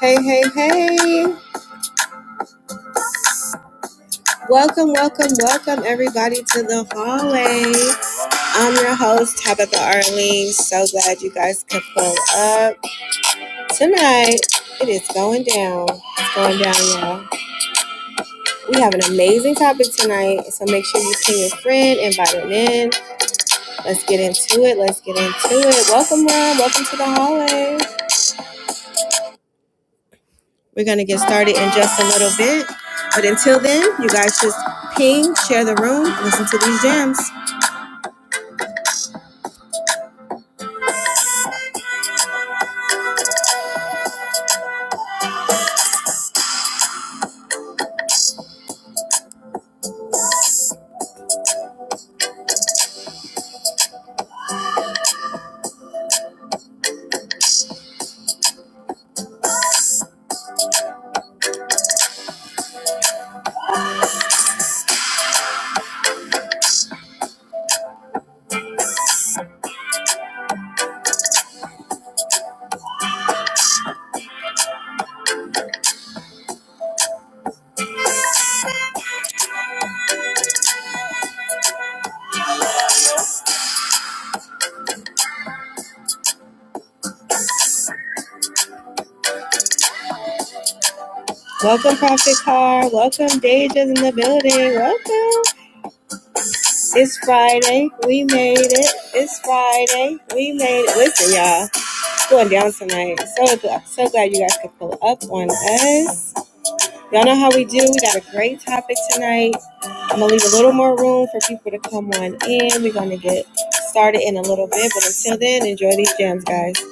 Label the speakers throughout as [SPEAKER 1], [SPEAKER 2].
[SPEAKER 1] Hey, hey, hey. Welcome, welcome, welcome, everybody, to the hallway. I'm your host, Tabitha Arlene. So glad you guys could pull up. Tonight, it is going down. It's going down, y'all. We have an amazing topic tonight, so make sure you ping your friend, invite them in. Let's get into it. Let's get into it. Welcome, Ron. Welcome to the hallway. We're going to get started in just a little bit. But until then, you guys just ping, share the room, listen to these gems. Welcome, Prophet Car. Welcome, Deja's in the building. Welcome. It's Friday. We made it. It's Friday. We made it. Listen, y'all, it's going down tonight. So glad, so glad you guys could pull up on us. Y'all know how we do. We got a great topic tonight. I'm gonna leave a little more room for people to come on in. We're gonna get started in a little bit, but until then, enjoy these jams, guys.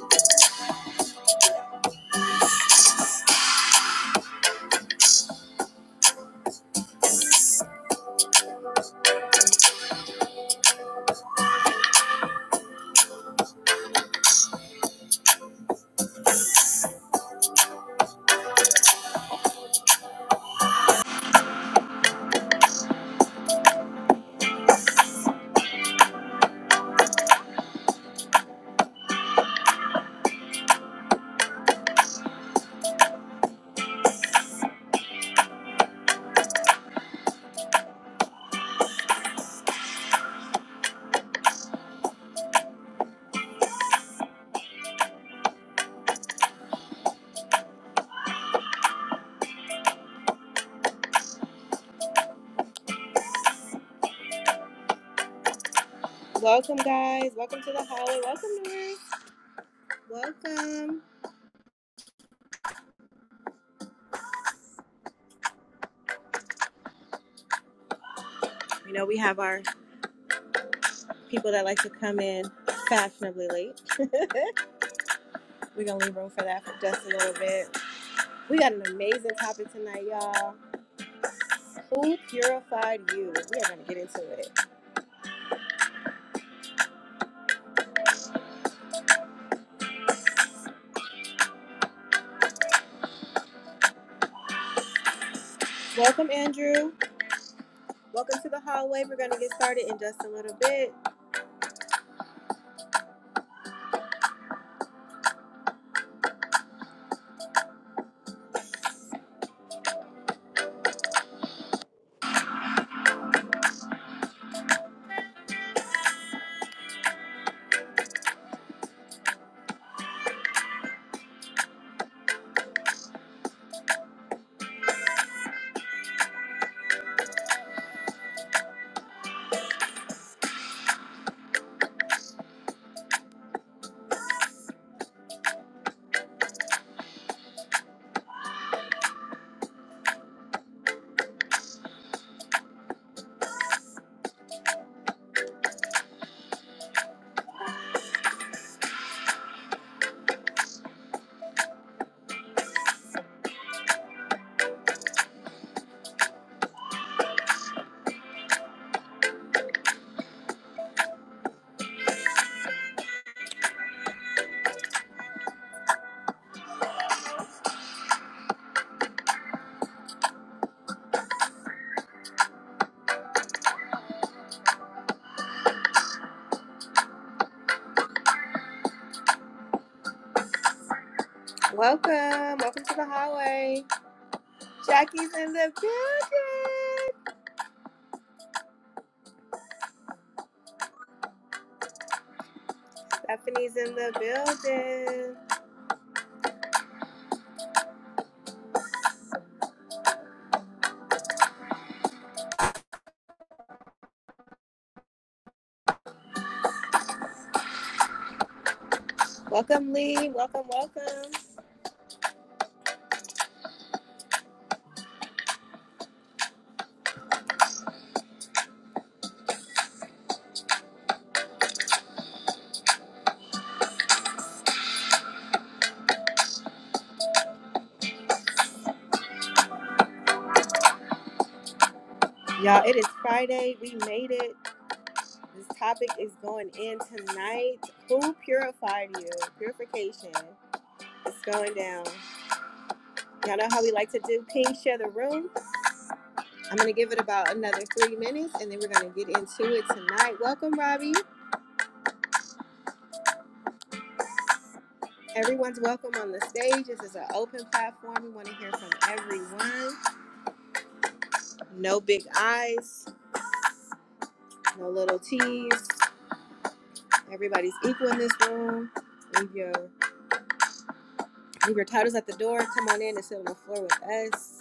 [SPEAKER 1] Welcome, guys. Welcome to the hallway. Welcome, Nurse. Welcome. You know we have our people that like to come in fashionably late. We're gonna leave room for that for just a little bit. We got an amazing topic tonight, y'all. Who purified you? We are gonna get into it. Welcome, Andrew. Welcome to the hallway. We're gonna get started in just a little bit. Welcome, welcome to the hallway. Jackie's in the building. Stephanie's in the building. Welcome, Lee. Welcome, welcome. Y'all, it is Friday. We made it. This topic is going in tonight. Who purified you? Purification. It's going down. Y'all know how we like to do pink share the room. I'm gonna give it about another three minutes and then we're gonna get into it tonight. Welcome, Robbie. Everyone's welcome on the stage. This is an open platform. We want to hear from everyone. No big eyes, no little T's. Everybody's equal in this room. Leave your leave your titles at the door. Come on in and sit on the floor with us.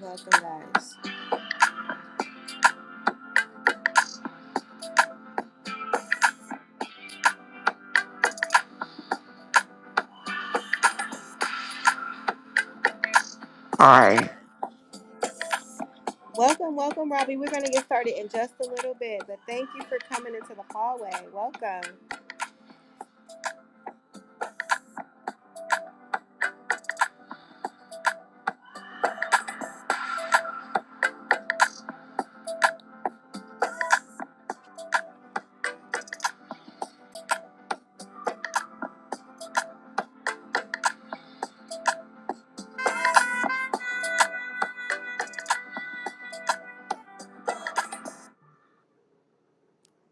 [SPEAKER 1] Welcome, guys.
[SPEAKER 2] All right.
[SPEAKER 1] Welcome, welcome, Robbie. We're going to get started in just a little bit, but thank you for coming into the hallway. Welcome.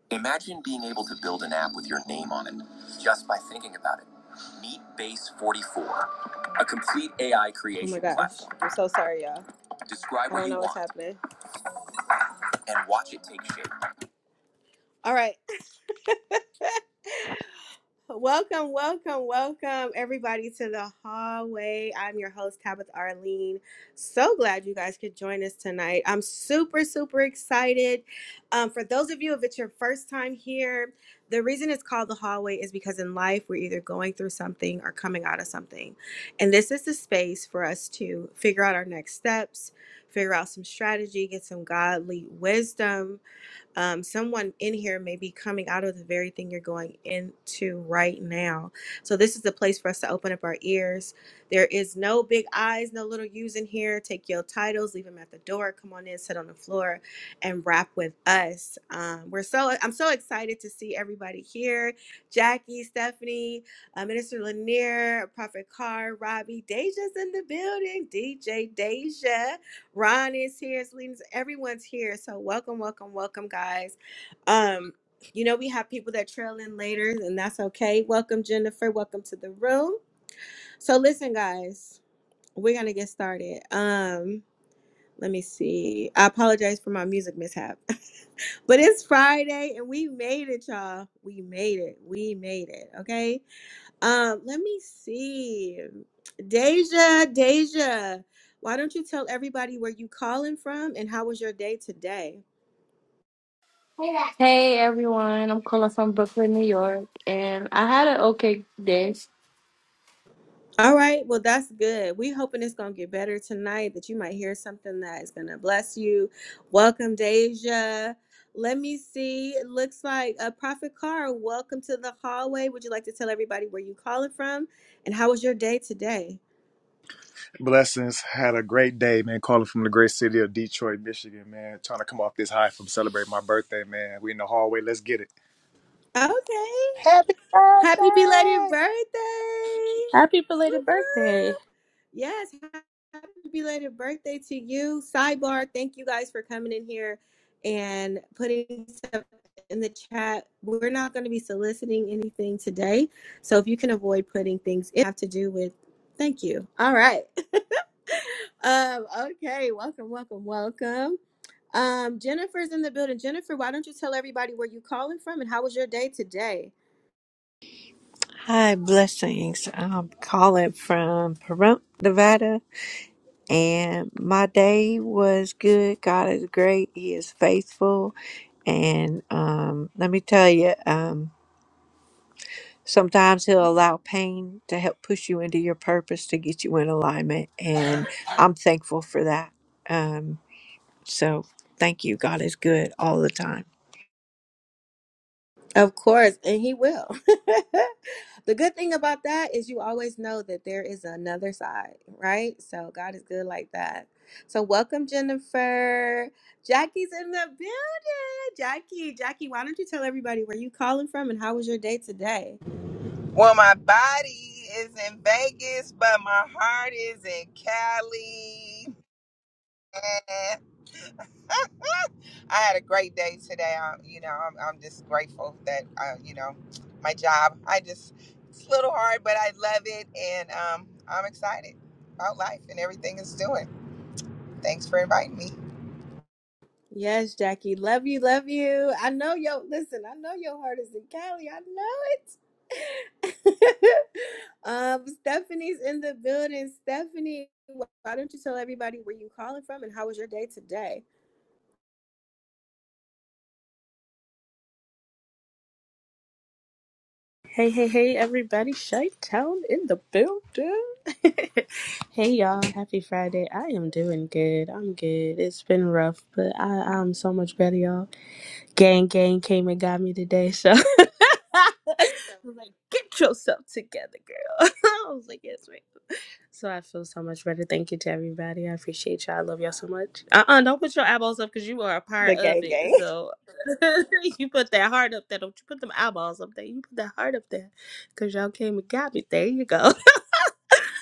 [SPEAKER 1] Imagine being able to build an app with your name on it just by thinking about it. Meet Base 44, a complete AI creation platform. oh my gosh. platform. I'm so sorry, y'all. Describe what you want. I don't you know what's want happening. and watch it take shape. All right. Welcome, welcome, welcome, everybody, to the hallway. I'm your host, Tabitha Arlene. So glad you guys could join us tonight. I'm super, super excited. Um, for those of you, if it's your first time here, the reason it's called the hallway is because in life we're either going through something or coming out of something. And this is the space for us to figure out our next steps, figure out some strategy, get some godly wisdom um, someone in here may be coming out of the very thing you're going into right now. So, this is the place for us to open up our ears. There is no big eyes, no little U's in here. Take your titles, leave them at the door. Come on in, sit on the floor, and rap with us. Um, we're so I'm so excited to see everybody here. Jackie, Stephanie, uh, Minister Lanier, Prophet Carr, Robbie, Deja's in the building. DJ Deja. Ron is here, Selena's, everyone's here. So welcome, welcome, welcome, guys. Um, you know, we have people that trail in later, and that's okay. Welcome, Jennifer. Welcome to the room. So listen, guys, we're gonna get started. Um, let me see. I apologize for my music mishap. but it's Friday and we made it, y'all. We made it. We made it. Okay. Um, let me see. Deja, Deja, why don't you tell everybody where you calling from and how was your day today?
[SPEAKER 3] Hey everyone, I'm calling from Brooklyn, New York, and I had an okay day.
[SPEAKER 1] All right, well that's good. We hoping it's gonna get better tonight. That you might hear something that is gonna bless you. Welcome, Deja. Let me see. It looks like a Prophet Car. Welcome to the hallway. Would you like to tell everybody where you calling from and how was your day today?
[SPEAKER 4] Blessings. Had a great day, man. Calling from the great city of Detroit, Michigan, man. Trying to come off this high from celebrating my birthday, man. We in the hallway. Let's get it.
[SPEAKER 1] Okay.
[SPEAKER 5] Happy
[SPEAKER 1] Happy belated
[SPEAKER 5] birthday!
[SPEAKER 1] birthday!
[SPEAKER 6] Happy
[SPEAKER 1] Whoop,
[SPEAKER 6] belated birthday.
[SPEAKER 1] whoop. Yes, happy belated birthday to you. Sidebar, thank you guys for coming in here and putting stuff in the chat. We're not going to be soliciting anything today, so if you can avoid putting things it have to do with, thank you. All right. Um, okay, welcome, welcome, welcome. Um, Jennifer's in the building. Jennifer, why don't you tell everybody where you calling from and how was your day today?
[SPEAKER 7] Hi, blessings. I'm calling from Pahrump, Nevada, and my day was good. God is great. He is faithful, and um, let me tell you, um, sometimes He'll allow pain to help push you into your purpose to get you in alignment, and I'm thankful for that. Um, so, thank you. God is good all the time.
[SPEAKER 1] Of course, and he will. the good thing about that is you always know that there is another side, right? So God is good like that. So welcome, Jennifer. Jackie's in the building. Jackie, Jackie, why don't you tell everybody where you calling from and how was your day today?
[SPEAKER 5] Well, my body is in Vegas, but my heart is in Cali. And I had a great day today. I, you know, I'm, I'm just grateful that, uh, you know, my job. I just, it's a little hard, but I love it. And um, I'm excited about life and everything it's doing. Thanks for inviting me.
[SPEAKER 1] Yes, Jackie. Love you, love you. I know your listen, I know your heart is in Cali. I know um, Stephanie's in the building. Stephanie, why don't you tell everybody where you calling from and how was your day today?
[SPEAKER 6] Hey, hey, hey, everybody. Shy Town in the building. hey, y'all. Happy Friday. I am doing good. I'm good. It's been rough, but I, I'm so much better, y'all. Gang, gang came and got me today. So I was like, get yourself together, girl. I was like, yes, ma'am. So I feel so much better. Thank you to everybody. I appreciate y'all. I love y'all so much. Uh uh do not put your eyeballs up because you are a
[SPEAKER 1] The
[SPEAKER 6] part of
[SPEAKER 1] gang
[SPEAKER 6] it.
[SPEAKER 1] gang.
[SPEAKER 6] So you put that heart up there. Don't you put them eyeballs up there. You put that heart up there because y'all came and got me. There you go.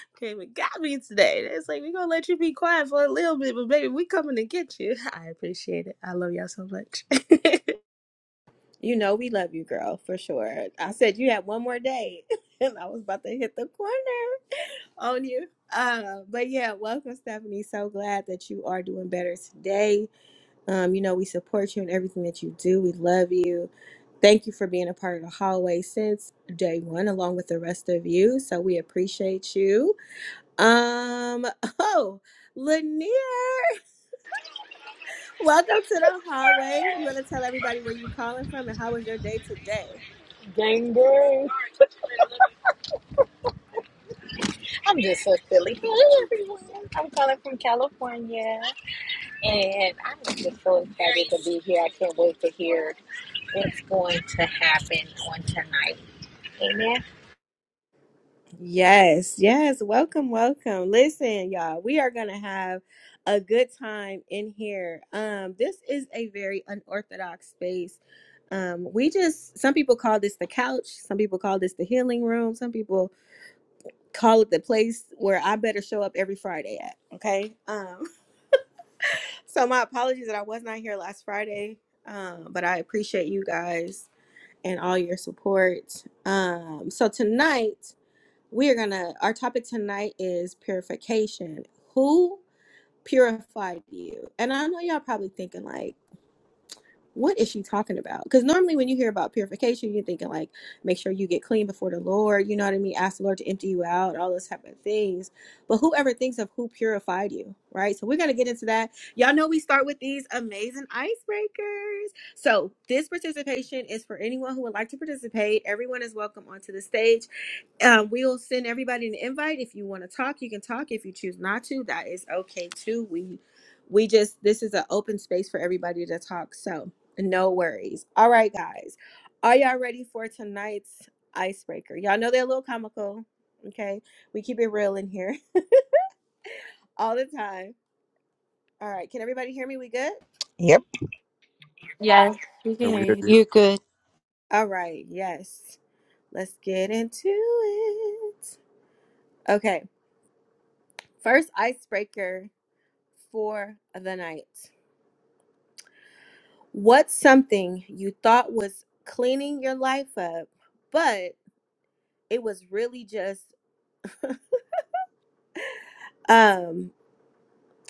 [SPEAKER 6] came and got me today. It's like, we're going to let you be quiet for a little bit, but baby, we coming to get you. I appreciate it. I love y'all so much.
[SPEAKER 1] You know we love you, girl, for sure. I said you had one more day, and I was about to hit the corner on you. Uh, but yeah, welcome, Stephanie. So glad that you are doing better today. Um, you know, we support you in everything that you do. We love you. Thank you for being a part of the hallway since day one, along with the rest of you. So we appreciate you. Um, oh, Lanier, welcome to the hallway. You want to tell everybody where you calling from and how was your day today?
[SPEAKER 8] Gang, gang. I'm just a Philly. Hey, everyone. I'm calling from California. And I'm just so excited to be here. I can't wait to hear what's going to happen on tonight. Amen.
[SPEAKER 1] Yes, yes. Welcome, welcome. Listen, y'all, we are going to have a good time in here. Um this is a very unorthodox space. Um we just some people call this the couch, some people call this the healing room, some people call it the place where I better show up every Friday at, okay? Um so my apologies that I was not here last Friday. Um but I appreciate you guys and all your support. Um so tonight we are gonna, our topic tonight is purification. Who purified you? And I know y'all probably thinking, like, what is she talking about? Because normally when you hear about purification, you're thinking like, make sure you get clean before the Lord. You know what I mean? Ask the Lord to empty you out, all those type of things. But whoever thinks of who purified you, right? So we're gonna get into that. Y'all know we start with these amazing icebreakers. So this participation is for anyone who would like to participate. Everyone is welcome onto the stage. Um, we'll send everybody an invite. If you want to talk, you can talk. If you choose not to, that is okay too. We we just this is an open space for everybody to talk. So no worries. All right, guys. Are y'all ready for tonight's icebreaker? Y'all know they're a little comical. Okay. We keep it real in here all the time. All right. Can everybody hear me? We good?
[SPEAKER 3] Yes, you can
[SPEAKER 4] Can we
[SPEAKER 3] hear
[SPEAKER 4] hear
[SPEAKER 3] you.
[SPEAKER 4] you.
[SPEAKER 7] You're good.
[SPEAKER 1] All right. Yes. Let's get into it. Okay. First icebreaker for the night. What's something you thought was cleaning your life up, but it was really just um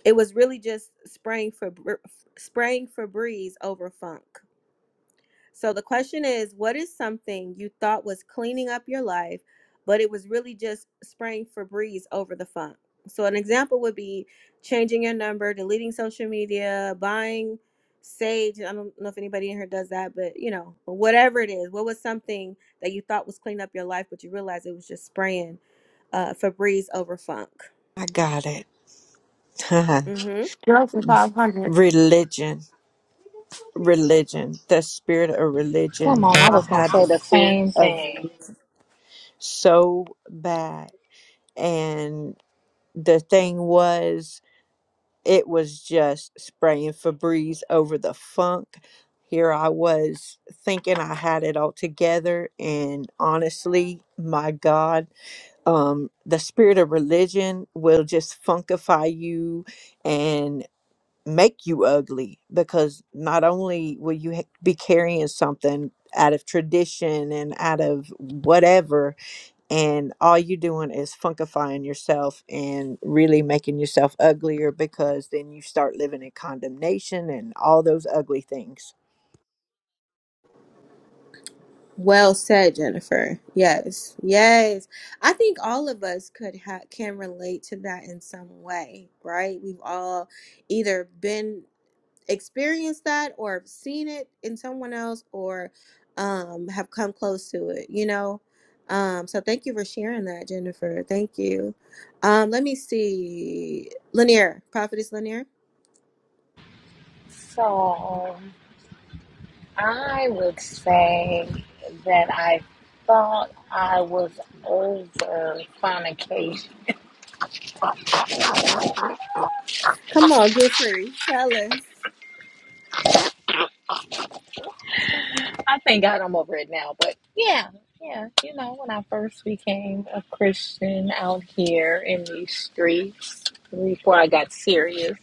[SPEAKER 1] it was really just spraying for br- spraying Febreze over funk. So the question is, what is something you thought was cleaning up your life, but it was really just spraying Febreze over the funk? So an example would be changing your number, deleting social media, buying sage. I don't know if anybody in here does that, but you know, whatever it is, what was something that you thought was cleaning up your life, but you realized it was just spraying uh, Febreze over funk?
[SPEAKER 7] I got it.
[SPEAKER 1] Mm-hmm.
[SPEAKER 3] Drugs for 500.
[SPEAKER 7] Religion. religion, the spirit of
[SPEAKER 8] Come
[SPEAKER 7] religion.
[SPEAKER 8] on, I
[SPEAKER 7] I
[SPEAKER 8] was going to
[SPEAKER 7] had the
[SPEAKER 8] say the
[SPEAKER 7] spirit
[SPEAKER 8] same
[SPEAKER 7] of
[SPEAKER 8] thing.
[SPEAKER 7] religion so bad. And the thing was, it was just spraying Febreze over the funk. Here I was thinking I had it all together. And honestly, my God, um, the spirit of religion will just funkify you make you ugly because not only will you ha- be carrying something out of tradition and out of whatever and all you doing is funkifying yourself and really making yourself uglier because then you start living in condemnation and all those ugly things
[SPEAKER 1] Well said, Jennifer. Yes, yes. I think all of us could ha- can relate to that in some way, right? We've all either been experienced that, or have seen it in someone else, or um, have come close to it. You know. Um, so thank you for sharing that, Jennifer. Thank you. Um, let me see. Lanier, prophetess Lanier.
[SPEAKER 8] So, I would say that I thought I was over fornication
[SPEAKER 1] Come on, get free. Tell us.
[SPEAKER 8] I thank God I'm over it now, but yeah, yeah, you know, when I first became a Christian out here in these streets before I got serious,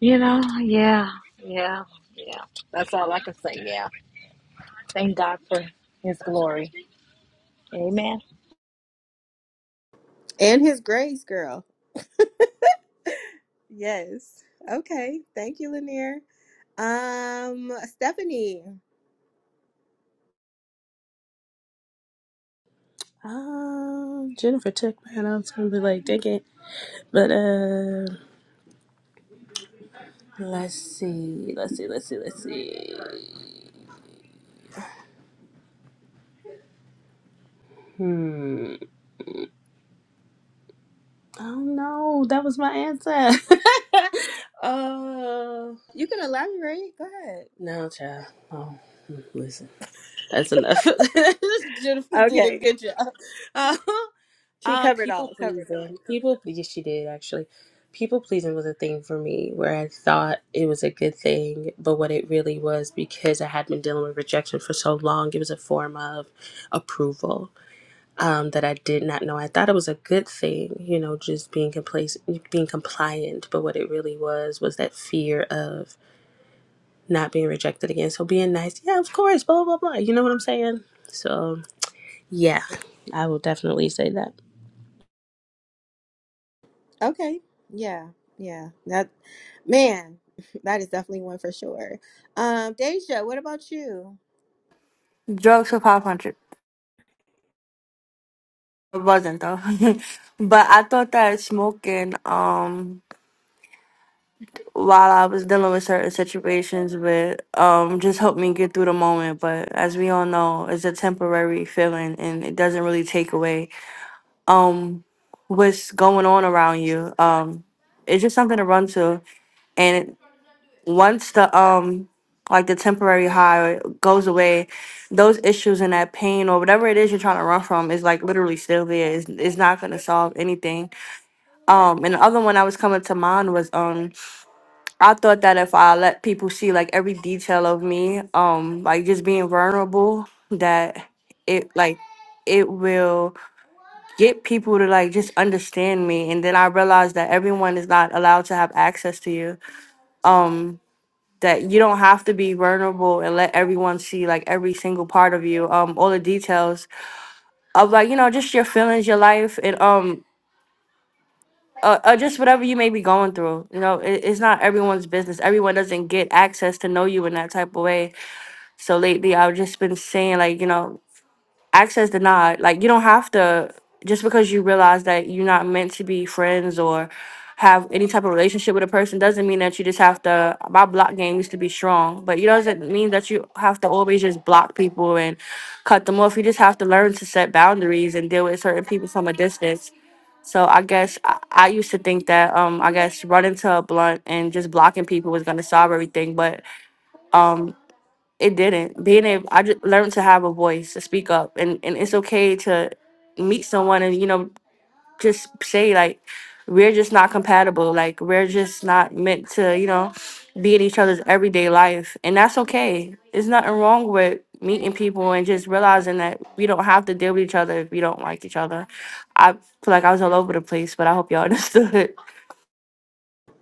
[SPEAKER 8] you know, yeah, yeah, yeah. That's all I can say. Yeah, thank God for His glory. Amen.
[SPEAKER 1] And his grace, girl. Yes. Okay. Thank you, Lanier. Um, Stephanie,
[SPEAKER 6] um, Jennifer took my hand. I was going to be like, dang it. But, uh, Let's see. Let's see. Let's see. Let's see. Hmm. I don't know. That was my answer. uh,
[SPEAKER 1] you can elaborate. Go ahead.
[SPEAKER 6] no, child. Oh, mm, listen. That's enough. Jennifer did a
[SPEAKER 1] Okay.
[SPEAKER 6] good job.
[SPEAKER 1] She
[SPEAKER 6] Uh, uh,
[SPEAKER 1] covered
[SPEAKER 6] people
[SPEAKER 1] all, covered it up.
[SPEAKER 6] pleasing. People. Yes, she did actually. People pleasing was a thing for me where I thought it was a good thing, but what it really was because I had been dealing with rejection for so long, it was a form of approval um, that I did not know. I thought it was a good thing, you know, just being compla- being compliant. But what it really was was that fear of not being rejected again. So being nice, yeah, of course, blah blah blah. You know what I'm saying? So yeah, I will definitely say that.
[SPEAKER 1] Okay. Yeah. Yeah. That man, that is definitely one for sure. Um, Deja, what about you?
[SPEAKER 3] Drugs for 500. It wasn't though. but I thought that smoking, um, while I was dealing with certain situations would um, just help me get through the moment. But as we all know, it's a temporary feeling and it doesn't really take away, um, what's going on around you. Um, it's just something to run to. and. once the um like the temporary high goes away, those issues and that pain or whatever it is you're trying to run from is like literally still there. It's, it's not gonna solve anything. Um, and the other one I was coming to mind was um I thought that if I let people see like every detail of me, um, like just being vulnerable, that it like it will get people to like just understand me and then i realized that everyone is not allowed to have access to you um that you don't have to be vulnerable and let everyone see like every single part of you um all the details of like you know just your feelings your life and um uh, uh, just whatever you may be going through you know it, it's not everyone's business everyone doesn't get access to know you in that type of way so lately i've just been saying like you know access denied. Like you don't have to just because you realize that you're not meant to be friends or have any type of relationship with a person doesn't mean that you just have to my block game used to be strong, but it doesn't mean that you have to always just block people and cut them off. You just have to learn to set boundaries and deal with certain people from a distance. So I guess I, I used to think that um I guess running to a blunt and just blocking people was gonna solve everything, but um it didn't being able i just learned to have a voice to speak up and and it's okay to meet someone and you know just say like we're just not compatible like we're just not meant to you know be in each other's everyday life and that's okay there's nothing wrong with meeting people and just realizing that we don't have to deal with each other if we don't like each other i feel like i was all over the place but i hope y'all understood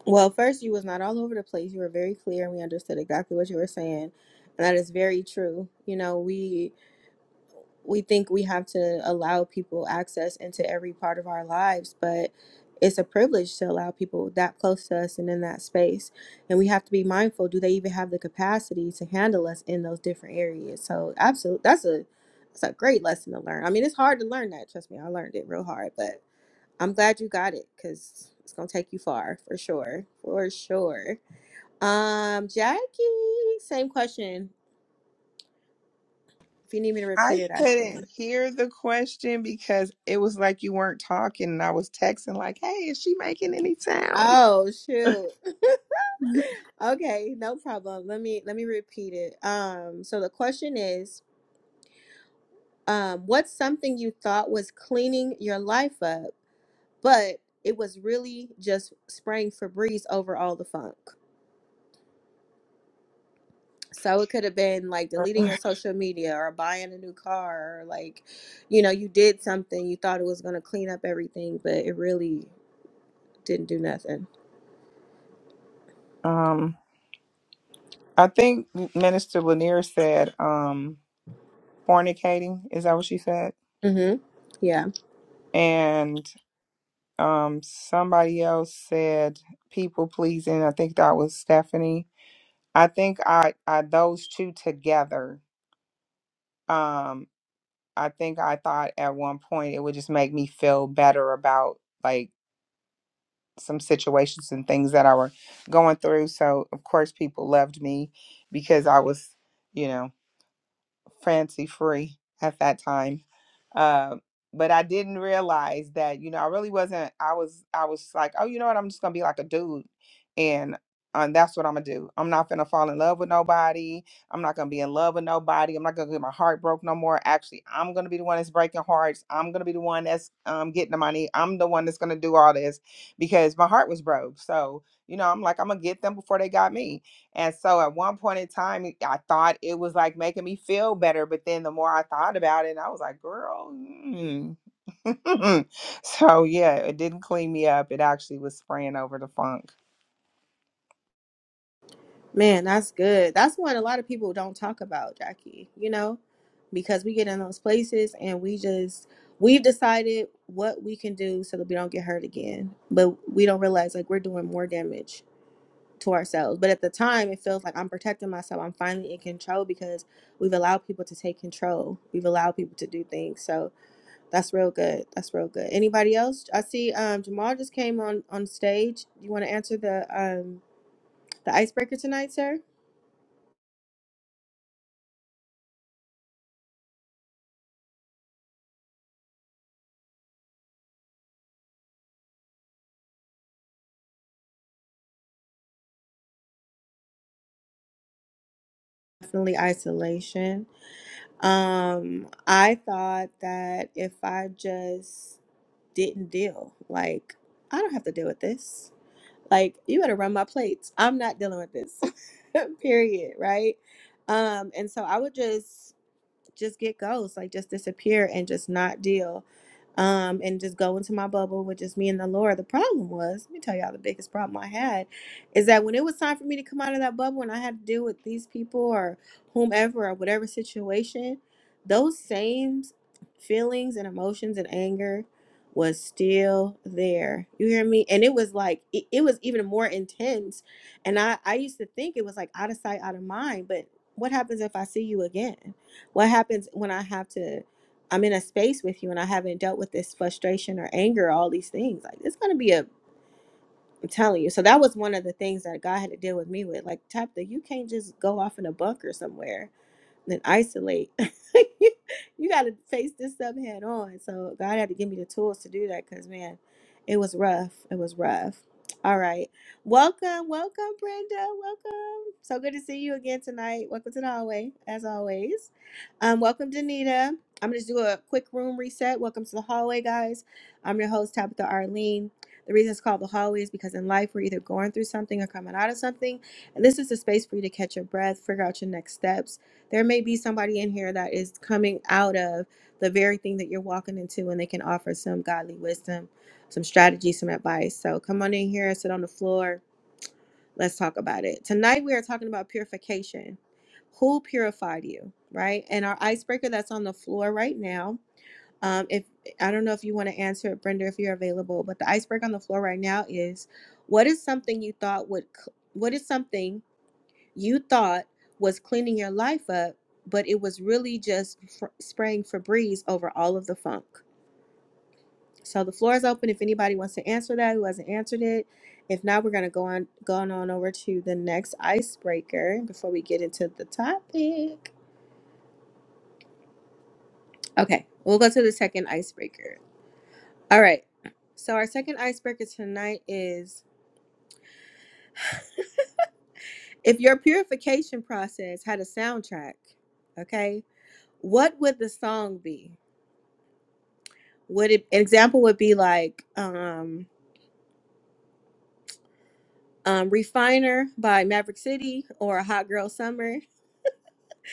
[SPEAKER 1] Well, first, you was not all over the place. You were very clear, and we understood exactly what you were saying, and that is very true. You know, we we think we have to allow people access into every part of our lives, but it's a privilege to allow people that close to us and in that space. And we have to be mindful: do they even have the capacity to handle us in those different areas? So, absolutely, that's a that's a great lesson to learn. I mean, it's hard to learn that. Trust me, I learned it real hard, but. I'm glad you got it because it's gonna take you far for sure, for sure. Um, Jackie, same question. If you need me to repeat
[SPEAKER 5] I
[SPEAKER 1] it, I can.
[SPEAKER 5] couldn't hear the question because it was like you weren't talking and I was texting like, "Hey, is she making any sound?"
[SPEAKER 1] Oh shoot. Okay, no problem. Let me let me repeat it. Um, so the question is, um, what's something you thought was cleaning your life up, but it was really just spraying Febreze over all the funk? So it could have been like deleting your social media or buying a new car or like, you know, you did something, you thought it was going to clean up everything, but it really didn't do nothing.
[SPEAKER 5] Um, I think Minister Lanier said um fornicating, is that what she said?
[SPEAKER 1] Mhm. Yeah.
[SPEAKER 5] And um somebody else said people pleasing. I think that was Stephanie. I think I I those two together. Um I think I thought at one point it would just make me feel better about like some situations and things that I were going through. So of course people loved me because I was, you know, fancy free at that time. Um, but I didn't realize that, you know, I really wasn't, I was, I was like, oh, you know what? I'm just going to be like a dude. And, and that's what I'm going to do. I'm not going to fall in love with nobody. I'm not going to be in love with nobody. I'm not going to get my heart broke no more. Actually, I'm going to be the one that's breaking hearts. I'm going to be the one that's um, getting the money. I'm the one that's going to do all this because my heart was broke. So, you know, I'm like, I'm going to get them before they got me and so at one point in time, it- I thought it was like making me feel better. But then the more I thought about it, I was like, girl. Mm. so yeah, it didn't clean me up. It actually was spraying over the funk.
[SPEAKER 1] Man, that's good. That's what a lot of people don't talk about, Jackie, you know, because we get in those places and we just we've decided what we can do so that we don't get hurt again, but we don't realize like we're doing more damage to ourselves. But at the time, it feels like I'm protecting myself. I'm finally in control because we've allowed people to take control. We've allowed people to do things. So that's real good. That's real good. Anybody else? I see um, Jamal just came on on stage. You want to answer the um, the icebreaker tonight, sir? Definitely isolation. Um, I thought that if I just didn't deal, like I don't have to deal with this Like, you better run my plates. I'm not dealing with this. Period. Right. Um, and so I would just just get ghosts, like just disappear and just not deal. Um, and just go into my bubble with just me and the Lord. The problem was, let me tell y'all the biggest problem I had is that when it was time for me to come out of that bubble and I had to deal with these people or whomever or whatever situation, those same feelings and emotions and anger was still there. You hear me? And it was like it, it was even more intense. And I I used to think it was like out of sight, out of mind. But what happens if I see you again? What happens when I have to, I'm in a space with you and I haven't dealt with this frustration or anger, all these things? Like, it's going to be a, I'm telling you. So that was one of the things that God had to deal with me with. Like, Tabitha, you can't just go off in a bunker somewhere then isolate. you you got to face this stuff head on. So God had to give me the tools to do that because, man, it was rough. It was rough. All right. Welcome, welcome, Brenda. Welcome. So good to see you again tonight. Welcome to the hallway, as always. Um, welcome, Danita. I'm going to do a quick room reset. Welcome to the hallway, guys. I'm your host, Tabitha Arlene. The reason it's called the hallway is because in life we're either going through something or coming out of something. And this is the space for you to catch your breath, figure out your next steps, there may be somebody in here that is coming out of the very thing that you're walking into, and they can offer some godly wisdom, some strategy, some advice. So come on in here, sit on the floor. Let's talk about it. Tonight, we are talking about purification. Who purified you, right? And our icebreaker that's on the floor right now. Um, if I don't know if you want to answer it, Brenda, if you're available, but the icebreaker on the floor right now is what is something you thought would, c- what is something you thought was cleaning your life up, but it was really just fr- spraying Febreze over all of the funk. So the floor is open if anybody wants to answer that who hasn't answered it. If not, we're gonna go on going on over to the next icebreaker before we get into the topic. Okay, we'll go to the second icebreaker. All right. So our second icebreaker tonight is if your purification process had a soundtrack, okay, what would the song be? would it, an example would be like um, um, refiner by maverick city or A hot girl summer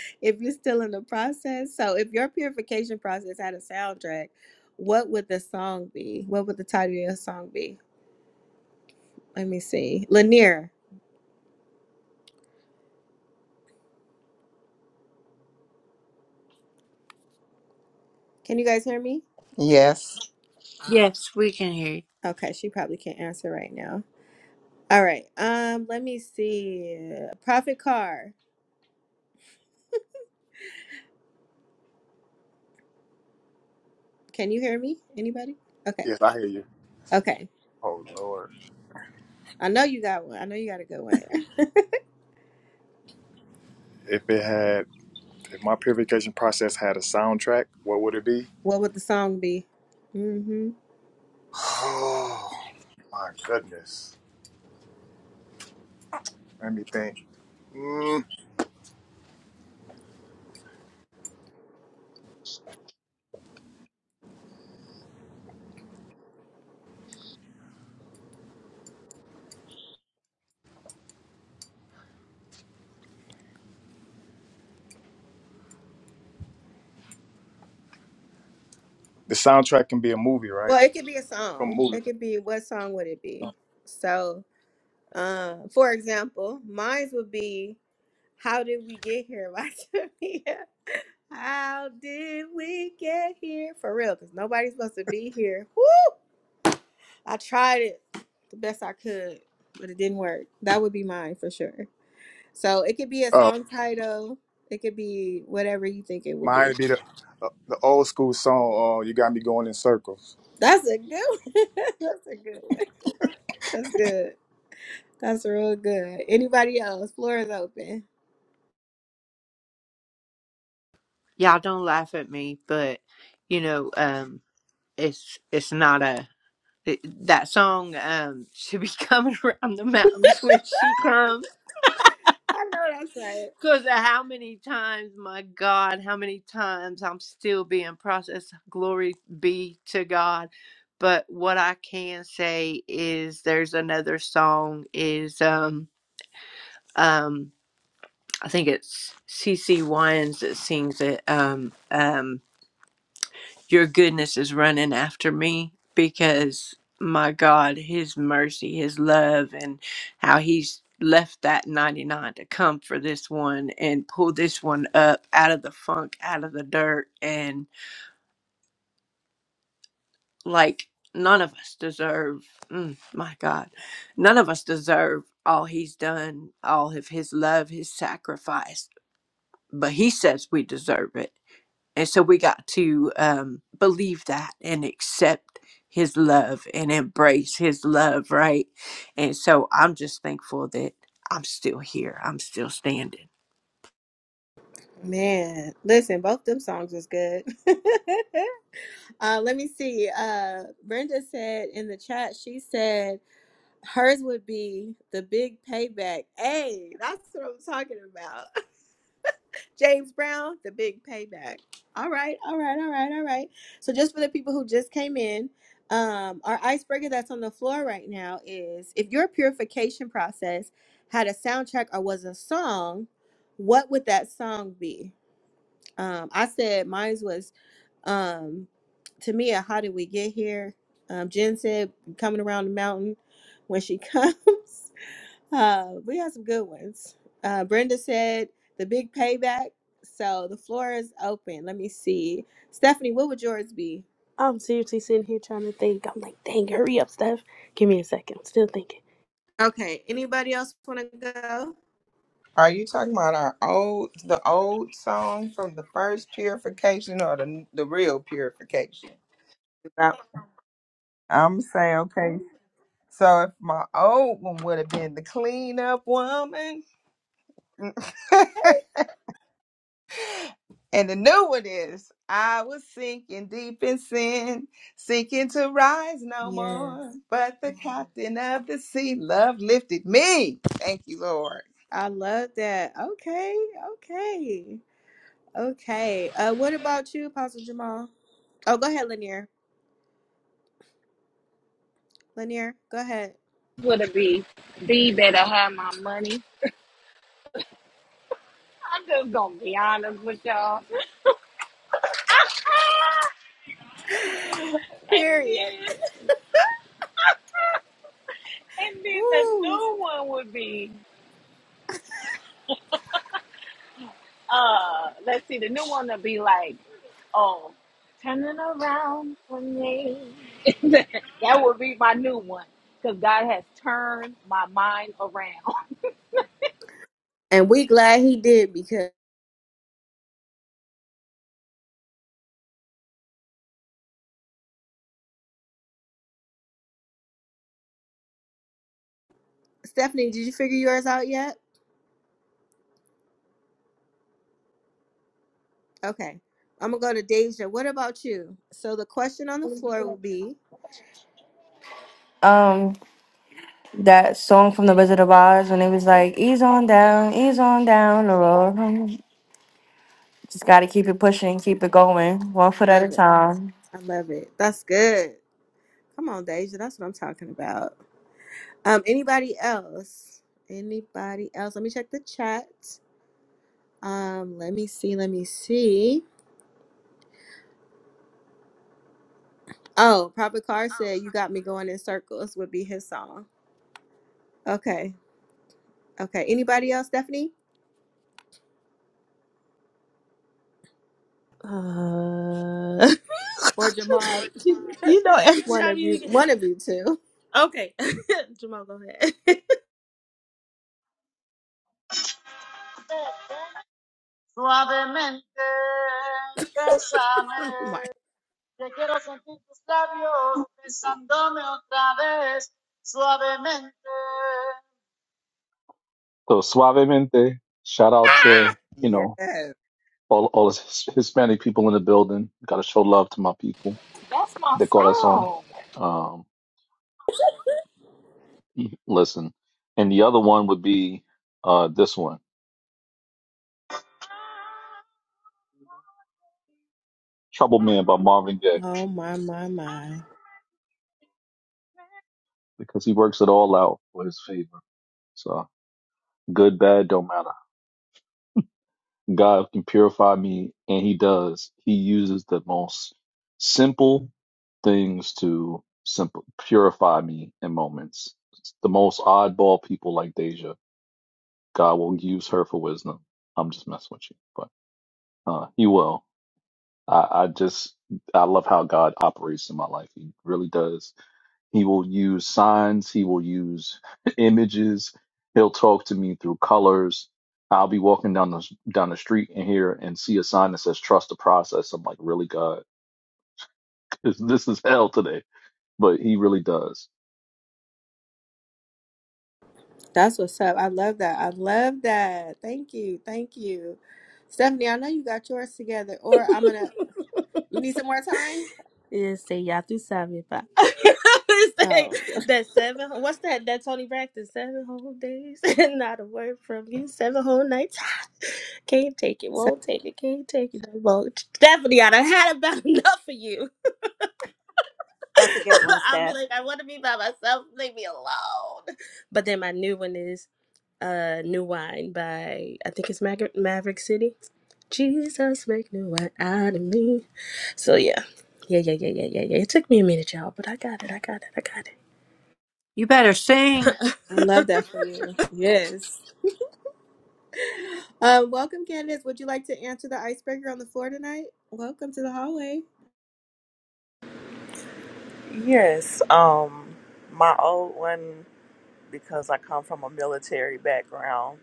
[SPEAKER 1] if you're still in the process so if your purification process had a soundtrack what would the song be what would the title of the song be let me see lanier can you guys hear me
[SPEAKER 5] Yes.
[SPEAKER 7] Yes, we can hear you.
[SPEAKER 1] okay she probably can't answer right now all right um let me see prophet car can you hear me anybody okay
[SPEAKER 4] Yes, I hear you.
[SPEAKER 1] okay
[SPEAKER 4] Oh Lord.
[SPEAKER 1] i know you got one i know you got a good one
[SPEAKER 4] If it had if my purification process had a soundtrack, what would it be?
[SPEAKER 1] What would the song be? hmm
[SPEAKER 4] Oh my goodness. Let me think. Mm, the soundtrack can be a movie, right?
[SPEAKER 1] Well, it could be a
[SPEAKER 4] From a
[SPEAKER 1] song. It
[SPEAKER 4] movie.
[SPEAKER 1] could be what song would it be? So, uh, for example, mine would be "How Did We Get Here" by Tamia. How did we get here? For real, because nobody's supposed to be here. Woo! I tried it the best I could, but it didn't work. That would be mine for sure. So it could be a
[SPEAKER 4] Oh,
[SPEAKER 1] song title. It could be whatever you think it would
[SPEAKER 4] mine
[SPEAKER 1] be.
[SPEAKER 4] would be the uh, the old school song, uh, You Got Me Going in Circles.
[SPEAKER 1] That's a good. One. That's a good one. That's good. That's real good. Anybody else? Floor is open.
[SPEAKER 7] Y'all don't laugh at me, but you know, um, it's it's not a it- that song um should be coming around the mountains when she comes.
[SPEAKER 1] I know that's right.
[SPEAKER 7] Because of how many times, my God, how many times I'm still being processed. Glory be to God. But what I can say is there's another song is um um I think it's C. C. Wines that sings it. Um um your goodness is running after me because my God, his mercy, his love, and how he's left that 99 to come for this one and pull this one up out of the funk, out of the dirt. And like, none of us deserve, mm, my God, none of us deserve all he's done, all of his love, his sacrifice, but he says we deserve it And so we got to um, believe that and accept his love and embrace his love, right? And so I'm just thankful that I'm still here. I'm still standing.
[SPEAKER 1] Man, listen, both them songs was good. uh, let me see. Uh, Brenda said in the chat, she said hers would be the big payback. Hey, that's what I'm talking about. James Brown, the big payback. All right, all right, all right, all right. So just for the people who just came in, um, our icebreaker that's on the floor right now is if your purification process had a soundtrack or was a song, what would that song be? Um, I said mine was um Tamia, how did we get here? Um, Jen said coming around the mountain when she comes. Uh, we have some good ones. Uh, Brenda said the big payback. So the floor is open. Let me see. Stephanie, what would yours be?
[SPEAKER 6] I'm seriously sitting here trying to think. I'm like, dang, hurry up, Steph. Give me a second. I'm still thinking.
[SPEAKER 1] Okay. Anybody else want to go?
[SPEAKER 5] Are you talking about our old, the old song from the first purification or the, the real purification? I'm saying, okay. So if my old one would have been the clean up woman, And the new one is I was sinking deep in sin, sinking to rise no
[SPEAKER 1] Yes.
[SPEAKER 5] more. But the captain of the sea, love lifted me. Thank you, Lord.
[SPEAKER 1] I love that. Okay. Okay. Okay. Uh, what about you, Apostle Jamal? Oh, go ahead, Lanier. Lanier, go ahead.
[SPEAKER 8] Would it be be that I had my money? I'm just gonna be honest with y'all. and
[SPEAKER 1] Period.
[SPEAKER 8] then, and then the
[SPEAKER 1] Woo.
[SPEAKER 8] new one would be, uh, let's see, the new one would be like. Oh, turning around for me. That would be my new one. Because God has turned my mind around.
[SPEAKER 1] And we glad he did because Stephanie, did you figure yours out yet? Okay. I'm gonna go to Deja. What about you? So the question on the floor would be
[SPEAKER 3] um that song from the wizard of oz when it was like ease on down ease on down the road Just got to keep it pushing, keep it going, one
[SPEAKER 1] I
[SPEAKER 3] foot at a
[SPEAKER 1] love it.
[SPEAKER 3] time.
[SPEAKER 1] I love it. That's good. Come on, Deja. That's what I'm talking about. Um, anybody else? Anybody else? Let me check the chat. Um, let me see, let me see. Oh, Prophet Carr said you got me going in circles would be his song. Okay. Okay. Anybody else, Stephanie?
[SPEAKER 6] Uh,
[SPEAKER 1] Or Jamal?
[SPEAKER 6] you know, every
[SPEAKER 1] one
[SPEAKER 6] time
[SPEAKER 1] of you
[SPEAKER 6] you
[SPEAKER 1] one of you two.
[SPEAKER 6] okay, Jamal, go ahead.
[SPEAKER 9] Suavemente,
[SPEAKER 1] Oh my
[SPEAKER 9] bésame. Que quiero sentir tus labios besándome otra vez. Suavemente. So suavemente, shout out to
[SPEAKER 5] Ah!
[SPEAKER 9] you know
[SPEAKER 5] Yes.
[SPEAKER 9] all all his Hispanic people in the building. Got to show love to my people.
[SPEAKER 8] That's my
[SPEAKER 9] De corazón.
[SPEAKER 8] song.
[SPEAKER 9] Um, listen, and the other one would be uh this one, Trouble Man by Marvin Gaye.
[SPEAKER 1] Oh my my my.
[SPEAKER 9] because he works it all out for his favor. So good, bad, don't matter. God can purify me, and he does. He uses the most simple things to simple purify me in moments. The most oddball people like Deja, God will use her for wisdom. I'm just messing with you, but uh, he will. I, I just I love how God operates in my life. He really does. He will use signs. He will use images. He'll talk to me through colors. I'll be walking down the down the street and here and see a sign that says "Trust the process." I'm like, really, God, this is hell today. But He really does.
[SPEAKER 1] That's what's up. I love that. I love that. Thank you. Thank you. Stephanie, I know you got yours together, or I'm going to. You need some more time?
[SPEAKER 6] It say y'all through seven five.
[SPEAKER 1] Oh,
[SPEAKER 6] that seven. What's that? That Tony Braxton. Seven whole days and not a word from you. Seven whole nights. Can't take it.
[SPEAKER 1] so-
[SPEAKER 6] Won't take it. Can't take it. Won't. Stephanie, I done had about enough of you.
[SPEAKER 10] That's a good one,
[SPEAKER 6] I'll be
[SPEAKER 10] Steph.
[SPEAKER 6] like, I want to be by myself. Leave me alone. But then my new one is uh new wine by I think it's Maver- Maverick City. Jesus, make new wine out of me. So yeah. Yeah, yeah, yeah, yeah, yeah, yeah. It took me a minute, y'all, but I got it. I got it. I
[SPEAKER 7] You better
[SPEAKER 6] got
[SPEAKER 7] sing.
[SPEAKER 1] I love
[SPEAKER 6] it.
[SPEAKER 1] that for you. Yes. Um, welcome, Candace. Would you like to answer the icebreaker on the floor tonight? Welcome to the hallway.
[SPEAKER 11] Yes, um, my old one, because I come from a military background,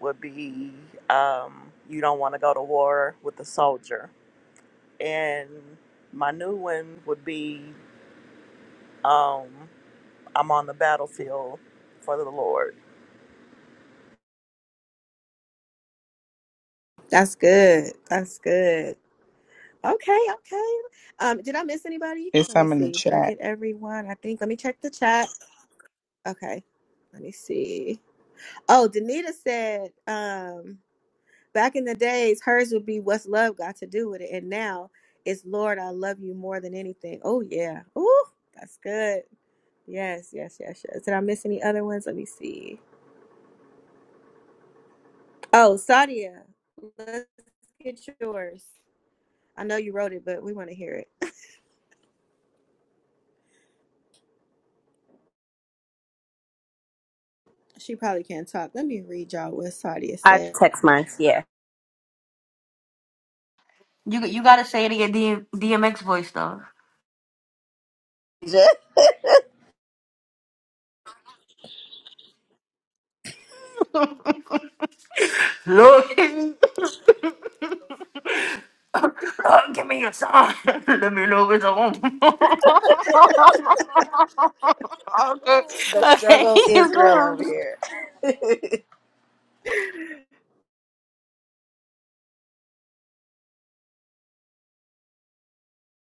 [SPEAKER 11] would be um, You Don't Want to Go to War with a Soldier. And my new one would be um, I'm on the battlefield for the Lord.
[SPEAKER 1] That's good. That's good. Okay, okay. Um, did I miss anybody?
[SPEAKER 5] It's
[SPEAKER 1] Let me
[SPEAKER 5] some in the
[SPEAKER 1] see. Did I
[SPEAKER 5] chat.
[SPEAKER 1] get everyone? I think. Let me check the chat. Okay. Let me see. Oh, Danita said, um, back in the days, hers would be what's love got to do with it. And now it's Lord, I love you more than anything. Oh yeah. Ooh, that's good. Yes, yes, yes, yes. Did I miss any other ones? Let me see. Oh, Sadia, let's get yours. I know you wrote it, but we want to hear it. She probably can't talk. Let me read y'all what Sadia
[SPEAKER 10] I
[SPEAKER 1] said.
[SPEAKER 10] text mine. Yeah.
[SPEAKER 3] You you got to say it in your DM, DMX voice though.
[SPEAKER 10] the
[SPEAKER 3] Lord, Lord, give me your song. Let me know it's on. okay,
[SPEAKER 10] struggle is
[SPEAKER 3] you
[SPEAKER 10] real over
[SPEAKER 3] go.
[SPEAKER 10] here.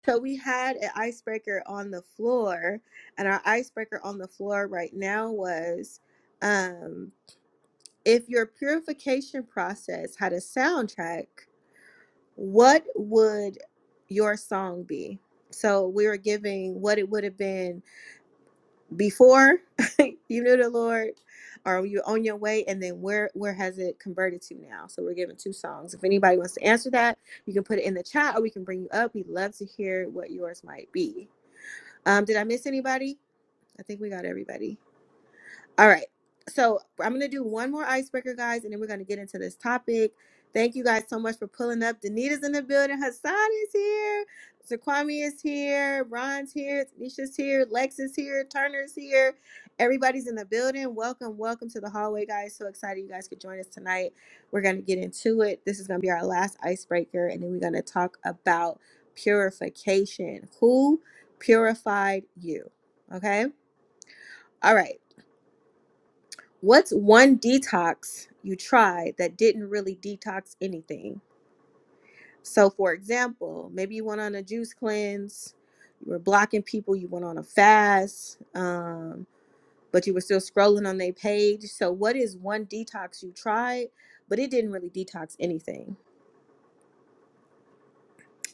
[SPEAKER 1] So we had an icebreaker on the floor, and our icebreaker on the floor right now was um, if your purification process had a soundtrack, what would your song be? So we were giving what it would have been before you knew the Lord, or you were on your way, and then where where has it converted to now? So we're giving two songs. If anybody wants to answer that, you can put it in the chat, or we can bring you up. We'd love to hear what yours might be. Um, did I miss anybody? I think we got everybody. All right. So I'm going to do one more icebreaker, guys, and then we're going to get into this topic. Thank you guys so much for pulling up. Danita's in the building. Hassan is here. Zaquami is here. Ron's here. Tanisha's here. Lex is here. Turner's here. Everybody's in the building. Welcome, welcome to the hallway, guys. So excited you guys could join us tonight. We're going to get into it. This is going to be our last icebreaker, and then we're going to talk about purification. Who purified you? Okay. All right. What's one detox you tried that didn't really detox anything? So, for example, maybe you went on a juice cleanse, you were blocking people, you went on a fast, um, but you were still scrolling on their page. So, what is one detox you tried, but it didn't really detox anything?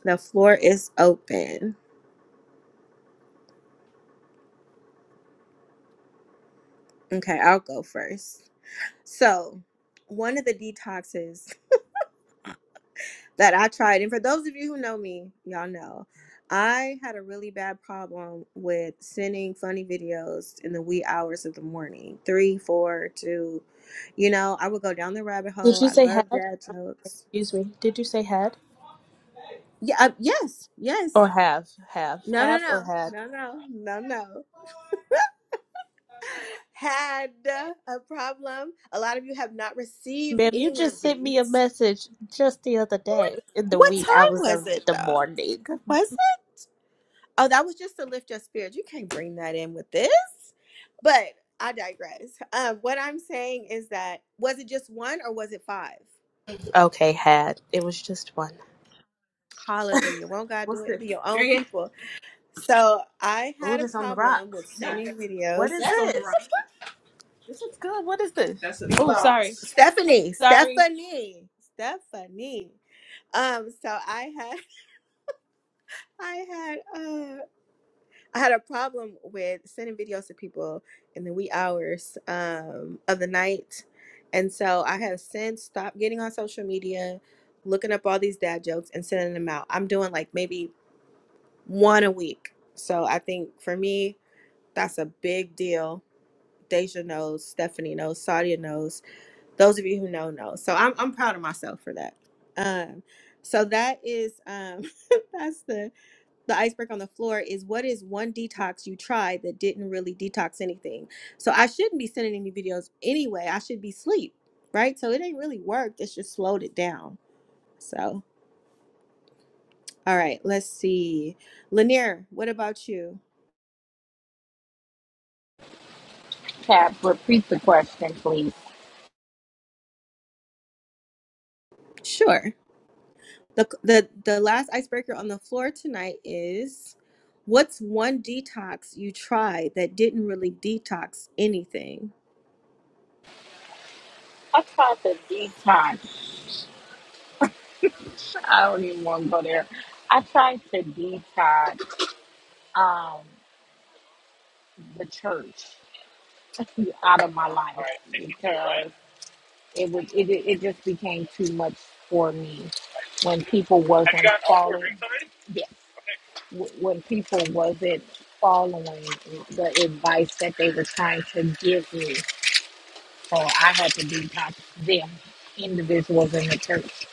[SPEAKER 1] The floor is open. Okay, I'll go first. So, one of the detoxes that I tried. And for those of you who know me, y'all know I had a really bad problem with sending funny videos in the wee hours of the morning three, four, two. You know, I would go down the rabbit
[SPEAKER 6] Did
[SPEAKER 1] hole.
[SPEAKER 6] you
[SPEAKER 1] I
[SPEAKER 6] say had?
[SPEAKER 1] love dad jokes.
[SPEAKER 6] Excuse me. Did you say had?
[SPEAKER 1] Yeah, uh, yes, yes.
[SPEAKER 6] Or have? Have.
[SPEAKER 1] No, no,
[SPEAKER 6] Have or
[SPEAKER 1] no,
[SPEAKER 6] had?
[SPEAKER 1] no, no, no, no. Had a problem. A lot of you have not received
[SPEAKER 6] Ma'am, you
[SPEAKER 1] any of
[SPEAKER 6] just sent me a
[SPEAKER 1] these.
[SPEAKER 6] message just the other
[SPEAKER 1] What,
[SPEAKER 6] day in the
[SPEAKER 1] what
[SPEAKER 6] wee
[SPEAKER 1] time
[SPEAKER 6] hours
[SPEAKER 1] was
[SPEAKER 6] of
[SPEAKER 1] it
[SPEAKER 6] the
[SPEAKER 1] though?
[SPEAKER 6] morning.
[SPEAKER 1] Was it? Oh, that was just to lift your spirits. You can't bring that in with this. But I digress. Um, what I'm saying is that was it just one or was it five?
[SPEAKER 6] Okay, had. It was just one.
[SPEAKER 1] Hallelujah. Won't God do
[SPEAKER 6] What's
[SPEAKER 1] it? It
[SPEAKER 6] this?
[SPEAKER 1] be your own
[SPEAKER 6] Drink it.
[SPEAKER 1] people. So I
[SPEAKER 6] Oh,
[SPEAKER 1] had a
[SPEAKER 6] this on the
[SPEAKER 1] problem with
[SPEAKER 6] rocks. No.
[SPEAKER 1] sending
[SPEAKER 6] What
[SPEAKER 1] videos.
[SPEAKER 6] is That's on the this? rocks. This is good. What is this? That's a- oh, sorry.
[SPEAKER 1] Stephanie,
[SPEAKER 6] Sorry.
[SPEAKER 1] Stephanie, Stephanie. Um, so I had I had uh, I had a problem with sending videos to people in the wee hours um, of the night. And so I have since stopped getting on social media, looking up all these dad jokes and sending them out. I'm doing like maybe one a week. So I think for me, that's a big deal. Deja knows, Stephanie knows, Sadia knows. Those of you who know know. So I'm I'm proud of myself for that. Um, so that is um, that's the the iceberg on the floor is what is one detox you tried that didn't really detox anything. So I shouldn't be sending any videos anyway. I should be sleep, right? So it ain't really worked. It's just slowed it down. So all right, let's see. Lanier, what about you?
[SPEAKER 8] Cap, repeat the question, please.
[SPEAKER 1] Sure. The the the last icebreaker on the floor tonight is what's one detox you tried that didn't really detox anything?
[SPEAKER 8] I tried to detox. I don't even want to go there. I tried to detox um, the church out of my life because it was it, it just became too much for me. when people Have you wasn't gotten all four following. drinks already? Yes, Okay. cool. w- when people wasn't following the advice that they were trying to give me, so I had to detox them individuals in the church.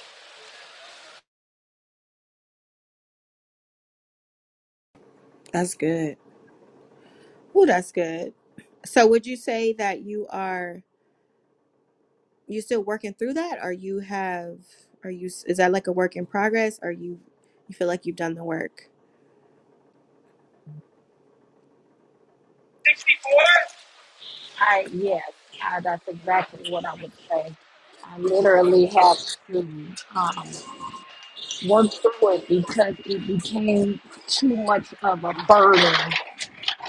[SPEAKER 1] That's good. Oh, that's good. So would you say that you are you still working through that or you have are you is that like a work in progress or you you feel like you've done the work
[SPEAKER 8] 64? I yes, I, that's exactly what I would say. I literally had to um, work through it because it became too much of a burden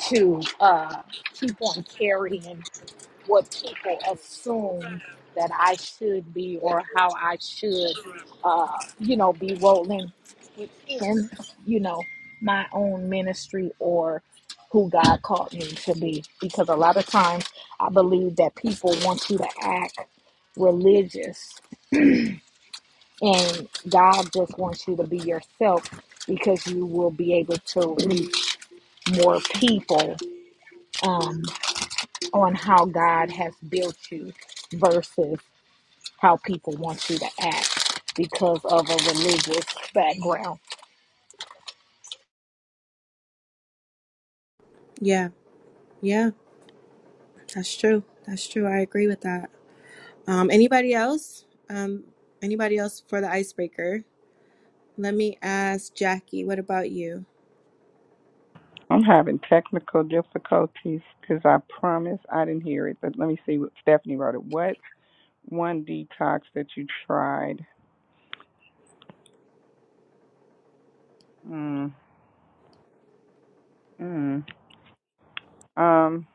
[SPEAKER 8] to uh, keep on carrying what people assume that I should be or how I should, uh, you know, be rolling within, you know, my own ministry or who God called me to be. Because a lot of times I believe that people want you to act religious and God just wants you to be yourself because you will be able to reach more people um, on how God has built you versus how people want you to act because of a religious background.
[SPEAKER 1] yeah yeah that's true that's true i agree with that um anybody else um anybody else for the icebreaker let me ask jackie what about you
[SPEAKER 5] I'm having technical difficulties because I promise I didn't hear it. But let me see what Stephanie wrote. It. What one detox that you tried? Mm, mm. Um.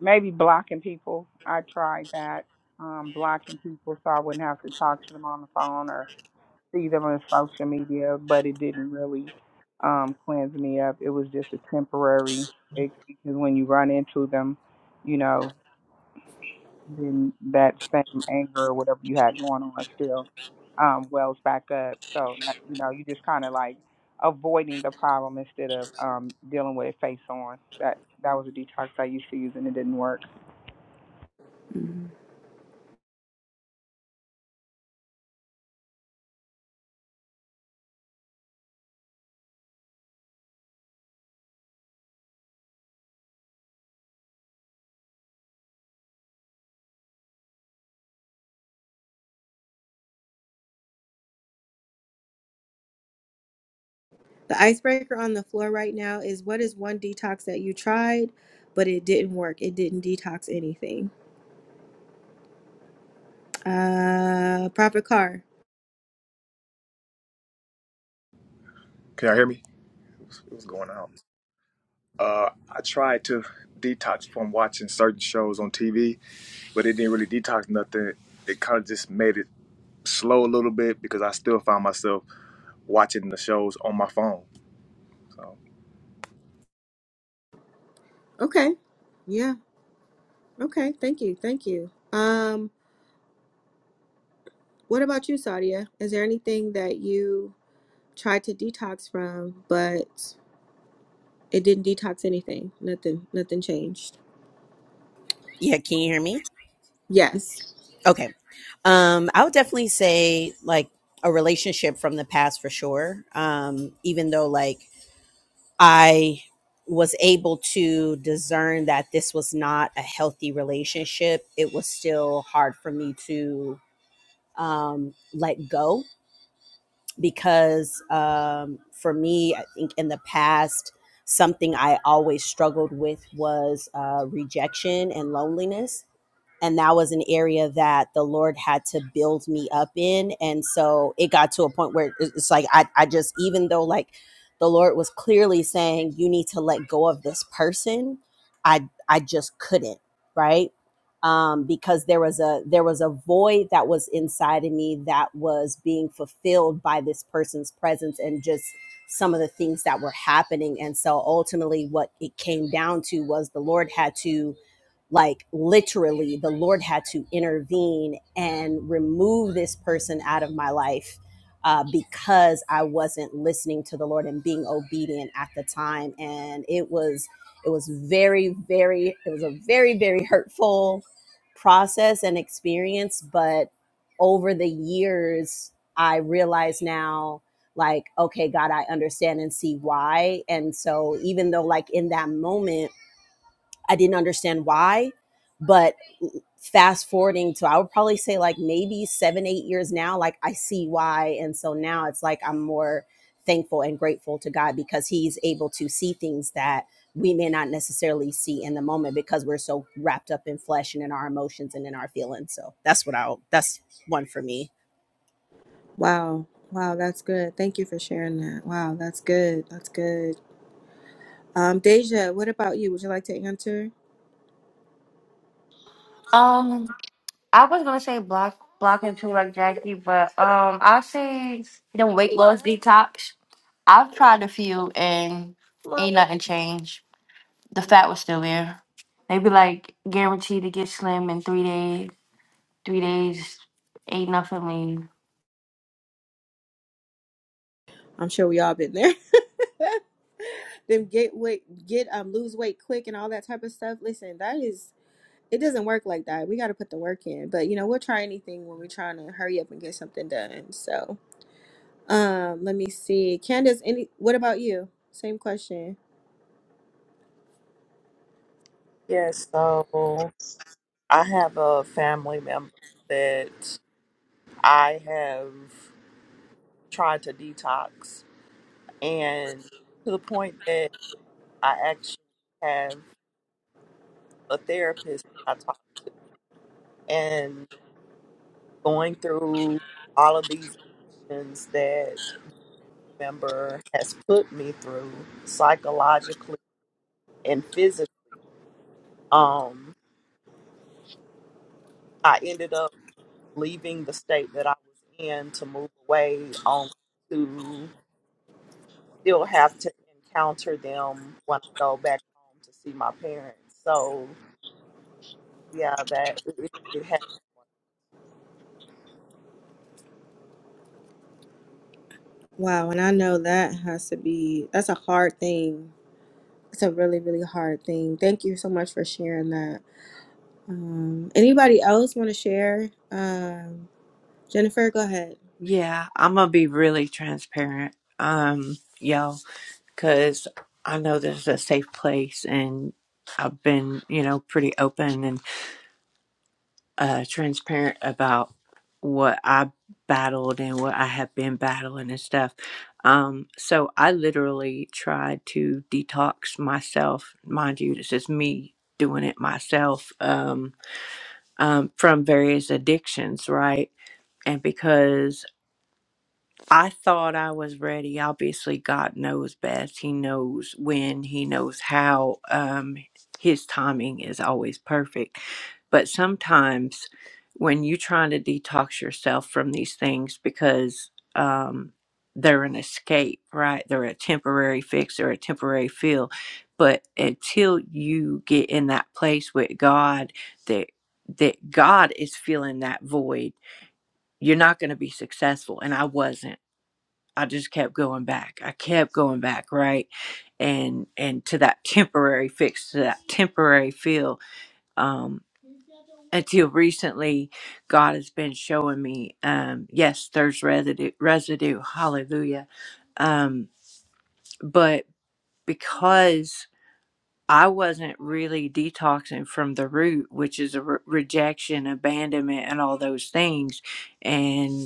[SPEAKER 5] Maybe blocking people. I tried that. Um, blocking people so I wouldn't have to talk to them on the phone or see them on social media, but it didn't really um cleanse me up. It was just a temporary fix because when you run into them, you know, then that same anger or whatever you had going on still um wells back up. So that, you know, you just kinda like avoiding the problem instead of um dealing with it face on. That that was a detox I used to use and it didn't work.
[SPEAKER 1] Mm. the icebreaker on the floor right now is what is one detox that you tried but it didn't work it didn't detox anything uh profit car
[SPEAKER 4] Can y'all hear me? It was going out. uh, I tried to detox from watching certain shows on TV, but it didn't really detox nothing. It kind of just made it slow a little bit because I still found myself watching the shows on my phone. So
[SPEAKER 1] Okay. Yeah. Okay, thank you, thank you. Um, what about you, Sadia? Is there anything that you tried to detox from, but it didn't detox anything? Nothing, nothing changed.
[SPEAKER 10] Yeah, can you hear me?
[SPEAKER 1] Yes.
[SPEAKER 10] Okay. Um, I would definitely say like a relationship from the past for sure. Um, even though like I was able to discern that this was not a healthy relationship, it was still hard for me to um let go because um, for me, I think in the past, something I always struggled with was uh, rejection and loneliness and that was an area that the lord had to build me up in and so it got to a point where it's like i, I just even though like the lord was clearly saying you need to let go of this person i i just couldn't right um, because there was a there was a void that was inside of me that was being fulfilled by this person's presence and just some of the things that were happening and so ultimately what it came down to was the lord had to like literally the lord had to intervene and remove this person out of my life uh, because i wasn't listening to the lord and being obedient at the time and it was it was very very it was a very very hurtful process and experience but over the years i realize now like okay god i understand and see why and so even though like in that moment I didn't understand why, but fast forwarding to I would probably say like maybe seven, eight years now, like I see why. And so now it's like I'm more thankful and grateful to God because He's able to see things that we may not necessarily see in the moment because we're so wrapped up in flesh and in our emotions and in our feelings. So that's what I'll that's one for me.
[SPEAKER 1] Wow. Wow, that's good. Thank you for sharing that. Wow, that's good. That's good. Um, Deja, what about you? Would you like to answer?
[SPEAKER 3] Um, I was gonna say block blocking too like Jackie, but um, I'll say the weight loss detox. I've tried a few and ain't nothing changed. The fat was still there. They be like guaranteed to get slim in three days. Three days ain't nothing lean.
[SPEAKER 1] I'm sure we all been there. Them get weight, get um, lose weight quick, and all that type of stuff. Listen, that is it doesn't work like that. We got to put the work in. But you know, we'll try anything when we're trying to hurry up and get something done. So, um, let me see. Candace, any what about you? Same question.
[SPEAKER 11] Yes, so I have a family member that I have tried to detox, and to the point that I actually have. a therapist that I talked to and going through all of these emotions that family member has put me through psychologically and physically. Um, I ended up leaving the state that I was in to move away on to still have to encounter them when I go back home to see my parents. So yeah, that it, it has
[SPEAKER 1] Wow, and I know that has to be that's a hard thing. It's a really really hard thing. Thank you so much for sharing that. Um, anybody else want to share? Um, Jennifer, go ahead.
[SPEAKER 7] Yeah, I'm going to be really transparent, um, y'all, because I know this is a safe place and I've been, you know, pretty open and. uh, transparent about what I battled and what I have been battling and stuff. Um, so I literally tried to detox myself. Mind you, this is me doing it myself um, um, from various addictions, right? And because I thought I was ready. Obviously, God knows best. He knows when, He knows how. Um, his timing is always perfect. But sometimes when you're trying to detox yourself from these things because um, they're an escape, right? They're a temporary fix or a temporary feel. But until you get in that place with God that that God is filling that void, you're not going to be successful. And I wasn't. I just kept going back. I kept going back, right? And and to that temporary fix, to that temporary feel. Um, until recently, God has been showing me, um, yes, there's residue, residue. Hallelujah. Um, but because I wasn't really detoxing from the root, which is a re- rejection, abandonment, and all those things, and.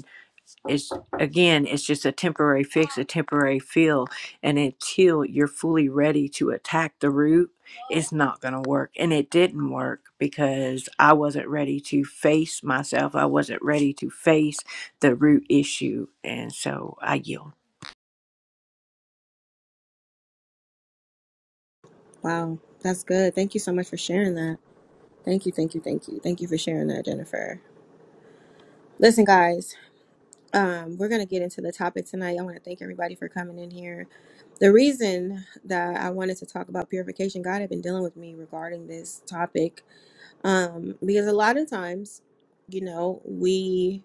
[SPEAKER 7] it's again it's just a temporary fix a temporary feel and until you're fully ready to attack the root it's not going to work and it didn't work because i wasn't ready to face myself i wasn't ready to face the root issue and so i yield
[SPEAKER 1] Wow, that's good. Thank you so much for sharing that. Thank you, thank you, thank you. Thank you for sharing that, Jennifer. Listen, guys. um, we're going to get into the topic tonight. I want to thank everybody for coming in here. The reason that I wanted to talk about purification, God had been dealing with me regarding this topic um, because a lot of times, you know, we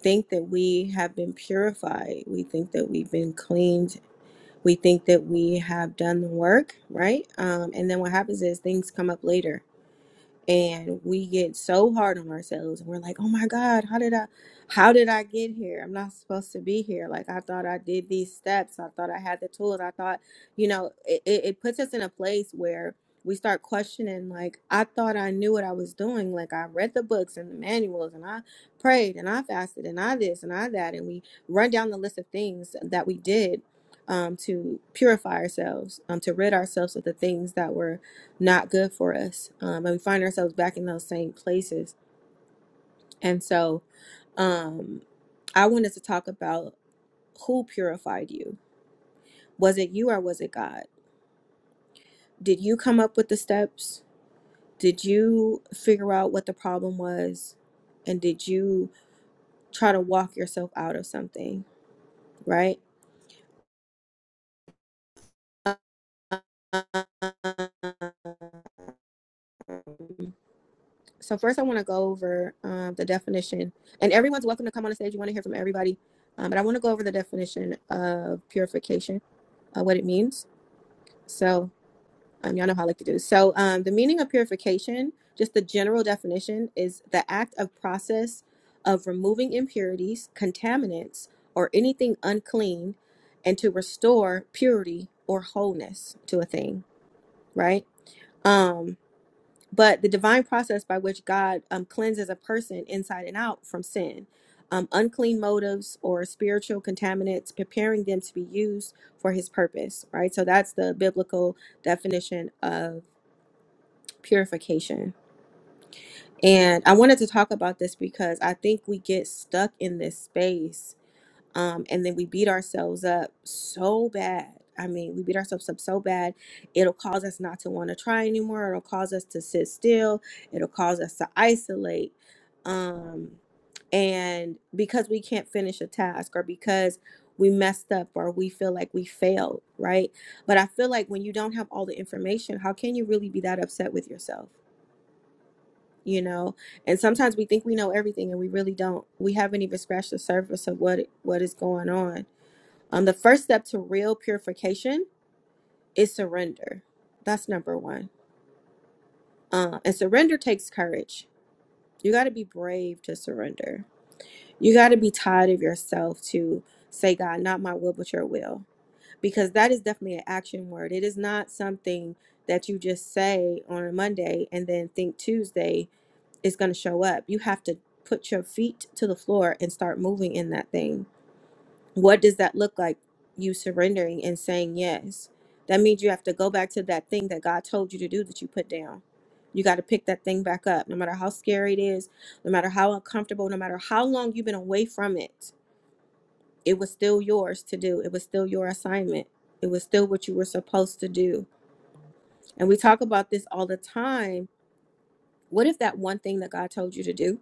[SPEAKER 1] think that we have been purified, we think that we've been cleaned, we think that we have done the work, right? Um, and then what happens is things come up later and we get so hard on ourselves and we're like oh my god how did i how did i get here i'm not supposed to be here like i thought i did these steps i thought i had the tools i thought you know it, it it puts us in a place where we start questioning like i thought i knew what i was doing like i read the books and the manuals and i prayed and i fasted and i this and i that and we run down the list of things that we did um, to purify ourselves um, to rid ourselves of the things that were not good for us. Um, and we find ourselves back in those same places. And so um, I wanted to talk about who purified you. Was it you or was it God? Did you come up with the steps? Did you figure out what the problem was? And did you try to walk yourself out of something? Right? Um, So, first, I want to go over um, the definition. And everyone's welcome to come on the stage. You want to hear from everybody. Um, but I want to go over the definition of purification, uh, what it means So, um, y'all know how I like to do this. So, um, the meaning of purification, just the general definition, is the act of process of removing impurities, contaminants, or anything unclean, and to restore purity or wholeness to a thing, right? Um, but the divine process by which God um, cleanses a person inside and out from sin, um, unclean motives or spiritual contaminants, preparing them to be used for His purpose. Right. So that's the biblical definition of purification. And I wanted to talk about this because I think we get stuck in this space um, and then we beat ourselves up so bad. I mean, we beat ourselves up so bad, it'll cause us not to want to try anymore. It'll cause us to sit still. It'll cause us to isolate. Um, and because we can't finish a task or because we messed up or we feel like we failed, right? But I feel like when you don't have all the information, how can you really be that upset with yourself? You know, and sometimes we think we know everything and we really don't. We haven't even scratched the surface of what what is going on um, the first step to real purification is surrender. That's number one. Uh, and surrender takes courage. You got to be brave to surrender. You got to be tired of yourself to say, God, not my will, but your will. Because that is definitely an action word. It is not something that you just say on a Monday and then think Tuesday is going to show up. You have to put your feet to the floor and start moving in that thing what does that look like you surrendering and saying yes that means you have to go back to that thing that god told you to do that you put down you got to pick that thing back up no matter how scary it is no matter how uncomfortable no matter how long you've been away from it it was still yours to do it was still your assignment it was still what you were supposed to do and we talk about this all the time what if that one thing that God told you to do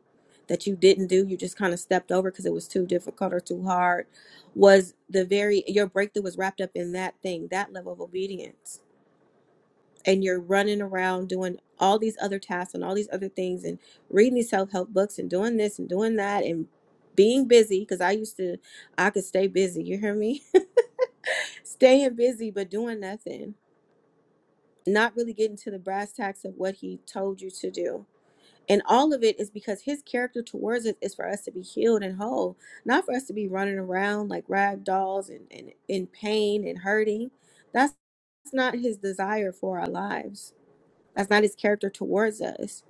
[SPEAKER 1] that you didn't do, you just kind of stepped over because it was too difficult or too hard, was the very, your breakthrough was wrapped up in that thing, that level of obedience. And you're running around doing all these other tasks and all these other things and reading these self help books and doing this and doing that and being busy because I used to, I could stay busy. You hear me? Staying busy, but doing nothing, not really getting to the brass tacks of what He told you to do And all of it is because his character towards us is for us to be healed and whole, not for us to be running around like rag dolls and, and in pain and hurting. That's, that's not his desire for our lives. That's not his character towards us.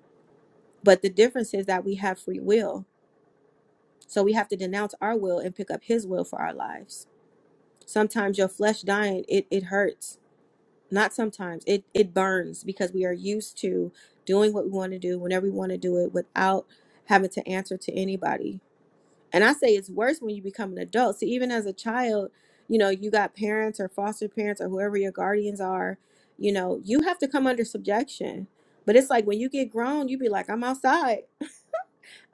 [SPEAKER 1] But the difference is that we have free will. So we have to denounce our will and pick up his will for our lives. Sometimes your flesh dying, it, it hurts not sometimes it it burns because we are used to doing what we want to do whenever we want to do it without having to answer to anybody and i say it's worse when you become an adult so even as a child you know you got parents or foster parents or whoever your guardians are you know you have to come under subjection but it's like when you get grown you be like i'm outside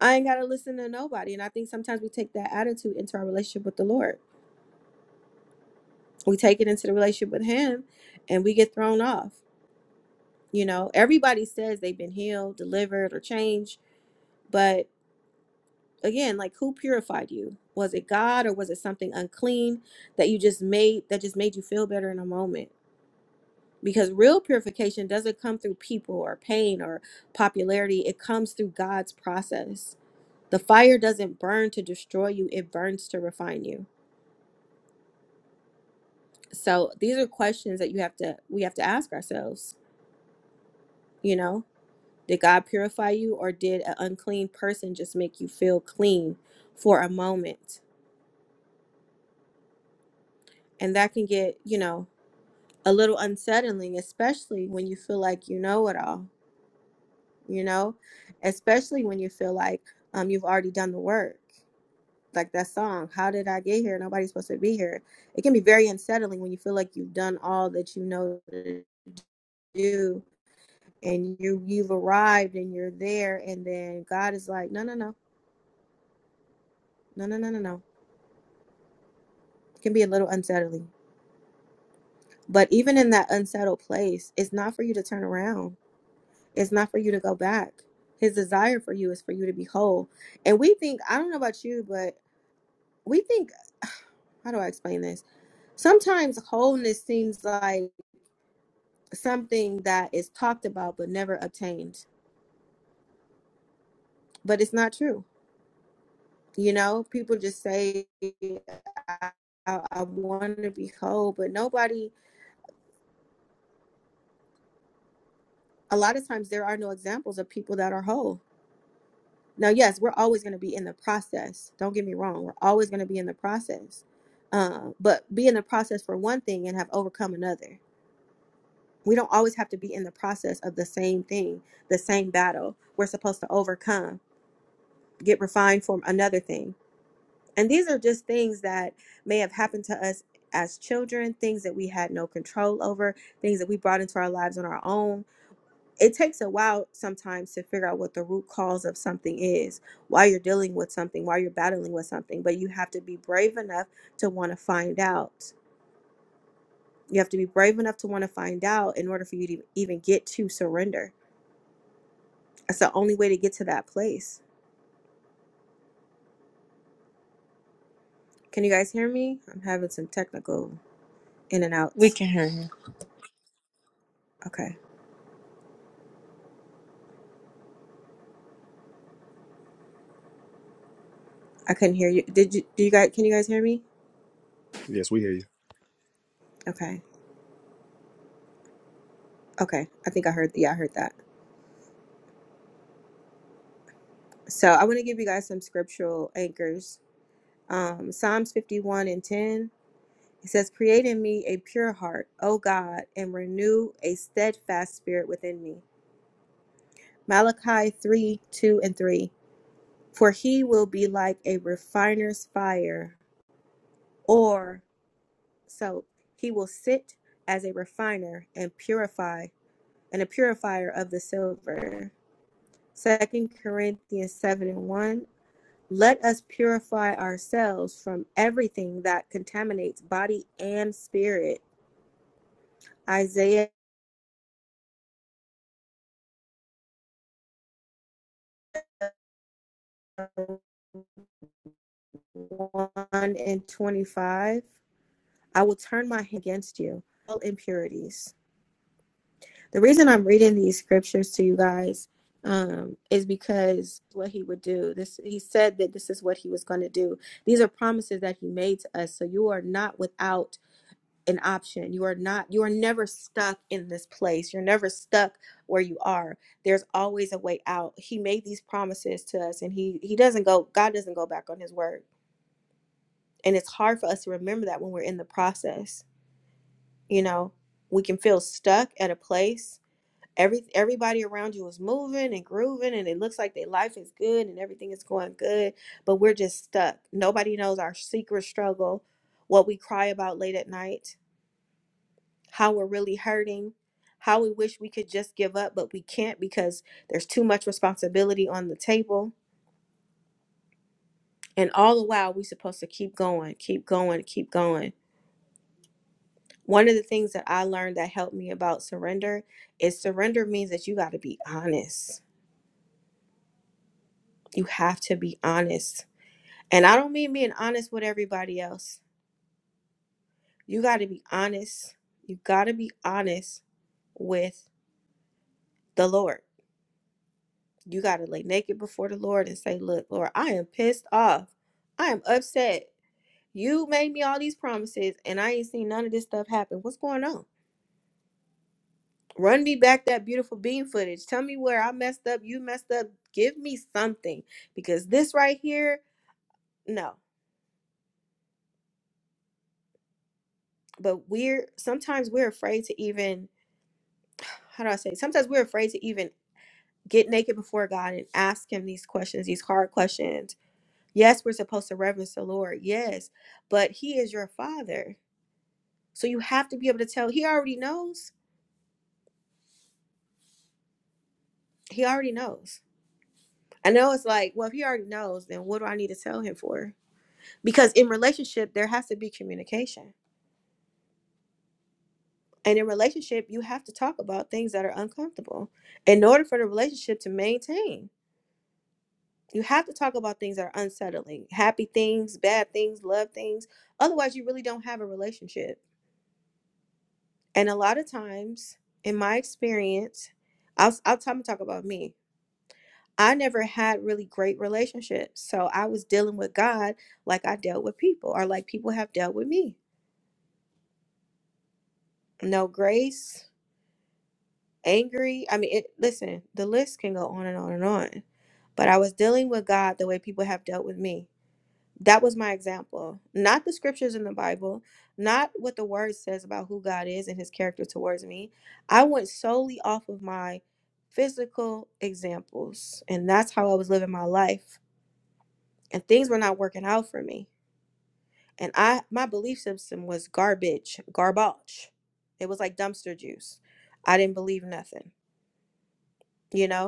[SPEAKER 1] i ain't got to listen to nobody and i think sometimes we take that attitude into our relationship with the lord we take it into the relationship with him and we get thrown off You know, everybody says they've been healed, delivered, or changed, but again, like who purified you? Was it God or was it something unclean that you just made that just made you feel better in a moment? Because real purification doesn't come through people or pain or popularity. It comes through God's process. The fire doesn't burn to destroy you, it burns to refine you. So these are questions that you have to we have to ask ourselves, you know? Did God purify you, or did an unclean person just make you feel clean for a moment? And that can get, you know, a little unsettling, especially when you feel like you know it all, you know, especially when you feel like um, you've already done the work. Like that song, How Did I Get Here? Nobody's supposed to be here. It can be very unsettling when you feel like you've done all that you know to do and you, you've arrived and you're there. And then God is like, No, no, no, no, no, no, no, no. It can be a little unsettling. But even in that unsettled place, it's not for you to turn around. It's not for you to go back. His desire for you is for you to be whole. And we think, I don't know about you, but we think, how do I explain this? Sometimes wholeness seems like something that is talked about but never obtained, but it's not true. You know, people just say, I, I, I want to be whole, but nobody, a lot of times, there are no examples of people that are whole Now, yes, we're always going to be in the process. Don't get me wrong. We're always going to be in the process. Uh, but be in the process for one thing and have overcome another. We don't always have to be in the process of the same thing, the same battle. We're supposed to overcome, get refined from another thing. And these are just things that may have happened to us as children, things that we had no control over, things that we brought into our lives on our own it takes a while sometimes to figure out what the root cause of something is, why you're dealing with something, why you're battling with something, but you have to be brave enough to want to find out. You have to be brave enough to want to find out in order for you to even get to surrender. That's the only way to get to that place. Can you guys hear me? I'm having some technical in and
[SPEAKER 7] We
[SPEAKER 1] outs.
[SPEAKER 7] can hear you.
[SPEAKER 1] Okay. I couldn't hear you. Did you do you guys can you guys hear me?
[SPEAKER 4] Yes, we hear you.
[SPEAKER 1] Okay. Okay. I think I heard yeah, I heard that. So I want to give you guys some scriptural anchors um, Psalms 51 and 10. It says, Create in me a pure heart, O God, and renew a steadfast spirit within me. Malachi 3 2 and 3. For he will be like a refiner's fire, or so he will sit as a refiner and purify, and a purifier of the silver. Second Corinthians 7 and 1. Let us purify ourselves from everything that contaminates body and spirit Isaiah 1 and 25. I will turn my hand against you, all impurities. The reason I'm reading these scriptures to you guys um, is because what he would do. This he said that this is what he was going to do. These are promises that he made to us. So you are not without an option. You are not. You are never stuck in this place. You're never stuck where you are. There's always a way out. He made these promises to us, and he he doesn't go. God doesn't go back on his word. And it's hard for us to remember that when we're in the process. You know, we can feel stuck at a place. Every everybody around you is moving and grooving and it looks like their life is good and everything is going good, but we're just stuck. Nobody knows our secret struggle, what we cry about late at night, how we're really hurting, how we wish we could just give up, but we can't because there's too much responsibility on the table. And all the while we're supposed to keep going, keep going, keep going One of the things that I learned that helped me about surrender is surrender means that you got to be honest. You have to be honest. And I don't mean being honest with everybody else. You got to be honest. You got to be honest with the Lord. You got to lay naked before the Lord and say, Look, Lord, I am pissed off. I am upset. You made me all these promises and I ain't seen none of this stuff happen. What's going on? Run me back that beautiful beam footage. Tell me where I messed up, you messed up. Give me something because this right here, no. But we're sometimes we're afraid to even, how do I say? it? Sometimes we're afraid to even get naked before God and ask Him these questions, these hard questions. Yes, we're supposed to reverence the Lord. Yes, but He is your Father. So you have to be able to tell. He already knows. He already knows. I know it's like, well, if He already knows, then what do I need to tell Him for? because in relationship there has to be communication and in relationship you have to talk about things that are uncomfortable in order for the relationship to maintain you have to talk about things that are unsettling happy things bad things love things otherwise you really don't have a relationship and a lot of times in my experience i'll, I'll time to talk about me i never had really great relationships so i was dealing with god like i dealt with people or like people have dealt with me no grace angry. I mean, it, listen, the list can go on and on and on. But I was dealing with God the way people have dealt with me. That was my example. Not the scriptures in the Bible, not what the word says about who God is and his character towards me. I went solely off of my physical examples, and that's how I was living my life. And things were not working out for me. And I my belief system was garbage, garbage. It was like dumpster juice. I didn't believe nothing, you know?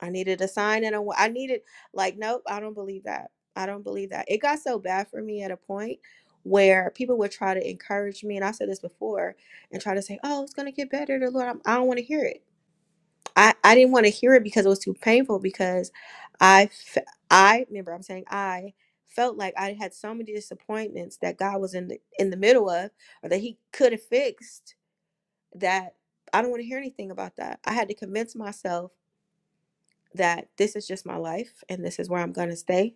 [SPEAKER 1] I needed a sign and a wa- I needed like nope, I don't believe that. I don't believe that. It got so bad for me at a point where people would try to encourage me and I said this before and try to say, "Oh, it's going to get better." The Lord, I'm, I don't want to hear it. I I didn't want to hear it because it was too painful because I fe- I remember I'm saying I felt like I had so many disappointments that God was in the in the middle of or that he could have fixed that I don't want to hear anything about that. I had to convince myself that this is just my life and this is where I'm going to stay.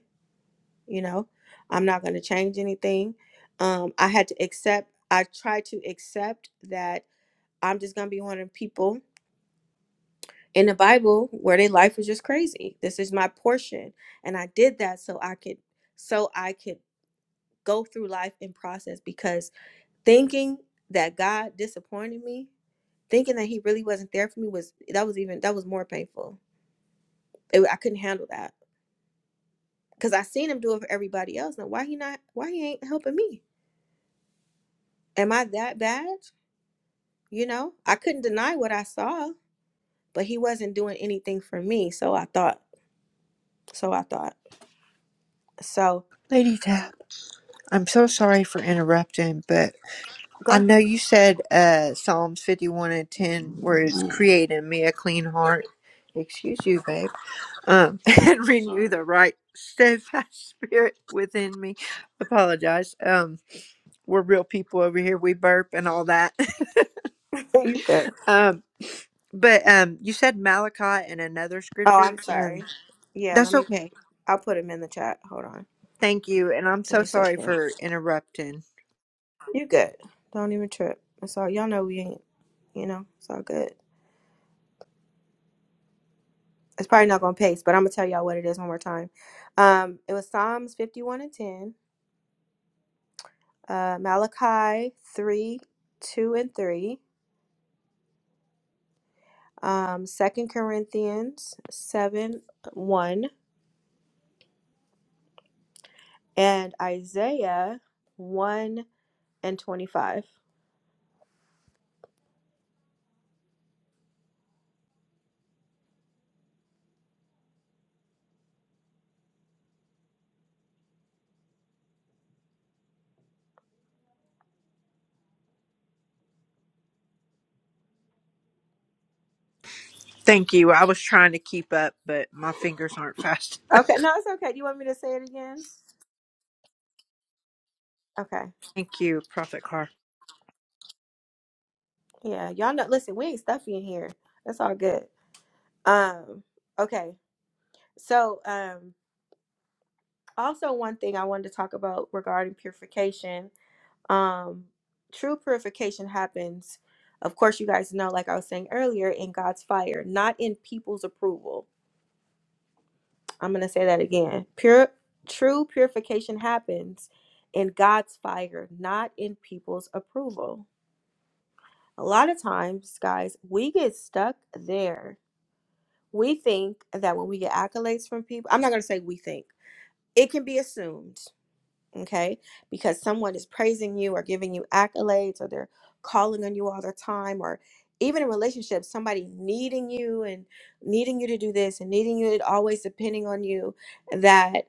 [SPEAKER 1] You know, I'm not going to change anything. Um, I had to accept, I tried to accept that I'm just going to be one of the people in the Bible where their life was just crazy. This is my portion. And I did that so I could, so I could go through life and process because thinking that God disappointed me, thinking that he really wasn't there for me was, that was even, that was more painful. It, I couldn't handle that Cause I seen him do it for everybody else. Now why he not why he ain't helping me? Am I that bad? You know? I couldn't deny what I saw, but he wasn't doing anything for me. So I thought. So I thought. So
[SPEAKER 7] Lady Tap, I'm so sorry for interrupting, but I
[SPEAKER 1] go
[SPEAKER 7] know you said uh, Psalms 51 and 10, where it's creating me a clean heart. Excuse you, babe. um, and renew the right steadfast spirit within me. Apologize. Um, we're real people over here. We burp and all that.
[SPEAKER 1] you good.
[SPEAKER 7] um, but um, you said Malachi and another
[SPEAKER 1] Oh,
[SPEAKER 7] scripture.
[SPEAKER 1] I'm
[SPEAKER 7] Um,
[SPEAKER 1] sorry. Yeah, let
[SPEAKER 7] that's
[SPEAKER 1] me
[SPEAKER 7] okay.
[SPEAKER 1] I'll put him in the chat. Hold on.
[SPEAKER 7] Thank you, and I'm
[SPEAKER 1] Let
[SPEAKER 7] so
[SPEAKER 1] me set
[SPEAKER 7] sorry
[SPEAKER 1] you.
[SPEAKER 7] for interrupting.
[SPEAKER 1] You good. Don't even trip. It's all y'all know we ain't you know, it's all good. It's probably not gonna pace, but I'm gonna tell y'all what it is one more time. Um, it was Psalms fifty one and ten uh, Malachi 3 2 and 3, um, 2 Corinthians 7 1, and Isaiah 1 and 25.
[SPEAKER 7] Thank you. I was trying to keep up, but my fingers aren't fast.
[SPEAKER 1] Okay, no, it's okay. Do you want me to say it again? Okay.
[SPEAKER 7] Thank you, Prophet Carr.
[SPEAKER 1] Yeah, y'all know. Listen, we ain't stuffy in here. That's all good. Um, okay. So, um, also one thing I wanted to talk about regarding purification Um, true purification happens, of course, you guys know, like I was saying earlier, in God's fire, not in people's approval. I'm going to say that again. Pure, true purification happens in God's fire, not in people's approval. A lot of times, guys, we get stuck there. We think that when we get accolades from people, I'm not going to say we think, it can be assumed okay? Because someone is praising you or giving you accolades or they're calling on you all the time or even in relationships, somebody needing you and needing you to do this and needing you and always depending on you that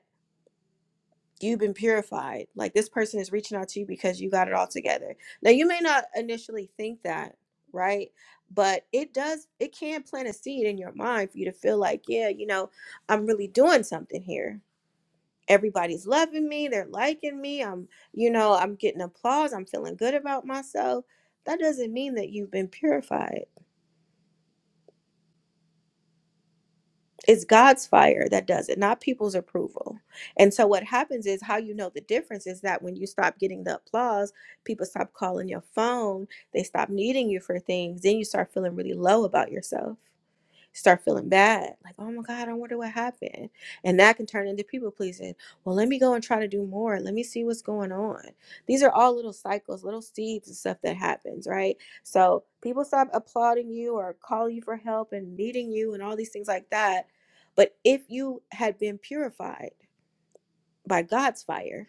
[SPEAKER 1] you've been purified. Like this person is reaching out to you because you got it all together. Now you may not initially think that, right? But it does it can plant a seed in your mind for you to feel like, yeah, you know, I'm really doing something here everybody's loving me they're liking me i'm you know i'm getting applause i'm feeling good about myself that doesn't mean that you've been purified it's god's fire that does it not people's approval and so what happens is how you know the difference is that when you stop getting the applause people stop calling your phone they stop needing you for things then you start feeling really low about yourself start feeling bad like oh my god i wonder what happened and that can turn into people pleasing well let me go and try to do more let me see what's going on these are all little cycles little seeds and stuff that happens right so people stop applauding you or calling you for help and needing you and all these things like that but if you had been purified by god's fire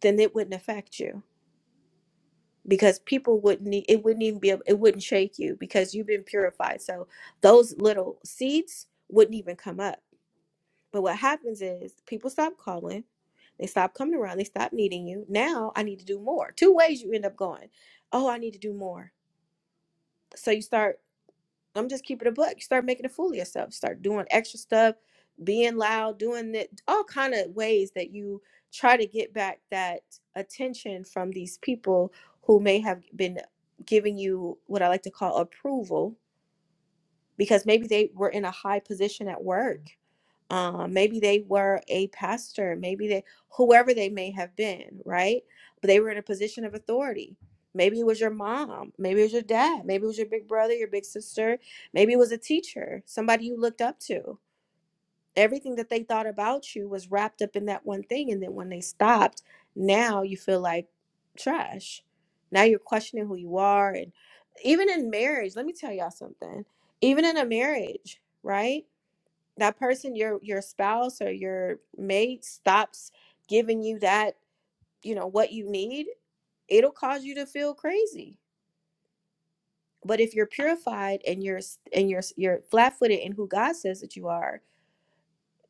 [SPEAKER 1] then it wouldn't affect you because people wouldn't need it wouldn't even be a- it wouldn't shake you because you've been purified so those little seeds wouldn't even come up But what happens is people stop calling, they stop coming around, they stop needing you. Now I need to do more. Two ways you end up going. Oh, I need to do more. So you start, I'm just keeping a book. You start making a fool of yourself. Start doing extra stuff, being loud, doing it, all kind of ways that you try to get back that attention from these people who may have been giving you what I like to call approval because maybe they were in a high position at work uh, maybe they were a pastor, maybe they, whoever they may have been, right? But they were in a position of authority. Maybe it was your mom, maybe it was your dad, maybe it was your big brother, your big sister, maybe it was a teacher, somebody you looked up to. Everything that they thought about you was wrapped up in that one thing. And then when they stopped, now you feel like trash. Now you're questioning who you are. And even in marriage, let me tell y'all something. Even in a marriage, right? that person your your spouse or your mate stops giving you that you know what you need it'll cause you to feel crazy but if you're purified and you're and you're you're flat-footed in who god says that you are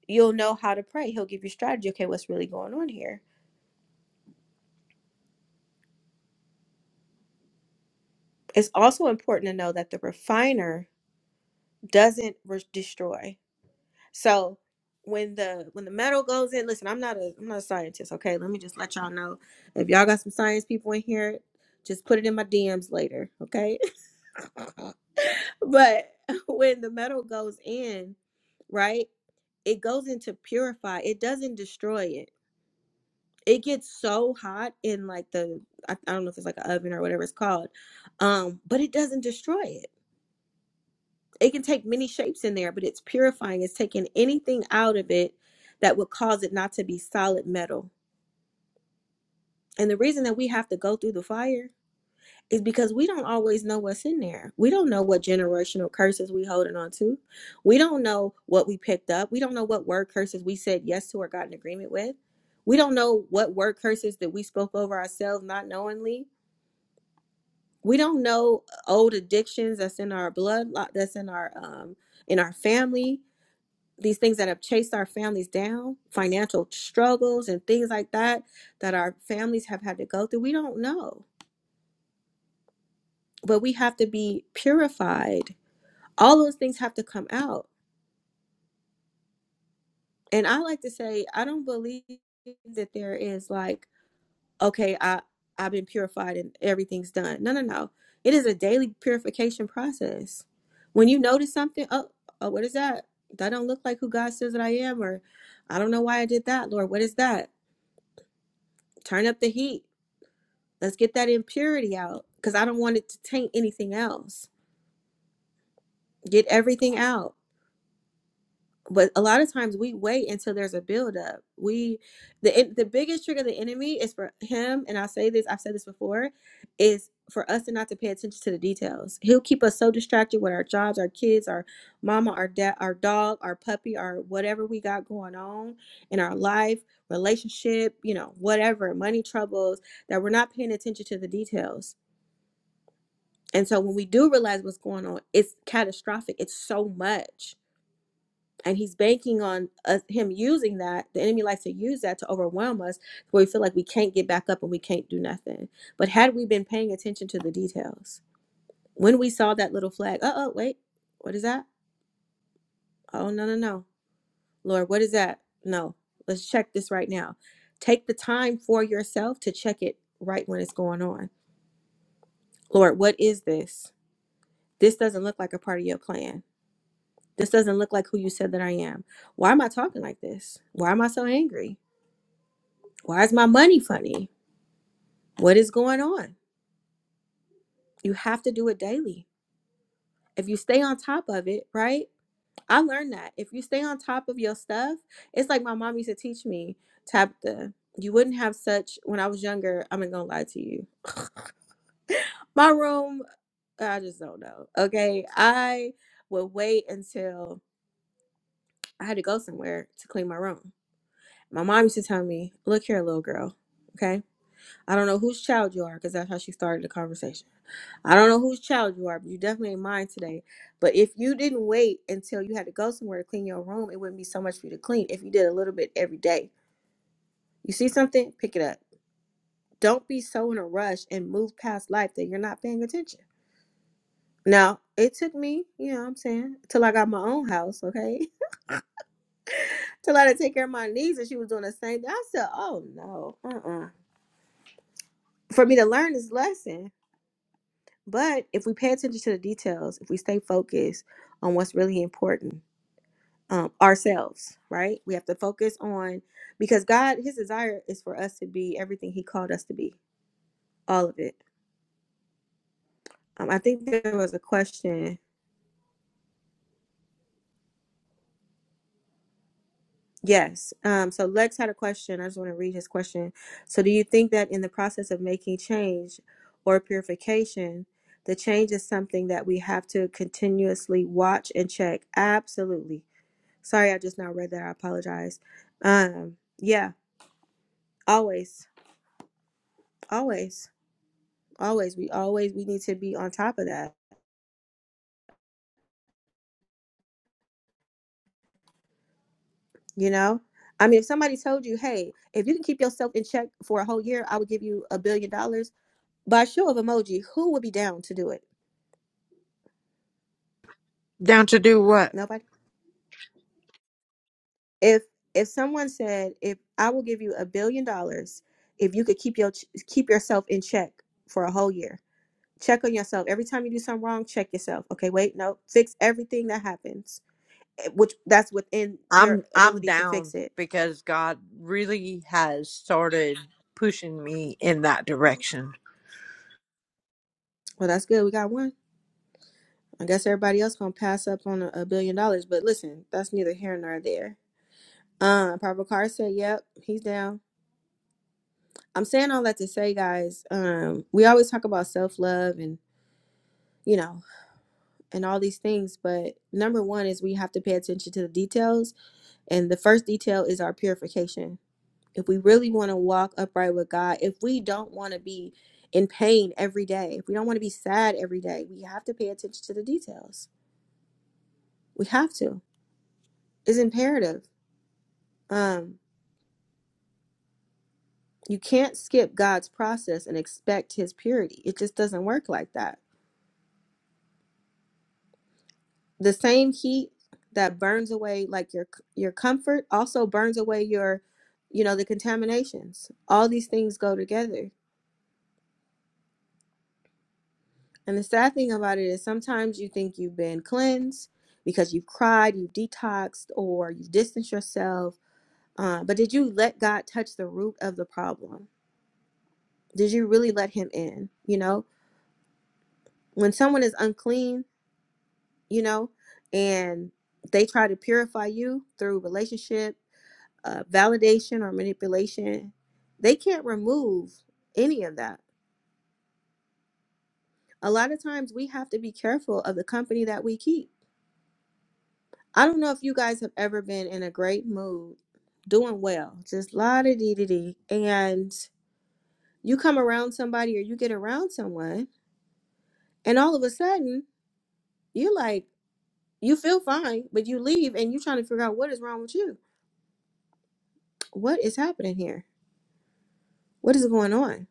[SPEAKER 1] you'll know how to pray he'll give you strategy okay what's really going on here it's also important to know that the refiner doesn't re- destroy So when the when the metal goes in, listen, I'm not a I'm not a scientist, okay? Let me just let y'all know. If y'all got some science people in here, just put it in my DMs later, okay? but when the metal goes in, right? It goes into purify. It doesn't destroy it. It gets so hot in like the I, I don't know if it's like an oven or whatever it's called. Um, but it doesn't destroy it it can take many shapes in there, but it's purifying. It's taking anything out of it that would cause it not to be solid metal. And the reason that we have to go through the fire is because we don't always know what's in there. We don't know what generational curses we holding on to. We don't know what we picked up. We don't know what word curses we said yes to or got in agreement with. We don't know what word curses that we spoke over ourselves not knowingly. We don't know old addictions that's in our blood, that's in our um in our family these things that have chased our families down, financial struggles and things like that that our families have had to go through. We don't know, but we have to be purified. All those things have to come out. And I like to say, I don't believe that there is like, okay, I I've been purified and everything's done. No, no, no. It is a daily purification process. When you notice something, oh, oh what is that? That don't look like who God says that I am, or I don't know why I did that, Lord. What is that? Turn up the heat Let's get that impurity out because I don't want it to taint anything else. Get everything out. But a lot of times we wait until there's a buildup. We, the the biggest trick of the enemy is for him, and I say this, I've said this before, is for us to not to pay attention to the details. He'll keep us so distracted with our jobs, our kids, our mama, our dad, our dog, our puppy, our whatever we got going on in our life, relationship, you know, whatever, money troubles, that we're not paying attention to the details And so when we do realize what's going on, it's catastrophic. It's so much. And he's banking on us, him using that. The enemy likes to use that to overwhelm us where we feel like we can't get back up and we can't do nothing. But had we been paying attention to the details, when we saw that little flag, uh oh, wait, what is that? Oh, no, no, no. Lord, what is that? No, let's check this right now. Take the time for yourself to check it right when it's going on. Lord, what is this? This doesn't look like a part of your plan This doesn't look like who you said that I am. Why am I talking like this? Why am I so angry? Why is my money funny? What is going on? You have to do it daily. If you stay on top of it, right? I learned that. If you stay on top of your stuff, it's like my mom used to teach me, Tabitha, you wouldn't have such, when I was younger, I'm not gonna lie to you. My room, I just don't know. Okay. I would wait until I had to go somewhere to clean my room. My mom used to tell me, look here, little girl. Okay I don't know whose child you are, because that's how she started the conversation. I don't know whose child you are, but you definitely ain't mine today. But if you didn't wait until you had to go somewhere to clean your room, it wouldn't be so much for you to clean if you did a little bit every day. You see something, pick it up. Don't be so in a rush and move past life that you're not paying attention. Now, it took me, you know what I'm saying, till I got my own house, okay? till I had to take care of my niece and she was doing the same thing. I said, oh no, uh uh. For me to learn this lesson, But if we pay attention to the details, if we stay focused on what's really important, um, ourselves, right? We have to focus on because God, His desire is for us to be everything He called us to be, all of it. Um, I think there was a question. Yes. Um, so Lex had a question. I just want to read his question. So, do you think that in the process of making change or purification, the change is something that we have to continuously watch and check? Absolutely Sorry, I just now read that. I apologize. Um, yeah, always, always, always. We always we need to be on top of that. You know, I mean, if somebody told you, "Hey, if you can keep yourself in check for a whole year, I would give you a billion dollars," by show of emoji, who would be down to do it?
[SPEAKER 7] Down to do what?
[SPEAKER 1] Nobody. If if someone said, "If I will give you a billion dollars if you could keep your keep yourself in check for a whole year," check on yourself every time you do something wrong. Check yourself. Okay, wait, no, fix everything that happens eh, which that's within your
[SPEAKER 7] I'm I'm
[SPEAKER 1] ability to fix
[SPEAKER 7] down
[SPEAKER 1] it.
[SPEAKER 7] because God really has started pushing me in that direction.
[SPEAKER 1] Well, that's good. We got one. I guess everybody else gonna pass up on a, a billion dollars, but listen, that's neither here nor there. Um, Prabhakar said, "Yep, he's down." I'm saying all that to say, guys. Um, we always talk about self love and you know and all these things, but number one is we have to pay attention to the details, and the first detail is our purification if we really want to walk upright with God, if we don't want to be in pain every day, if we don't want to be sad every day, we have to pay attention to the details. We have to. It's imperative. Um, you can't skip God's process and expect his purity. It just doesn't work like that. The same heat that burns away like your your comfort also burns away your you know the contaminations. All these things go together And the sad thing about it is sometimes you think you've been cleansed because you've cried, you've detoxed, or you've distanced yourself. Uh, but did you let God touch the root of the problem? Did you really let Him in? You know, when someone is unclean, you know, and they try to purify you through relationship, uh, validation, or manipulation, they can't remove any of that. A lot of times we have to be careful of the company that we keep I don't know if you guys have ever been in a great mood, doing well, just la da dee dee dee, and you come around somebody or you get around someone, and all of a sudden you like you feel fine, but you leave and you're trying to figure out what is wrong with you. What is happening here? What is going on?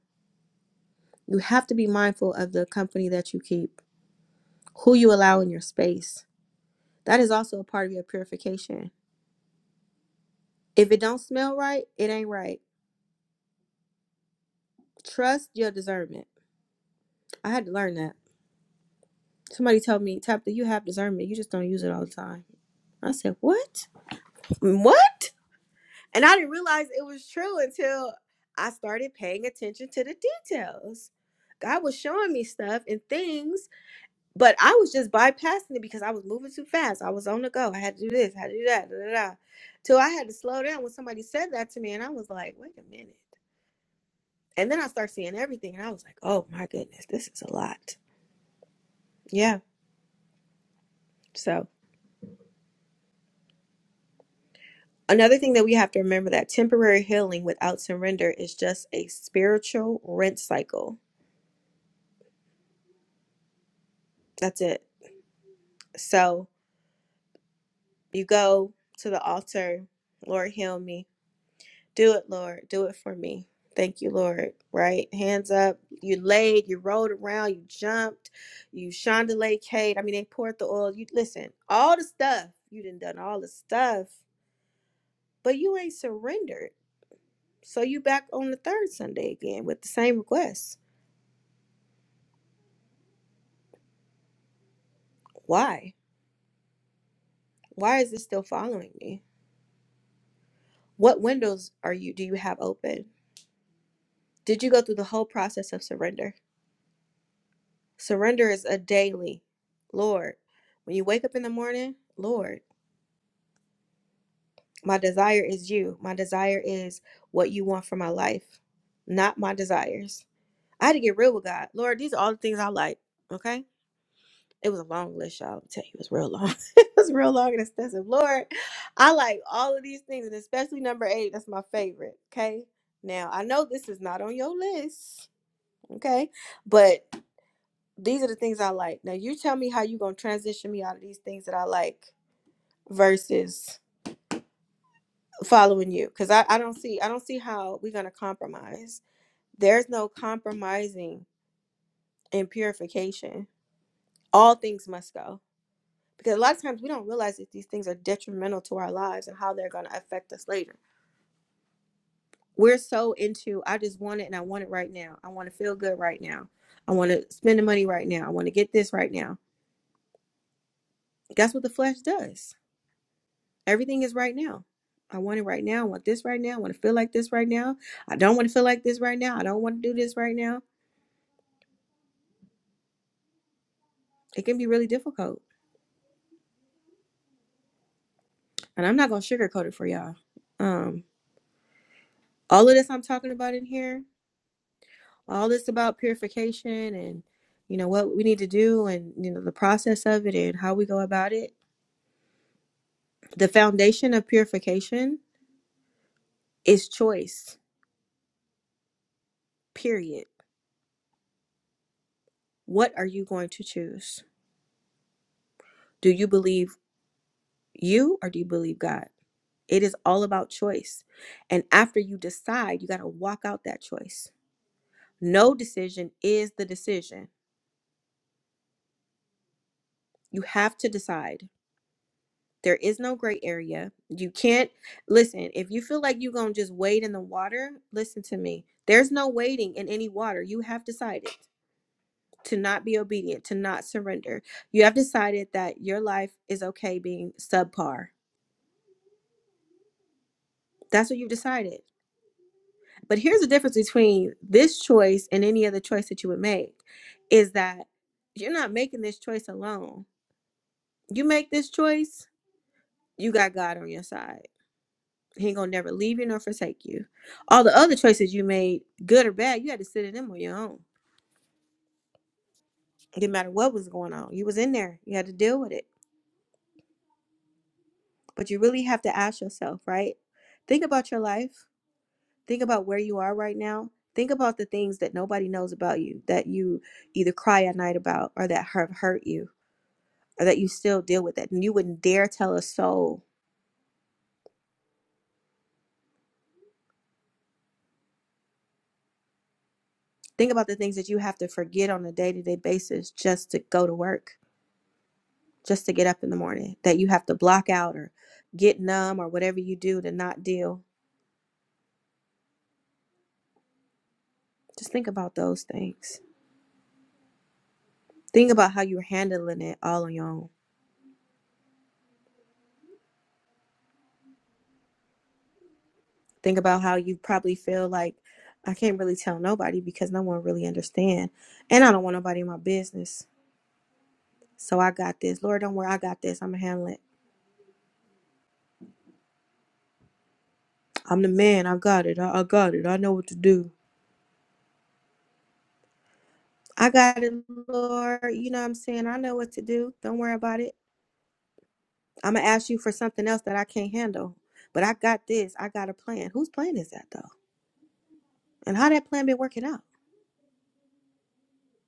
[SPEAKER 1] You have to be mindful of the company that you keep, who you allow in your space. That is also a part of your purification. If it don't smell right, it ain't right. Trust your discernment. I had to learn that. Somebody told me, Tabitha, you have discernment. You just don't use it all the time. I said, What? What? And I didn't realize it was true until I started paying attention to the details. God was showing me stuff and things, but I was just bypassing it because I was moving too fast. I was on the go. I had to do this, I had to do that, da, da, da. Till I had to slow down when somebody said that to me, and I was like, wait a minute. And then I start seeing everything, and I was like, oh my goodness, this is a lot. Yeah. So. Another thing that we have to remember that temporary healing without surrender is just a spiritual rent cycle. That's it. So you go to the altar, Lord, heal me. Do it, Lord. Do it for me. Thank you, Lord. Right? Hands up. You laid, you rolled around, you jumped, you chandelier cade. I mean, they poured the oil. You listen, all the stuff. You done done all the stuff, but you ain't surrendered. So you back on the third Sunday again with the same request. Why? Why is this still following me? What windows are you do you have open? Did you go through the whole process of surrender? Surrender is a daily. Lord, when you wake up in the morning, Lord, my desire is you. My desire is what you want for my life, not my desires. I had to get real with God. Lord, these are all the things I like, okay? It was a long list, y'all. I'll tell you, it was real long. it was real long and extensive. Lord, I like all of these things, and especially number eight. That's my favorite. Okay. Now, I know this is not on your list. Okay. But these are the things I like. Now, you tell me how you going to transition me out of these things that I like versus following you because I, I don't see i don't see how we're going to compromise there's no compromising in purification all things must go because a lot of times we don't realize that these things are detrimental to our lives and how they're going to affect us later. We're so into I just want it and I want it right now. I want to feel good right now. I want to spend the money right now. I want to get this right now. That's what the flesh does. Everything is right now. I want it right now. I want this right now. I want to feel like this right now. I don't want to feel like this right now. I don't want to do this right now. It can be really difficult. And I'm not going to sugarcoat it for y'all. Um all of this I'm talking about in here all this about purification and you know what we need to do and you know the process of it and how we go about it the foundation of purification is choice period what are you going to choose do you believe you or do you believe god it is all about choice and after you decide you got to walk out that choice no decision is the decision you have to decide There is no gray area. You can't listen. If you feel like you're going to just wade in the water, listen to me. There's no wading in any water. You have decided to not be obedient, to not surrender. You have decided that your life is okay being subpar. That's what you've decided. But here's the difference between this choice and any other choice that you would make is that you're not making this choice alone. You make this choice, you got God on your side He ain't gonna never leave you nor forsake you. All the other choices you made, good or bad, you had to sit in them on your own. It didn't matter what was going on. You was in there. You had to deal with it. But you really have to ask yourself, right? Think about your life. Think about where you are right now. Think about the things that nobody knows about you that you either cry at night about or that have hurt you or that you still deal with that and you wouldn't dare tell a soul. Think about the things that you have to forget on a day to day basis just to go to work just to get up in the morning that you have to block out or get numb or whatever you do to not deal. Just think about those things. Think about how you're handling it all on your own. Think about how you probably feel like I can't really tell nobody because no one really understand, and I don't want nobody in my business. So I got this. Lord, don't worry, I got this. I'm gonna handle it. I'm the man. I got it. I, I got it. I know what to do. I got it, Lord. You know what I'm saying? I know what to do. Don't worry about it. I'm gonna ask you for something else that I can't handle. But I got this. I got a plan. Whose plan is that though? And how that plan been working out?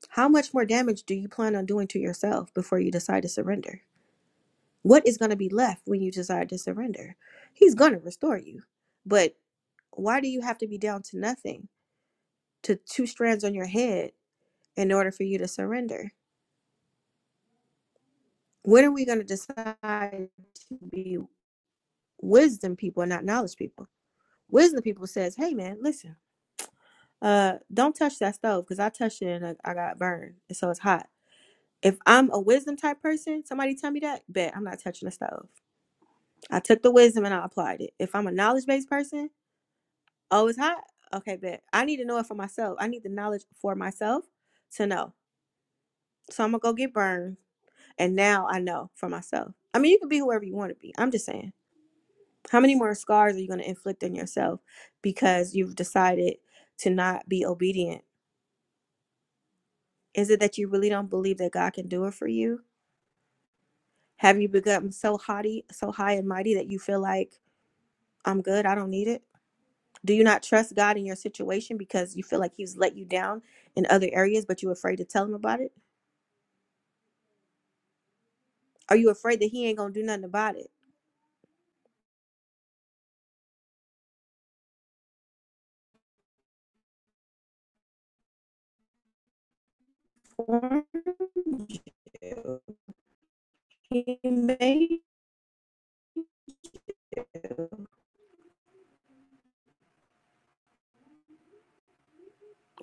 [SPEAKER 1] How much more damage do you plan on doing to yourself before you decide to surrender? What is gonna be left when you decide to surrender? He's gonna restore you. But why do you have to be down to nothing, to two strands on your head, in order for you to surrender? When are we gonna decide to be wisdom people and not knowledge people? Wisdom people says, "Hey man, listen." Uh, don't touch that stove because I touched it and I, I got burned, and so it's hot. If I'm a wisdom type person, somebody tell me that, bet I'm not touching the stove. I took the wisdom and I applied it. If I'm a knowledge based person, oh, it's hot. Okay, bet I need to know it for myself. I need the knowledge for myself to know. So I'm gonna go get burned, and now I know for myself. I mean, you can be whoever you want to be. I'm just saying, how many more scars are you gonna inflict on yourself because you've decided to not be obedient? Is it that you really don't believe that God can do it for you? Have you become so haughty, so high and mighty that you feel like I'm good, I don't need it? Do you not trust God in your situation because you feel like He's let you down in other areas, but you're afraid to tell Him about it? Are you afraid that He ain't gonna do nothing about it? He made you.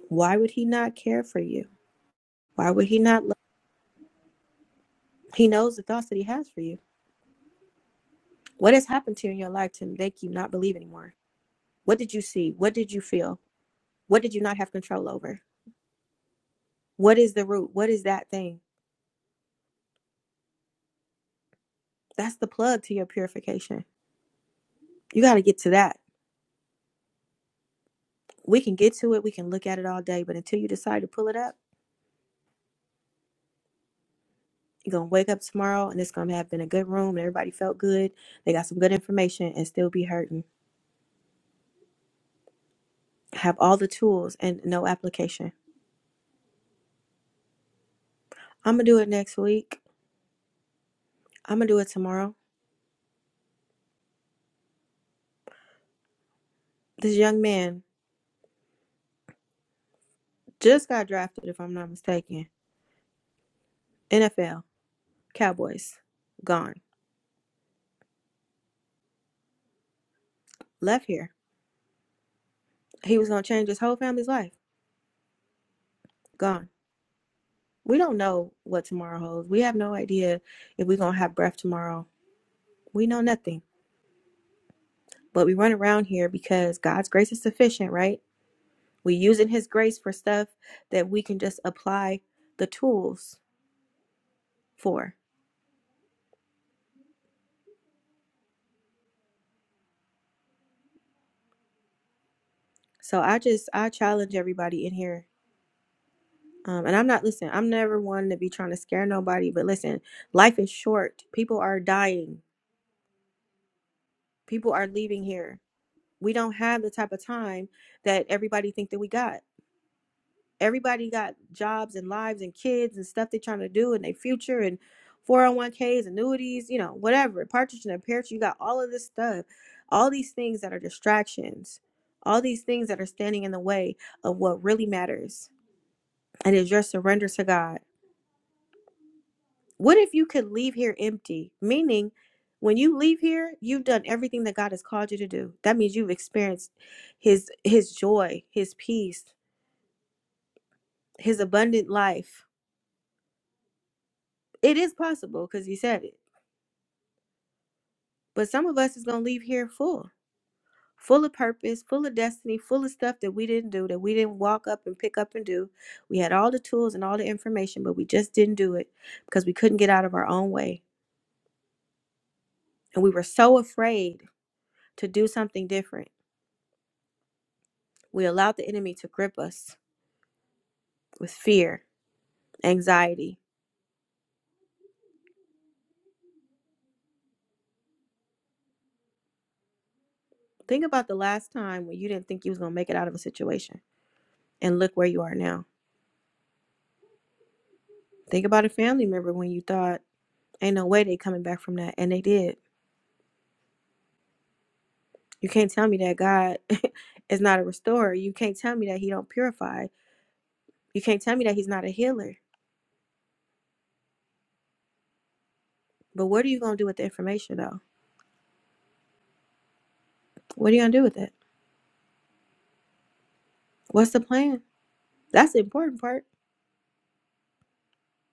[SPEAKER 1] Why would He not care for you? Why would He not? Love? He knows the thoughts that He has for you. What has happened to you in your life to make you not believe anymore? What did you see? What did you feel? What did you not have control over? What is the root? What is that thing? That's the plug to your purification. You got to get to that. We can get to it. We can look at it all day. But until you decide to pull it up, you're going to wake up tomorrow and it's going to have been a good room and everybody felt good. They got some good information and still be hurting. Have all the tools and no application. I'm going to do it next week. I'm going to do it tomorrow. This young man just got drafted, if I'm not mistaken. NFL, Cowboys, gone. Left here. He was going to change his whole family's life, gone We don't know what tomorrow holds. We have no idea if we're going to have breath tomorrow. We know nothing. But we run around here because God's grace is sufficient, right? we using His grace for stuff that we can just apply the tools for. So I just, I challenge everybody in here. Um, and I'm not, listen, I'm never one to be trying to scare nobody, but listen, life is short. People are dying. People are leaving here. We don't have the type of time that everybody think that we got everybody got jobs and lives and kids and stuff they're trying to do and their future and 401ks annuities you know whatever partridge in a pear tree you got all of this stuff all these things that are distractions all these things that are standing in the way of what really matters and is your surrender to god what if you could leave here empty meaning when you leave here you've done everything that god has called you to do that means you've experienced his his joy his peace his abundant life it is possible because he said it But some of us is gonna leave here full, full of purpose, full of destiny, full of stuff that we didn't do, that we didn't walk up and pick up and do. We had all the tools and all the information, but we just didn't do it because we couldn't get out of our own way. And we were so afraid to do something different. We allowed the enemy to grip us with fear, anxiety. Think about the last time when you didn't think you was gonna make it out of a situation. And look where you are now. Think about a family member when you thought, ain't no way they coming back from that. And they did You can't tell me that God is not a restorer. You can't tell me that he don't purify. You can't tell me that he's not a healer. But what are you going to do with the information though? What are you going to do with it? What's the plan? That's the important part.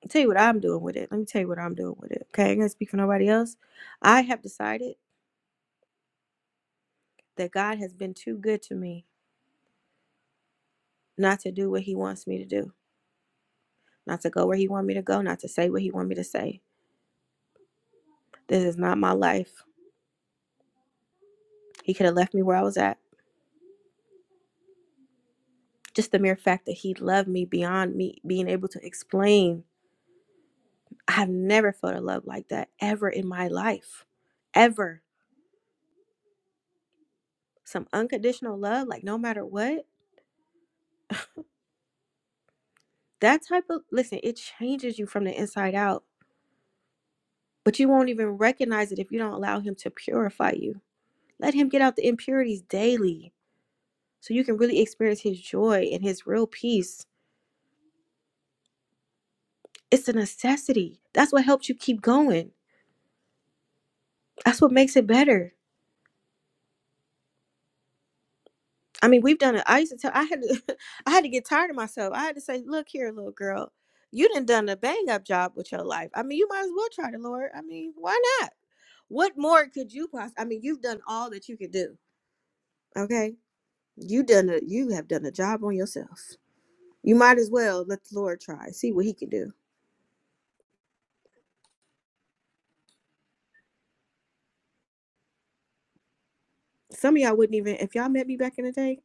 [SPEAKER 1] I'll tell you what I'm doing with it. Let me tell you what I'm doing with it. Okay, I ain't going to speak for nobody else. I have decided that God has been too good to me not to do what he wants me to do, not to go where he wants me to go, not to say what he wants me to say. This is not my life. He could have left me where I was at. Just the mere fact that he loved me beyond me being able to explain. I have never felt a love like that ever in my life. Ever. Some unconditional love, like no matter what. That type of, listen, it changes you from the inside out, but you won't even recognize it if you don't allow him to purify you. Let him get out the impurities daily so you can really experience his joy and his real peace. It's a necessity. That's what helps you keep going. That's what makes it better. I mean, we've done it. I used to tell I had to I had to get tired of myself. I had to say, look here, little girl, you done done a bang up job with your life. I mean, you might as well try the Lord. I mean, why not? What more could you possibly? I mean, you've done all that you could do. Okay, you done a you have done a job on yourself. You might as well let the Lord try, see what He can do. Some of y'all wouldn't even if y'all met me back in the day.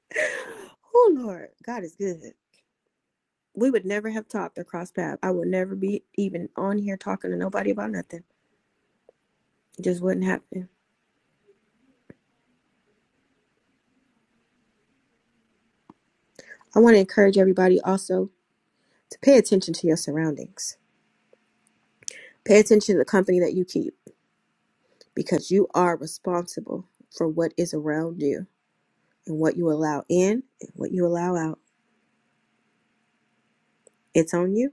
[SPEAKER 1] oh Lord, God is good. We would never have talked or crossed paths. I would never be even on here talking to nobody about nothing It just wouldn't happen. I want to encourage everybody also to pay attention to your surroundings. Pay attention to the company that you keep because you are responsible for what is around you and what you allow in and what you allow out. It's on you,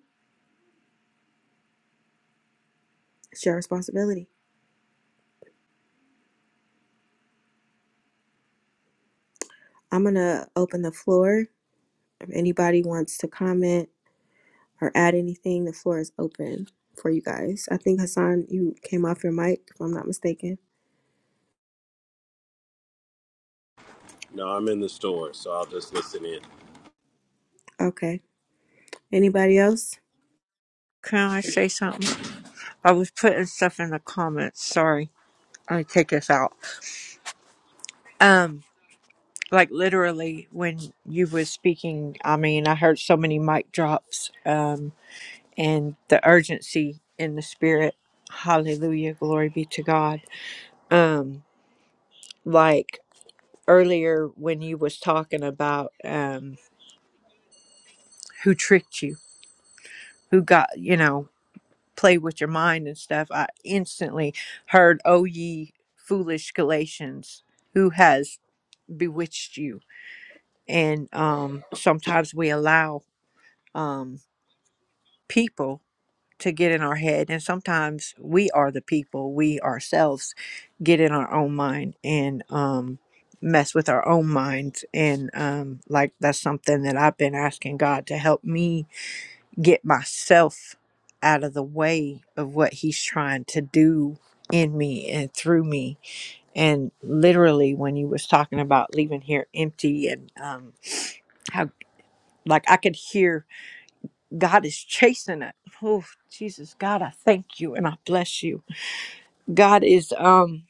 [SPEAKER 1] it's your responsibility. I'm going to open the floor. If anybody wants to comment or add anything, the floor is open for you guys. I think Hassan, you came off your mic, if I'm not mistaken.
[SPEAKER 12] No, I'm in the store, so I'll just listen in.
[SPEAKER 1] Okay. Anybody else?
[SPEAKER 7] Can I say something? I was putting stuff in the comments. Sorry. I take this out. Um, like literally when you was speaking, I mean, I heard so many mic drops, um, and the urgency in the spirit. Hallelujah, glory be to God. Um, like earlier when you was talking about um who tricked you, who got you know, play with your mind and stuff, I instantly heard, Oh ye foolish Galatians, who has bewitched you. And um, sometimes we allow um, people to get in our head, and sometimes we are the people, we ourselves get in our own mind and um, mess with our own minds. And um, like that's something that I've been asking God to help me get myself out of the way of what He's trying to do in me and through me and literally when you was talking about leaving here empty and um how Like I could hear God is chasing it. Oh, Jesus, God, I thank you and I bless you. God is um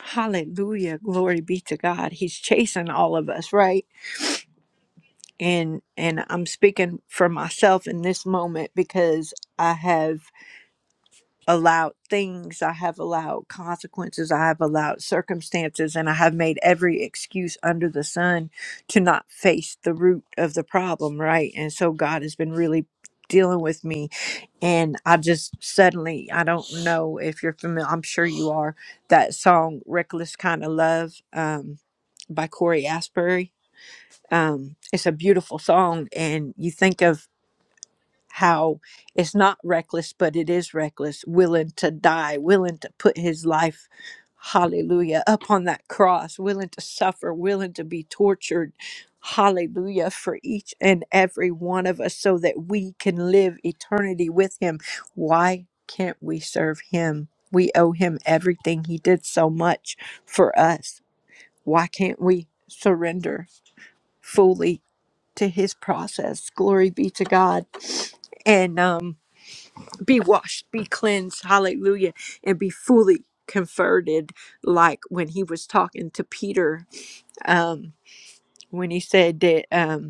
[SPEAKER 7] hallelujah, glory be to God. He's chasing all of us, right? And and I'm speaking for myself in this moment because I have allowed things, I have allowed consequences, I have allowed circumstances, and I have made every excuse under the sun to not face the root of the problem, right? And so God has been really dealing with me And I just suddenly, I don't know if you're familiar, I'm sure you are, that song Reckless Kind of Love um, by Corey Asbury. Um, it's a beautiful song. And you think of how it's not reckless, but it is reckless, willing to die, willing to put his life, hallelujah, up on that cross, willing to suffer, willing to be tortured, hallelujah, for each and every one of us so that we can live eternity with him. Why can't we serve him? We owe him everything. He did so much for us. Why can't we surrender fully to his process? Glory be to God. And um be washed, be cleansed, hallelujah, and be fully converted, like when he was talking to Peter, um, when he said that. Um,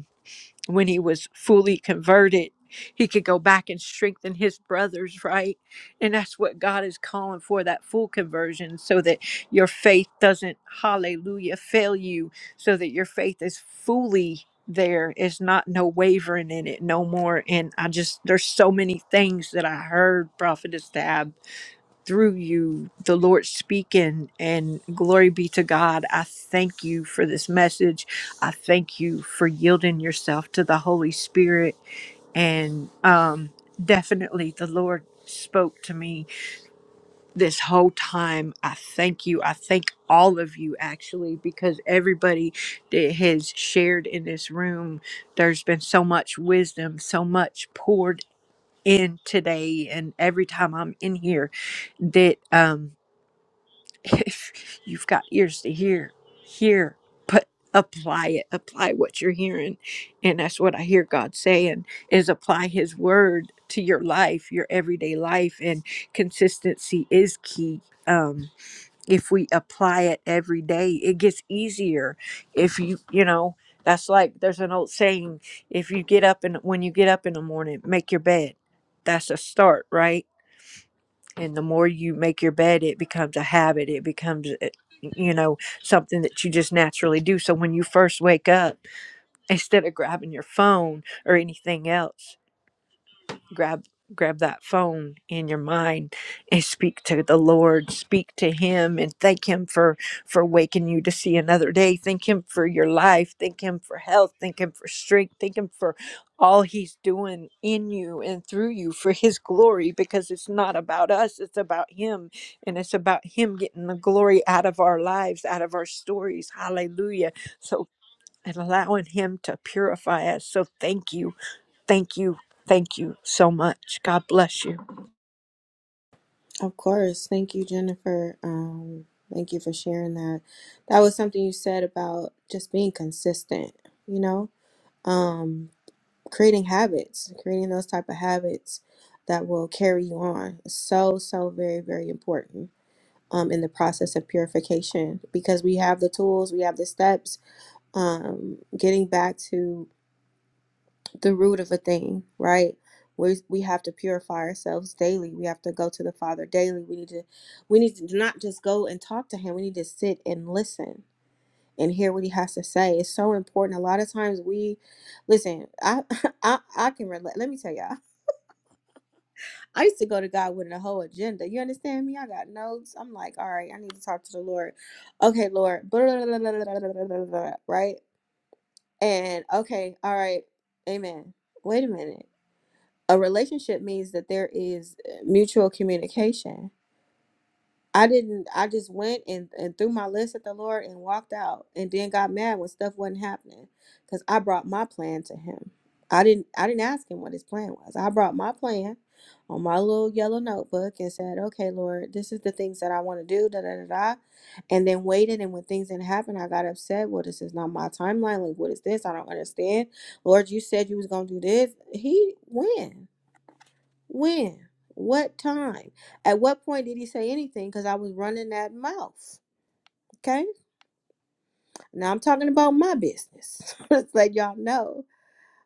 [SPEAKER 7] when he was fully converted, he could go back and strengthen his brothers, right? And that's what God is calling for that full conversion so that your faith doesn't, hallelujah, fail you, so that your faith is fully there, is not no wavering in it no more. And I just, there's so many things that I heard, Prophetess Tab through you, the Lord speaking, and glory be to God. I thank you for this message. I thank you for yielding yourself to the Holy Spirit. And um, definitely, the Lord spoke to me this whole time. I thank you. I thank all of you, actually, because everybody that has shared in this room, there's been so much wisdom, so much poured in today. And every time I'm in here, that um if you've got ears to hear, hear, but apply it, apply what you're hearing. And that's what I hear God saying is apply his word to your life, your everyday life. And consistency is key. Um, if we apply it every day, it gets easier. If you, you know, that's like there's an old saying, if you get up and when you get up in the morning, make your bed. That's a start, right? and the more you make your bed it becomes a habit it becomes uh, you know something that you just naturally do so when you first wake up instead of grabbing your phone or anything else grab grab that phone in your mind and speak to the lord speak to him and thank him for for waking you to see another day thank him for your life thank him for health thank him for strength thank him for all he's doing in you and through you for his glory because it's not about us it's about him and it's about him getting the glory out of our lives out of our stories hallelujah so and allowing him to purify us so thank you thank you thank you Sherry.
[SPEAKER 1] Of course. Thank you, Jennifer. Um, thank you for sharing that. That was something you said about just being consistent, you know, um, creating habits, creating those type of habits that will carry you on. So, so very, very important um, in the process of purification because we have the tools, we have the steps. Um, getting back to the root of a thing, right? We we have to purify ourselves daily. We have to go to the Father daily. We need to we need to not just go and talk to him. We need to sit and listen and hear what he has to say. It's so important. A lot of times we listen, I I, I can relate. Let me tell y'all. I used to go to God with a whole agenda. You understand me? I got notes. I'm like, all right, I need to talk to the Lord. Okay, Lord. blah, blah, blah, blah, blah, blah, blah, blah, Right? And okay, all right, amen. Wait a minute. a relationship means that there is uh, mutual communication. I didn't I just went and, and threw my list at the Lord and walked out and then got mad when stuff wasn't happening cuz I brought my plan to him. I didn't I didn't ask him what his plan was. I brought my plan on my little yellow notebook and said, "Okay, Lord, this is the things that I want to do." Da da da da. And then waited and when things didn't happen, I got upset. Well, this is not my timeline. Like, what is this? I don't understand. Lord, you said you was going to do this. He went. When? What time? At what point did he say anything? Because I was running that mouth. Okay. Now I'm talking about my business. Let's let y'all know.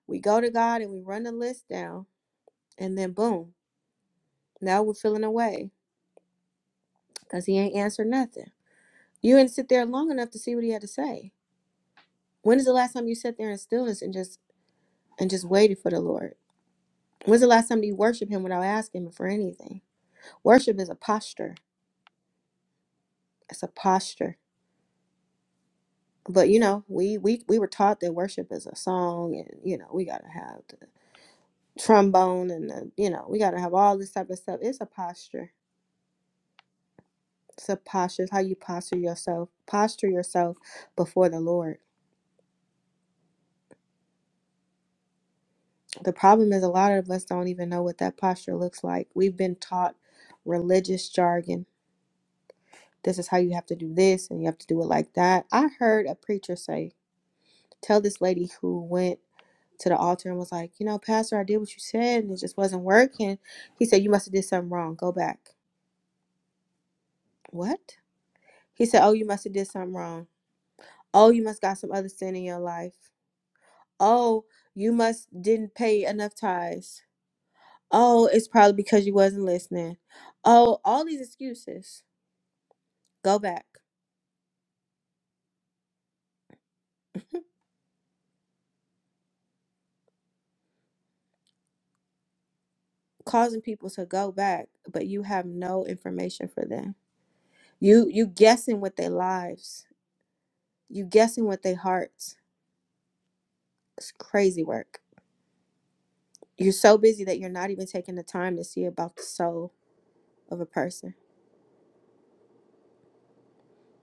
[SPEAKER 1] We go to God and we run the list down, and then boom, now we're feeling away because he ain't answered nothing. You didn't sit there long enough to see what he had to say. When is the last time you sat there in stillness and just and just waited for the Lord? When's the last time you worship him without asking him for anything? Worship is a posture. It's a posture. but you know we we we were taught that worship is a song and you know we got to have the trombone and the you know we got to have all this type of stuff it's a posture it's a posture it's how you posture yourself posture yourself before the lord the problem is a lot of us don't even know what that posture looks like we've been taught religious jargon this is how you have to do this and you have to do it like that i heard a preacher say tell this lady who went to the altar and was like, you know, Pastor, I did what you said and it just wasn't working. He said, you must have did something wrong. Go back. What? He said, oh, you must have did something wrong. Oh, you must got some other sin in your life. Oh, you must didn't pay enough tithes. Oh, it's probably because you wasn't listening. Oh, all these excuses. Go back. Causing people to go back, but you have no information for them. You you guessing with their lives. You guessing with their hearts. It's crazy work. You're so busy that you're not even taking the time to see about the soul of a person.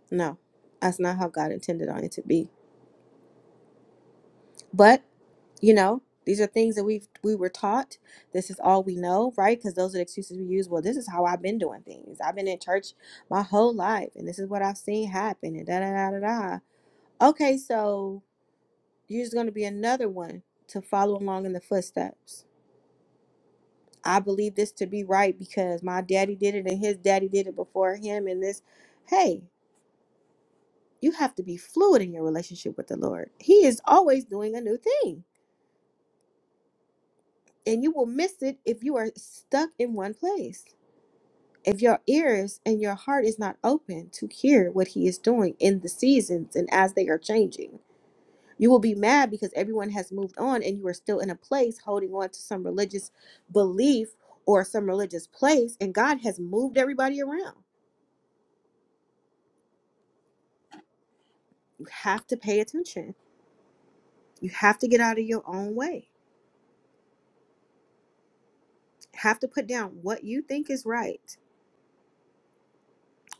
[SPEAKER 1] No, that's not how God intended on it to be. But you know these are things that we've we were taught this is all we know right because those are the excuses we use well this is how i've been doing things i've been in church my whole life and this is what i've seen happen and da da da da da okay so you're just going to be another one to follow along in the footsteps i believe this to be right because my daddy did it and his daddy did it before him and this hey You have to be fluid in your relationship with the Lord. He is always doing a new thing, and you will miss it if you are stuck in one place. If your ears and your heart is not open to hear what He is doing in the seasons and as they are changing, you will be mad because everyone has moved on and you are still in a place holding on to some religious belief or some religious place, and God has moved everybody around. You have to pay attention. You have to get out of your own way. Have to put down what you think is right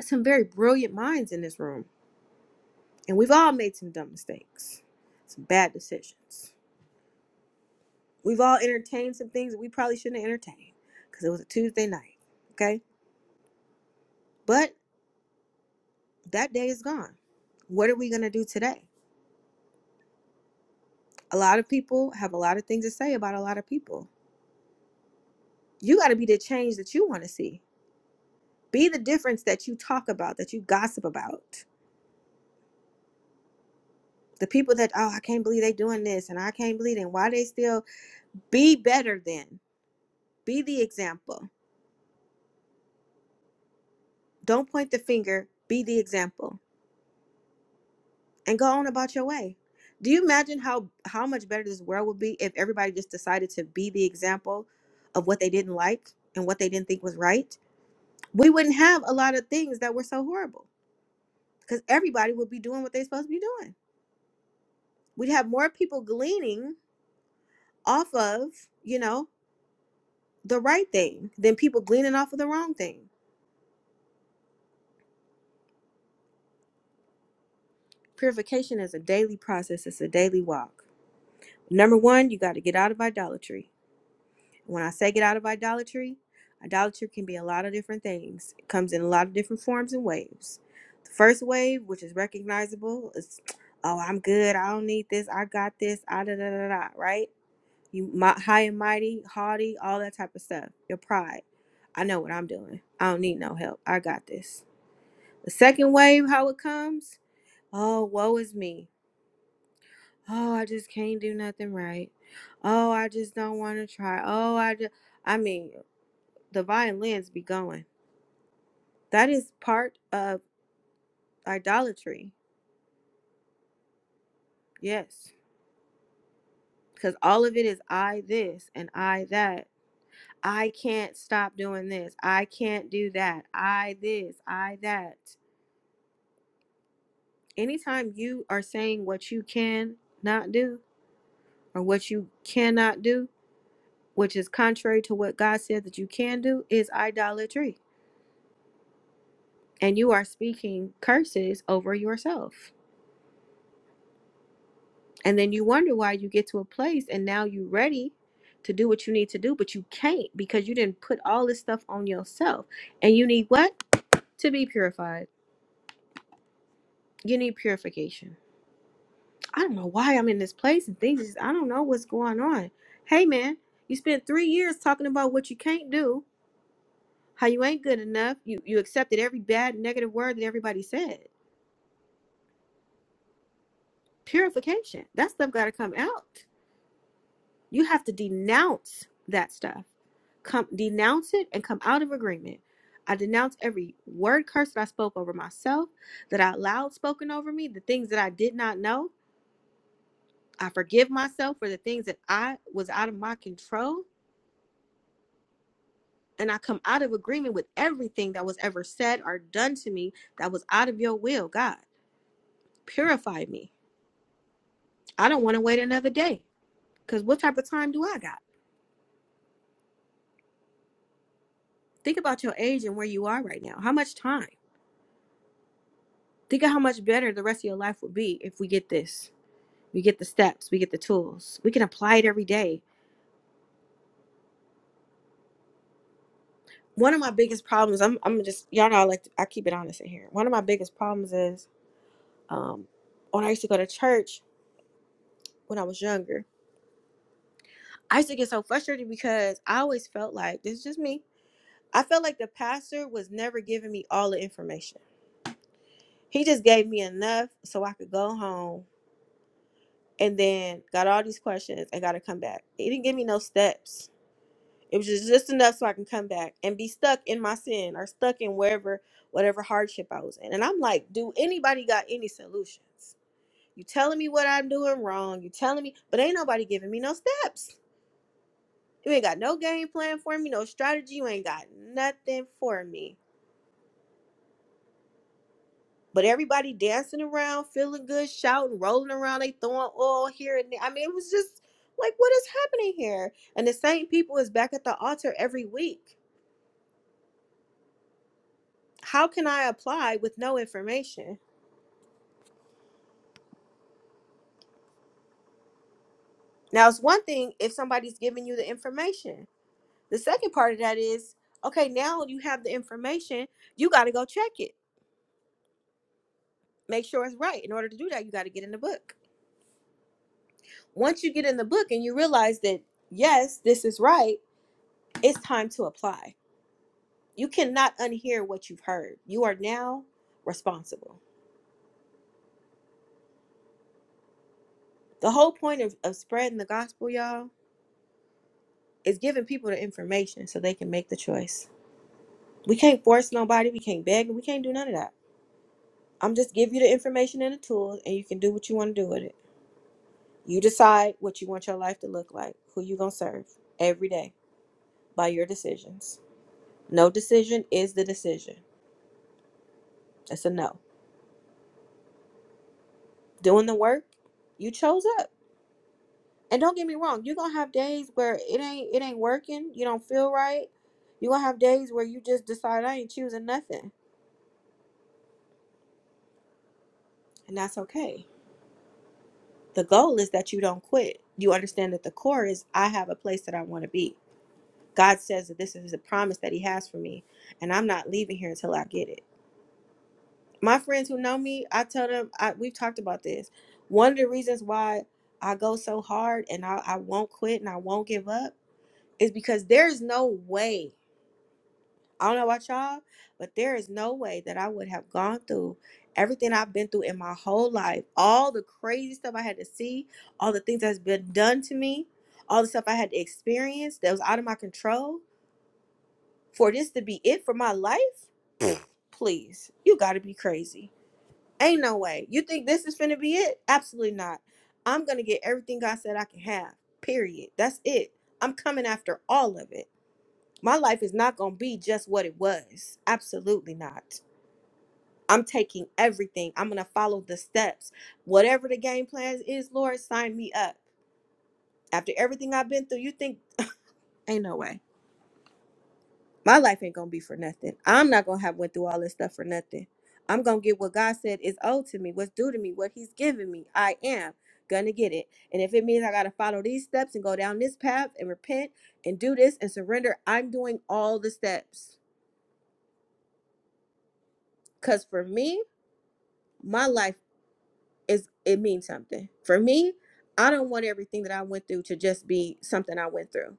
[SPEAKER 1] some very brilliant minds in this room, and we've all made some dumb mistakes, some bad decisions. We've all entertained some things that we probably shouldn't entertain because it was a Tuesday night. Okay. But that day is gone. What are we going to do today? A lot of people have a lot of things to say about a lot of people. You got to be the change that you want to see. Be the difference that you talk about, that you gossip about. The people that, oh, I can't believe they doing this and I can't believe it. And why they still be better than. Be the example Don't point the finger, be the example, and go on about your way. Do you imagine how how much better this world would be if everybody just decided to be the example of what they didn't like and what they didn't think was right? We wouldn't have a lot of things that were so horrible because everybody would be doing what they're supposed to be doing. We'd have more people gleaning off of, you know, the right thing than people gleaning off of the wrong thing. Purification is a daily process, it's a daily walk. Number one, you got to get out of idolatry. When I say get out of idolatry, idolatry can be a lot of different things. It comes in a lot of different forms and waves. The first wave, which is recognizable, is oh, I'm good. I don't need this. I got this. I da da da da. Right? You mi- high and mighty, haughty, all that type of stuff. Your pride. I know what I'm doing. I don't need no help. I got this. The second wave, how it comes? Oh, woe is me. Oh, I just can't do nothing right. Oh, I just don't want to try. Oh, I just. I mean, the violins be going. That is part of idolatry. Yes. Because all of it is I this and I that. I can't stop doing this. I can't do that. I this, I that. Anytime you are saying what you can not do or what you cannot do, which is contrary to what God said that you can do, is idolatry. And you are speaking curses over yourself. And then you wonder why you get to a place and now you're ready to do what you need to do, but you can't because you didn't put all this stuff on yourself. And you need what? To be purified. You need purification. I don't know why I'm in this place and things just, I don't know what's going on. Hey man, you spent three years talking about what you can't do, how you ain't good enough. You you accepted every bad negative word that everybody said. Purification. That stuff gotta come out. You have to denounce that stuff. Come denounce it and come out of agreement. I denounce every word curse that I spoke over myself, that I allowed spoken over me, the things that I did not know. I forgive myself for the things that I was out of my control. And I come out of agreement with everything that was ever said or done to me that was out of your will, God. Purify me. I don't want to wait another day. Because what type of time do I got? Think about your age and where you are right now. How much time? Think of how much better the rest of your life would be if we get this. We get the steps, we get the tools. We can apply it every day. One of my biggest problems, I'm, I'm just, y'all know I like, to, I keep it honest in here. One of my biggest problems is um, when I used to go to church when I was younger, I used to get so frustrated because I always felt like, this is just me, I felt like the pastor was never giving me all the information. He just gave me enough so I could go home and then got all these questions and got to come back. He didn't give me no steps It was just, just enough so I can come back and be stuck in my sin or stuck in wherever, whatever hardship I was in. And I'm like, do anybody got any solutions? You telling me what I'm doing wrong. You telling me, but ain't nobody giving me no steps. You ain't got no game plan for me, no strategy. You ain't got nothing for me. But everybody dancing around, feeling good, shouting, rolling around. They throwing oil here and there. I mean, it was just like, what is happening here? And the same people is back at the altar every week how can I apply with no information? Now, it's one thing if somebody's giving you the information. The second part of that is okay, now you have the information, you got to go check it, make sure it's right. In order to do that, you got to get in the book. Once you get in the book and you realize that, yes, this is right, it's time to apply. You cannot unhear what you've heard. You are now responsible. The whole point of, of spreading the gospel, y'all, is giving people the information so they can make the choice. We can't force nobody. We can't beg. We can't do none of that. I'm just give you the information and the tools, and you can do what you want to do with it. You decide what you want your life to look like, who you gonna serve every day by your decisions. No decision is the decision. That's a no. Doing the work, you chose up. And don't get me wrong, you're gonna have days where it ain't it ain't working. You don't feel right. You're gonna have days where you just decide I ain't choosing nothing. And that's okay. The goal is that you don't quit. You understand that the core is I have a place that I want to be God says that this is a promise that He has for me, and I'm not leaving here until I get it. My friends who know me, I tell them I, we've talked about this. One of the reasons why I go so hard and I, I won't quit and I won't give up is because there is no way. I don't know about y'all, but there is no way that I would have gone through everything I've been through in my whole life, all the crazy stuff I had to see, all the things that's been done to me, all the stuff I had to experience that was out of my control For this to be it for my life? Please, you gotta be crazy. Ain't no way. You think this is finna be it? Absolutely not. I'm gonna get everything God said I can have. Period. That's it. I'm coming after all of it. My life is not gonna be just what it was. Absolutely not. I'm taking everything. I'm gonna follow the steps. Whatever the game plan is, Lord, sign me up. After everything I've been through, you think ain't no way. my life ain't gonna be for nothing. I'm not gonna have went through all this stuff for nothing. I'm gonna get what God said is owed to me, what's due to me, what He's given me. I am gonna get it. And if it means I gotta follow these steps and go down this path and repent and do this and surrender, I'm doing all the steps. Cause for me, my life is it means something. For me, I don't want everything that I went through to just be something I went through.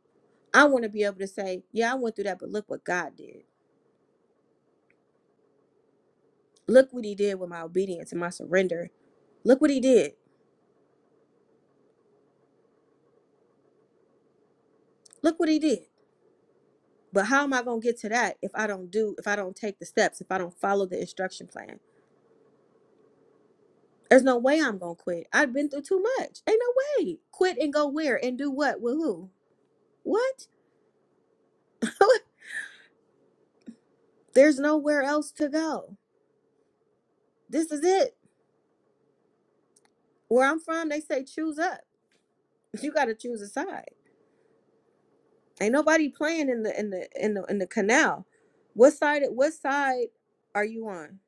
[SPEAKER 1] I want to be able to say, yeah, I went through that, but look what God did. Look what he did with my obedience and my surrender Look what he did. Look what he did. But how am I going to get to that if I don't do, if I don't take the steps, if I don't follow the instruction plan? There's no way I'm going to quit. I've been through too much. Ain't no way. Quit and go where and do what with who? What? There's nowhere else to go. This is it. Where I'm from, they say choose up. You got to choose a side. Ain't nobody playing in the in the in the in the canal. What side what side are you on?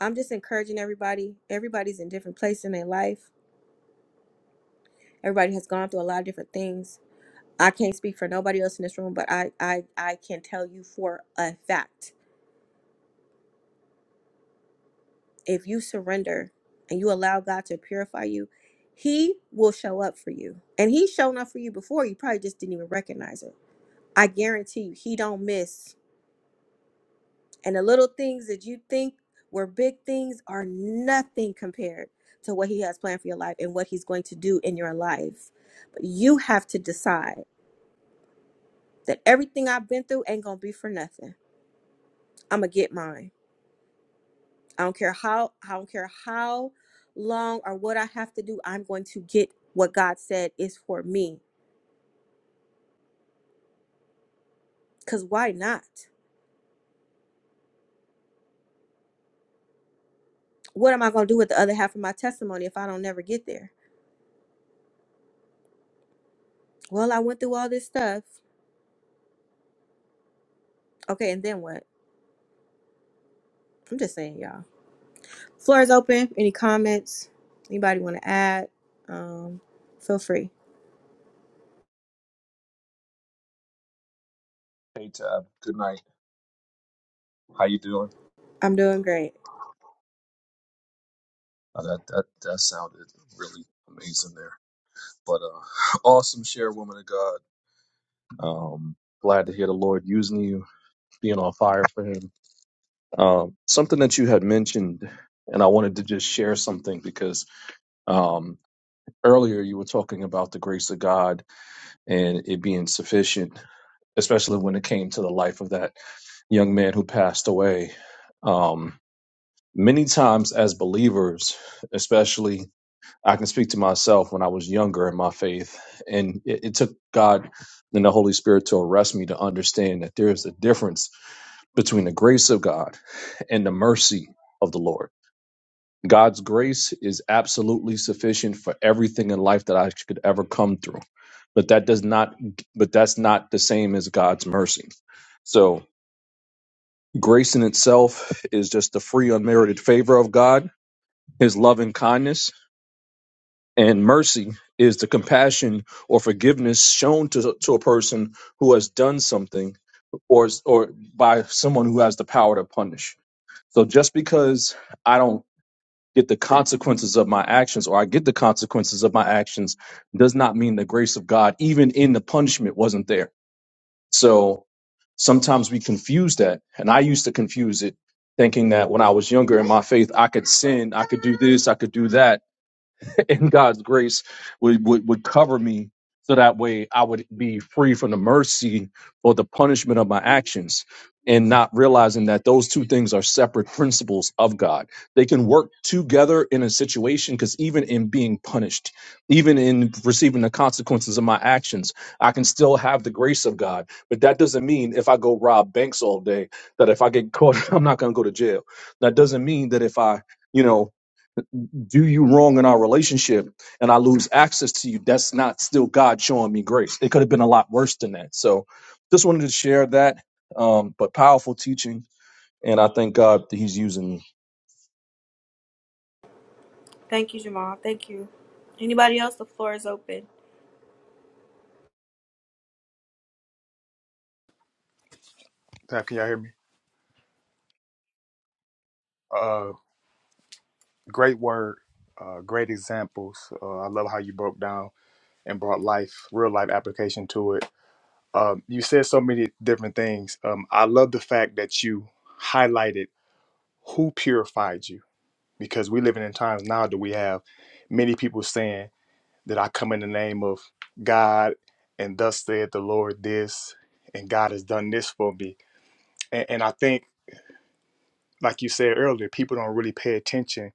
[SPEAKER 1] I'm just encouraging everybody. Everybody's in different place in their life Everybody has gone through a lot of different things. I can't speak for nobody else in this room, but I, I, I can tell you for a fact if you surrender and you allow God to purify you, He will show up for you. And He's shown up for you before. You probably just didn't even recognize it. I guarantee you, He don't miss. And the little things that you think were big things are nothing compared to what He has planned for your life and what He's going to do in your life. But you have to decide that everything I've been through ain't going to be for nothing I'm gonna get mine. I don't care how I don't care how long or what I have to do. I'm going to get what God said is for me. Cause why not? What am I gonna do with the other half of my testimony if I don't never get there? Well, I went through all this stuff. Okay, and then what? I'm just saying, y'all. Floor is open. Any comments? Anybody want to add? Um, feel free.
[SPEAKER 9] Hey Tab, good night. How you doing?
[SPEAKER 1] I'm doing great.
[SPEAKER 9] That, that really, but uh, awesome share, woman of God. Um, glad to hear the Lord using you, being on fire for Him. Um, something that you had mentioned, and I wanted to just share something because earlier you were talking about the grace of God and it being sufficient, especially when it came to the life of that young man who passed away. Um, many times as believers, especially I can speak to myself when I was younger in my faith, and it, it took God and the Holy Spirit to arrest me to understand that there is a difference between the grace of God and the mercy of the Lord God's grace is absolutely sufficient for everything in life that I could ever come through. But that does not but that's not the same as God's mercy. So grace in itself is just the free unmerited favor of God, his love and kindness, and mercy is the compassion or forgiveness shown to, to a person who has done something or or by someone who has the power to punish. So just because I don't get the consequences of my actions or I get the consequences of my actions does not mean the grace of God, even in the punishment, wasn't there. So sometimes we confuse that. And I used to confuse it thinking that when I was younger in my faith, I could sin, I could do this, I could do that In God's grace would, would, would cover me so that way I would be free from the mercy or the punishment of my actions and not realizing that those two things are separate principles of God. They can work together in a situation because even in being punished, even in receiving the consequences of my actions, I can still have the grace of God. But that doesn't mean if I go rob banks all day that if I get caught, I'm not going to go to jail. That doesn't mean that if I, you know, do you wrong in our relationship and I lose access to you, that's not still God showing me grace. It could have been a lot worse than that. So just wanted to share that, um, but powerful teaching. And I thank God that He's using me.
[SPEAKER 1] Thank you, Jamal. Thank you. Anybody else? The floor is open.
[SPEAKER 4] Zach, can y'all hear me? Uh, great word, uh, great examples. Uh, I love how you broke down and brought life, real life application to it. Um, you said so many different things. Um, I love the fact that you highlighted who purified you because we're living in times now that we have many people saying that I come in the name of God and thus said the Lord this and God has done this for me. And, and I think, like you said earlier, people don't really pay attention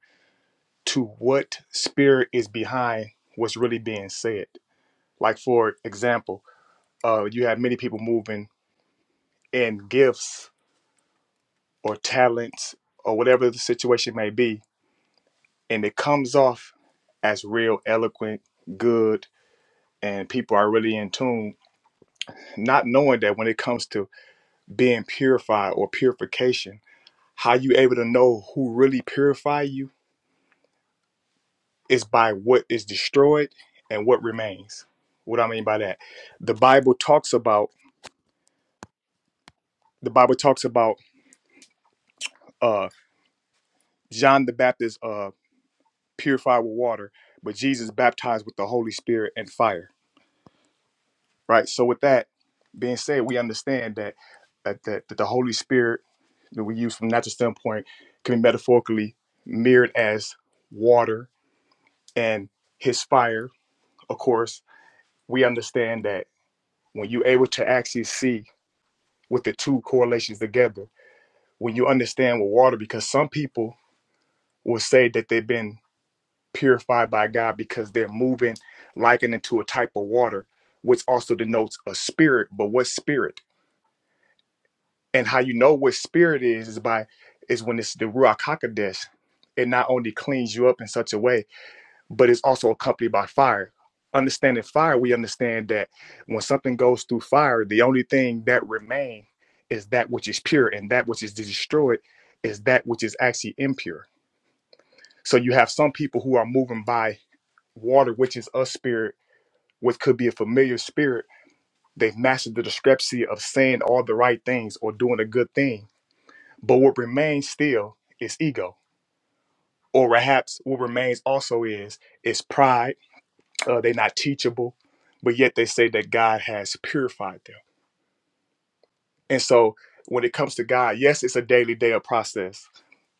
[SPEAKER 4] to what spirit is behind what's really being said. Like, for example, uh, you have many people moving in gifts or talents or whatever the situation may be, and it comes off as real, eloquent, good, and people are really in tune, not knowing that when it comes to being purified or purification, how you able to know who really purify you is by what is destroyed and what remains. What I mean by that, the Bible talks about the Bible talks about uh, John the Baptist uh, purified with water, but Jesus baptized with the Holy Spirit and fire. Right. So with that being said, we understand that that, that, that the Holy Spirit that we use from a natural standpoint can be metaphorically mirrored as water and his fire. Of course, we understand that when you're able to actually see with the two correlations together, when you understand with water, because some people will say that they've been purified by God because they're moving likened into a type of water, which also denotes a spirit. But what spirit? And how you know what spirit is is by is when it's the Ruach Hakodesh. It not only cleans you up in such a way but it's also accompanied by fire. Understanding fire, we understand that when something goes through fire, the only thing that remains is that which is pure, and that which is destroyed is that which is actually impure. So you have some people who are moving by water, which is a spirit, which could be a familiar spirit. They've mastered the discrepancy of saying all the right things or doing a good thing. But what remains still is ego. Or perhaps what remains also is is pride uh, they're not teachable, but yet they say that God has purified them. And so when it comes to God, yes, it's a daily day of process.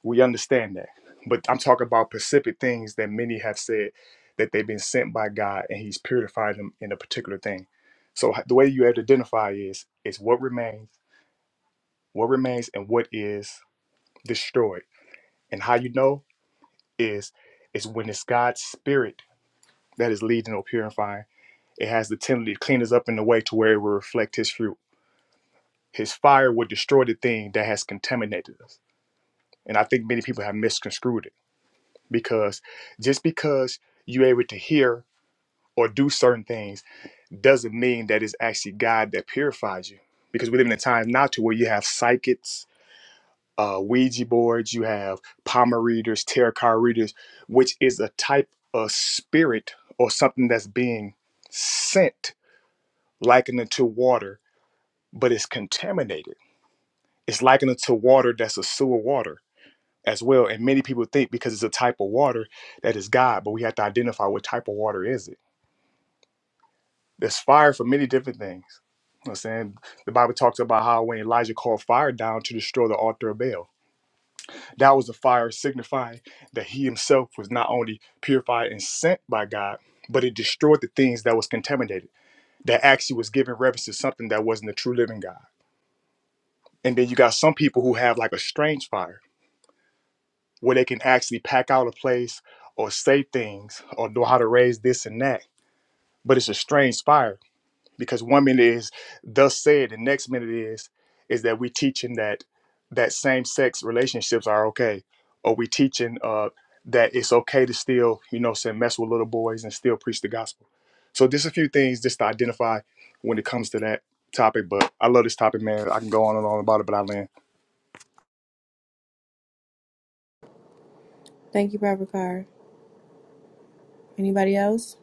[SPEAKER 4] We understand that. But I'm talking about specific things that many have said that they've been sent by God and He's purified them in a particular thing. So the way you have to identify is is what remains, what remains, and what is destroyed. And how you know is is when it's God's spirit that is leading or purifying. It has the tendency to clean us up in a way to where it will reflect His fruit His fire would destroy the thing that has contaminated us. And I think many people have misconstrued it because just because you're able to hear or do certain things doesn't mean that it's actually God that purifies you. Because we live in a time now to where you have psychics, uh, Ouija boards, you have palmer readers, tarot card readers, which is a type of spirit or something that's being sent likened to water, but it's contaminated. It's likened to water that's a sewer water as well. And many people think because it's a type of water that is God, but we have to identify what type of water is it. There's fire for many different things. You know what I'm saying the Bible talks about how when Elijah called fire down to destroy the altar of Baal, that was the fire signifying that he himself was not only purified and sent by God, but it destroyed the things that was contaminated. That actually was giving reverence to something that wasn't the true living God. And then you got some people who have like a strange fire where they can actually pack out a place or say things or know how to raise this and that. But it's a strange fire because one minute is thus said, the next minute is is that we teaching that that same sex relationships are okay, or we teaching uh, that it's okay to still you know say mess with little boys and still preach the gospel. So just a few things just to identify when it comes to that topic. But I love this topic, man. I can go on and on about it, but I land.
[SPEAKER 1] Thank you, Barbara Carr. Anybody else?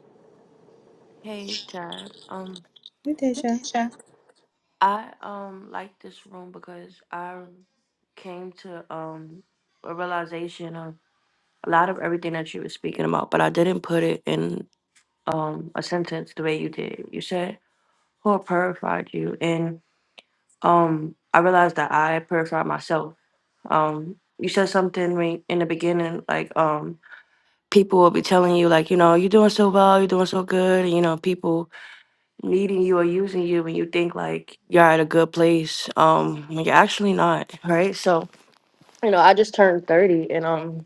[SPEAKER 3] Hey, Tab. Um,
[SPEAKER 1] Hey, Tisha.
[SPEAKER 3] Natasha. I um like this room because I came to um a realization of a lot of everything that you were speaking about, but I didn't put it in um a sentence the way you did. You said, "Who purified you?" And um, I realized that I purified myself. Um, you said something when- in the beginning, like um, people will be telling you, like, you know, you're doing so well, you're doing so good, and, you know, people. needing you or using you when you think like you're at a good place um when you're actually not right so you know i just turned 30 and um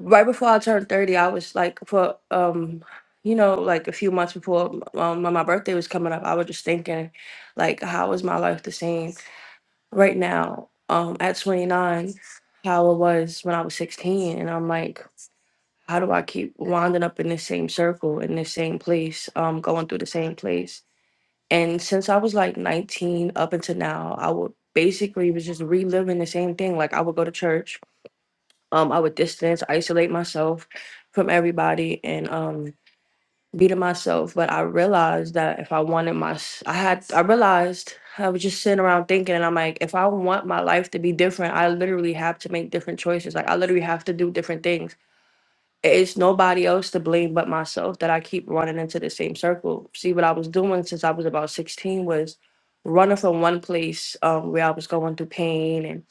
[SPEAKER 3] right before i turned 30 i was like for um you know like a few months before um, when my birthday was coming up i was just thinking like how is my life the same right now um at 29 how it was when i was 16 and i'm like how do i keep winding up in the same circle in the same place um going through the same place and since I was like 19 up until now, I would basically was just reliving the same thing. Like I would go to church, um, I would distance, isolate myself from everybody and um be to myself. But I realized that if I wanted my s- I had I realized I was just sitting around thinking and I'm like, if I want my life to be different, I literally have to make different choices. Like I literally have to do different things it's nobody else to blame but myself that I keep running into the same circle. See, what I was doing since I was about 16 was running from one place um, where I was going through pain and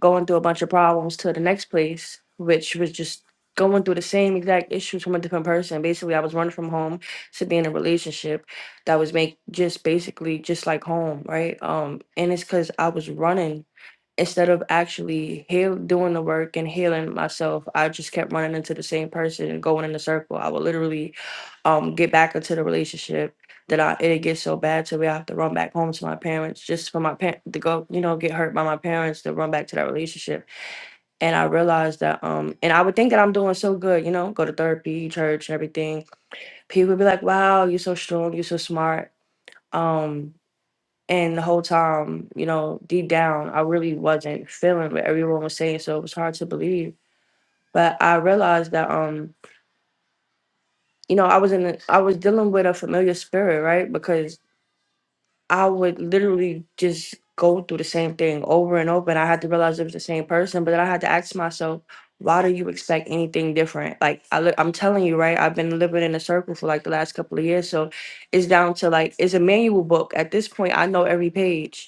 [SPEAKER 3] going through a bunch of problems to the next place, which was just going through the same exact issues from a different person. Basically, I was running from home to be in a relationship that was make just basically just like home, right? Um, and it's because I was running instead of actually heal doing the work and healing myself i just kept running into the same person and going in a circle i would literally um get back into the relationship that i it gets so bad to where i have to run back home to my parents just for my parents to go you know get hurt by my parents to run back to that relationship and i realized that um and i would think that i'm doing so good you know go to therapy church and everything people would be like wow you're so strong you're so smart um and the whole time, you know, deep down, I really wasn't feeling what everyone was saying, so it was hard to believe. But I realized that, um, you know, I was in, a, I was dealing with a familiar spirit, right? Because I would literally just go through the same thing over and over, and I had to realize it was the same person. But then I had to ask myself, why do you expect anything different? Like I, li- I'm telling you, right? I've been living in a circle for like the last couple of years, so it's down to like it's a manual book at this point. I know every page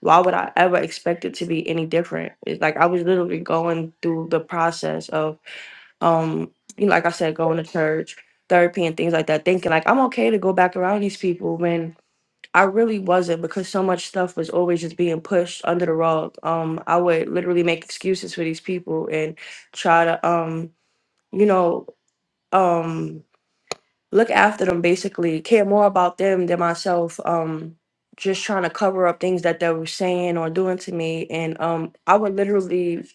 [SPEAKER 3] why would I ever expect it to be any different? It's like I was literally going through the process of um you know, like I said, going to church, therapy and things like that, thinking like I'm okay to go back around these people when I really wasn't because so much stuff was always just being pushed under the rug. Um I would literally make excuses for these people and try to um, you know, um look after them basically care more about them than myself um just trying to cover up things that they were saying or doing to me and um i would literally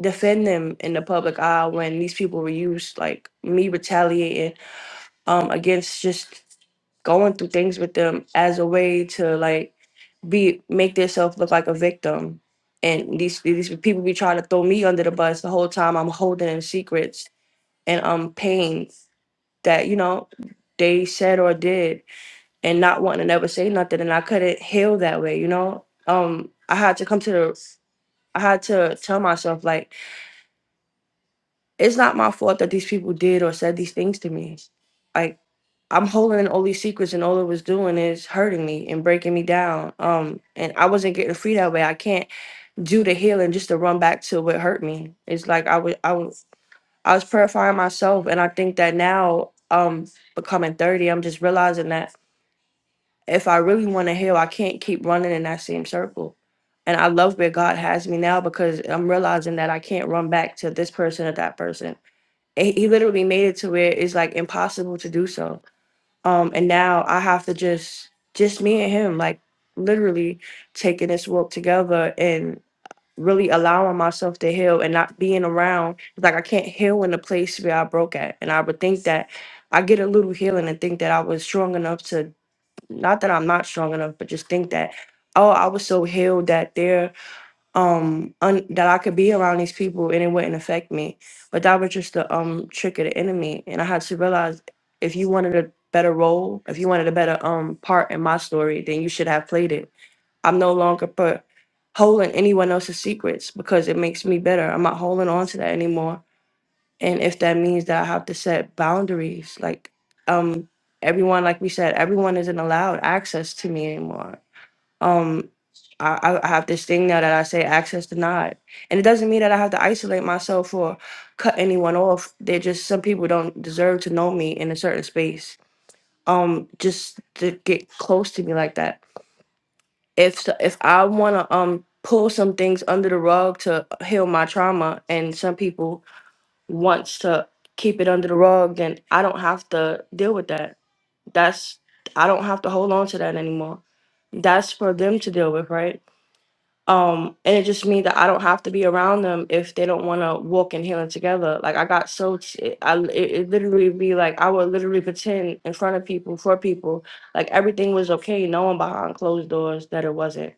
[SPEAKER 3] defend them in the public eye when these people were used like me retaliating um against just going through things with them as a way to like be make themselves look like a victim and these these people be trying to throw me under the bus the whole time i'm holding in secrets and um pain that you know they said or did and not wanting to never say nothing and I couldn't heal that way, you know? Um I had to come to the I had to tell myself like it's not my fault that these people did or said these things to me. Like I'm holding all these secrets and all it was doing is hurting me and breaking me down. Um and I wasn't getting free that way. I can't do the healing just to run back to what hurt me. It's like I was I was I was purifying myself and I think that now um becoming 30, I'm just realizing that if I really want to heal, I can't keep running in that same circle. And I love where God has me now because I'm realizing that I can't run back to this person or that person. And He he literally made it to where it's like impossible to do so. Um, and now I have to just, just me and him, like literally taking this walk together and really allowing myself to heal and not being around. Like I can't heal in the place where I broke at. And I would think that I get a little healing and think that I was strong enough to not that I'm not strong enough, but just think that oh, I was so healed that they're um un- that I could be around these people and it wouldn't affect me. But that was just the um trick of the enemy, and I had to realize if you wanted a better role, if you wanted a better um part in my story, then you should have played it. I'm no longer put holding anyone else's secrets because it makes me better. I'm not holding on to that anymore and if that means that I have to set boundaries, like um everyone, like we said, everyone isn't allowed access to me anymore. Um I, I have this thing now that I say access denied. And it doesn't mean that I have to isolate myself or cut anyone off. They're just some people don't deserve to know me in a certain space. Um just to get close to me like that. If so- if I wanna um pull some things under the rug to heal my trauma and some people wants to keep it under the rug, then I don't have to deal with that. That's I don't have to hold on to that anymore. That's for them to deal with, right? Um, and it just means that I don't have to be around them if they don't want to walk in healing together. Like I got so t- I it, it literally be like I would literally pretend in front of people for people like everything was okay, knowing behind closed doors that it wasn't.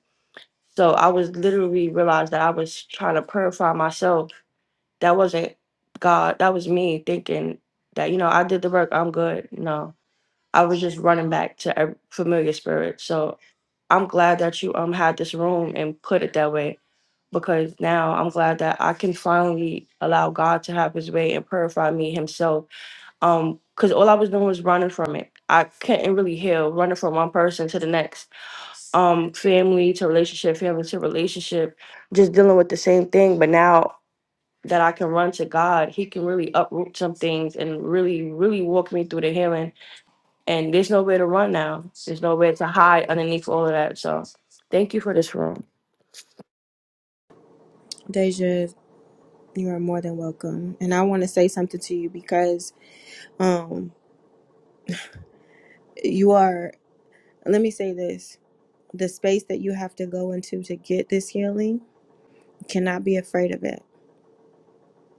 [SPEAKER 3] So I was literally realized that I was trying to purify myself that wasn't God. That was me thinking that, you know, I did the work. I'm good. No, I was just running back to a familiar spirit. So I'm glad that you um had this room and put it that way because now I'm glad that I can finally allow God to have his way and purify me himself. Um, because all I was doing was running from it. I couldn't really heal, running from one person to the next. Um, family to relationship, family to relationship, just dealing with the same thing. But now that I can run to God, He can really uproot some things and really, really walk me through the healing. And there's nowhere to run now. There's nowhere to hide underneath all of that. So thank you for this room.
[SPEAKER 1] Deja, you are more than welcome. And I want to say something to you because um you are let me say this. The space that you have to go into to get this healing, you cannot be afraid of it.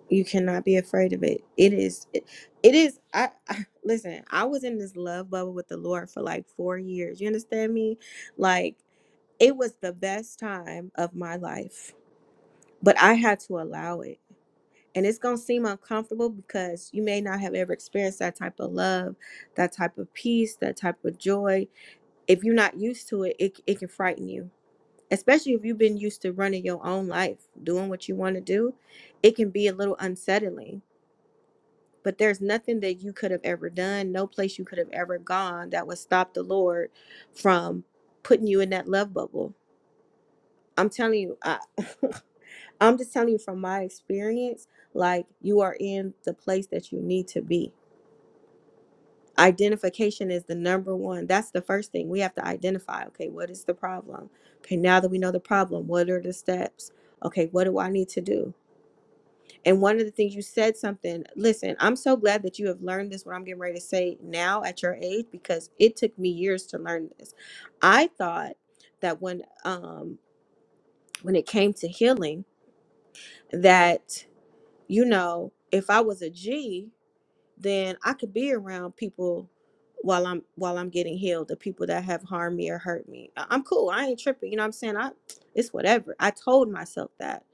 [SPEAKER 1] You cannot be afraid of it. It is it, it is I, I listen, I was in this love bubble with the Lord for like 4 years. You understand me? Like it was the best time of my life, but I had to allow it. And it's going to seem uncomfortable because you may not have ever experienced that type of love, that type of peace, that type of joy. If you're not used to it, it, it can frighten you, especially if you've been used to running your own life, doing what you want to do. It can be a little unsettling, but there's nothing that you could have ever done, no place you could have ever gone that would stop the Lord from putting you in that love bubble I'm telling you, I, I'm just telling you from my experience, like you are in the place that you need to be. Identification is the number one. That's the first thing we have to identify. Okay, what is the problem? Okay, now that we know the problem, what are the steps? Okay, what do I need to do? And one of the things you said something, listen, I'm so glad that you have learned this, what I'm getting ready to say now at your age, because it took me years to learn this. I thought that when um when it came to healing, that you know, if I was a G, then I could be around people while I'm while I'm getting healed, the people that have harmed me or hurt me. I- I'm cool. I ain't tripping. You know what I'm saying? I it's whatever. I told myself that.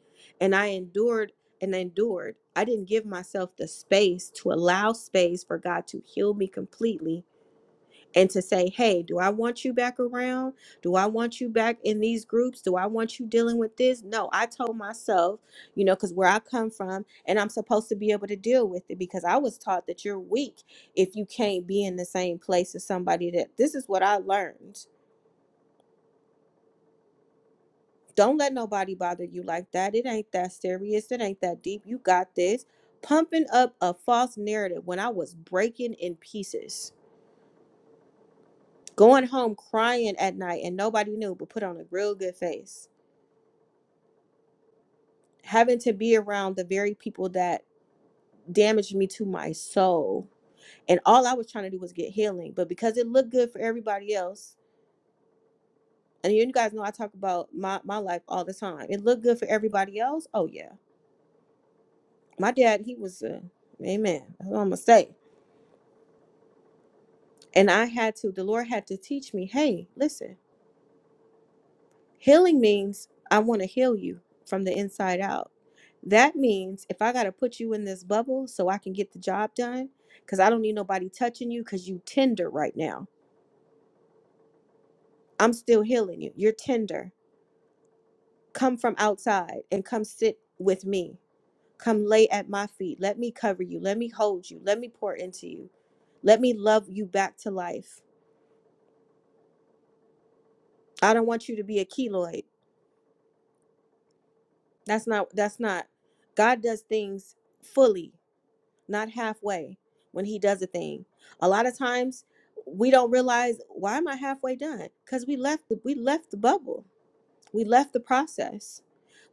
[SPEAKER 1] And I endured and endured. I didn't give myself the space to allow space for God to heal me completely and to say, hey, do I want you back around? Do I want you back in these groups? Do I want you dealing with this? No, I told myself, you know, because where I come from, and I'm supposed to be able to deal with it because I was taught that you're weak if you can't be in the same place as somebody that this is what I learned. Don't let nobody bother you like that. It ain't that serious. It ain't that deep. You got this. Pumping up a false narrative when I was breaking in pieces going home crying at night and nobody knew but put on a real good face having to be around the very people that damaged me to my soul and all i was trying to do was get healing but because it looked good for everybody else and you guys know i talk about my, my life all the time it looked good for everybody else oh yeah my dad he was uh, amen that's what i'm gonna say and i had to the lord had to teach me hey listen Healing means I want to heal you from the inside out. That means if I got to put you in this bubble so I can get the job done, because I don't need nobody touching you because you tender right now. I'm still healing you. You're tender. Come from outside and come sit with me. Come lay at my feet. Let me cover you. Let me hold you. Let me pour into you. Let me love you back to life. I don't want you to be a keloid. That's not, that's not. God does things fully not halfway when he does a thing a lot of times we don't realize why am i halfway done because we left the, we left the bubble we left the process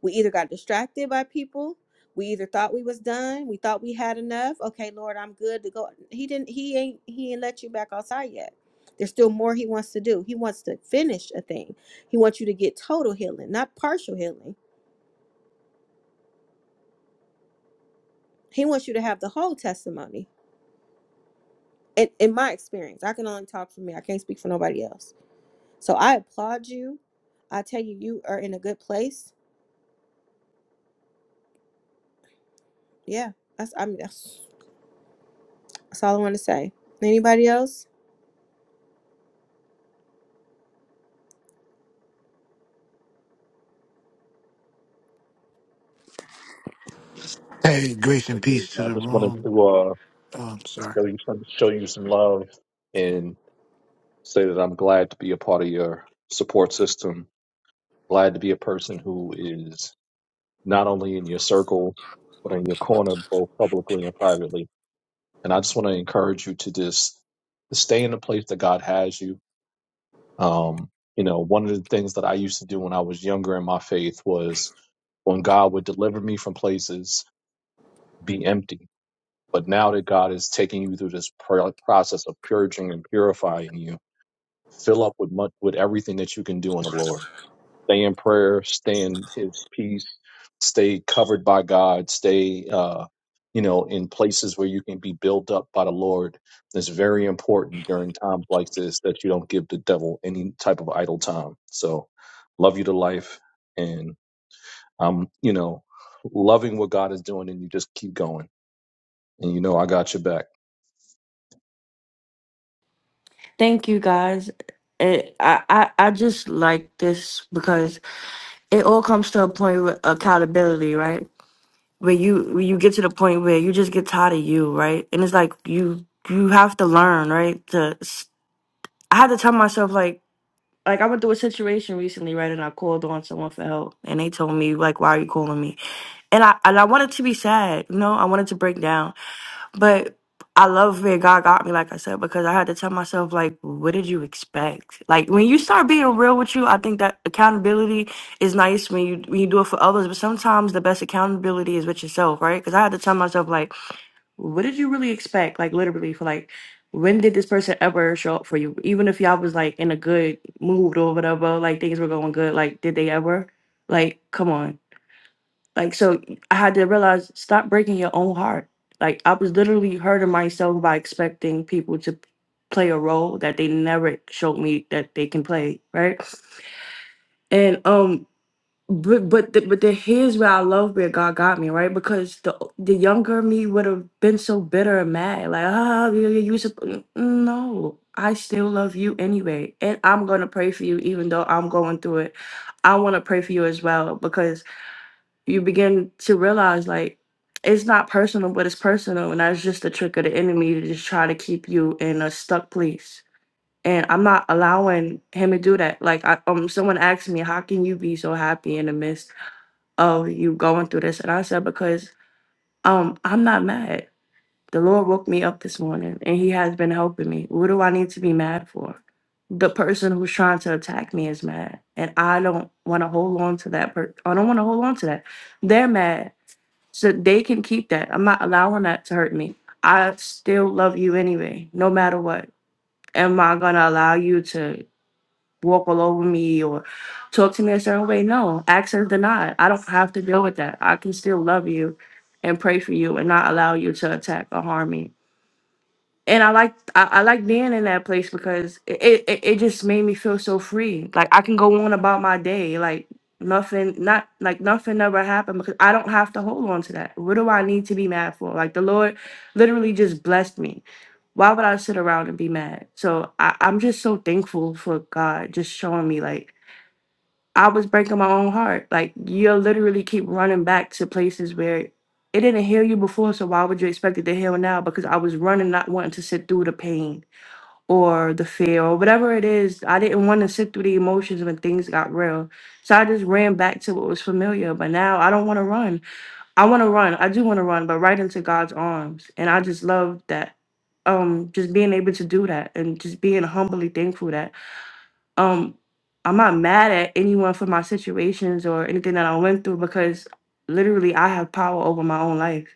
[SPEAKER 1] we either got distracted by people we either thought we was done we thought we had enough okay lord i'm good to go he didn't he ain't he ain't let you back outside yet there's still more he wants to do he wants to finish a thing he wants you to get total healing not partial healing he wants you to have the whole testimony in, in my experience, I can only talk for me. I can't speak for nobody else. So I applaud you. I tell you, you are in a good place. Yeah, that's I mean that's, that's all I want to say. Anybody else?
[SPEAKER 13] Hey, grace and
[SPEAKER 9] Hey, baby,
[SPEAKER 13] peace to
[SPEAKER 9] I
[SPEAKER 13] the
[SPEAKER 9] just wanted
[SPEAKER 13] room.
[SPEAKER 9] to uh,
[SPEAKER 13] Oh, I'm sorry.
[SPEAKER 9] show you some, show you some love and say that I'm glad to be a part of your support system. Glad to be a person who is not only in your circle but in your corner, both publicly and privately. And I just want to encourage you to just to stay in the place that God has you. Um, you know, one of the things that I used to do when I was younger in my faith was when God would deliver me from places, be empty. But now that God is taking you through this pro- process of purging and purifying you, fill up with much, with everything that you can do in the Lord stay in prayer, stay in His peace, stay covered by God, stay, uh, you know, in places where you can be built up by the Lord. It's very important during times like this that you don't give the devil any type of idle time. So, love you to life, and I'm, you know, loving what God is doing, and you just keep going, and you know, I got your back.
[SPEAKER 3] Thank you guys. It, I, I I just like this because it all comes to a point with accountability, right? Where you where you get to the point where you just get tired of you, right? And it's like you you have to learn, right? To I had to tell myself like like I went through a situation recently, right? And I called on someone for help, and they told me like, "Why are you calling me?" And I and I wanted to be sad, you know, I wanted to break down, but I love where God got me, like I said, because I had to tell myself like, "What did you expect?" Like when you start being real with you, I think that accountability is nice when you when you do it for others, but sometimes the best accountability is with yourself, right? Because I had to tell myself like. What did you really expect? Like literally for like when did this person ever show up for you? Even if y'all was like in a good mood or whatever, like things were going good, like did they ever? Like, come on. Like so I had to realize stop breaking your own heart. Like I was literally hurting myself by expecting people to play a role that they never showed me that they can play, right? And um but but the, but the, here's where I love where God got me right because the the younger me would have been so bitter and mad like ah ah, you you, you supp- n- no I still love you anyway and I'm gonna pray for you even though I'm going through it I want to pray for you as well because you begin to realize like it's not personal but it's personal and that's just the trick of the enemy to just try to keep you in a stuck place and I'm not allowing him to do that like I, um someone asked me how can you be so happy in the midst of you going through this. And I said, because um, I'm not mad. The Lord woke me up this morning and he has been helping me. What do I need to be mad for? The person who's trying to attack me is mad. And I don't want to hold on to that. Per- I don't want to hold on to that. They're mad. So they can keep that. I'm not allowing that to hurt me. I still love you anyway, no matter what. Am I going to allow you to walk all over me or talk to me a certain way. No, access denied. I don't have to deal with that. I can still love you and pray for you and not allow you to attack or harm me and I like I, I like being in that place because it, it it just made me feel so free. Like I can go on about my day, like nothing, not like nothing ever happened because I don't have to hold on to that. What do I need to be mad for? Like the Lord literally just blessed me. Why would I sit around and be mad? So I, I'm just so thankful for God just showing me like I was breaking my own heart. Like you'll literally keep running back to places where it didn't heal you before, so why would you expect it to heal now? Because I was running, not wanting to sit through the pain or the fear or whatever it is. I didn't want to sit through the emotions when things got real. So I just ran back to what was familiar. But now I don't want to run. I want to run. I do want to run, but right into God's arms. And I just love that. Um, just being able to do that and just being humbly thankful that um I'm not mad at anyone for my situations or anything that I went through because literally I have power over my own life.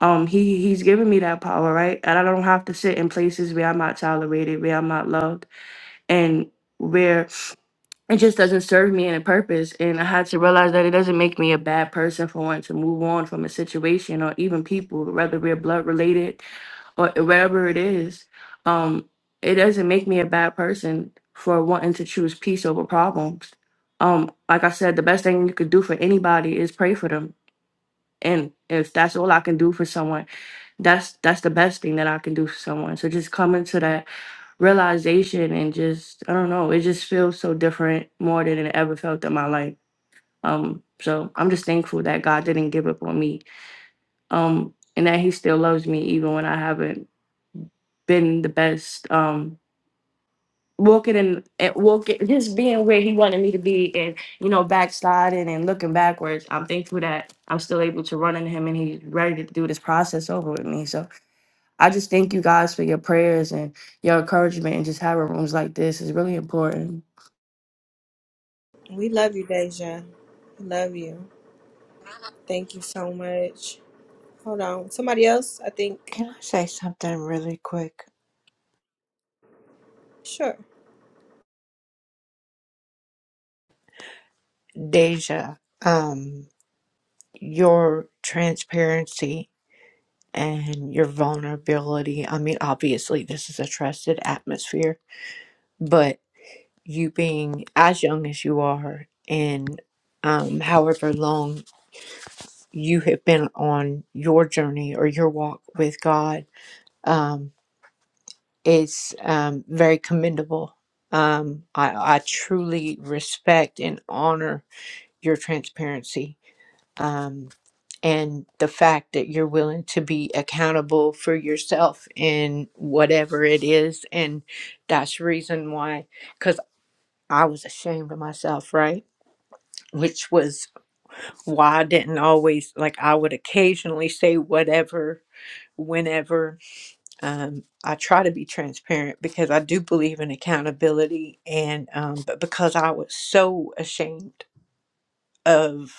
[SPEAKER 3] Um he he's given me that power, right? And I don't have to sit in places where I'm not tolerated, where I'm not loved and where it just doesn't serve me any purpose. And I had to realize that it doesn't make me a bad person for wanting to move on from a situation or even people, whether we're blood related or wherever it is. Um, it doesn't make me a bad person for wanting to choose peace over problems. Um, like I said, the best thing you could do for anybody is pray for them and if that's all I can do for someone, that's that's the best thing that I can do for someone. So just coming to that realization and just I don't know, it just feels so different more than it ever felt in my life. Um, so I'm just thankful that God didn't give up on me. Um, and that He still loves me even when I haven't been the best. Um, walking and, and walking, just being where he wanted me to be, and you know, backsliding and looking backwards. I'm thankful that I'm still able to run into him, and he's ready to do this process over with me. So I just thank you guys for your prayers and your encouragement, and just having rooms like this is really important.
[SPEAKER 1] We love you, Deja. We love you. Thank you so much. Hold on. Somebody else? I think.
[SPEAKER 7] Can I say something really quick?
[SPEAKER 1] Sure.
[SPEAKER 7] Deja, um, your transparency and your vulnerability. I mean, obviously, this is a trusted atmosphere, but you being as young as you are and um, however long you have been on your journey or your walk with God um, is um, very commendable. Um, I, I truly respect and honor your transparency um, and the fact that you're willing to be accountable for yourself in whatever it is and that's the reason why because i was ashamed of myself right which was why i didn't always like i would occasionally say whatever whenever um, i try to be transparent because i do believe in accountability and um, but because i was so ashamed of.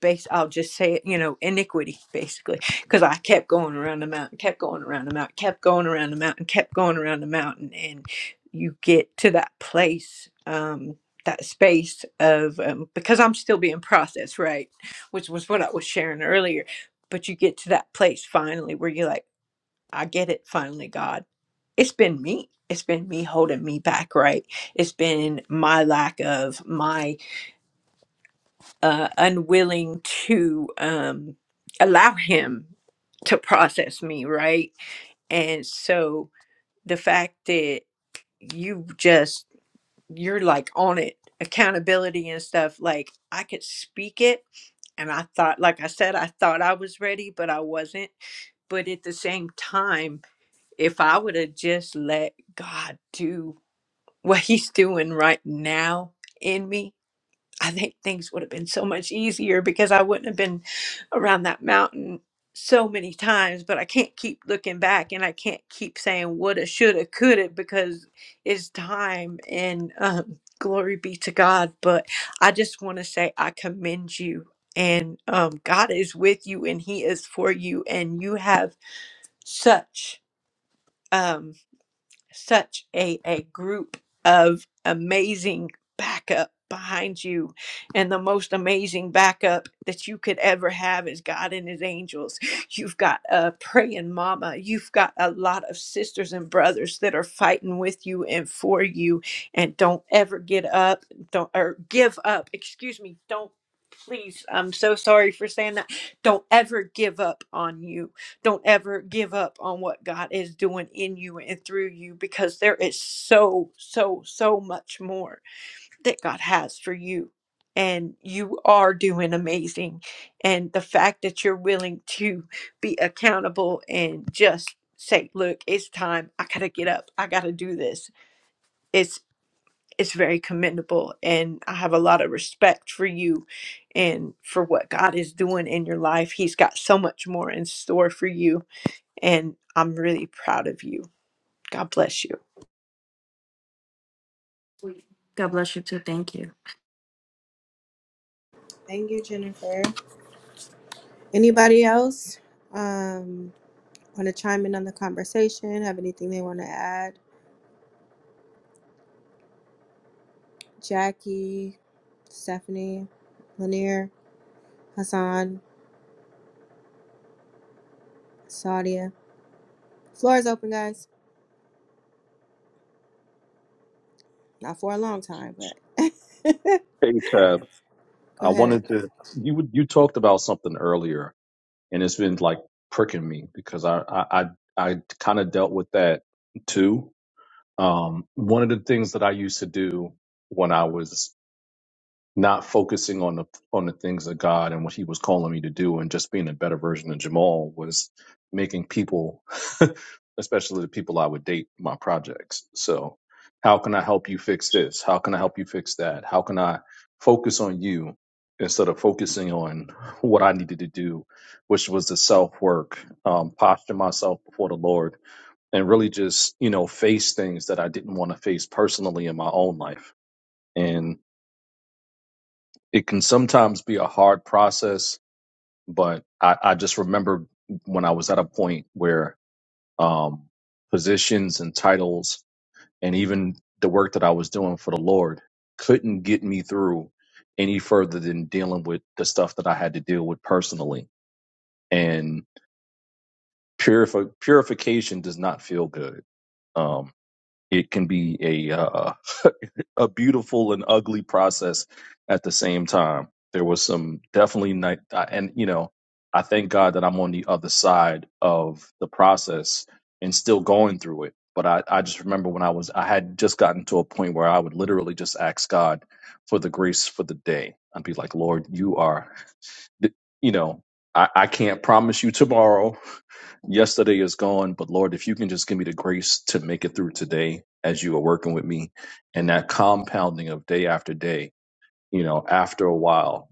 [SPEAKER 7] base I'll just say it, you know, iniquity basically. Because I kept going around the mountain, kept going around the mountain, kept going around the mountain, kept going around the mountain, and you get to that place, um, that space of um, because I'm still being processed, right? Which was what I was sharing earlier. But you get to that place finally where you're like, I get it finally, God. It's been me. It's been me holding me back, right? It's been my lack of my uh, unwilling to um, allow him to process me, right? And so the fact that you just, you're like on it, accountability and stuff, like I could speak it. And I thought, like I said, I thought I was ready, but I wasn't. But at the same time, if I would have just let God do what he's doing right now in me, I think things would have been so much easier because I wouldn't have been around that mountain so many times. But I can't keep looking back and I can't keep saying woulda, shoulda, coulda because it's time and um, glory be to God. But I just want to say I commend you and um, God is with you and He is for you and you have such. Um, such a, a group of amazing backup behind you and the most amazing backup that you could ever have is god and his angels you've got a praying mama you've got a lot of sisters and brothers that are fighting with you and for you and don't ever get up don't or give up excuse me don't please i'm so sorry for saying that don't ever give up on you don't ever give up on what God is doing in you and through you because there is so, so, so much more that God has for you. And you are doing amazing. And the fact that you're willing to be accountable and just say, look, it's time. I gotta get up. I gotta do this. It's it's very commendable. And I have a lot of respect for you and for what God is doing in your life. He's got so much more in store for you and I'm really proud of you. God bless you.
[SPEAKER 3] God bless you too. Thank you.
[SPEAKER 1] Thank you, Jennifer. Anybody else? Um, want to chime in on the conversation? Have anything they want to add? Jackie, Stephanie, Lanier, Hassan. Sadia. Floor is open, guys. Not for a long time, but go
[SPEAKER 9] Hey, Tab, I
[SPEAKER 1] ahead.
[SPEAKER 9] wanted to. You you talked about something earlier and it's been like pricking me because I I I, I kind of dealt with that too. Um, one of the things that I used to do when I was not focusing on the on the things of God and what He was calling me to do, and just being a better version of Jamal was making people, especially the people I would date, my projects. So, how can I help you fix this? How can I help you fix that? How can I focus on you instead of focusing on what I needed to do, which was the self work, um, posture myself before the Lord, and really just you know face things that I didn't want to face personally in my own life. and it can sometimes be a hard process, but I, I just remember when I was at a point where um, positions and titles and even the work that I was doing for the Lord couldn't get me through any further than dealing with the stuff that I had to deal with personally. And purif- purification does not feel good. Um, it can be a uh, a beautiful and ugly process at the same time. There was some definitely night, and you know, I thank God that I'm on the other side of the process and still going through it. But I, I just remember when I was, I had just gotten to a point where I would literally just ask God for the grace for the day. I'd be like, Lord, you are, you know, I, I can't promise you tomorrow yesterday is gone, but Lord, if you can just give me the grace to make it through today as you are working with me and that compounding of day after day, you know, after a while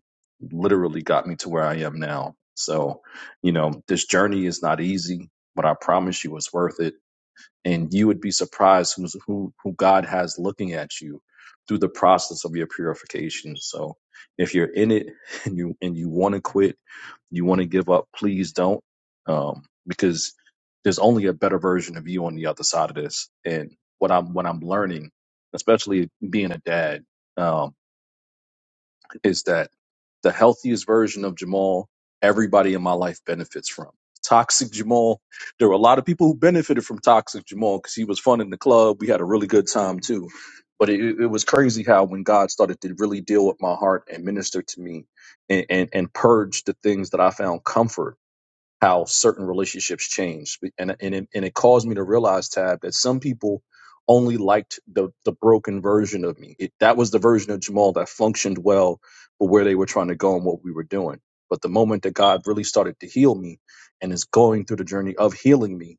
[SPEAKER 9] literally got me to where I am now. So, you know, this journey is not easy, but I promise you it's worth it and you would be surprised who's, who who God has looking at you through the process of your purification. So if you're in it and you and you want to quit, you want to give up, please don't, um, because there's only a better version of you on the other side of this. And what I'm what I'm learning, especially being a dad. um, is that the healthiest version of Jamal, everybody in my life benefits from. Toxic Jamal, there were a lot of people who benefited from Toxic Jamal because he was fun in the club. We had a really good time too. But it, it was crazy how when God started to really deal with my heart and minister to me and, and, and purge the things that I found comfort how certain relationships change. And, and, it, and it caused me to realize, Tab, that some people only liked the, the broken version of me. It, that was the version of Jamal that functioned well for where they were trying to go and what we were doing. But the moment that God really started to heal me and is going through the journey of healing me,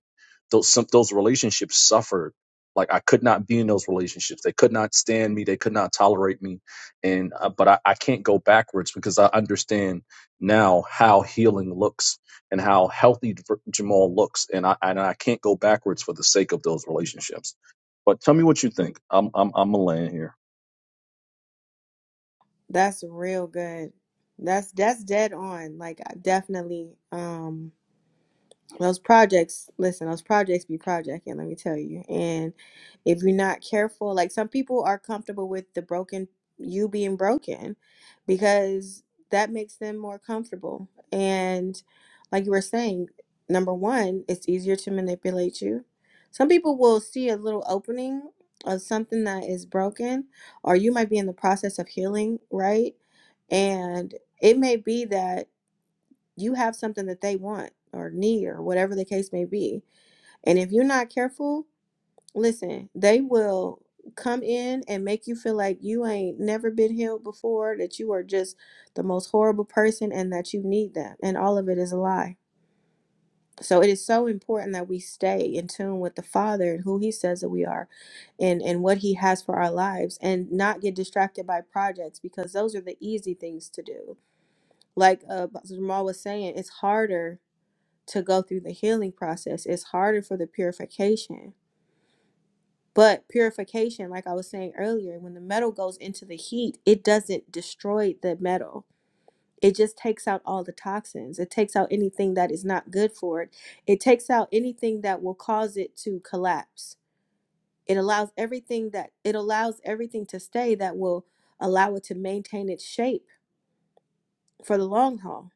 [SPEAKER 9] those, some, those relationships suffered. Like I could not be in those relationships. They could not stand me. They could not tolerate me. And, uh, but I, I can't go backwards because I understand now how healing looks and how healthy Jamal looks. And I and I can't go backwards for the sake of those relationships. But tell me what you think. I'm I'm I'm a land here.
[SPEAKER 1] That's real good. That's that's dead on. Like I definitely. um those projects listen those projects be projecting let me tell you and if you're not careful like some people are comfortable with the broken you being broken because that makes them more comfortable and like you were saying number one it's easier to manipulate you some people will see a little opening of something that is broken or you might be in the process of healing right and it may be that you have something that they want or need or whatever the case may be. And if you're not careful, listen, they will come in and make you feel like you ain't never been healed before, that you are just the most horrible person and that you need them. And all of it is a lie. So it is so important that we stay in tune with the Father and who He says that we are and, and what He has for our lives and not get distracted by projects because those are the easy things to do. Like uh, Jamal was saying, it's harder to go through the healing process. It's harder for the purification. But purification, like I was saying earlier, when the metal goes into the heat, it doesn't destroy the metal. It just takes out all the toxins. It takes out anything that is not good for it. It takes out anything that will cause it to collapse. It allows everything that it allows everything to stay that will allow it to maintain its shape for the long haul.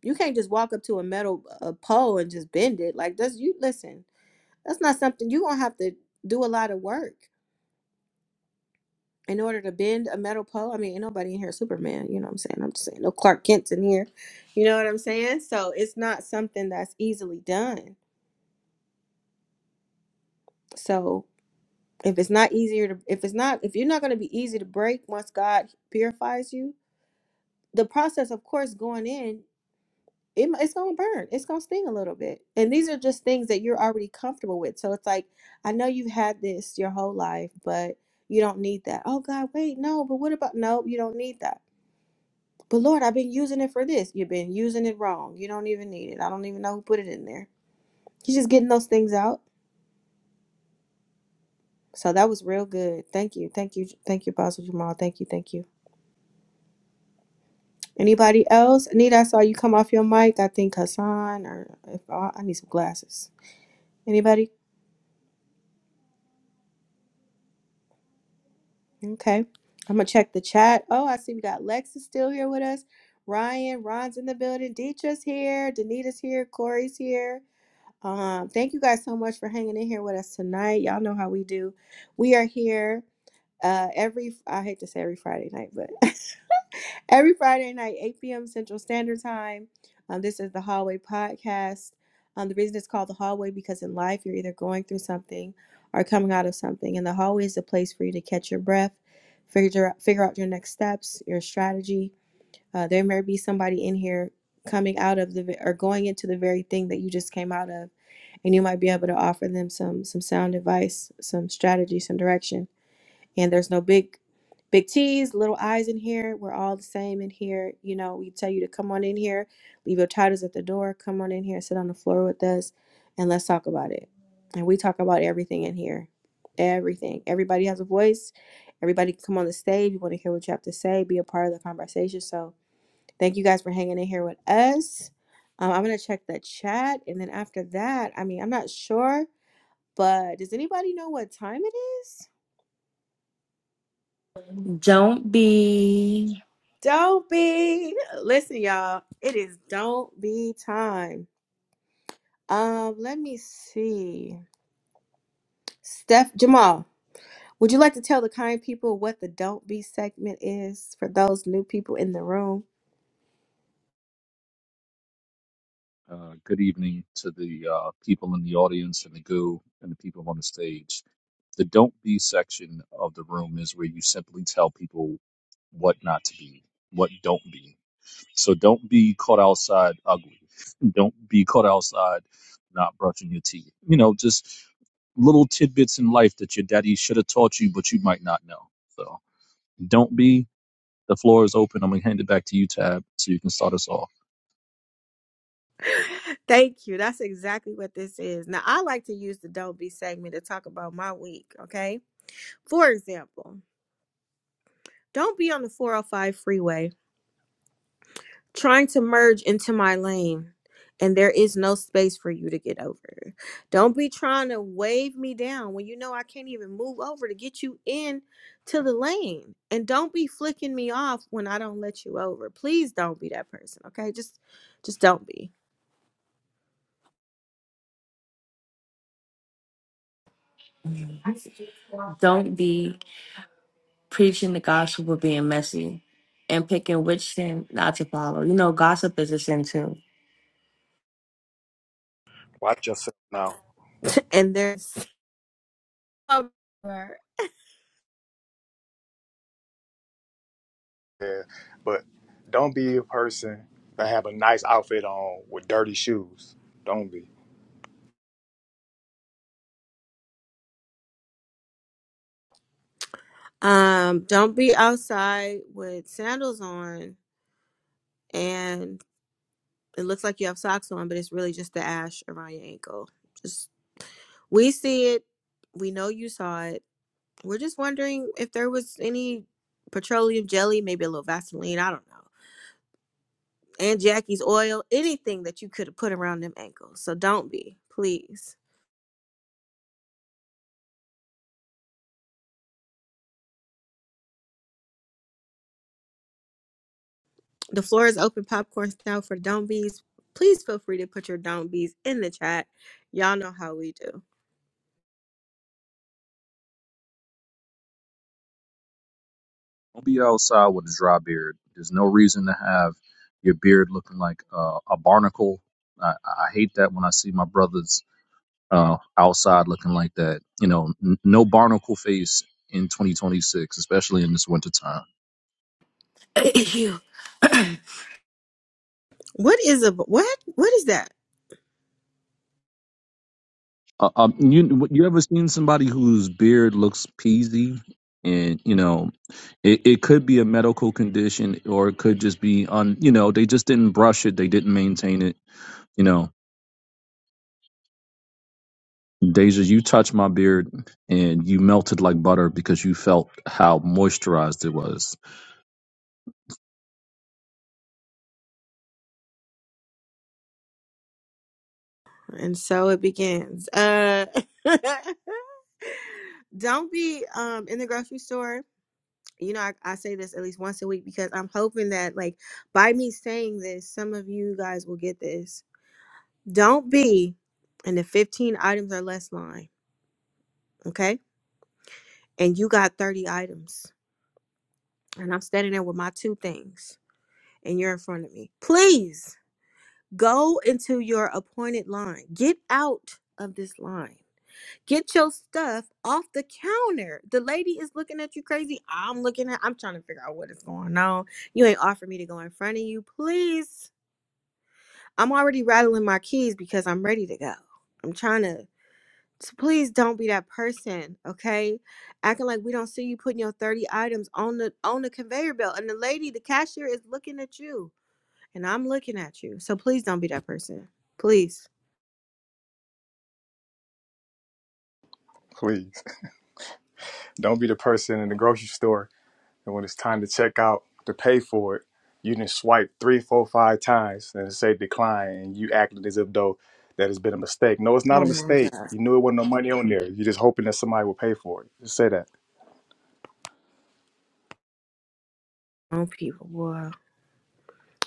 [SPEAKER 1] You can't just walk up to a metal a pole and just bend it. Like that's you listen. That's not something you're gonna have to do a lot of work in order to bend a metal pole. I mean, ain't nobody in here Superman, you know what I'm saying? I'm just saying no Clark Kent's in here. You know what I'm saying? So it's not something that's easily done. So if it's not easier to if it's not if you're not gonna be easy to break once God purifies you, the process of course going in it, it's gonna burn it's gonna sting a little bit and these are just things that you're already comfortable with so it's like i know you've had this your whole life but you don't need that oh god wait no but what about no you don't need that but lord i've been using it for this you've been using it wrong you don't even need it i don't even know who put it in there you're just getting those things out so that was real good thank you thank you thank you Pastor jamal thank you thank you anybody else anita i saw you come off your mic i think hassan or if i, I need some glasses Anybody? Okay. I'm gonna check the chat. Oh, I see we got Lex is still here with us. Ryan, Ron's in the building. Deetra's here. Danita's here. Corey's here. Um, thank you guys so much for hanging in here with us tonight. Y'all know how we do. We are here uh every I hate to say every Friday night, but every Friday night, 8 p.m. Central Standard Time. Um, this is the Hallway Podcast. Um, the reason it's called the Hallway because in life you're either going through something or coming out of something, and the hallway is a place for you to catch your breath, figure figure out your next steps, your strategy. Uh, there may be somebody in here coming out of the or going into the very thing that you just came out of, and you might be able to offer them some some sound advice, some strategy, some direction and there's no big big t's little i's in here we're all the same in here you know we tell you to come on in here leave your titles at the door come on in here sit on the floor with us and let's talk about it and we talk about everything in here everything everybody has a voice everybody can come on the stage you want to hear what you have to say be a part of the conversation so thank you guys for hanging in here with us um, i'm going to check the chat and then after that i mean i'm not sure but does anybody know what time it is
[SPEAKER 3] Don't be,
[SPEAKER 1] Don't be. Listen, y'all. It is don't be time. Um, let me see. Steph Jamal, would you like to tell the kind people what the don't be segment is for those new people in the room?
[SPEAKER 9] Uh, good evening to the uh, people in the audience and the goo and the people on the stage. The don't be section of the room is where you simply tell people what not to be, what don't be. So don't be caught outside ugly. Don't be caught outside not brushing your teeth. You know, just little tidbits in life that your daddy should have taught you, but you might not know. So don't be. The floor is open. I'm gonna hand it back to you, Tab, so you can start us off.
[SPEAKER 1] Thank you. That's exactly what this is. Now, I like to use the don't be segment to talk about my week, okay? For example, don't be on the 405 freeway trying to merge into my lane and there is no space for you to get over. Don't be trying to wave me down when you know I can't even move over to get you in to the lane. And don't be flicking me off when I don't let you over. Please don't be that person, okay? Just just don't be.
[SPEAKER 3] don't be preaching the gospel but being messy and picking which sin not to follow. You know, gossip is a sin too.
[SPEAKER 4] Watch yourself now.
[SPEAKER 1] And there's
[SPEAKER 4] Yeah, but don't be a person that have a nice outfit on with dirty shoes. Don't be,
[SPEAKER 1] Um, don't be outside with sandals on and it looks like you have socks on, but it's really just the ash around your ankle. Just we see it, we know you saw it. We're just wondering if there was any petroleum jelly, maybe a little Vaseline, I don't know. And Jackie's oil, anything that you could have put around them ankles. So don't be, please. The floor is open popcorn style for don't be's. Please feel free to put your don't be's in the chat. Y'all know how we do.
[SPEAKER 9] Don't be outside with a dry beard. There's no reason to have your beard looking like uh, a barnacle. I, I hate that when I see my brothers uh, outside looking like that. You know, n- no barnacle face in 2026, especially in this winter time.
[SPEAKER 3] Ew.
[SPEAKER 1] What is a what? What is that?
[SPEAKER 9] Uh, um, you you ever seen somebody whose beard looks peasy? And you know, it, it could be a medical condition, or it could just be on. You know, they just didn't brush it, they didn't maintain it. You know, Deja, you touched my beard, and you melted like butter because you felt how moisturized it was
[SPEAKER 1] And so it begins. Uh don't be um in the grocery store. You know, I, I say this at least once a week because I'm hoping that like by me saying this, some of you guys will get this. Don't be in the 15 items or less line, okay? And you got 30 items. And I'm standing there with my two things and you're in front of me. Please Go into your appointed line. Get out of this line. Get your stuff off the counter. The lady is looking at you crazy. I'm looking at I'm trying to figure out what is going on. You ain't offering me to go in front of you. Please. I'm already rattling my keys because I'm ready to go. I'm trying to so please don't be that person, okay? Acting like we don't see you putting your 30 items on the on the conveyor belt and the lady, the cashier is looking at you and I'm looking at you. So please don't be that person. Please.
[SPEAKER 4] please. Don't be the person in the grocery store and when it's time to check out to pay for it, you didn't swipe three, four, five times and it say decline, and you acted as if though that has been a mistake. No, it's not
[SPEAKER 1] Oh
[SPEAKER 4] a
[SPEAKER 1] my
[SPEAKER 4] mistake.
[SPEAKER 1] God.
[SPEAKER 4] You knew it wasn't no money on there. You're just hoping that somebody will pay for it. Just say that.
[SPEAKER 1] Oh, people, boy.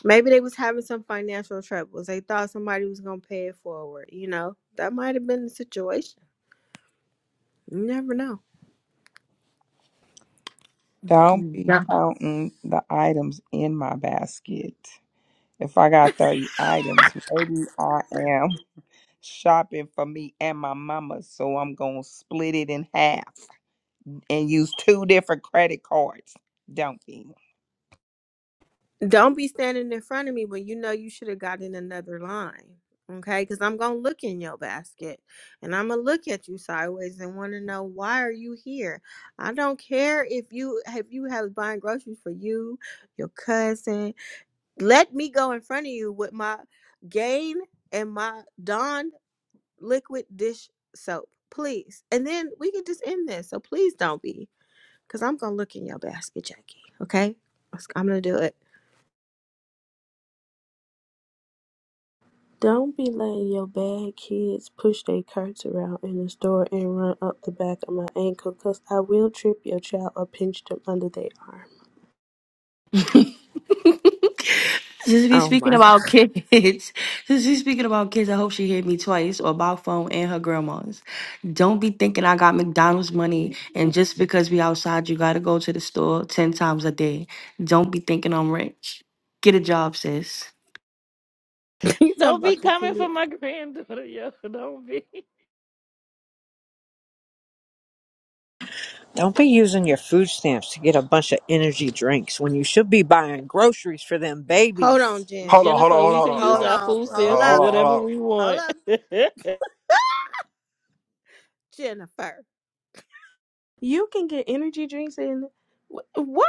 [SPEAKER 1] Maybe they was having some financial troubles. They thought somebody was gonna pay it forward. You know, that might have been the situation. You never know.
[SPEAKER 5] Don't be counting the items in my basket. If I got 30 items, maybe I am shopping for me and my mama. So I'm going to split it in half and use two different credit cards. Don't be.
[SPEAKER 1] Don't be standing in front of me when you know you should have gotten another line. Okay, because I'm gonna look in your basket and I'm gonna look at you sideways and want to know why are you here. I don't care if you if you have buying groceries for you, your cousin. Let me go in front of you with my gain and my don liquid dish soap, please. And then we can just end this. So please don't be, because I'm gonna look in your basket, Jackie. Okay, I'm gonna do it.
[SPEAKER 6] Don't be letting your bad kids push their carts around in the store and run up the back of my ankle, 'cause I will trip your child or pinch them under their arm.
[SPEAKER 3] Since we
[SPEAKER 1] Oh
[SPEAKER 3] speaking
[SPEAKER 1] my god,
[SPEAKER 3] about kids, since we speaking about kids, I hope she hit me twice or by phone and her grandma's. Don't be thinking I got McDonald's money and just because we outside, you gotta go to the store ten times a day. Don't be thinking I'm rich. Get a job, sis.
[SPEAKER 1] you talking
[SPEAKER 14] Don't
[SPEAKER 1] about
[SPEAKER 14] be
[SPEAKER 1] the
[SPEAKER 14] coming for
[SPEAKER 1] kid?
[SPEAKER 14] my granddaughter, yo. Don't be.
[SPEAKER 7] Don't be using your food stamps to get a bunch of energy drinks when you should be buying groceries for them
[SPEAKER 1] Hold on,
[SPEAKER 7] babies.
[SPEAKER 1] Jen.
[SPEAKER 4] Hold on, hold on,
[SPEAKER 14] Jennifer,
[SPEAKER 4] hold on,
[SPEAKER 14] we
[SPEAKER 4] hold
[SPEAKER 14] can
[SPEAKER 4] on. No,
[SPEAKER 14] use
[SPEAKER 1] Hold
[SPEAKER 4] hold
[SPEAKER 14] our
[SPEAKER 4] on, Miss
[SPEAKER 1] on.
[SPEAKER 14] food
[SPEAKER 4] Brown. Hold
[SPEAKER 1] Hold
[SPEAKER 14] stamps
[SPEAKER 4] on,
[SPEAKER 14] for
[SPEAKER 4] hold
[SPEAKER 1] up.
[SPEAKER 4] on,
[SPEAKER 14] whatever
[SPEAKER 4] hold on.
[SPEAKER 14] we
[SPEAKER 1] Hold
[SPEAKER 14] want.
[SPEAKER 1] up, Jennifer.
[SPEAKER 6] You can get energy drinks in. wh- What?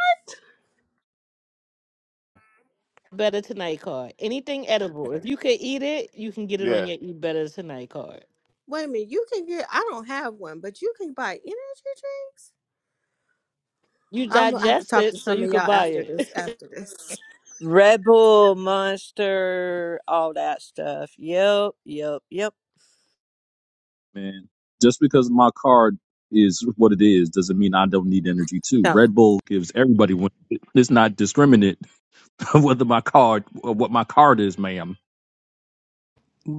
[SPEAKER 14] Better Tonight card. Anything edible. If you can eat it, you can get it
[SPEAKER 4] Yeah.
[SPEAKER 14] on your Eat Better Tonight card.
[SPEAKER 1] Wait a minute. You can get. I don't have one, but you can buy energy drinks.
[SPEAKER 14] You
[SPEAKER 1] I'm gonna have to
[SPEAKER 14] digest
[SPEAKER 1] talk to
[SPEAKER 14] it so
[SPEAKER 1] some of
[SPEAKER 14] you
[SPEAKER 1] y'all
[SPEAKER 14] could buy
[SPEAKER 1] after this.
[SPEAKER 14] it
[SPEAKER 1] After this,
[SPEAKER 7] Red Bull, Monster, all that stuff. Yep, yep, yep.
[SPEAKER 9] man. Just because my card is what it is doesn't mean I don't need energy too.
[SPEAKER 1] So
[SPEAKER 9] Red Bull gives everybody one. It's not discriminate whether my card or what my card is, ma'am.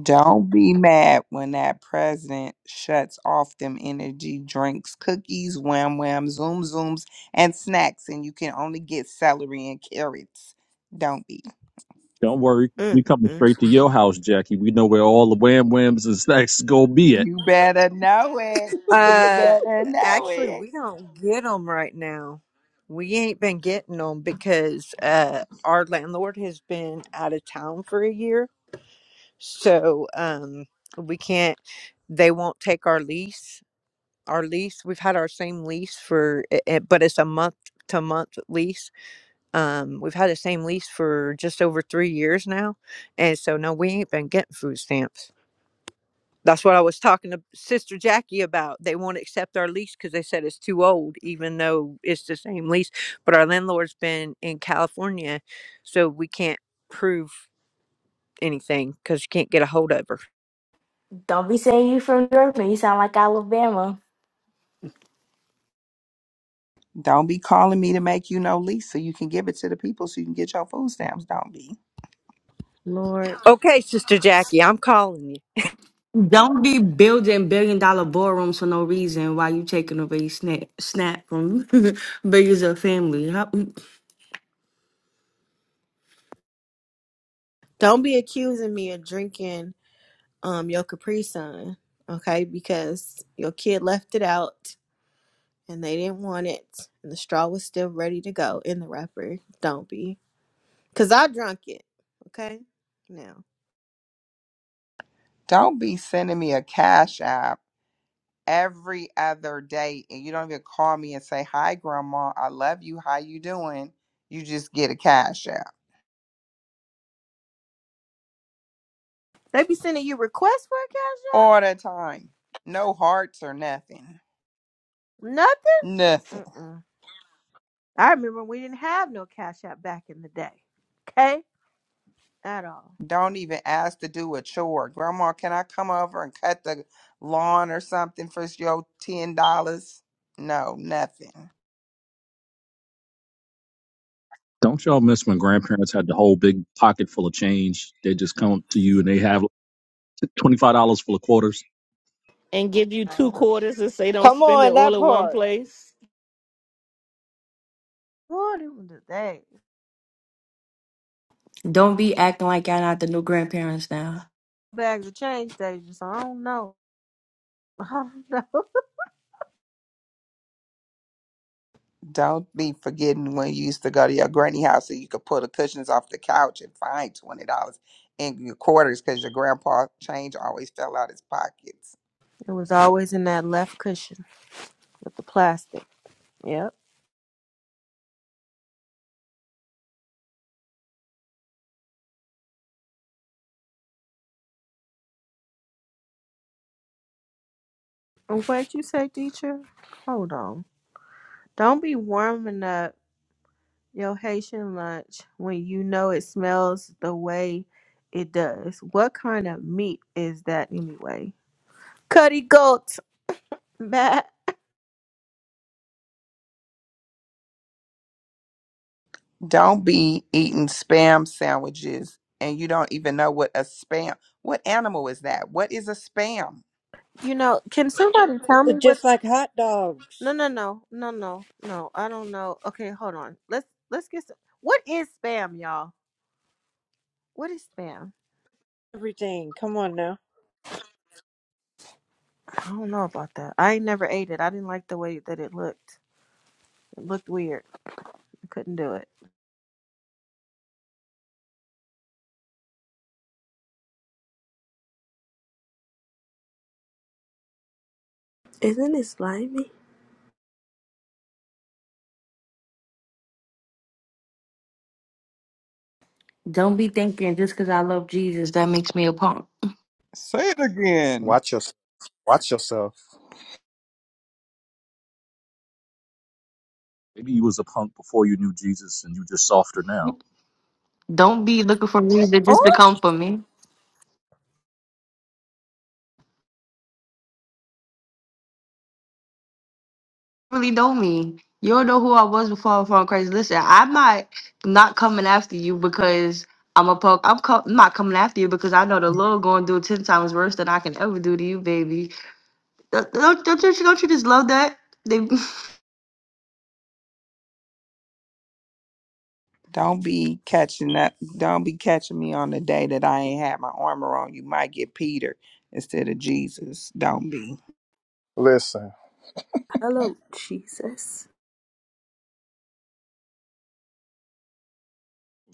[SPEAKER 5] Don't be mad when that president shuts off them energy drinks, cookies, wham wham, zoom zooms, and snacks, and you can only get celery and carrots. Don't be.
[SPEAKER 9] Don't worry, we
[SPEAKER 1] Mm,
[SPEAKER 9] coming
[SPEAKER 1] mm,
[SPEAKER 9] straight to
[SPEAKER 1] mm.
[SPEAKER 9] your house, Jackie. We know where all the wham whams and snacks go be at.
[SPEAKER 5] You better know it. You
[SPEAKER 7] Uh,
[SPEAKER 5] better know
[SPEAKER 7] actually,
[SPEAKER 5] it.
[SPEAKER 7] we don't get them right now. We ain't been getting them because uh, our landlord has been out of town for a year, so um, we can't. They won't take our lease, our lease. We've had our same lease for, i- but it's a month to month lease. Um, we've had the same lease for just over three years now, and so no, we ain't been getting food stamps. That's what I was talking to Sister Jackie about. They won't accept our lease because they said it's too old, even though it's the same lease. But our landlord's been in California, so we can't prove anything because you can't get a hold of her.
[SPEAKER 3] Don't be saying you from Durham. You sound like Alabama.
[SPEAKER 5] Don't be calling me to make you no lease so you can give it to the people so you can get your food stamps. Don't be.
[SPEAKER 1] Lord,
[SPEAKER 7] Okay, Sister Jackie, I'm calling you.
[SPEAKER 3] Don't be building billion dollar ballrooms for no reason while you taking away snap snap from billions of family.
[SPEAKER 1] don't be accusing me of drinking um your Capri Sun, okay? Because your kid left it out and they didn't want it, and the straw was still ready to go in the wrapper. Don't be, cause I drunk it, okay? Now
[SPEAKER 5] Don't be sending me a cash app every other day and you don't even call me and say, Hi grandma, I love you. How you doing? You just get a cash app.
[SPEAKER 1] they be sending you requests for a cash app.
[SPEAKER 5] All the time. No hearts or nothing.
[SPEAKER 1] Nothing.
[SPEAKER 5] Nothing.
[SPEAKER 1] Mm-mm. I remember we didn't have no Cash App back in the day, okay, at all.
[SPEAKER 5] Don't even ask to do a chore. Grandma, can I come over and cut the lawn or something for your ten dollars? No, nothing.
[SPEAKER 9] Don't y'all miss when grandparents had the whole big pocket full of change? They just come to you and they have twenty five dollars full of quarters.
[SPEAKER 14] and give you
[SPEAKER 1] Uh,
[SPEAKER 14] two quarters and say don't
[SPEAKER 7] Come
[SPEAKER 14] spend it
[SPEAKER 7] on,
[SPEAKER 14] all
[SPEAKER 7] that
[SPEAKER 14] in one
[SPEAKER 7] part.
[SPEAKER 14] place.
[SPEAKER 1] Boy, it was the day.
[SPEAKER 3] Don't be acting like y'all not the new grandparents now.
[SPEAKER 1] Bags of change days. just I don't know. I don't know.
[SPEAKER 5] Don't be forgetting when you used to go to your granny house and you could pull the cushions off the couch and find twenty dollars in your quarters because your grandpa change always fell out his pockets.
[SPEAKER 1] It was always in that left cushion with the plastic. Yep. And what you say, teacher? Hold on. Don't be warming up your Haitian lunch when you know it smells the way it does. What kind of meat is that anyway? Cutty goat, Matt.
[SPEAKER 5] Don't be eating spam sandwiches and you don't even know what a spam. What animal is that? What is a spam?
[SPEAKER 1] You know, can somebody tell me what?
[SPEAKER 7] Just like hot dogs.
[SPEAKER 1] No, no, no, no, no, no. I don't know. Okay, hold on. Let's let's get some. What is spam, y'all? What is spam?
[SPEAKER 7] everything. Come on now.
[SPEAKER 1] I don't know about that. I ain't never ate it. I didn't like the way that it looked. It looked weird. I couldn't do it.
[SPEAKER 6] Isn't it slimy?
[SPEAKER 3] Don't be thinking just because I love Jesus, that makes me a punk.
[SPEAKER 5] Say it again.
[SPEAKER 4] Watch yourself. Watch yourself.
[SPEAKER 9] Maybe you was a punk before you knew Jesus and you just softer now.
[SPEAKER 3] Don't be looking for reason
[SPEAKER 1] Oh,
[SPEAKER 3] just to come for me. Really know me. You don't know who I was before I found Christ. Listen, I'm not not coming after you because I'm a punk. I'm, co- I'm not coming after you because I know the Lord going to do 10 times worse than I can ever do to you, baby. Don't, don't, don't, you, don't you just love that? They,
[SPEAKER 5] Don't be catching up. Don't be catching me on the day that I ain't had my armor on. You might get Peter instead of Jesus. Don't be.
[SPEAKER 4] Listen,
[SPEAKER 6] Hello, Jesus.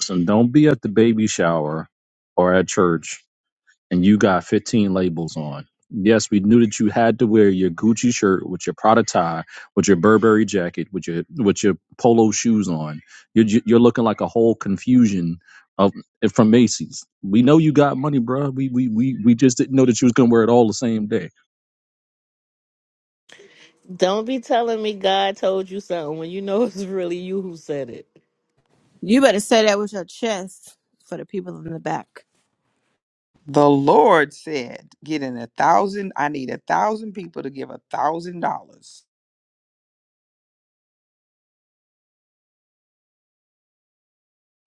[SPEAKER 9] So don't be at the baby shower or at church and you got 15 labels on. Yes, we knew that you had to wear your Gucci shirt with your Prada tie, with your Burberry jacket, with your with your polo shoes on. You're you're looking like a whole confusion of eh, from Macy's. We know you got money, bro. We we we we just didn't know that you was gonna wear it all the same day.
[SPEAKER 14] Don't be telling me God told you something when you know it's really you who said it.
[SPEAKER 1] you better say that with your chest for the people in the back.
[SPEAKER 5] The Lord said, getting a thousand, I need a thousand people to give a thousand dollars.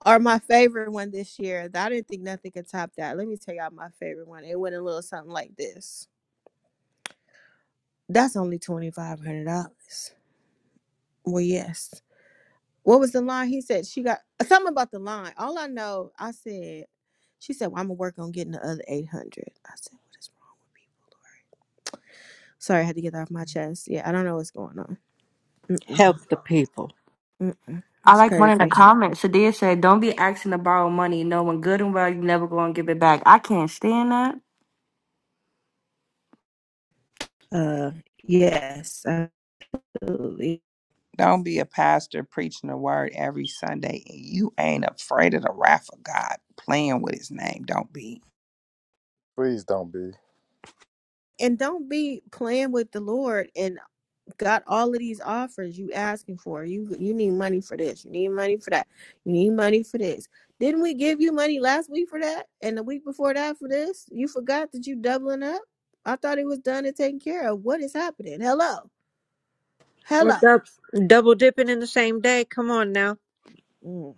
[SPEAKER 1] Or my favorite one this year. I didn't think nothing could top that. Let me tell y'all my favorite one. It went a little something like this. That's only twenty five hundred dollars. Well, yes. What was the line? He said she got uh, something about the line. All I know, I said, she said, well, I'm gonna work on getting the other 800. I said, what is wrong with people, Lord? Sorry, I had to get that off my chest. Yeah, I don't know what's going on. Mm-mm,
[SPEAKER 7] Help the people.
[SPEAKER 1] mm-mm.
[SPEAKER 3] I
[SPEAKER 1] It's
[SPEAKER 3] like one in the
[SPEAKER 1] crazy.
[SPEAKER 3] comments. Sadia said, Don't be asking to borrow money, knowing good and well you never going to give it back. I can't stand that.
[SPEAKER 1] Uh, yes, absolutely.
[SPEAKER 5] Don't be a pastor preaching the word every Sunday and you ain't afraid of the wrath of God playing with his name. Don't be.
[SPEAKER 4] please don't be.
[SPEAKER 1] And don't be playing with the Lord. and. got all of these offers you asking for. You you need money for this. You need money for that. You need money for this. Didn't we give you money last week for that and the week before that for this? You forgot that you doubling up. I thought it was done and taken care of. What is happening? Hello,
[SPEAKER 7] Or
[SPEAKER 1] hello.
[SPEAKER 7] dou- double dipping in the same day. Come on now.
[SPEAKER 1] Mm.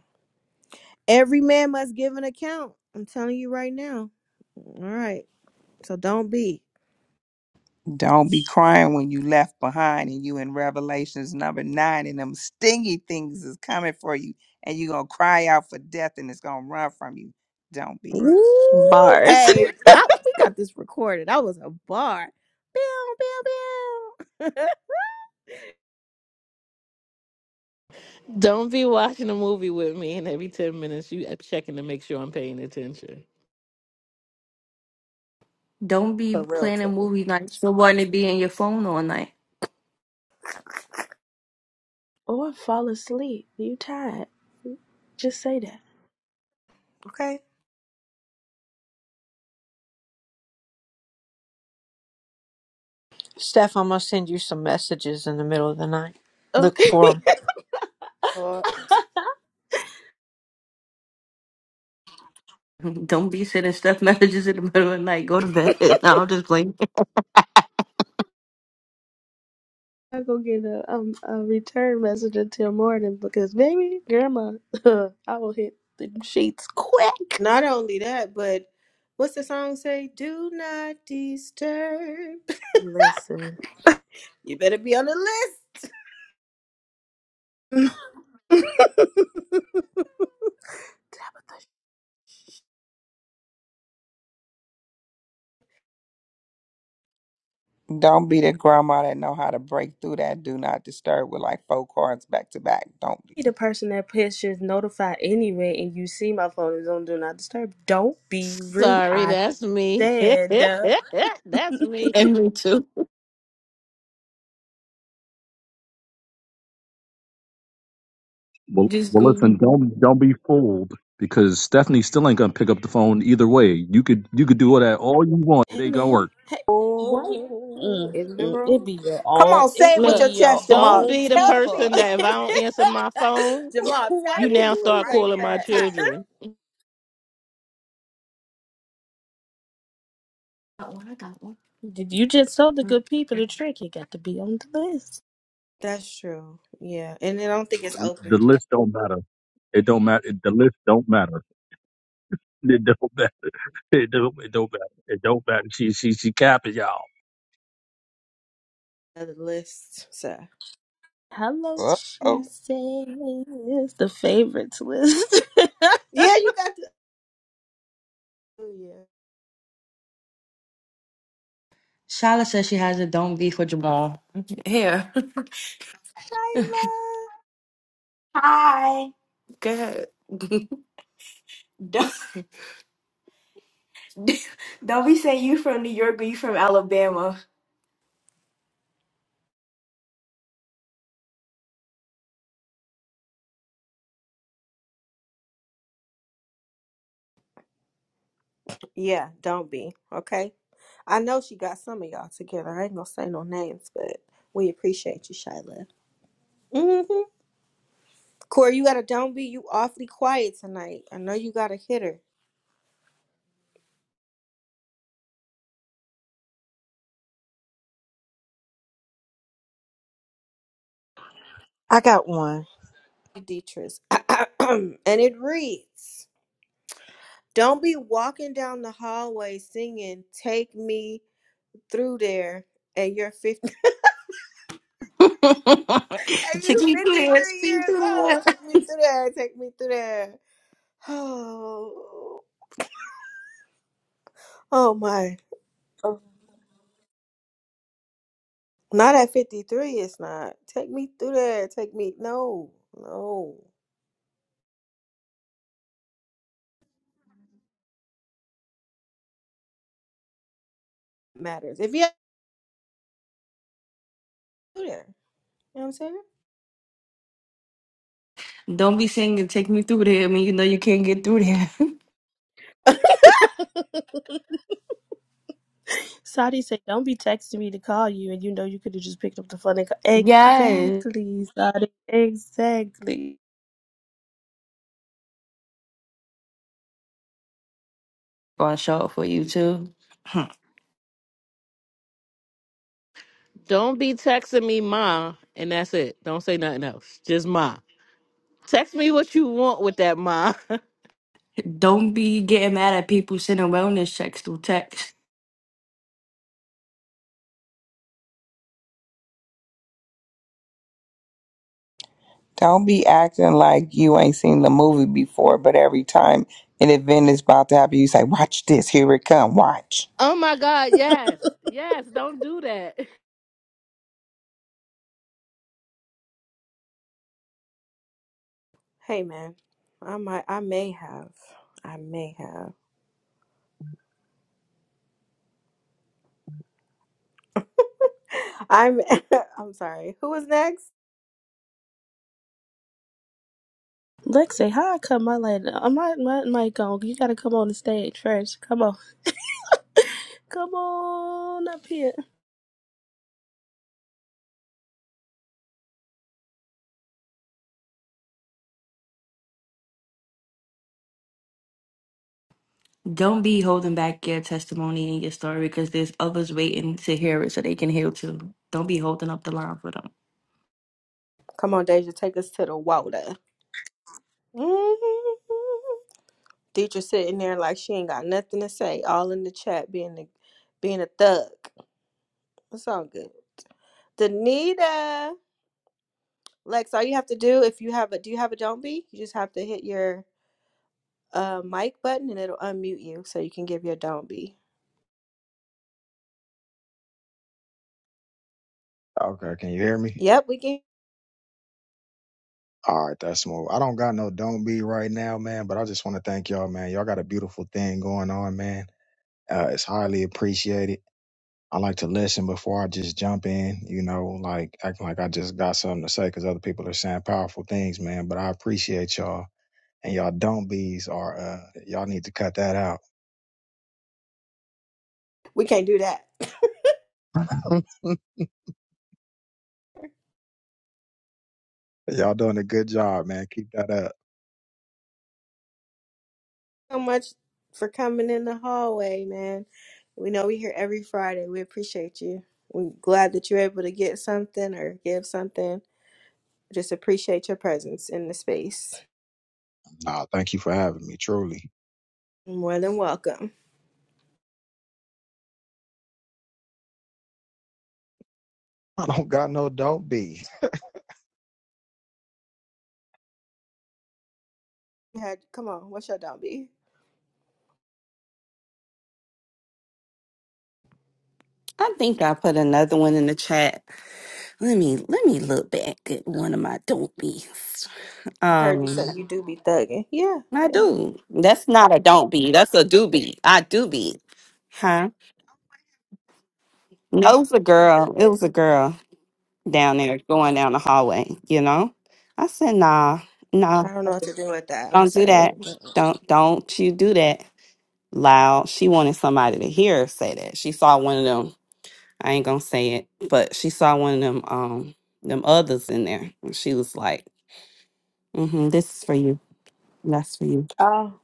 [SPEAKER 1] Every man must give an account. I'm telling you right now. All right, so don't be.
[SPEAKER 5] Don't be crying when you left behind and you in Revelations number nine and them stingy things is coming for you and you're gonna cry out for death and it's gonna run from you. Don't be.
[SPEAKER 1] Ooh,
[SPEAKER 6] Bars.
[SPEAKER 1] Hey, I, we got this recorded. I was a bar. Bow, bow, bow.
[SPEAKER 14] Don't be watching a movie with me and every 10 minutes you checking to make sure I'm paying attention.
[SPEAKER 3] Don't be
[SPEAKER 1] a real
[SPEAKER 3] planning
[SPEAKER 1] thing.
[SPEAKER 3] movie nights for wanting to be in your phone all night.
[SPEAKER 6] Or fall asleep. You tired. Just say that.
[SPEAKER 1] Okay.
[SPEAKER 7] Steph, I'm going to send you some messages in the middle of the night. Look
[SPEAKER 6] Okay.
[SPEAKER 7] for them.
[SPEAKER 1] Lord.
[SPEAKER 3] Don't be sending stuff messages in the middle of the night. Go to bed. No, I'm just playing.
[SPEAKER 6] I go get a um a return message until morning because baby grandma, I will hit the sheets quick.
[SPEAKER 1] Not only that, but what's the song say? Do not disturb.
[SPEAKER 6] Listen,
[SPEAKER 1] You better be on the list.
[SPEAKER 6] Tabitha.
[SPEAKER 5] Don't be the grandma that know how to break through that do not disturb with like four cards back to back. Don't
[SPEAKER 6] Be
[SPEAKER 5] be.
[SPEAKER 6] the person that pushes notify anyway, and you see my phone is on do not disturb. Don't be rude.
[SPEAKER 14] Sorry,
[SPEAKER 6] I
[SPEAKER 14] that's me.
[SPEAKER 6] said.
[SPEAKER 14] that's me.
[SPEAKER 3] And me too.
[SPEAKER 9] Well,
[SPEAKER 3] Just
[SPEAKER 9] well, listen,
[SPEAKER 3] Google.
[SPEAKER 9] don't don't be fooled because Stephanie still ain't gonna pick up the phone either way. You could you could do all that all you want. It
[SPEAKER 6] Hey
[SPEAKER 9] ain't gonna
[SPEAKER 6] man,
[SPEAKER 9] work.
[SPEAKER 6] hey, why?
[SPEAKER 1] Oh,
[SPEAKER 6] Mm,
[SPEAKER 1] in the
[SPEAKER 6] mm, it
[SPEAKER 1] room.
[SPEAKER 6] be your
[SPEAKER 1] Come
[SPEAKER 6] own.
[SPEAKER 1] on,
[SPEAKER 6] It
[SPEAKER 1] say it with your
[SPEAKER 14] Look,
[SPEAKER 6] be your
[SPEAKER 1] chest,
[SPEAKER 14] don't
[SPEAKER 1] Jamal.
[SPEAKER 6] own
[SPEAKER 14] be the
[SPEAKER 1] Tell the
[SPEAKER 6] people.
[SPEAKER 14] person that if
[SPEAKER 1] people.
[SPEAKER 14] I don't answer my phone,
[SPEAKER 1] Jamal, tell
[SPEAKER 6] why
[SPEAKER 14] you
[SPEAKER 1] the
[SPEAKER 6] you
[SPEAKER 14] now
[SPEAKER 6] do
[SPEAKER 1] people
[SPEAKER 6] me
[SPEAKER 14] start
[SPEAKER 1] right
[SPEAKER 6] like
[SPEAKER 14] calling
[SPEAKER 1] now.
[SPEAKER 14] my
[SPEAKER 1] I'm
[SPEAKER 6] that?
[SPEAKER 1] tired.
[SPEAKER 14] children.
[SPEAKER 3] Got one. I got one.
[SPEAKER 6] Did you just tell the good people the trick? You got to be on the list.
[SPEAKER 1] That's true. Yeah. And I don't think it's
[SPEAKER 9] The the
[SPEAKER 1] open.
[SPEAKER 9] list don't matter. It don't matter. The list don't matter. It don't matter. It don't, it don't matter. It don't matter. She she she capping y'all.
[SPEAKER 1] Another list. So,
[SPEAKER 6] Hello, she
[SPEAKER 5] Uh-oh.
[SPEAKER 6] says the favorites list.
[SPEAKER 1] yeah, you got to.
[SPEAKER 3] Shala says she has a don't be for Jamal. Here. Hi. Go ahead. Don't, don't be saying you from New York or you from Alabama.
[SPEAKER 1] Yeah, don't be. Okay. I know she got some of y'all together. I ain't gonna say no names, but we appreciate you, Shyla. Mm-hmm. Corey, you gotta don't be. You awfully quiet tonight. I know you got a hitter,
[SPEAKER 7] I got one.
[SPEAKER 1] Deatrice. and it reads Don't be walking down the hallway singing, Take me through there. And you're 50, and
[SPEAKER 3] Take
[SPEAKER 1] you
[SPEAKER 3] me through there.
[SPEAKER 1] 53
[SPEAKER 3] Speak
[SPEAKER 1] years
[SPEAKER 3] through
[SPEAKER 1] old.
[SPEAKER 3] there.
[SPEAKER 1] Take me through there. Take me through there. Oh, oh my. Not at 53, it's not. Take me through there. Take me. No, no. Matters. If you have to do there. You know what I'm saying?
[SPEAKER 3] Don't be singing "Take Me Through There" when you know you can't get through there.
[SPEAKER 6] Shyla. Saudi said, "Don't be texting me to call you, and you know you could have just picked up the phone and call."
[SPEAKER 3] Yes.
[SPEAKER 6] Exactly, Saudi. Exactly.
[SPEAKER 3] gonna show up for you too.
[SPEAKER 14] Don't be texting me ma and that's it. Don't say nothing else. Just ma. Text me what you want with that ma.
[SPEAKER 3] Don't be getting mad at people sending wellness checks through text.
[SPEAKER 5] Don't be acting like you ain't seen the movie before, but every time an event is about to happen, you say, Watch this, here it come, watch.
[SPEAKER 14] oh my god, yes. Yes, don't do that.
[SPEAKER 1] Hey, man. I might, I may have. I may have. I'm, I'm sorry. Who is next?
[SPEAKER 6] Lexi, how I cut my light? Uh, My my mic on. You gotta come on the stage first. Come on, come on up here.
[SPEAKER 3] Don't be holding back your testimony and your story because there's others waiting to hear it so they can heal too. Don't be holding up the line for them.
[SPEAKER 1] Come on, Deja. Take us to the water. hmm Deidre sitting there like she ain't got nothing to say. All in the chat being a, being a thug. It's all good. Danita. Lex, all you have to do if you have a do you have a don't be? You just have to hit your uh mic button and it'll unmute you so you can give your don't be.
[SPEAKER 15] Okay, can you hear me?
[SPEAKER 1] Yep, we can
[SPEAKER 15] All right, that's smooth. I don't got no don't be right now, man, but I just want to thank y'all, man. Y'all got a beautiful thing going on, man. Uh, it's highly appreciated. I like to listen before I just jump in, you know, like acting like I just got something to say because other people are saying powerful things, man. But I appreciate y'all. And y'all don't bees are, uh, y'all need to cut that out.
[SPEAKER 1] we can't do that.
[SPEAKER 15] Y'all doing a good job, man. Keep that up.
[SPEAKER 1] so much for coming in the hallway, man. We know we here every Friday. We appreciate you. We're glad that you're able to get something or give something. Just appreciate your presence in the space.
[SPEAKER 15] Nah, thank you for having me, truly.
[SPEAKER 1] More than welcome.
[SPEAKER 15] I don't got no don't be.
[SPEAKER 1] You had come on, what's your don't be?
[SPEAKER 16] I think I put another one in the chat. Let me let me look back at one of my don't be's.
[SPEAKER 1] I heard you say you
[SPEAKER 16] Um,
[SPEAKER 1] do be thugging. Yeah,
[SPEAKER 16] I
[SPEAKER 1] yeah.
[SPEAKER 16] do. That's not a don't be. That's a do be. I do be. Huh? No, it was a girl. It was a girl down there going down the hallway. You know. I said, Nah, nah,
[SPEAKER 1] I don't know what to do with that. I'm
[SPEAKER 16] don't do
[SPEAKER 1] sorry.
[SPEAKER 16] that. Don't don't you do that loud. She wanted somebody to hear her say that. She saw one of them I ain't gonna say it, but she saw one of them um them others in there, and she was like, mm-hmm, "This is for you. That's for you."
[SPEAKER 1] Oh,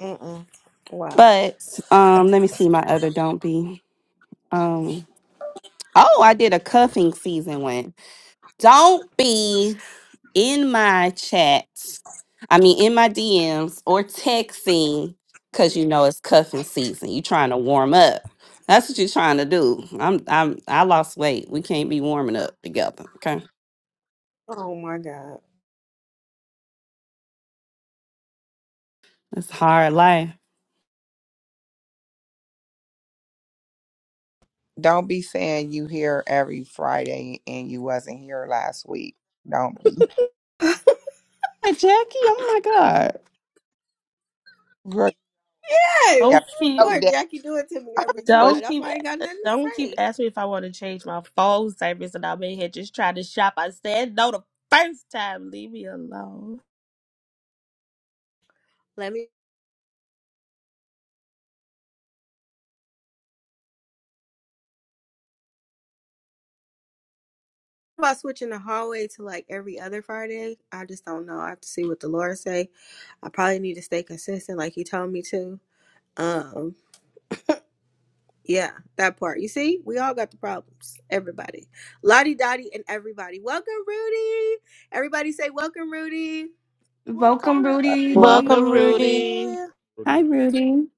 [SPEAKER 1] mm-mm. wow.
[SPEAKER 16] But um, let me see my other don't be. Um, oh, I did a cuffing season one. Don't be in my chats. I mean, in my DMs or texting because you know it's cuffing season. You trying to warm up. That's what you're trying to do. I'm I'm I lost weight. We can't be warming up together. Okay,
[SPEAKER 1] Oh my God.
[SPEAKER 16] it's hard life.
[SPEAKER 5] Don't be saying you here every Friday and you wasn't here last week. Don't be.
[SPEAKER 16] Hey, Jackie, oh my God.
[SPEAKER 5] Girl,
[SPEAKER 1] Yes,
[SPEAKER 5] yeah,
[SPEAKER 6] Don't
[SPEAKER 1] of
[SPEAKER 5] no
[SPEAKER 6] keep,
[SPEAKER 1] course.
[SPEAKER 5] damn
[SPEAKER 1] Jackie do it to me every
[SPEAKER 5] push.
[SPEAKER 1] time.
[SPEAKER 6] don't
[SPEAKER 1] That's
[SPEAKER 6] keep,
[SPEAKER 1] why I ain't got nothing
[SPEAKER 6] don't
[SPEAKER 1] to
[SPEAKER 6] keep
[SPEAKER 1] say.
[SPEAKER 6] asking me if I want to change my phone service, and I'm in here just trying to shop. I said no the first time. Leave me alone.
[SPEAKER 1] Let me. How About switching the hallway to like every other Friday, I just don't know. I have to see what the Lord say. I probably need to stay consistent, like He told me to. Um, yeah, that part. You see, we all got the problems. Everybody, Lottie Dottie, and everybody. Welcome, Rudy. Everybody say welcome, Rudy.
[SPEAKER 6] Welcome,
[SPEAKER 3] Welcome,
[SPEAKER 5] up.
[SPEAKER 3] Rudy.
[SPEAKER 14] Welcome,
[SPEAKER 7] Welcome, Rudy.
[SPEAKER 14] Rudy.
[SPEAKER 6] Renee.
[SPEAKER 16] Hi,
[SPEAKER 4] Rudy.
[SPEAKER 16] Rudy.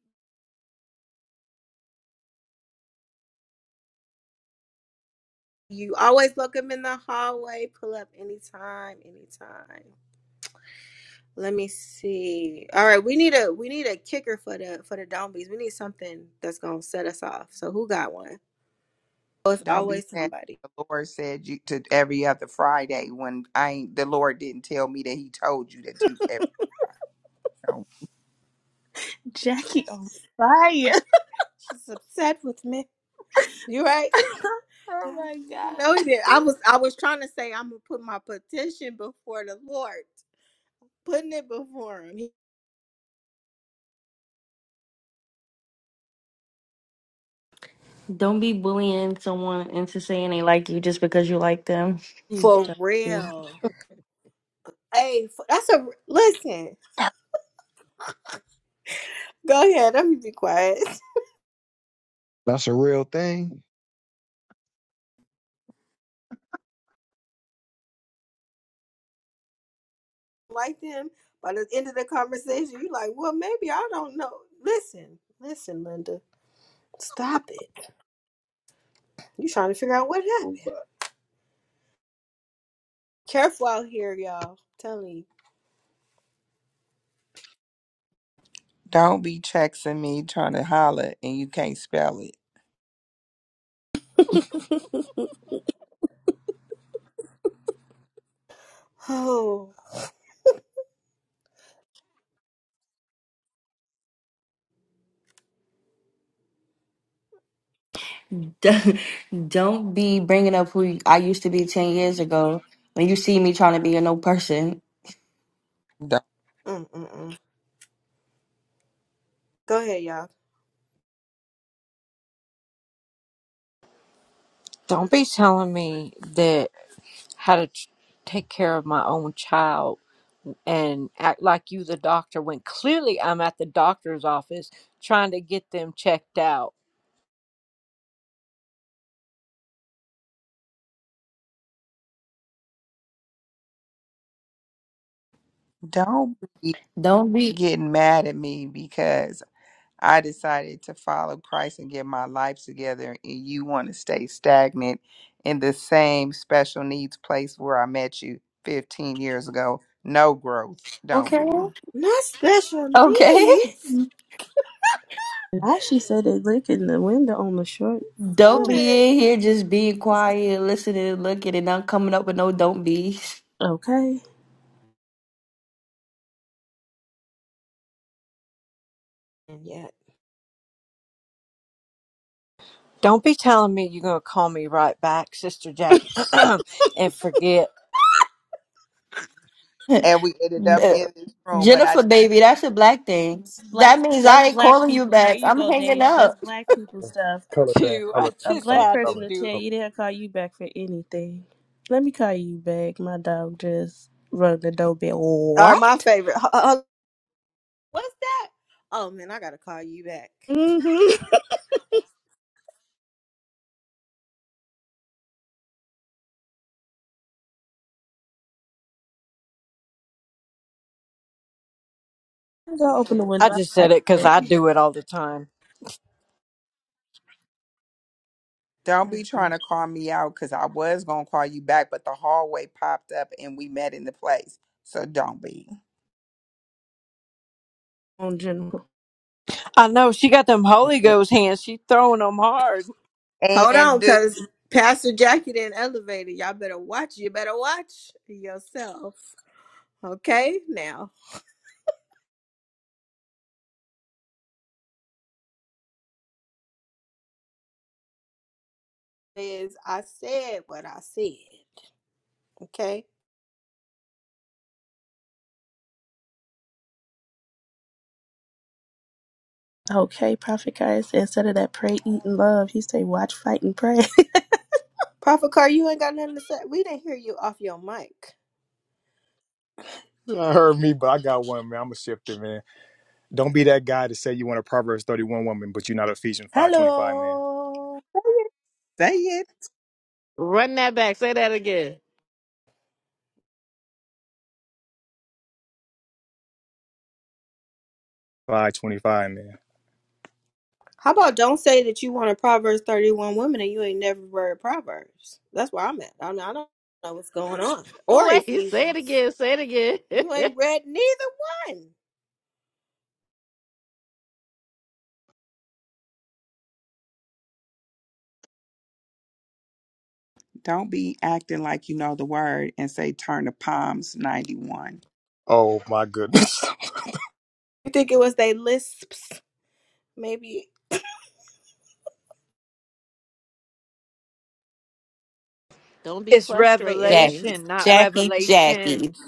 [SPEAKER 1] You always welcome in the hallway. Pull up anytime, anytime. Let me see. All right, we need a we need a kicker for the for the Dombies. We need something that's gonna set us off. So who got one? Oh, it's
[SPEAKER 5] Don't be
[SPEAKER 1] always
[SPEAKER 5] saying
[SPEAKER 1] somebody.
[SPEAKER 5] the Lord said you to every other Friday when I ain't, the Lord didn't tell me that He told you that you every Friday. Don't,
[SPEAKER 6] Jackie on fire.
[SPEAKER 1] She's upset with me. You right? I
[SPEAKER 6] oh my god.
[SPEAKER 1] know you did. I was I was trying to say I'm gonna put my petition before the Lord, putting it before Him He-
[SPEAKER 3] Don't be bullying someone into saying they like you just because you like them.
[SPEAKER 6] Please
[SPEAKER 1] for
[SPEAKER 6] don't be.
[SPEAKER 1] real. Hey, f- that's a listen. Go ahead. Let me be quiet.
[SPEAKER 15] That's a real thing.
[SPEAKER 1] like them. By the end of the conversation, you are like, well, maybe I don't know. Listen, listen, Linda, stop it. You trying to figure out what happened? Careful out here, y'all. I'm Telling you.
[SPEAKER 5] don't be texting me trying to holler and you can't spell it.
[SPEAKER 1] Oh,
[SPEAKER 3] Don't don't be bringing up who I used to be 10 years ago when you see me trying to be a no person.
[SPEAKER 5] Don't,
[SPEAKER 1] Mm-mm-mm. go ahead, y'all.
[SPEAKER 7] Don't be telling me that how to t- take care of my own child and act like you the doctor when clearly I'm at the doctor's office trying to get them checked out.
[SPEAKER 5] don't be
[SPEAKER 3] Don't be.
[SPEAKER 5] getting mad at me because I decided to follow Christ and get my life together, and you want to stay stagnant in the same special needs place where I met you 15 years ago. No growth, don't
[SPEAKER 3] Okay.
[SPEAKER 5] be.
[SPEAKER 1] Not special
[SPEAKER 3] Okay.
[SPEAKER 1] needs.
[SPEAKER 6] Now she said they licking the window on the short
[SPEAKER 3] Don't
[SPEAKER 1] What
[SPEAKER 3] be
[SPEAKER 6] pillow.
[SPEAKER 1] is?
[SPEAKER 3] in here just being quiet, listening and looking and not coming up with no don't be's.
[SPEAKER 6] Okay.
[SPEAKER 1] And yet,
[SPEAKER 7] Don't be telling me you're going to call me right back, Sister Jackie, and forget.
[SPEAKER 5] And we ended up in
[SPEAKER 3] No.
[SPEAKER 5] this room, but I
[SPEAKER 3] Jennifer,
[SPEAKER 5] didn't
[SPEAKER 3] baby,
[SPEAKER 5] forget.
[SPEAKER 3] that's a black thing.
[SPEAKER 6] black.
[SPEAKER 3] That means I
[SPEAKER 6] That's
[SPEAKER 3] ain't
[SPEAKER 6] black
[SPEAKER 3] calling you
[SPEAKER 6] people. There
[SPEAKER 3] back.
[SPEAKER 6] you
[SPEAKER 3] I'm
[SPEAKER 6] go,
[SPEAKER 3] hanging
[SPEAKER 6] Deja. That's
[SPEAKER 3] up.
[SPEAKER 6] black people stuff.
[SPEAKER 4] Color thing,
[SPEAKER 7] too.
[SPEAKER 4] color
[SPEAKER 7] I
[SPEAKER 6] A
[SPEAKER 4] thing,
[SPEAKER 7] just
[SPEAKER 6] black
[SPEAKER 4] color,
[SPEAKER 7] had to
[SPEAKER 6] person
[SPEAKER 4] color,
[SPEAKER 6] to
[SPEAKER 7] do it.
[SPEAKER 6] tell
[SPEAKER 4] color.
[SPEAKER 6] you they'll call you back for anything. Let me call you back. My dog just rung the doorbell.
[SPEAKER 1] are my
[SPEAKER 6] What?
[SPEAKER 1] favorite. What's that? Oh man, I gotta call you back.
[SPEAKER 6] Mm-hmm. Go open the
[SPEAKER 7] I
[SPEAKER 6] window. I'll
[SPEAKER 7] just
[SPEAKER 6] call
[SPEAKER 7] said it because
[SPEAKER 6] you
[SPEAKER 7] I
[SPEAKER 6] back.
[SPEAKER 7] do it all the time.
[SPEAKER 5] Don't be
[SPEAKER 1] Mm
[SPEAKER 5] trying
[SPEAKER 1] mm.
[SPEAKER 5] to call me out because I was going to call you back, but the hallway popped up and we met in the place. So don't be.
[SPEAKER 6] On general.
[SPEAKER 7] I know she got them Holy Ghost hands. She throwing them hard.
[SPEAKER 1] Hold
[SPEAKER 5] And
[SPEAKER 1] on,
[SPEAKER 5] do
[SPEAKER 1] cause Pastor Jackie didn't elevate it. Y'all better watch. You better watch yourself. Okay, now is I said what I said. Okay,
[SPEAKER 6] Okay, Prophet Christ. Instead of that pray, eat, and love, he say watch, fight, and pray.
[SPEAKER 1] Prophet Car, you ain't got nothing to say. We didn't hear you off your mic.
[SPEAKER 4] I heard me, but I got one, man. I'm a shifter, man. Don't be that guy to say you want a Proverbs 31 woman, but you're not Ephesians 525, man.
[SPEAKER 6] Hello.
[SPEAKER 5] say it.
[SPEAKER 14] Run that back. Say that again.
[SPEAKER 4] 525, man.
[SPEAKER 1] How about don't say that you want a Proverbs thirty one woman and you ain't never read Proverbs. That's where I'm at. I don't, I don't know what's going on
[SPEAKER 14] Oh,
[SPEAKER 1] or
[SPEAKER 14] Wait, say it
[SPEAKER 1] Ephesians.
[SPEAKER 14] again. Say it
[SPEAKER 1] You
[SPEAKER 14] again.
[SPEAKER 1] ain't read neither one.
[SPEAKER 5] Don't be acting like you know the word and say turn to Palms 91.
[SPEAKER 4] Oh, my goodness.
[SPEAKER 1] You think it was they lisps? Maybe
[SPEAKER 14] don't be
[SPEAKER 7] It's
[SPEAKER 14] frustrating me.
[SPEAKER 16] Jackie,
[SPEAKER 7] revelation, not
[SPEAKER 16] Jackie, Jackie.
[SPEAKER 7] revelations.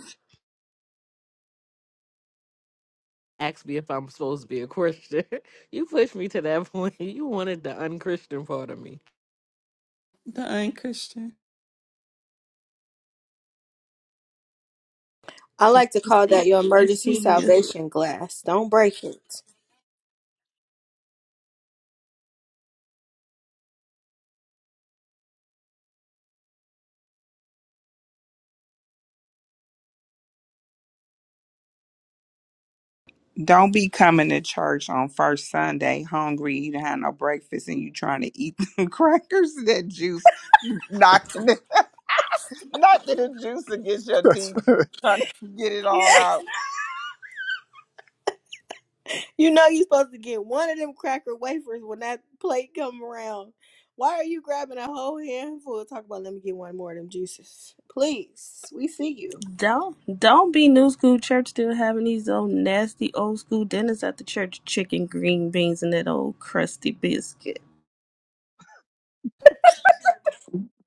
[SPEAKER 14] ask me if I'm supposed to be a Christian. you pushed me to that point. You wanted the unchristian part of me.
[SPEAKER 16] The unchristian.
[SPEAKER 1] I
[SPEAKER 6] The
[SPEAKER 1] like to call that your emergency
[SPEAKER 6] BC,
[SPEAKER 1] salvation glass. Don't break it.
[SPEAKER 5] Don't be coming to church on first Sunday hungry, you didn't have no breakfast, and you trying to eat them crackers that juice, knocking the, knocking the juice against your teeth, trying to get it
[SPEAKER 1] Yeah.
[SPEAKER 5] all out.
[SPEAKER 1] You know you're supposed to get one of them cracker wafers when that plate come around. Why are you grabbing a whole handful? Talk about let me get one more of them juices. Please, we see you.
[SPEAKER 6] Don't don't be new school church still having these old nasty old school dinners at the church chicken, green beans, and that old crusty biscuit.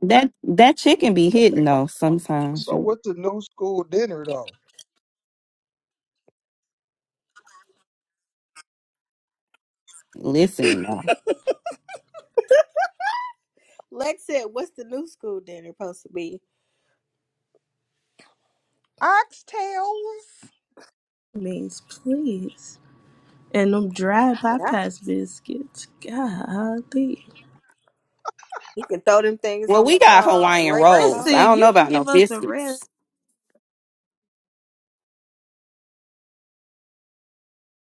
[SPEAKER 16] That that chicken be hitting though sometimes.
[SPEAKER 15] So
[SPEAKER 16] You
[SPEAKER 15] what's the new school dinner though?
[SPEAKER 16] listen. uh,
[SPEAKER 1] Lex said, what's the new school dinner supposed to be?
[SPEAKER 5] Oxtails.
[SPEAKER 6] Means please. And them dry
[SPEAKER 1] Yeah.
[SPEAKER 6] bypass biscuits. Golly.
[SPEAKER 1] You can throw them things
[SPEAKER 16] Well,
[SPEAKER 1] on
[SPEAKER 16] we
[SPEAKER 1] the
[SPEAKER 16] got
[SPEAKER 1] wall and
[SPEAKER 16] Hawaiian
[SPEAKER 1] break a
[SPEAKER 6] Let's
[SPEAKER 16] rolls.
[SPEAKER 1] hole.
[SPEAKER 16] I
[SPEAKER 6] see,
[SPEAKER 16] don't know
[SPEAKER 6] you can
[SPEAKER 16] about no
[SPEAKER 6] give us a red
[SPEAKER 16] biscuits.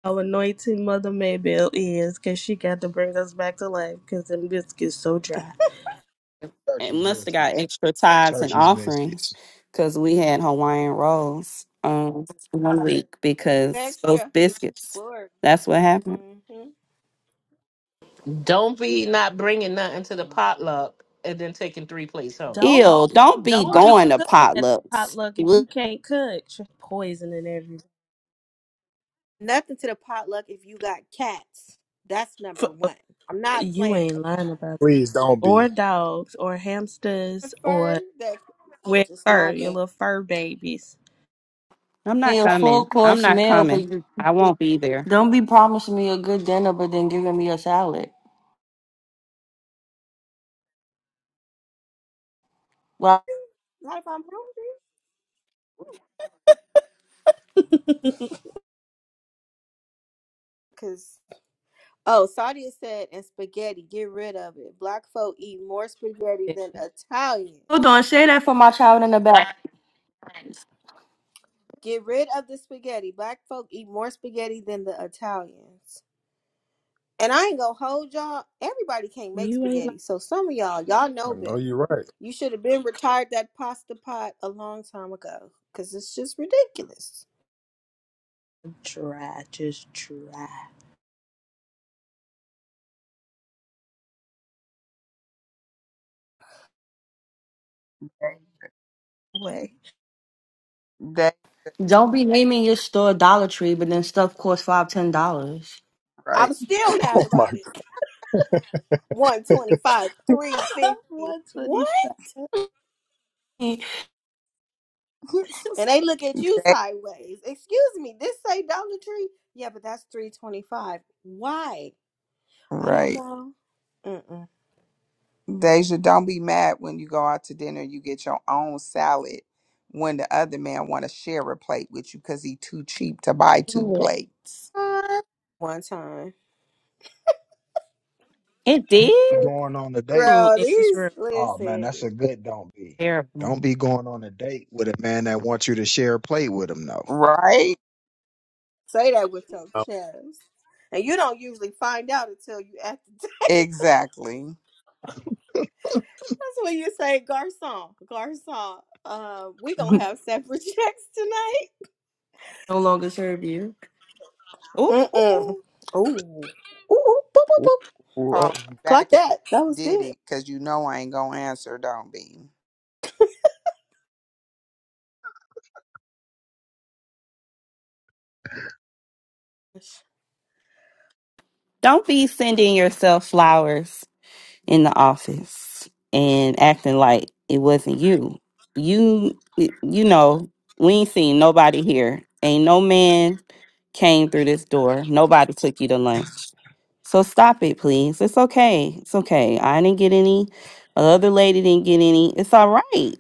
[SPEAKER 6] how anointing Mother Maybell is, cause she got to bring us back to life cause them biscuits so dry.
[SPEAKER 16] It
[SPEAKER 15] Churchy's
[SPEAKER 16] must have got
[SPEAKER 15] biscuits.
[SPEAKER 16] extra tithes and
[SPEAKER 15] Churchy's
[SPEAKER 16] offerings
[SPEAKER 15] biscuits.
[SPEAKER 16] because we had Hawaiian rolls um one week because those
[SPEAKER 1] Extra.
[SPEAKER 16] biscuits.
[SPEAKER 1] Glory.
[SPEAKER 16] That's what happened.
[SPEAKER 1] hmm
[SPEAKER 14] Don't be not bringing nothing to the potluck and then taking three plates home.
[SPEAKER 6] Don't
[SPEAKER 16] Ew! Don't
[SPEAKER 5] Oh
[SPEAKER 16] be
[SPEAKER 5] my
[SPEAKER 6] don't be
[SPEAKER 16] going to
[SPEAKER 6] cooking at the
[SPEAKER 16] potlucks.
[SPEAKER 6] potluck if you can't cook. You're Poisoning everything.
[SPEAKER 1] Nothing to the potluck if you got cats. That's number
[SPEAKER 6] F- uh,
[SPEAKER 1] one. I'm not
[SPEAKER 6] You
[SPEAKER 1] playing
[SPEAKER 6] ain't
[SPEAKER 1] with
[SPEAKER 6] lying about
[SPEAKER 4] Please don't be.
[SPEAKER 6] or dogs or hamsters
[SPEAKER 1] prefer
[SPEAKER 6] or
[SPEAKER 1] that I'm
[SPEAKER 6] with
[SPEAKER 1] just
[SPEAKER 6] fur, your
[SPEAKER 1] nodding.
[SPEAKER 6] little fur babies.
[SPEAKER 16] I'm
[SPEAKER 3] Hey,
[SPEAKER 16] not
[SPEAKER 3] A full
[SPEAKER 16] coming. I'm
[SPEAKER 3] course
[SPEAKER 16] not
[SPEAKER 3] meal, but
[SPEAKER 16] coming.
[SPEAKER 3] you
[SPEAKER 16] I won't be there.
[SPEAKER 3] don't be promising me a good dinner, but then giving me a salad. Well,
[SPEAKER 1] Not if I'm hungry. Cause oh, Sadia said and spaghetti, get rid of it. Black folk eat more spaghetti than
[SPEAKER 3] hold
[SPEAKER 1] Italians.
[SPEAKER 3] on, say that for my child in the back.
[SPEAKER 1] Get rid of the spaghetti. Black folk eat more spaghetti than the Italians. And I ain't gonna hold y'all. Everybody can't make
[SPEAKER 6] You ain't like
[SPEAKER 1] spaghetti. So some of y'all, y'all
[SPEAKER 4] I
[SPEAKER 1] know
[SPEAKER 4] know
[SPEAKER 1] better.
[SPEAKER 4] you're right.
[SPEAKER 1] You should have been retired that pasta pot a long time ago. Cause it's just ridiculous.
[SPEAKER 6] Try, just try.
[SPEAKER 5] God.
[SPEAKER 6] way.
[SPEAKER 5] That
[SPEAKER 3] Don't be naming your store Dollar Tree, but then stuff costs five, ten dollars.
[SPEAKER 5] right.
[SPEAKER 1] I'm still mad
[SPEAKER 4] Oh, my
[SPEAKER 1] about it.
[SPEAKER 4] God.
[SPEAKER 1] 125, 350. What?
[SPEAKER 6] 125.
[SPEAKER 3] no
[SPEAKER 1] and they look at you
[SPEAKER 5] That
[SPEAKER 1] sideways. Excuse me, this say Dollar Tree? Yeah, but that's three twenty five. Why? I don't
[SPEAKER 5] right.
[SPEAKER 1] know. Mm-mm.
[SPEAKER 5] Deja, don't be mad when you go out to dinner. You get your own salad when the other man want to share a plate with you because he too cheap to buy two
[SPEAKER 6] What?
[SPEAKER 5] plates.
[SPEAKER 1] One time,
[SPEAKER 16] It
[SPEAKER 15] Don't be
[SPEAKER 16] did?
[SPEAKER 15] going on a date.
[SPEAKER 6] Ooh,
[SPEAKER 1] girl.
[SPEAKER 6] in this
[SPEAKER 1] These
[SPEAKER 6] room.
[SPEAKER 15] Oh man, that's
[SPEAKER 1] listen.
[SPEAKER 15] a good don't be.
[SPEAKER 16] Terrible.
[SPEAKER 15] Don't be going on a date with a man that wants you to share a plate with him though.
[SPEAKER 5] Right?
[SPEAKER 1] Say that with your
[SPEAKER 4] Oh,
[SPEAKER 1] chest, and you don't usually find out until you at the.
[SPEAKER 5] Exactly.
[SPEAKER 1] That's when you say, "Garcon, garcon." Uh, we gonna have separate checks tonight.
[SPEAKER 3] longer serve you.
[SPEAKER 6] Ooh,
[SPEAKER 1] Mm-mm.
[SPEAKER 6] ooh,
[SPEAKER 1] Ooh, ooh, boop, boop,
[SPEAKER 4] oh,
[SPEAKER 1] boop.
[SPEAKER 5] Call
[SPEAKER 4] oh,
[SPEAKER 1] Clock
[SPEAKER 5] back after
[SPEAKER 1] that. That
[SPEAKER 5] you
[SPEAKER 1] was
[SPEAKER 5] did
[SPEAKER 1] good.
[SPEAKER 5] it because you know I ain't gonna answer. Don't be.
[SPEAKER 16] Don't be sending yourself flowers in the office and acting like it wasn't you. You you know, we ain't seen nobody here. Ain't no man came through this door. Nobody took you to lunch. So stop it, please. It's okay. It's okay. I didn't get any. The other lady didn't get any. It's all right.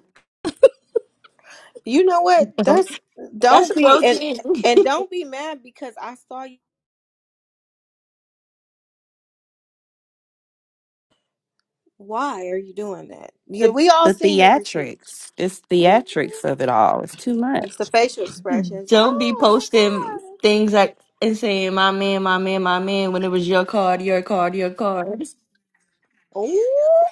[SPEAKER 1] You know what? That's
[SPEAKER 3] That's
[SPEAKER 1] don't
[SPEAKER 3] a
[SPEAKER 1] be
[SPEAKER 3] real
[SPEAKER 1] and
[SPEAKER 3] thing.
[SPEAKER 1] and don't be mad because I saw you. Why are you doing that? Yeah,
[SPEAKER 16] The,
[SPEAKER 1] we all
[SPEAKER 16] the
[SPEAKER 1] seen the receipts.
[SPEAKER 16] theatrics. It's
[SPEAKER 1] Mhm.
[SPEAKER 16] theatrics of it all. It's too
[SPEAKER 1] It's the
[SPEAKER 16] much.
[SPEAKER 1] facial expressions.
[SPEAKER 3] Don't be
[SPEAKER 1] Oh my
[SPEAKER 3] posting
[SPEAKER 1] god.
[SPEAKER 3] things like and saying my man, my man, my man when it was your card, your card, your card.
[SPEAKER 1] Oh,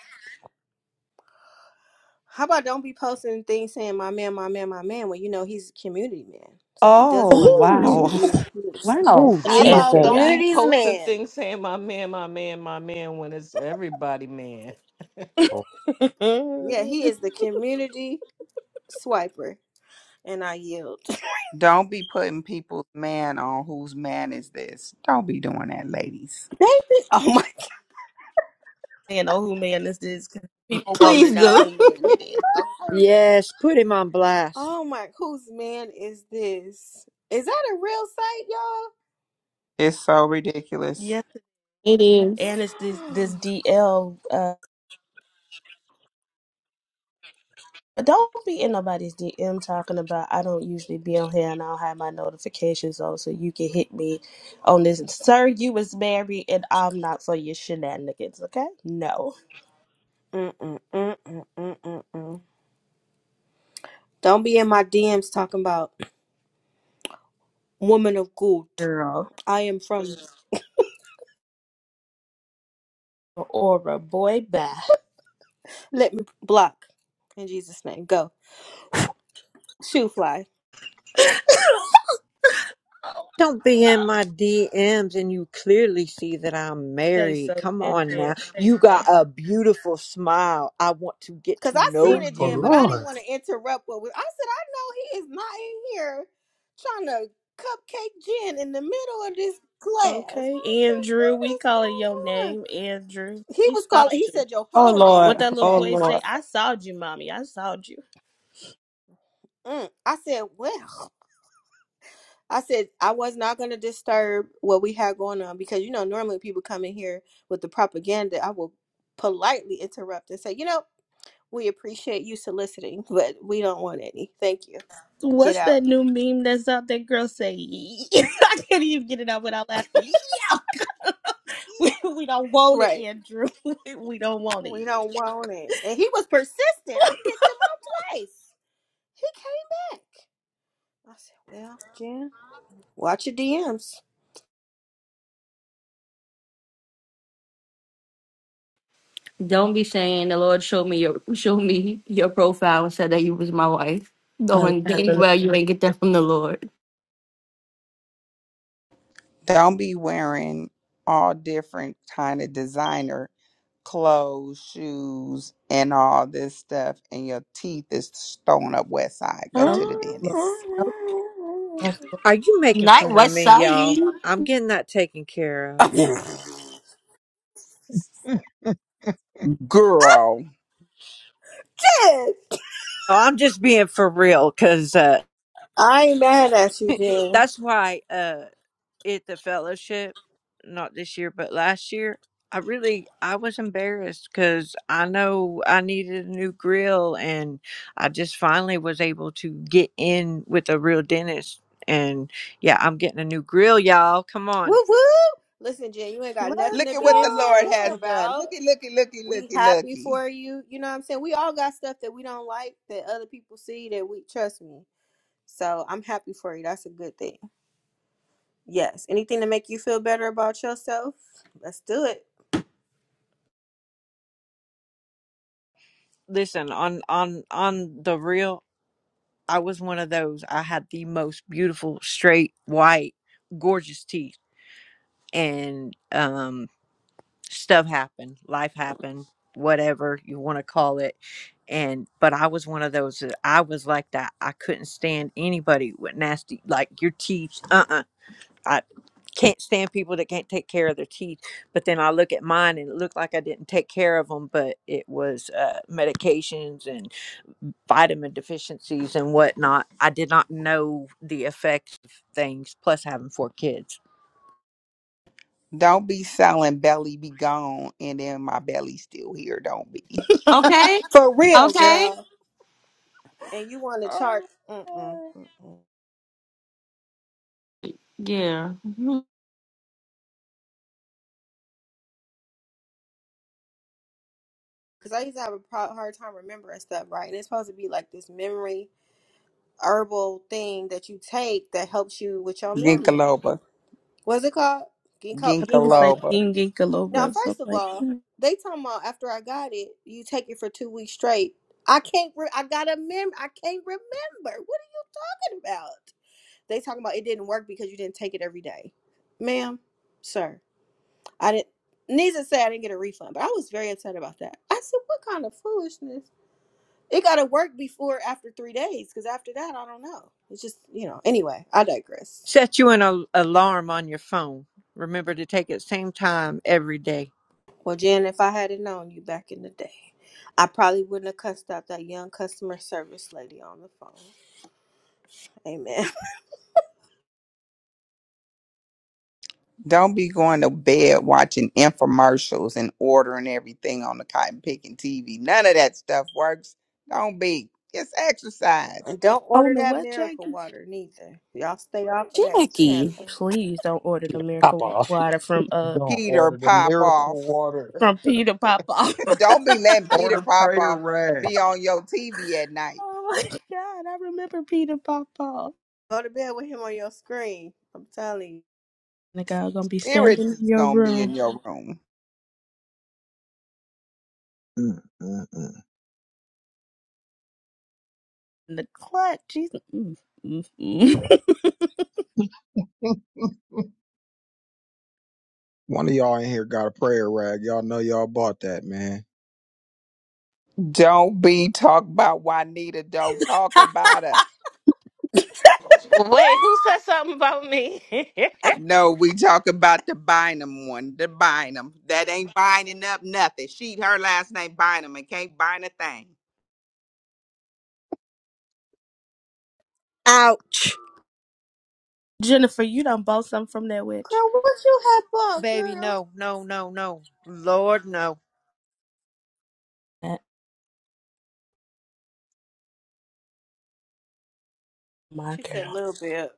[SPEAKER 1] How about don't be posting things saying my man, my man, my man when you know he's a community man. So he
[SPEAKER 6] ooh.
[SPEAKER 16] Oh,
[SPEAKER 1] doesn't belong to
[SPEAKER 6] Ooh.
[SPEAKER 16] wow.
[SPEAKER 1] you. He is,
[SPEAKER 16] Wow.
[SPEAKER 7] Ooh,
[SPEAKER 1] he
[SPEAKER 14] How
[SPEAKER 1] is the
[SPEAKER 7] Jesus.
[SPEAKER 14] about don't
[SPEAKER 6] Everybody.
[SPEAKER 14] be
[SPEAKER 1] community's
[SPEAKER 14] posting
[SPEAKER 1] man.
[SPEAKER 14] things saying my man, my man, my man when it's everybody man.
[SPEAKER 4] oh.
[SPEAKER 1] Yeah, he is the community swiper. And I yield.
[SPEAKER 5] Don't be putting people's man on whose man is this. Don't be doing that, ladies.
[SPEAKER 1] Baby. Oh my
[SPEAKER 6] You know who man this is because people want to
[SPEAKER 3] Please
[SPEAKER 6] know
[SPEAKER 1] god.
[SPEAKER 3] do.
[SPEAKER 6] who man it is.
[SPEAKER 7] Yes, put him on blast.
[SPEAKER 1] Oh my, whose man is this? Is that a real
[SPEAKER 5] It's so ridiculous.
[SPEAKER 6] Okay.
[SPEAKER 16] It is.
[SPEAKER 6] and it's this
[SPEAKER 1] site,
[SPEAKER 6] this
[SPEAKER 1] y'all?
[SPEAKER 6] DL. Uh, don't be in nobody's DM talking about. I don't usually be on here, and I don't have my notifications on, so you can hit me on this. Sir, you was married, and I'm not for your shenanigans. Okay, no,
[SPEAKER 1] Mm, mm, mm, mm, mm, mm, mm. Don't be in my DMs talking about woman of good.
[SPEAKER 6] girl,
[SPEAKER 1] I am from.
[SPEAKER 6] or a boy, bye.
[SPEAKER 1] Let me block in Jesus' name. Go shoe fly.
[SPEAKER 7] Don't be in my DMs and you clearly see that I'm
[SPEAKER 6] Say
[SPEAKER 7] married.
[SPEAKER 6] so,
[SPEAKER 7] Come
[SPEAKER 6] Jen
[SPEAKER 7] on
[SPEAKER 6] Jen.
[SPEAKER 7] now.
[SPEAKER 6] Say
[SPEAKER 7] You
[SPEAKER 6] so.
[SPEAKER 7] got a beautiful smile. I want to get
[SPEAKER 1] Cause
[SPEAKER 7] to
[SPEAKER 1] I seen
[SPEAKER 7] know
[SPEAKER 4] Yes,
[SPEAKER 1] it,
[SPEAKER 4] oh,
[SPEAKER 1] Jen, but I
[SPEAKER 7] you.
[SPEAKER 1] didn't
[SPEAKER 4] Lord.
[SPEAKER 1] want to interrupt what was. I said I know he is not in here trying to cupcake Jen in the middle of this class. I
[SPEAKER 6] Okay,
[SPEAKER 1] said,
[SPEAKER 6] Andrew,
[SPEAKER 1] what
[SPEAKER 6] we
[SPEAKER 1] is
[SPEAKER 6] calling your
[SPEAKER 1] going on?
[SPEAKER 6] name, Andrew.
[SPEAKER 1] he
[SPEAKER 6] We
[SPEAKER 1] was
[SPEAKER 6] saw
[SPEAKER 1] calling. He
[SPEAKER 6] you.
[SPEAKER 1] said your
[SPEAKER 16] Oh
[SPEAKER 1] whole name
[SPEAKER 16] Lord.
[SPEAKER 6] What
[SPEAKER 1] in the
[SPEAKER 6] that little
[SPEAKER 16] Oh
[SPEAKER 1] chat.
[SPEAKER 6] boy
[SPEAKER 1] I
[SPEAKER 6] say?
[SPEAKER 16] Lord.
[SPEAKER 6] I saw you, mommy. I saw you.
[SPEAKER 1] said, mm. I said, well, I said I was not going to disturb what we had going on because you know normally people come in here with the propaganda. I will politely interrupt and say, you know, we appreciate you soliciting, but we don't want any. Thank you. Get
[SPEAKER 6] What's
[SPEAKER 1] out.
[SPEAKER 6] that new meme that's out there? Girl say, I can't even get it out without laughing. Yeah,
[SPEAKER 1] Yeah.
[SPEAKER 6] we, we don't want it,
[SPEAKER 1] Right.
[SPEAKER 6] Andrew. We, we don't want
[SPEAKER 1] We
[SPEAKER 6] it.
[SPEAKER 1] don't want it. And he was persistent. I kicked him out twice. He came back. I said, well, Jen, watch your DMs.
[SPEAKER 3] Don't be saying the Lord showed me your show me your profile and said that you was my wife.
[SPEAKER 6] I
[SPEAKER 3] Knowing dang
[SPEAKER 6] love
[SPEAKER 3] well you
[SPEAKER 6] it.
[SPEAKER 3] ain't get that from the Lord.
[SPEAKER 5] Don't be wearing all different kind of designer clothes, shoes, and all this stuff, and your teeth is thrown up west side. Go
[SPEAKER 6] Help,
[SPEAKER 5] to the
[SPEAKER 6] Lord,
[SPEAKER 5] dentist.
[SPEAKER 6] help us.
[SPEAKER 7] Are you making
[SPEAKER 3] Not
[SPEAKER 7] fun of
[SPEAKER 3] West
[SPEAKER 7] me, y'all?
[SPEAKER 3] Side.
[SPEAKER 7] I'm getting that taken care of.
[SPEAKER 1] yes.
[SPEAKER 5] Girl.
[SPEAKER 7] Oh, I'm just being for real because uh,
[SPEAKER 1] I ain't mad at you, Jen.
[SPEAKER 7] that's why uh at the fellowship not this year but last year i really i was embarrassed because i know i needed a new grill and i just finally was able to get in with a real dentist and yeah i'm getting a new grill y'all come on
[SPEAKER 1] Woo woo. Listen, Jen, you ain't got
[SPEAKER 6] Let's
[SPEAKER 1] nothing to
[SPEAKER 5] Look at what
[SPEAKER 1] be
[SPEAKER 5] the Lord
[SPEAKER 1] embarrassed
[SPEAKER 6] go.
[SPEAKER 5] has done.
[SPEAKER 1] about.
[SPEAKER 5] Looky, looky, looky,
[SPEAKER 1] We
[SPEAKER 5] looky,
[SPEAKER 1] happy
[SPEAKER 5] looky.
[SPEAKER 1] for you. You know what I'm saying? We all got stuff that we don't like that other people see that we trust me. So I'm happy for you. That's a good thing. Yes. Anything to make you feel better about yourself? Let's do it.
[SPEAKER 7] listen on on on the real i was one of those i had the most beautiful straight white gorgeous teeth and um stuff happened life happened whatever you want to call it and but i was one of those that i was like that i couldn't stand anybody with nasty like your teeth uh-uh i can't stand people that can't take care of their teeth but then i look at mine and it looked like i didn't take care of them but it was uh, medications and vitamin deficiencies and whatnot i did not know the effects of things plus having four kids
[SPEAKER 5] Don't be selling belly be gone and then my belly still here. Don't be.
[SPEAKER 3] Okay.
[SPEAKER 1] For real,
[SPEAKER 3] Okay.
[SPEAKER 1] girl. And you want to charge.
[SPEAKER 6] Oh,
[SPEAKER 1] Mm-mm,
[SPEAKER 6] yeah.
[SPEAKER 1] mm-mm.
[SPEAKER 3] Yeah. Mhm.
[SPEAKER 1] because I used to have a pro- hard time remembering stuff, right? And it's supposed to be like this memory herbal thing that you take that helps you with your memory.
[SPEAKER 5] Ginkaloba.
[SPEAKER 1] What's it called? Ginkgo.
[SPEAKER 6] I think it's
[SPEAKER 1] Ginkgo.
[SPEAKER 6] like
[SPEAKER 5] Ginkaloba.
[SPEAKER 6] Gingy
[SPEAKER 1] Now,
[SPEAKER 6] Galoba. So I'm
[SPEAKER 1] first of
[SPEAKER 6] like,
[SPEAKER 1] all,
[SPEAKER 6] hmm.
[SPEAKER 1] they talking about after I got it, you take it for two weeks straight. I can't. Re- I got a mem. I can't remember. What are you talking about? They talking about it didn't work because you didn't take it every day, ma'am, sir. I didn't. Needs to say I didn't get a refund, but I was very upset about that. I said, "What kind of foolishness?" It got to work before after three days, because after that, I don't know. It's just, you know, anyway, I digress.
[SPEAKER 7] Set you an al- alarm on your phone. Remember to take it same time every day.
[SPEAKER 1] Well, Jan, if I hadn't known you back in the day, I probably wouldn't have cussed out that young customer service lady on the phone. Amen.
[SPEAKER 5] Don't be going to bed watching infomercials and ordering everything on the cotton picking TV. None of that stuff works. Don't be. It's exercise.
[SPEAKER 1] And don't
[SPEAKER 6] oh
[SPEAKER 1] order
[SPEAKER 6] no,
[SPEAKER 1] that
[SPEAKER 6] what,
[SPEAKER 1] miracle
[SPEAKER 6] Jackie?
[SPEAKER 1] water neither. Y'all stay off of that
[SPEAKER 16] Jackie.
[SPEAKER 1] channel.
[SPEAKER 6] Please don't order the
[SPEAKER 4] She'll pop
[SPEAKER 6] miracle wa-
[SPEAKER 4] off.
[SPEAKER 6] water from uh
[SPEAKER 15] Don't
[SPEAKER 5] Peter
[SPEAKER 15] order the
[SPEAKER 5] pop
[SPEAKER 15] miracle
[SPEAKER 5] off.
[SPEAKER 15] water.
[SPEAKER 6] from Peter Papa.
[SPEAKER 5] Don't be letting Peter
[SPEAKER 15] Order
[SPEAKER 5] pop
[SPEAKER 15] prayer
[SPEAKER 5] off
[SPEAKER 15] rag.
[SPEAKER 5] be on your TV at night.
[SPEAKER 6] oh my God, I remember Peter Papa.
[SPEAKER 1] Go to bed with him on your screen. I'm telling you.
[SPEAKER 6] The girl gonna be
[SPEAKER 5] Spirits
[SPEAKER 6] standing in
[SPEAKER 5] is
[SPEAKER 6] your
[SPEAKER 5] gonna be in
[SPEAKER 6] room.
[SPEAKER 5] your room.
[SPEAKER 15] Mm, mm, mm.
[SPEAKER 6] In the clutch. Jesus. Mm, mm, mm.
[SPEAKER 15] One of y'all in here got a prayer rag. Y'all know y'all bought that, man.
[SPEAKER 5] Don't be talk about Juanita. Don't talk about her.
[SPEAKER 14] Wait, who said something about me?
[SPEAKER 5] No, we talk about the Bynum one, the Bynum. That ain't binding up nothing. She, her last name Bynum, and can't bind a thing.
[SPEAKER 7] Ouch.
[SPEAKER 6] Jennifer, you done bought something from that witch.
[SPEAKER 1] Girl, what you have on,
[SPEAKER 7] Baby,
[SPEAKER 1] girl?
[SPEAKER 7] no, no, no, no. Lord, no.
[SPEAKER 6] That my
[SPEAKER 1] She said,
[SPEAKER 6] girl.
[SPEAKER 1] little bit.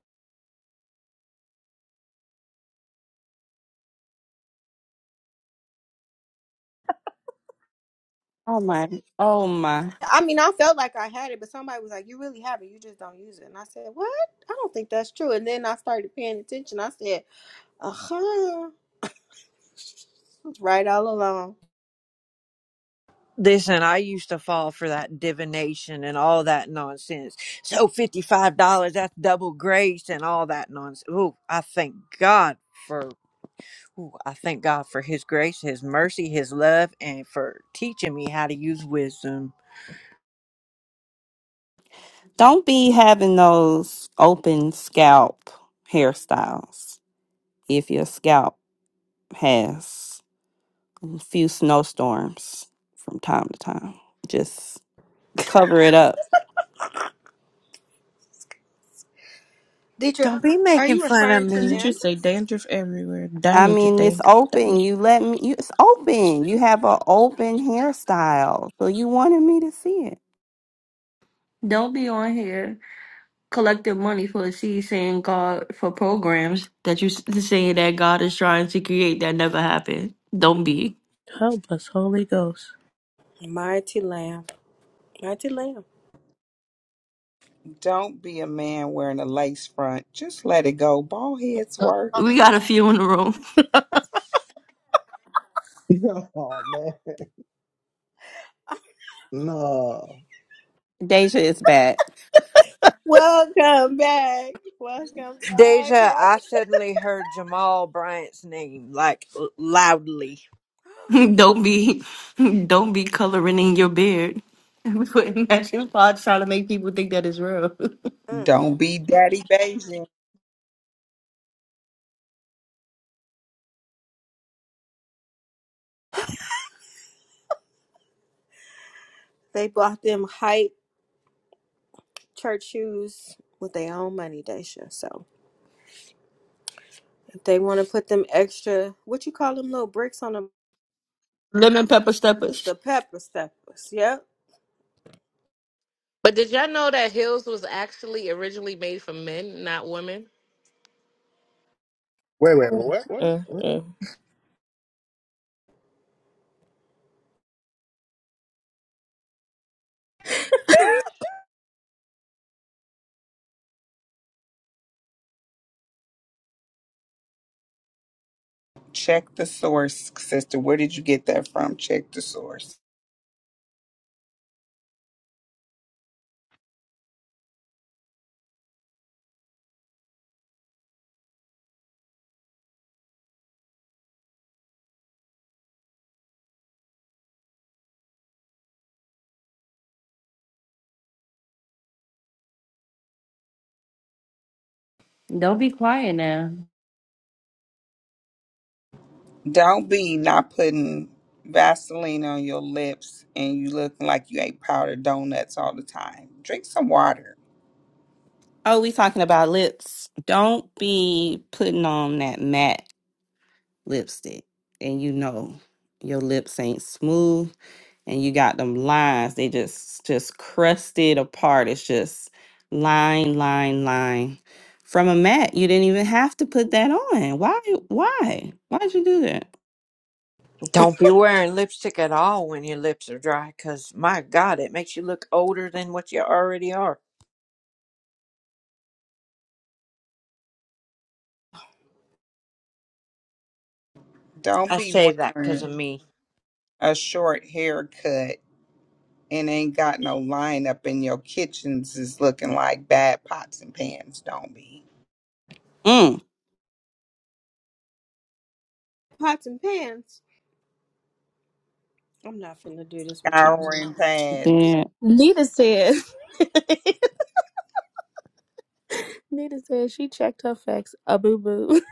[SPEAKER 16] Oh my. Oh my.
[SPEAKER 1] I mean, I felt like I had it, but somebody was like, "You really have it. You just don't use it." And I said, "What? I don't think that's true." And then I started paying attention. I said, "Uh huh, it's right all along."
[SPEAKER 7] Listen, I used to fall for that divination and all that nonsense. So $55, that's double grace and all that nonsense. Ooh, I thank God for ooh, I thank God for his grace, his mercy, his love, and for teaching me how to use wisdom.
[SPEAKER 16] Don't be having those open scalp hairstyles if your scalp has a few snowstorms from time to time. Just cover it up.
[SPEAKER 1] Did you?
[SPEAKER 7] Don't be
[SPEAKER 1] Are
[SPEAKER 7] making
[SPEAKER 1] you
[SPEAKER 7] fun of
[SPEAKER 1] referring to
[SPEAKER 6] Didn't
[SPEAKER 7] me.
[SPEAKER 6] you
[SPEAKER 1] dandruff?
[SPEAKER 6] say dandruff everywhere?
[SPEAKER 16] I
[SPEAKER 6] Danger,
[SPEAKER 16] mean, it's
[SPEAKER 6] dangerous,
[SPEAKER 16] open.
[SPEAKER 6] danger.
[SPEAKER 16] You let me. You, it's open. You have an open hairstyle, so you wanted me to see it.
[SPEAKER 3] Don't be on here collecting money for a seed saying God for programs that you s- saying that God is trying to create that never happened. Don't be.
[SPEAKER 6] Help us, Holy Ghost.
[SPEAKER 1] Mighty Lamb. Mighty Lamb.
[SPEAKER 5] Don't be a man wearing a lace front. Just let it go. Ball heads work.
[SPEAKER 3] We got a few in the room.
[SPEAKER 15] oh man. No.
[SPEAKER 16] Deja is back.
[SPEAKER 1] Welcome back. Welcome back.
[SPEAKER 7] Deja,
[SPEAKER 1] Welcome.
[SPEAKER 7] I suddenly heard Jamal Bryant's name, like l- loudly.
[SPEAKER 3] don't be. Don't be coloring in your beard. and Putting matching pots trying to make people think that is real.
[SPEAKER 1] Mm.
[SPEAKER 5] Don't be daddy Beijing.
[SPEAKER 1] They bought them hype church shoes with their own money, Daisha. So if they want to put them extra, what you call them little bricks on the
[SPEAKER 3] Lemon pepper steppers.
[SPEAKER 1] the pepper steppers? Yep.
[SPEAKER 14] But did y'all know that heels was actually originally made for men, not women?
[SPEAKER 4] Wait, wait, wait,
[SPEAKER 6] Mm,
[SPEAKER 4] what, what? what?
[SPEAKER 6] mm, mm.
[SPEAKER 5] Check the source, sister. Where did you get that from? Check the source.
[SPEAKER 3] Don't be quiet now.
[SPEAKER 5] Don't be not putting Vaseline on your lips and you looking like you ate powdered donuts all the time. Drink some water.
[SPEAKER 16] Oh, we talking about lips. Don't be putting on that matte lipstick and you know your lips ain't smooth and you got them lines. They just just crusted apart. It's just line, line, line. From a matte, you didn't even have to put that on. Why why? Why'd you do that?
[SPEAKER 7] Don't be wearing lipstick at all when your lips are dry, 'cause my God, it makes you look older than what you already are.
[SPEAKER 5] Don't
[SPEAKER 7] I
[SPEAKER 5] be
[SPEAKER 7] say that
[SPEAKER 5] wearing.
[SPEAKER 7] 'cause of me.
[SPEAKER 5] a short haircut and ain't got no line up in your kitchens is looking like bad pots and pans. Don't be
[SPEAKER 16] Mm.
[SPEAKER 1] Pots and pans. I'm not finna do this with y'all tonight.
[SPEAKER 5] scouring pads.
[SPEAKER 16] Then
[SPEAKER 6] Nita said. Nita said she checked her facts. A boo boo.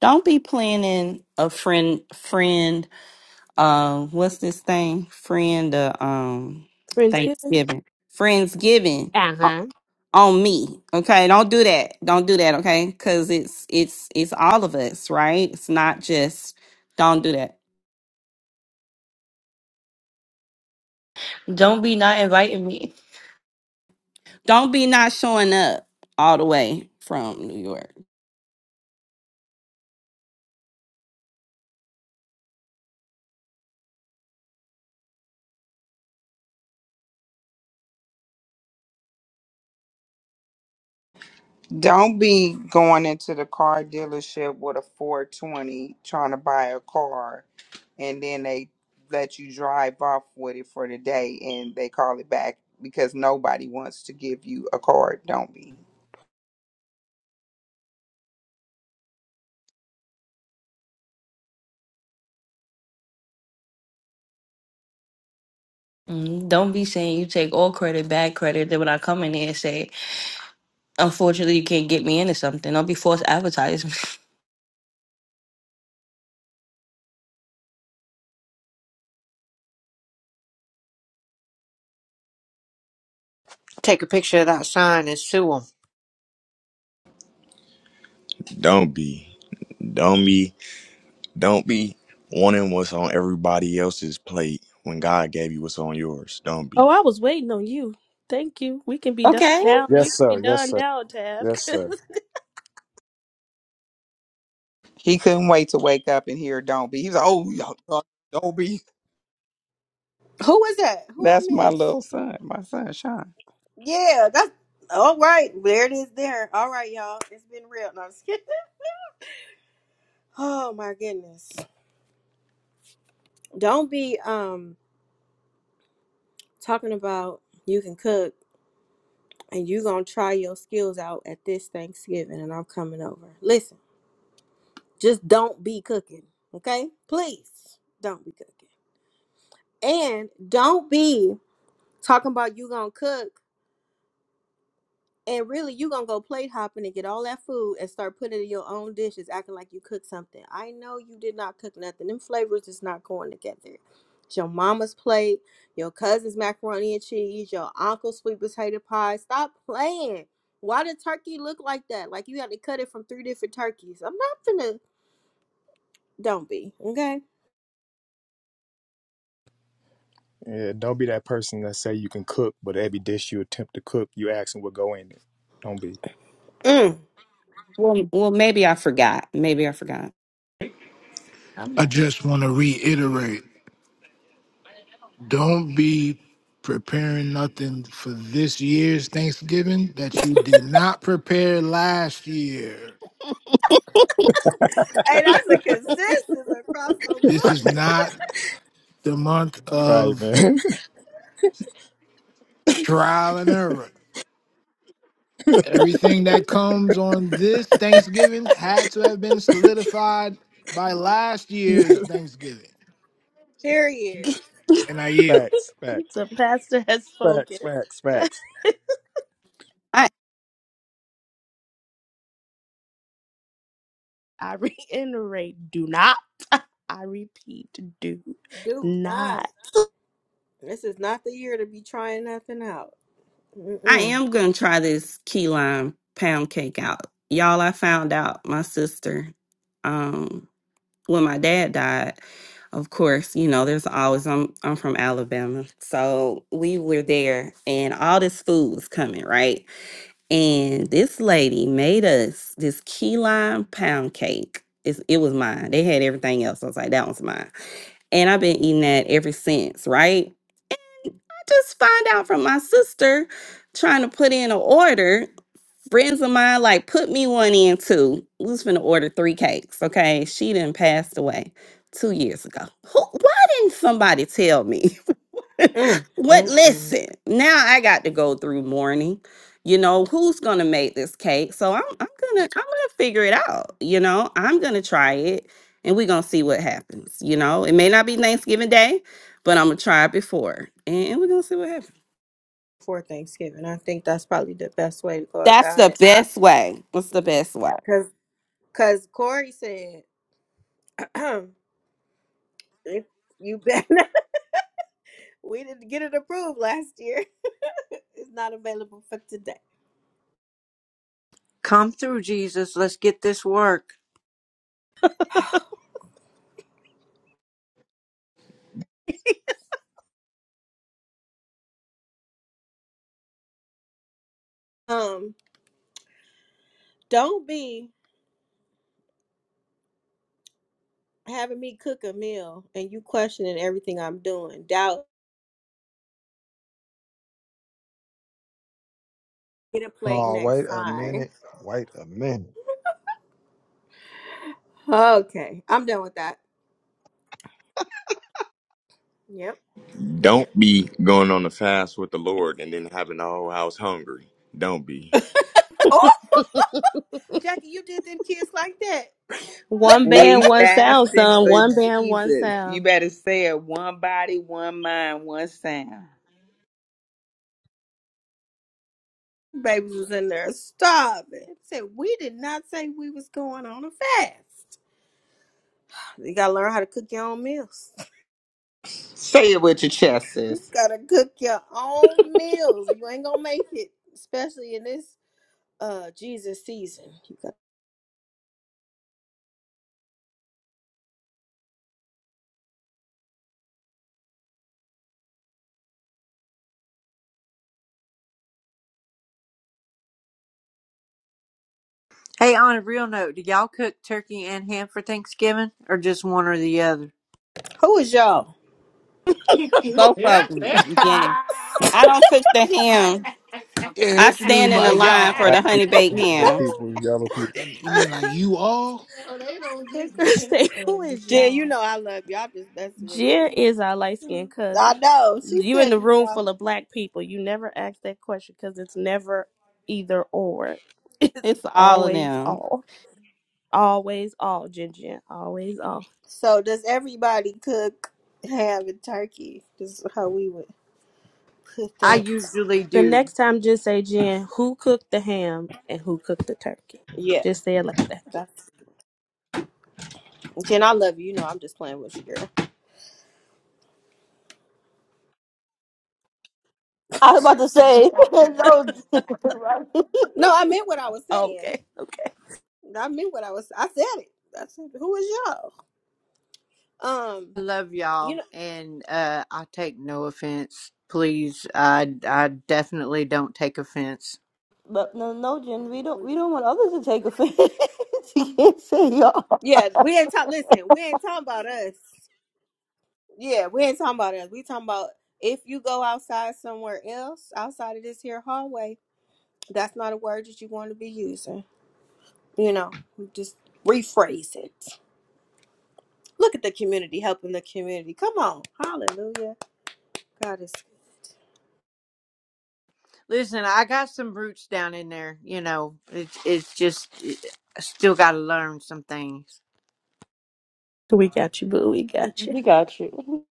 [SPEAKER 16] don't be planning a friend friend um what's this thing friend uh, um
[SPEAKER 6] Friendsgiving.
[SPEAKER 16] thanksgiving friendsgiving
[SPEAKER 6] Uh
[SPEAKER 16] o-
[SPEAKER 6] huh.
[SPEAKER 16] on me okay don't do that don't do that okay because it's it's it's all of us right it's not just don't do that
[SPEAKER 3] Don't be not inviting me.
[SPEAKER 16] don't be not showing up all the way from new york
[SPEAKER 5] Don't be going into the car dealership with a 420 trying to buy a car and then they let you drive off with it for the day and they call it back because nobody wants to give you a car. Don't be.
[SPEAKER 3] Mm, Don't be saying you take all credit, bad credit. Then when I come in here and say Unfortunately, you can't get me into something. I'll be forced advertisement.
[SPEAKER 7] Take a picture, sign, and sue 'em.
[SPEAKER 5] Don't be. Don't be. Don't be wanting what's on everybody else's plate when God gave you what's on yours. Don't
[SPEAKER 6] Oh,
[SPEAKER 5] be.
[SPEAKER 6] I was waiting on you. Thank you. We can be done
[SPEAKER 3] okay.
[SPEAKER 6] now. We
[SPEAKER 4] Yes,
[SPEAKER 6] can be
[SPEAKER 4] sir. Yes,
[SPEAKER 6] done
[SPEAKER 4] sir.
[SPEAKER 6] now, Tab.
[SPEAKER 4] Yes, sir.
[SPEAKER 5] He couldn't wait to wake up and hear Don't Be. He's like, oh, y'all, y'all, Don't Be.
[SPEAKER 1] Who is that? Who I
[SPEAKER 5] That's my
[SPEAKER 1] miss?
[SPEAKER 5] little son, my son, Sean.
[SPEAKER 1] Yeah, that's all right. There it is. There. All right, y'all. It's been real. No, I'm just kidding. Oh my goodness. Don't be um talking about you can cook and you gonna try your skills out at this Thanksgiving and I'm coming over. Listen, just don't be cooking, okay? Please don't be cooking, and don't be talking about you gonna cook And really, you gonna go plate hopping and get all that food and start putting it in your own dishes, acting like you cooked something. I know you did not cook nothing. Them flavors is not going together. It's your mama's plate, your cousin's macaroni and cheese, your uncle's sweet potato pie. Stop playing. Why did turkey look like that? Like you had to cut it from three different turkeys. I'm not finna. Don't be okay.
[SPEAKER 4] Yeah, don't be that person that say you can cook, but every dish you attempt to cook, you asking what go in it. Don't be.
[SPEAKER 1] Mm.
[SPEAKER 16] well, well maybe i forgot maybe i forgot
[SPEAKER 13] i just want to reiterate don't be preparing nothing for this year's Thanksgiving that you did not prepare last year.
[SPEAKER 1] Hey, that's a consensus across the
[SPEAKER 13] This
[SPEAKER 1] board.
[SPEAKER 13] is not the month
[SPEAKER 4] Right,
[SPEAKER 13] of
[SPEAKER 4] man.
[SPEAKER 13] trial and error. Everything that comes on this Thanksgiving had to have been solidified by last year's Thanksgiving.
[SPEAKER 1] Period.
[SPEAKER 13] And I yield.
[SPEAKER 4] facts, facts,
[SPEAKER 6] The pastor has
[SPEAKER 4] facts,
[SPEAKER 6] spoken.
[SPEAKER 4] facts, facts.
[SPEAKER 16] i
[SPEAKER 6] I reiterate, do not. I repeat, do
[SPEAKER 1] Do not.
[SPEAKER 6] not.
[SPEAKER 1] This is not the year to be trying nothing out.
[SPEAKER 16] i
[SPEAKER 1] Mm-mm.
[SPEAKER 16] am gonna try this key lime pound cake out y'all i found out my sister um. when my dad died, of course, you know, there's always I'm I'm from Alabama. So we were there and all this food was coming, right? And this lady made us this key lime pound cake. It's, it was mine. They had everything else. I was like, that one's mine. And I've been eating that ever since, right? I just find out from my sister trying to put in an order friends of mine like put me one in too. We was finna order three cakes. Okay, she didn't passed away two years ago. Who, why didn't somebody tell me?
[SPEAKER 1] Mm,
[SPEAKER 16] what?
[SPEAKER 1] mm, mm.
[SPEAKER 16] Listen, now I got to go through mourning. You know who's gonna make this cake? So I'm I'm gonna I'm gonna figure it out. You know I'm gonna try it, and we're gonna see what happens. You know it may not be Thanksgiving Day, but I'm gonna try it before, and, and we're gonna see what happens.
[SPEAKER 1] Before Thanksgiving, I think that's probably the best way to go
[SPEAKER 16] That's
[SPEAKER 1] about
[SPEAKER 16] the
[SPEAKER 1] it.
[SPEAKER 16] best way. What's the best way?
[SPEAKER 1] Because because Corey said, if you better, we didn't get it approved last year. It's not available for today.
[SPEAKER 7] Come through, Jesus. Let's get this work.
[SPEAKER 1] um, don't be having me cook a meal and you questioning everything I'm doing. Doubt get a plate
[SPEAKER 15] Oh, wait
[SPEAKER 1] next
[SPEAKER 15] a
[SPEAKER 1] time.
[SPEAKER 15] minute. Wait a minute.
[SPEAKER 1] Okay, I'm done with that. Yep.
[SPEAKER 5] Don't be going on a fast with the Lord and then having the whole house hungry. Don't be.
[SPEAKER 1] Oh, Jackie, you did them kids like that.
[SPEAKER 6] One band,
[SPEAKER 5] We
[SPEAKER 6] one sound,
[SPEAKER 5] fasting
[SPEAKER 6] son.
[SPEAKER 5] for
[SPEAKER 6] One band, one
[SPEAKER 5] Jesus. You
[SPEAKER 6] sound.
[SPEAKER 5] better say it one body, one mind, one sound.
[SPEAKER 1] Babies was in there starving. Said we did not say we was going on a fast. You gotta learn how to cook your own meals.
[SPEAKER 5] Say it with your chest, sis.
[SPEAKER 1] gotta cook your own meals. You ain't gonna make it, especially in this uh Jesus season. You got-
[SPEAKER 7] Hey, on a real note, do y'all cook turkey and ham for Thanksgiving, or just one or the other?
[SPEAKER 1] Who is y'all?
[SPEAKER 16] Both
[SPEAKER 13] Yeah,
[SPEAKER 16] of them.
[SPEAKER 13] yeah.
[SPEAKER 16] Yeah. I don't cook the ham.
[SPEAKER 13] yeah,
[SPEAKER 16] I
[SPEAKER 13] what you mean
[SPEAKER 16] stand in
[SPEAKER 13] by
[SPEAKER 16] the line
[SPEAKER 13] y'all?
[SPEAKER 16] for
[SPEAKER 4] Black
[SPEAKER 16] the honey
[SPEAKER 4] people,
[SPEAKER 16] baked
[SPEAKER 4] white
[SPEAKER 16] ham.
[SPEAKER 4] people, yellow people.
[SPEAKER 13] That- You mean like you all?
[SPEAKER 6] That girl say, who is
[SPEAKER 1] Jen, you
[SPEAKER 6] y'all?
[SPEAKER 1] know I love you. I'm just messing with
[SPEAKER 6] Jer
[SPEAKER 1] you.
[SPEAKER 6] is our light skinned cousin.
[SPEAKER 1] I know. She
[SPEAKER 6] You in
[SPEAKER 1] said
[SPEAKER 6] the
[SPEAKER 1] to
[SPEAKER 6] room
[SPEAKER 1] y'all.
[SPEAKER 6] full of black people. You never ask that question because it's never either or. It's
[SPEAKER 16] It's all of
[SPEAKER 6] always
[SPEAKER 16] them.
[SPEAKER 6] all. Always all, Ginger. Always all.
[SPEAKER 1] So does everybody cook ham and turkey? This is how we would put
[SPEAKER 7] I
[SPEAKER 1] that.
[SPEAKER 7] usually
[SPEAKER 6] The
[SPEAKER 7] do.
[SPEAKER 6] next time, just say, Jen, who cooked the ham and who cooked the turkey?
[SPEAKER 1] Yeah,
[SPEAKER 6] Just say it like that.
[SPEAKER 1] that's Jen. I love you. You know I'm just playing with you, girl.
[SPEAKER 3] I was about to say no, right?
[SPEAKER 1] No, I meant what I was saying.
[SPEAKER 6] Okay, okay.
[SPEAKER 1] I meant what I was. I said it. I said, "Who is y'all?" Um,
[SPEAKER 7] I love
[SPEAKER 1] you
[SPEAKER 7] y'all, and uh, I take no offense. Please, I I definitely don't take offense.
[SPEAKER 3] but no, no, Jen, we don't,
[SPEAKER 1] know,
[SPEAKER 3] we don't want others to take offense. you can't say y'all.
[SPEAKER 1] yeah, we ain't talk. Listen, we ain't talking about us. Yeah, we ain't talking about us. We talking about if you go outside somewhere else, outside of this here hallway, that's not a word that you want to be using. You know, just rephrase it. Look at the community helping the community. Come on, hallelujah. God is
[SPEAKER 7] Listen, I got some roots down in there. You know, it's it's just eh, I still got to learn some things.
[SPEAKER 6] We got you, boo. We got you.
[SPEAKER 3] We got you.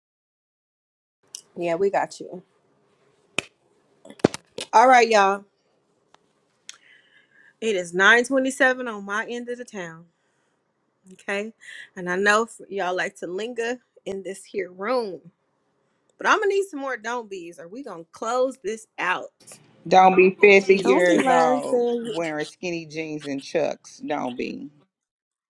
[SPEAKER 1] yeah, we got you. All right, y'all. It is 927 on my end of the town. Okay. And I know f- y'all like to linger in this here room, but I'm going to need some more don't be's or we going to close this out
[SPEAKER 5] Don't be
[SPEAKER 1] in
[SPEAKER 5] 50
[SPEAKER 6] Don't
[SPEAKER 1] Jesus'
[SPEAKER 6] be
[SPEAKER 1] name.
[SPEAKER 5] years
[SPEAKER 6] lying,
[SPEAKER 5] old
[SPEAKER 6] saying,
[SPEAKER 5] wearing skinny jeans and chucks. Don't be.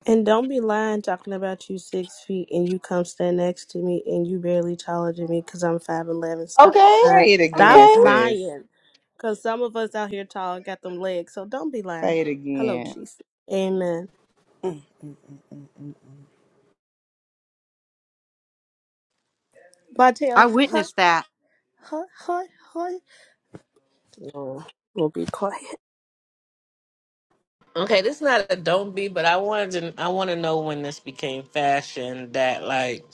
[SPEAKER 6] and don't be lying talking about you six feet and you come stand next to me and you barely taller than me because I'm 5'11. Stop
[SPEAKER 3] Okay,
[SPEAKER 6] lying.
[SPEAKER 5] Say it again,
[SPEAKER 6] Stop
[SPEAKER 3] okay.
[SPEAKER 5] sis.
[SPEAKER 6] lying. Because some of us out here tall got them legs. So don't be lying.
[SPEAKER 5] Say it
[SPEAKER 6] Hello,
[SPEAKER 5] again.
[SPEAKER 6] Jesus. Amen.
[SPEAKER 1] Mm, mm, mm, mm, mm.
[SPEAKER 6] My
[SPEAKER 7] I
[SPEAKER 6] tail, huh,
[SPEAKER 7] witnessed that.
[SPEAKER 6] huh, huh, huh. Oh, we'll be quiet.
[SPEAKER 14] Okay, this is not a don't be, but I wanted to, I want to know when this became fashion that like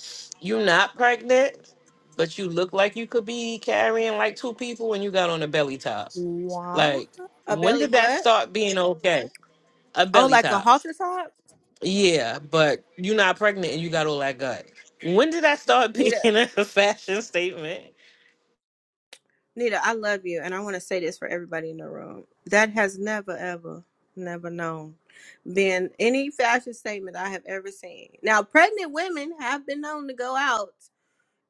[SPEAKER 14] you're not pregnant, but you look like you could be carrying like two people when you got on a belly top.
[SPEAKER 6] Why?
[SPEAKER 14] Like,
[SPEAKER 1] A
[SPEAKER 14] when
[SPEAKER 1] belly
[SPEAKER 14] did that
[SPEAKER 1] what?
[SPEAKER 14] start being okay? A
[SPEAKER 1] Oh,
[SPEAKER 14] belly
[SPEAKER 1] like a
[SPEAKER 14] top.
[SPEAKER 1] halter top?
[SPEAKER 14] Yeah, but you're not pregnant and you got all that gut. When did that start
[SPEAKER 1] Nita,
[SPEAKER 14] being a fashion statement?
[SPEAKER 1] Nita, I love you. And I want to say this for everybody in the room. That has never, ever, never known been any fashion statement I have ever seen. Now, pregnant women have been known to go out.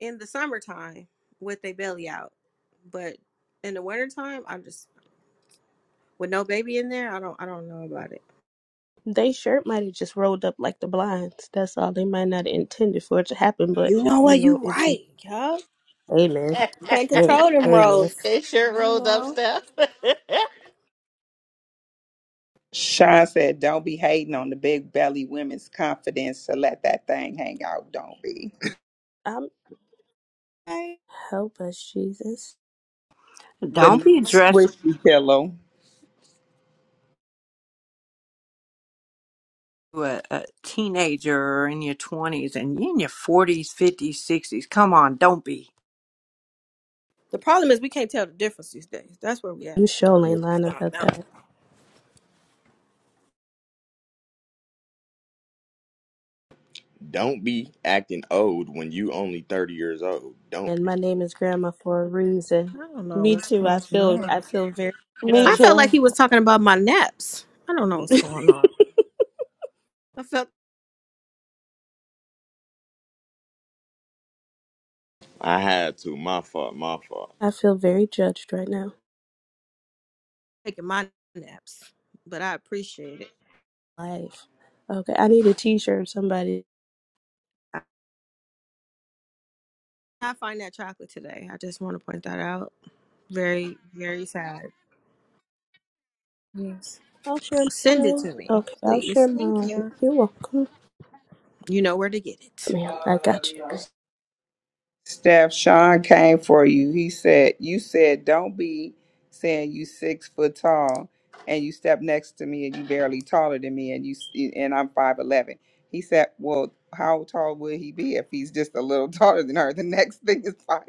[SPEAKER 1] in the summertime with a belly out. But in the wintertime, I am just with no baby in there, I don't I don't know about it.
[SPEAKER 6] They shirt might have just rolled up like the blinds. That's all. They might not have intended for it to happen, but
[SPEAKER 1] You know
[SPEAKER 6] you
[SPEAKER 1] what?
[SPEAKER 6] know,
[SPEAKER 1] You
[SPEAKER 6] it just.
[SPEAKER 1] right, yeah.
[SPEAKER 6] Amen.
[SPEAKER 1] Can't
[SPEAKER 6] Hey,
[SPEAKER 1] control them
[SPEAKER 6] amen.
[SPEAKER 1] roles.
[SPEAKER 14] they
[SPEAKER 1] I
[SPEAKER 14] sure
[SPEAKER 1] don't
[SPEAKER 14] rolled up
[SPEAKER 1] know.
[SPEAKER 14] stuff.
[SPEAKER 5] Sean said, Don't be hating on the big belly women's confidence to let that thing hang out. Don't be.
[SPEAKER 6] I'm
[SPEAKER 1] Hey.
[SPEAKER 6] help us, Jesus.
[SPEAKER 5] The
[SPEAKER 7] Don't
[SPEAKER 5] new
[SPEAKER 7] be dressed
[SPEAKER 5] squishy pillow.
[SPEAKER 7] to a, a teenager or in your twenties and you in your forties, fifties, sixties. Come on, don't be.
[SPEAKER 1] The problem is we can't tell the difference these days. That's where we at.
[SPEAKER 6] You sure
[SPEAKER 4] Yeah.
[SPEAKER 6] ain't lying
[SPEAKER 1] I don't
[SPEAKER 6] about
[SPEAKER 1] know.
[SPEAKER 6] that.
[SPEAKER 5] Don't be acting old when you only 30 years old. Don't
[SPEAKER 6] And my
[SPEAKER 5] be.
[SPEAKER 6] name is Grandma for a reason.
[SPEAKER 1] I don't know
[SPEAKER 6] Me
[SPEAKER 1] what's
[SPEAKER 6] too. I
[SPEAKER 1] going
[SPEAKER 6] feel. I
[SPEAKER 1] on.
[SPEAKER 6] feel very
[SPEAKER 3] Me
[SPEAKER 1] I felt
[SPEAKER 6] judged.
[SPEAKER 1] like
[SPEAKER 3] too.
[SPEAKER 1] he was talking about my naps. I don't know what's going on. I felt
[SPEAKER 5] I had to. My fault. My fault.
[SPEAKER 6] I feel very judged right now.
[SPEAKER 1] taking my naps, but I appreciate it.
[SPEAKER 6] Life. Okay, I need a T-shirt. Somebody.
[SPEAKER 1] I I find that chocolate today. I just want to point that out. Very, very sad. Yes.
[SPEAKER 6] I'll share
[SPEAKER 1] Send it
[SPEAKER 6] mine.
[SPEAKER 1] to me,
[SPEAKER 6] Okay, I'll
[SPEAKER 1] please.
[SPEAKER 6] share
[SPEAKER 1] Thank
[SPEAKER 6] mine.
[SPEAKER 1] you.
[SPEAKER 6] You're welcome.
[SPEAKER 1] You know where to get
[SPEAKER 6] Yes,
[SPEAKER 1] it.
[SPEAKER 6] Ma'am, I got you.
[SPEAKER 5] Steph, Sean came for you. He said, You said, don't be saying you six foot tall and you step next to me and you barely taller than me and you s- and I'm 5'11. He said, Well, how tall would he be if he's just a little taller than her? The next thing is five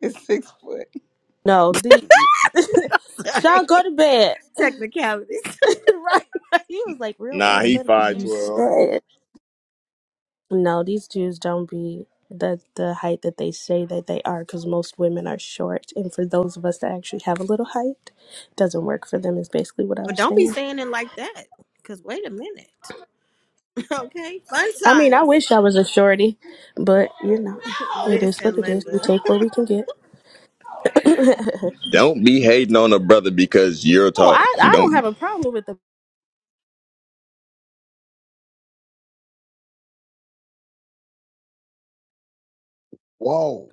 [SPEAKER 5] is six foot.
[SPEAKER 6] No, the Sean, go
[SPEAKER 1] Sorry.
[SPEAKER 6] to bed.
[SPEAKER 1] Technicalities.
[SPEAKER 6] right, right. He was like real
[SPEAKER 5] Nah, he
[SPEAKER 6] analytical.
[SPEAKER 5] five
[SPEAKER 6] You
[SPEAKER 5] twelve.
[SPEAKER 6] said no. These Jews don't be the the height that they say that they are, because most women are short, and for those of us that actually have a little height, it doesn't work for them. Is basically what
[SPEAKER 1] But
[SPEAKER 6] I'm
[SPEAKER 1] don't be
[SPEAKER 6] saying.
[SPEAKER 1] saying it like that. Because wait a minute. Okay. Fun
[SPEAKER 6] I mean, I
[SPEAKER 1] size.
[SPEAKER 6] wish I was a shorty, but you know, it is what
[SPEAKER 1] Listen,
[SPEAKER 6] it is. We
[SPEAKER 1] Linda.
[SPEAKER 6] take what we can get. oh,
[SPEAKER 5] Don't be hating on a brother because you're tall.
[SPEAKER 6] I I
[SPEAKER 5] Don't
[SPEAKER 6] don't
[SPEAKER 5] be.
[SPEAKER 6] have a problem with the
[SPEAKER 15] Whoa.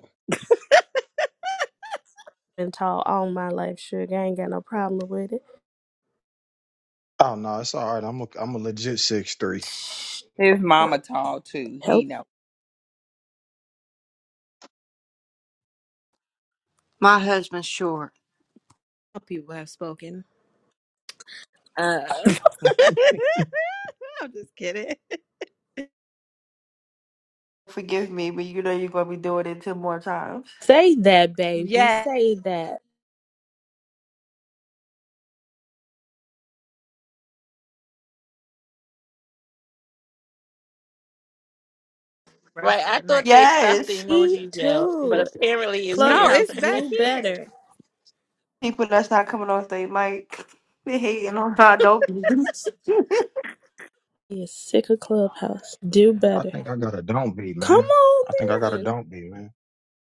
[SPEAKER 6] being tall all my life. Sugar, I ain't got no problem with it.
[SPEAKER 15] Oh no, it's all right. I'm a I'm a legit six three.
[SPEAKER 5] His mama tall too.
[SPEAKER 6] Help.
[SPEAKER 5] He know.
[SPEAKER 7] My husband's short.
[SPEAKER 1] Hope you have spoken. Uh, I'm just kidding.
[SPEAKER 3] Forgive me, but you know you're gonna be doing it two more times.
[SPEAKER 6] Say that, baby.
[SPEAKER 1] Yeah.
[SPEAKER 6] Say that.
[SPEAKER 1] Rest
[SPEAKER 14] Right,
[SPEAKER 1] of
[SPEAKER 14] I
[SPEAKER 1] the
[SPEAKER 14] thought
[SPEAKER 1] night.
[SPEAKER 14] they stopped the
[SPEAKER 3] Yes,
[SPEAKER 6] Me
[SPEAKER 14] emoji jail,
[SPEAKER 6] too.
[SPEAKER 14] but apparently it's
[SPEAKER 1] No,
[SPEAKER 14] here.
[SPEAKER 6] Clubhouse,
[SPEAKER 1] it's back
[SPEAKER 6] do better.
[SPEAKER 1] here.
[SPEAKER 3] people that's not coming off their mic, they hating on how I don't.
[SPEAKER 6] He is sick of Clubhouse. Do
[SPEAKER 15] I
[SPEAKER 6] better.
[SPEAKER 15] think I got a don't be,
[SPEAKER 6] Come
[SPEAKER 15] man.
[SPEAKER 6] on,
[SPEAKER 15] I think I got a
[SPEAKER 6] then.
[SPEAKER 15] don't be, man.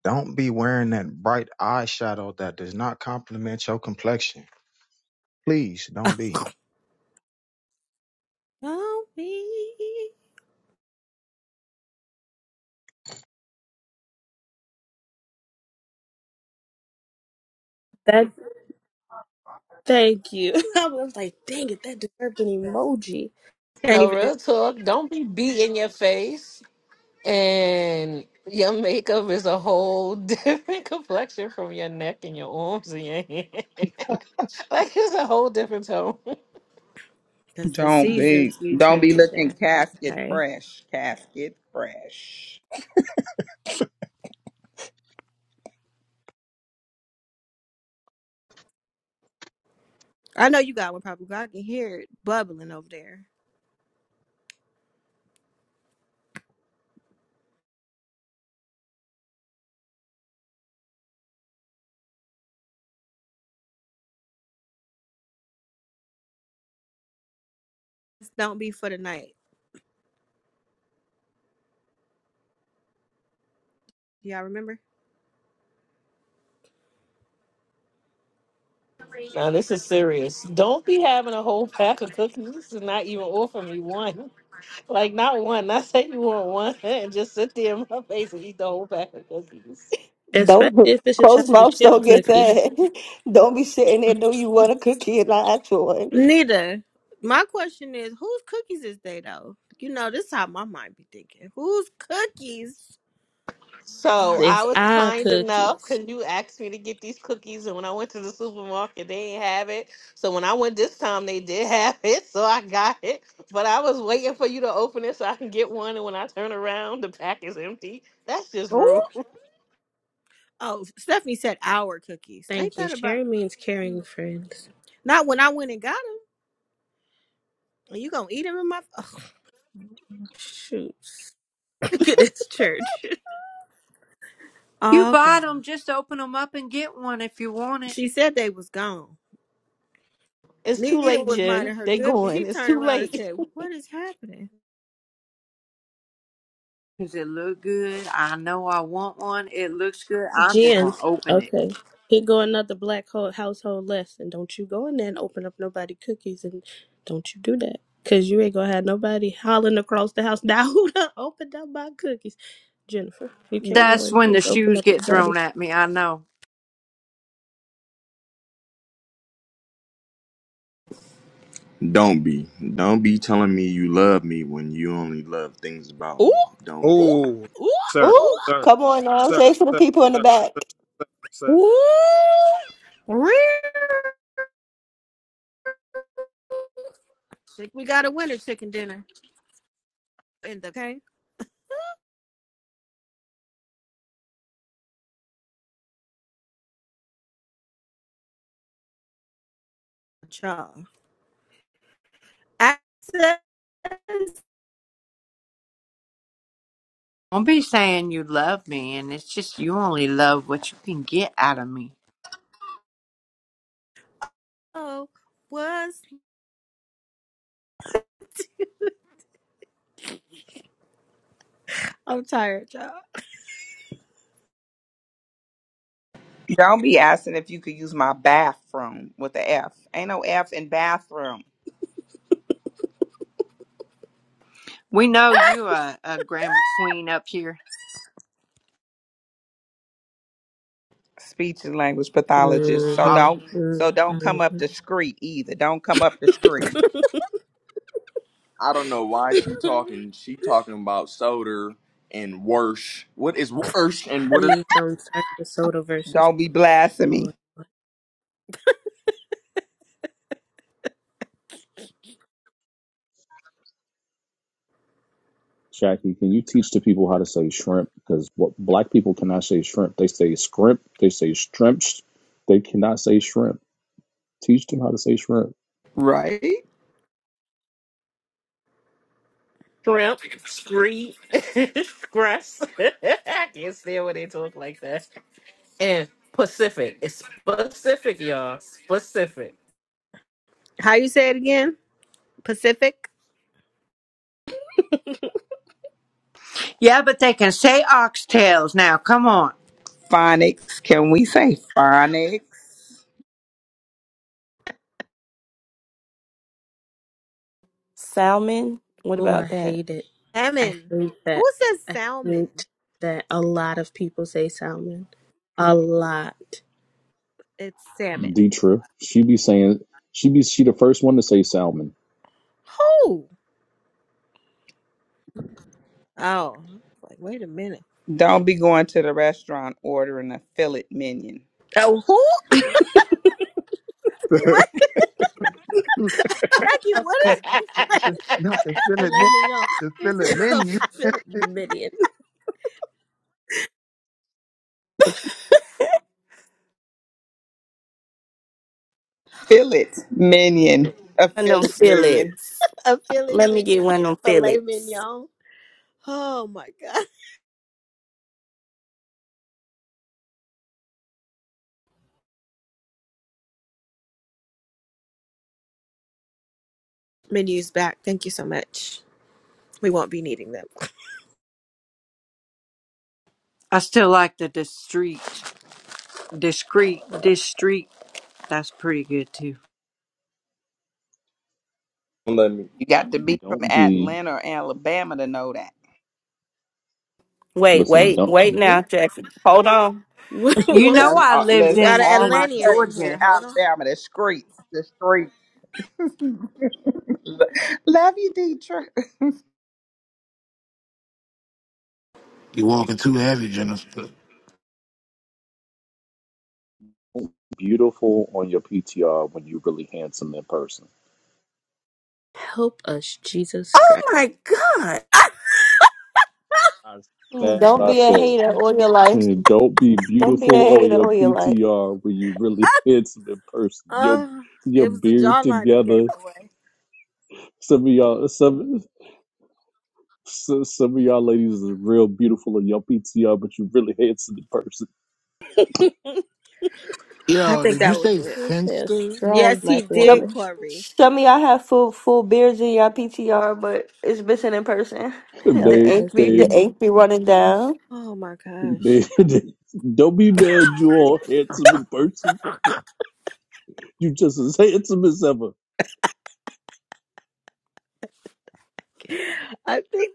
[SPEAKER 15] Don't be wearing that bright eyeshadow that does not complement your complexion. Please don't be.
[SPEAKER 1] Don't be.
[SPEAKER 6] That. Thank you. I was like, dang it, that deserved an emoji.
[SPEAKER 1] Can't
[SPEAKER 14] No
[SPEAKER 1] even do
[SPEAKER 14] real talk. Don't be beat in your face. And your makeup is a whole different complexion from your neck and your arms and your hair. like it's a whole different tone.
[SPEAKER 1] because the
[SPEAKER 5] Don't
[SPEAKER 1] seasons
[SPEAKER 5] be
[SPEAKER 1] be
[SPEAKER 5] don't be looking
[SPEAKER 1] changing.
[SPEAKER 5] casket
[SPEAKER 1] Okay.
[SPEAKER 5] fresh. Casket fresh.
[SPEAKER 1] I know you got one probably. 'cause I can hear it bubbling over there. Just don't be for the night. Do Y'all remember?
[SPEAKER 14] now this is serious. Don't be having a whole pack of cookies. This is not even offering me one. Like not one. Not say you want one and just sit there in my face and eat the whole pack of cookies.
[SPEAKER 6] Especially
[SPEAKER 3] Don't
[SPEAKER 6] if it's a
[SPEAKER 3] close
[SPEAKER 6] chocolate
[SPEAKER 3] mouths
[SPEAKER 6] chip
[SPEAKER 3] don't get
[SPEAKER 6] cookie.
[SPEAKER 3] fed. Don't be sitting there know you want a cookie and not actual one.
[SPEAKER 1] Neither. My question is, whose cookies is they though? You know, this is how my mind be thinking. Whose cookies
[SPEAKER 14] So
[SPEAKER 1] are
[SPEAKER 14] I
[SPEAKER 6] It's
[SPEAKER 1] they?
[SPEAKER 14] was
[SPEAKER 6] our
[SPEAKER 14] kind enough
[SPEAKER 6] cookies.
[SPEAKER 14] because you asked me to get these cookies, and when I went to the supermarket, they didn't have it. So when I went this time, they did have it, so I got it. But I was waiting for you to open it so I can get one, and when I turn around, the pack is empty. That's just
[SPEAKER 1] Ooh.
[SPEAKER 14] rude.
[SPEAKER 1] Oh, Stephanie said our cookies. Ain't
[SPEAKER 6] Thank you.
[SPEAKER 1] that about?
[SPEAKER 6] Sharing means caring, friends.
[SPEAKER 1] Not when I went and got them. Are you gonna eat them in my? Ugh,
[SPEAKER 6] Shoot. Look at this church.
[SPEAKER 7] You
[SPEAKER 1] all
[SPEAKER 7] bought
[SPEAKER 1] gone.
[SPEAKER 7] them, just open them up and get one if you want it.
[SPEAKER 1] She said they was gone.
[SPEAKER 14] It's too
[SPEAKER 1] Nita
[SPEAKER 14] late,
[SPEAKER 1] was
[SPEAKER 14] Jen.
[SPEAKER 1] minding her
[SPEAKER 14] They
[SPEAKER 1] good, but she
[SPEAKER 14] going. It's
[SPEAKER 1] turned
[SPEAKER 14] too
[SPEAKER 1] around and
[SPEAKER 14] late.
[SPEAKER 1] said, "What is happening?"
[SPEAKER 7] Does it look good. I know I want one. It looks good. I'm just
[SPEAKER 6] Jen,
[SPEAKER 7] gonna open it.
[SPEAKER 6] okay. Here go another black ho- household lesson. Don't you go in there and open up nobody cookies, and don't you do that, cause you ain't gonna have nobody hollering across the house. Now who done opened up my cookies, Jennifer? You can't go
[SPEAKER 7] That's
[SPEAKER 6] and
[SPEAKER 7] when the
[SPEAKER 6] just open
[SPEAKER 7] shoes
[SPEAKER 6] up
[SPEAKER 7] get
[SPEAKER 6] nobody.
[SPEAKER 7] thrown at me. I know.
[SPEAKER 5] Don't be. Don't be telling me you love me when you only love things about
[SPEAKER 6] Ooh,
[SPEAKER 5] me. Don't be.
[SPEAKER 6] ooh,
[SPEAKER 4] Oh,
[SPEAKER 6] ooh,
[SPEAKER 4] sir,
[SPEAKER 6] ooh.
[SPEAKER 3] Ooh,
[SPEAKER 4] sir,
[SPEAKER 3] come on
[SPEAKER 6] ooh.
[SPEAKER 3] now. Say
[SPEAKER 4] sir,
[SPEAKER 3] for the
[SPEAKER 4] sir,
[SPEAKER 3] people in the
[SPEAKER 4] sir,
[SPEAKER 3] back.
[SPEAKER 4] sir, sir,
[SPEAKER 1] Woo! Real. Think We got a winner chicken dinner in the okay. Y'all. I said
[SPEAKER 7] Don't be saying you love me, and it's just you only love what you can get out of me.
[SPEAKER 1] so was I'm tired, y'all.
[SPEAKER 5] Don't be asking if you could use my bathroom with the F. Ain't no F in bathroom.
[SPEAKER 7] We know you a, a grammar queen up here.
[SPEAKER 5] Speech and language pathologist. So I, don't
[SPEAKER 6] Mm-hmm.
[SPEAKER 5] so don't come up the street either. Don't come up the street. I don't know why she
[SPEAKER 6] Mm-hmm.
[SPEAKER 5] talking. She talking about soda and worse. What is worse and what is
[SPEAKER 6] Please don't start the soda versus.
[SPEAKER 5] Don't be blasphemy. Right?
[SPEAKER 14] Shrimp, scree, scruss. I can't stand when they talk like that. And Pacific. It's Pacific, y'all. Pacific.
[SPEAKER 1] How you say it again? Pacific?
[SPEAKER 7] Yeah, but they can say oxtails now. Come on.
[SPEAKER 5] Phonics. Can we say phonics?
[SPEAKER 16] Salmon. What
[SPEAKER 6] Oh, I
[SPEAKER 16] about that?
[SPEAKER 6] hate it. I
[SPEAKER 1] Salmon.
[SPEAKER 6] hate
[SPEAKER 1] Who
[SPEAKER 6] that.
[SPEAKER 1] says
[SPEAKER 6] I
[SPEAKER 1] salmon?
[SPEAKER 6] hate that a lot of people say salmon. A lot.
[SPEAKER 1] It's salmon.
[SPEAKER 9] D Trip. She be saying she be she the first one to say Salmon.
[SPEAKER 1] Who? Oh. Like, wait a minute.
[SPEAKER 5] Don't be going to the restaurant ordering a fillet minion.
[SPEAKER 1] Oh who?
[SPEAKER 4] sir.
[SPEAKER 1] What?
[SPEAKER 15] not
[SPEAKER 1] Jackie, what is
[SPEAKER 15] the not the Philip
[SPEAKER 6] Filet
[SPEAKER 15] men-
[SPEAKER 6] mignon.
[SPEAKER 15] the
[SPEAKER 6] It's
[SPEAKER 15] Philip
[SPEAKER 6] a
[SPEAKER 15] menu.
[SPEAKER 6] filet mignon.
[SPEAKER 5] Fillet minion. A
[SPEAKER 16] One of them
[SPEAKER 5] fillet minion.
[SPEAKER 16] fillets.
[SPEAKER 1] a filet
[SPEAKER 16] Let me get
[SPEAKER 1] mignon?
[SPEAKER 16] one of them
[SPEAKER 1] Filet
[SPEAKER 16] fillets.
[SPEAKER 1] mignon. Oh my god. menus back. Thank you so much. We won't be needing them.
[SPEAKER 7] I still like the discreet, discreet, discreet. That's pretty good too.
[SPEAKER 5] Don't let me. You got to be from
[SPEAKER 9] Don't be
[SPEAKER 5] Atlanta or Alabama to know that.
[SPEAKER 16] Wait,
[SPEAKER 9] listen,
[SPEAKER 16] wait,
[SPEAKER 9] don't
[SPEAKER 16] wait
[SPEAKER 6] Hmm?
[SPEAKER 16] now, Jackie. Hold on.
[SPEAKER 6] What,
[SPEAKER 7] You
[SPEAKER 6] what was
[SPEAKER 7] know,
[SPEAKER 5] That's
[SPEAKER 6] that
[SPEAKER 7] I
[SPEAKER 5] all,
[SPEAKER 6] called?
[SPEAKER 7] lived
[SPEAKER 1] We
[SPEAKER 5] listen,
[SPEAKER 1] got an
[SPEAKER 7] in
[SPEAKER 5] all my
[SPEAKER 7] in
[SPEAKER 1] Atlantean
[SPEAKER 5] cousins
[SPEAKER 1] in
[SPEAKER 5] in
[SPEAKER 1] here.
[SPEAKER 7] Georgia.
[SPEAKER 1] Hold on.
[SPEAKER 5] Alabama, the streets, the streets. Love you, Deidre.
[SPEAKER 13] You walking too heavy, Jennifer.
[SPEAKER 9] beautiful on your PTR when you really handsome in person.
[SPEAKER 6] Help us, Jesus
[SPEAKER 16] Oh
[SPEAKER 6] Christ.
[SPEAKER 16] my God.
[SPEAKER 9] I,
[SPEAKER 3] Mm,
[SPEAKER 9] that
[SPEAKER 3] Don't
[SPEAKER 9] I
[SPEAKER 3] be a
[SPEAKER 9] said.
[SPEAKER 3] hater all your life.
[SPEAKER 9] Don't be
[SPEAKER 3] Don't be a
[SPEAKER 9] beautiful on
[SPEAKER 3] hater
[SPEAKER 9] your
[SPEAKER 3] all your life.
[SPEAKER 9] PTR when you really handsome in person. Your
[SPEAKER 1] Oh,
[SPEAKER 9] your
[SPEAKER 1] it was the
[SPEAKER 9] beard
[SPEAKER 1] jawline that gave
[SPEAKER 9] together.
[SPEAKER 1] it away.
[SPEAKER 9] Some of y'all some so- some of y'all ladies is real beautiful in your PTR, but you really handsome in person.
[SPEAKER 1] I
[SPEAKER 13] Yo,
[SPEAKER 1] think
[SPEAKER 13] did you
[SPEAKER 1] that was
[SPEAKER 13] say
[SPEAKER 1] it.
[SPEAKER 6] Let's say a
[SPEAKER 13] finster?
[SPEAKER 6] strong
[SPEAKER 1] Yes, he
[SPEAKER 6] black
[SPEAKER 1] did,
[SPEAKER 3] Yep.
[SPEAKER 6] woman.
[SPEAKER 1] Corey.
[SPEAKER 3] Some of y'all have full full beards in y'all PTR, but it's missing in person. The
[SPEAKER 6] Help
[SPEAKER 9] They,
[SPEAKER 3] ink
[SPEAKER 6] us,
[SPEAKER 3] be the
[SPEAKER 9] they,
[SPEAKER 6] Jesus.
[SPEAKER 3] ink be running down.
[SPEAKER 1] Oh my
[SPEAKER 9] they,
[SPEAKER 1] gosh.
[SPEAKER 9] don't be mad. You all handsome in person. You just as handsome as ever.
[SPEAKER 1] I think.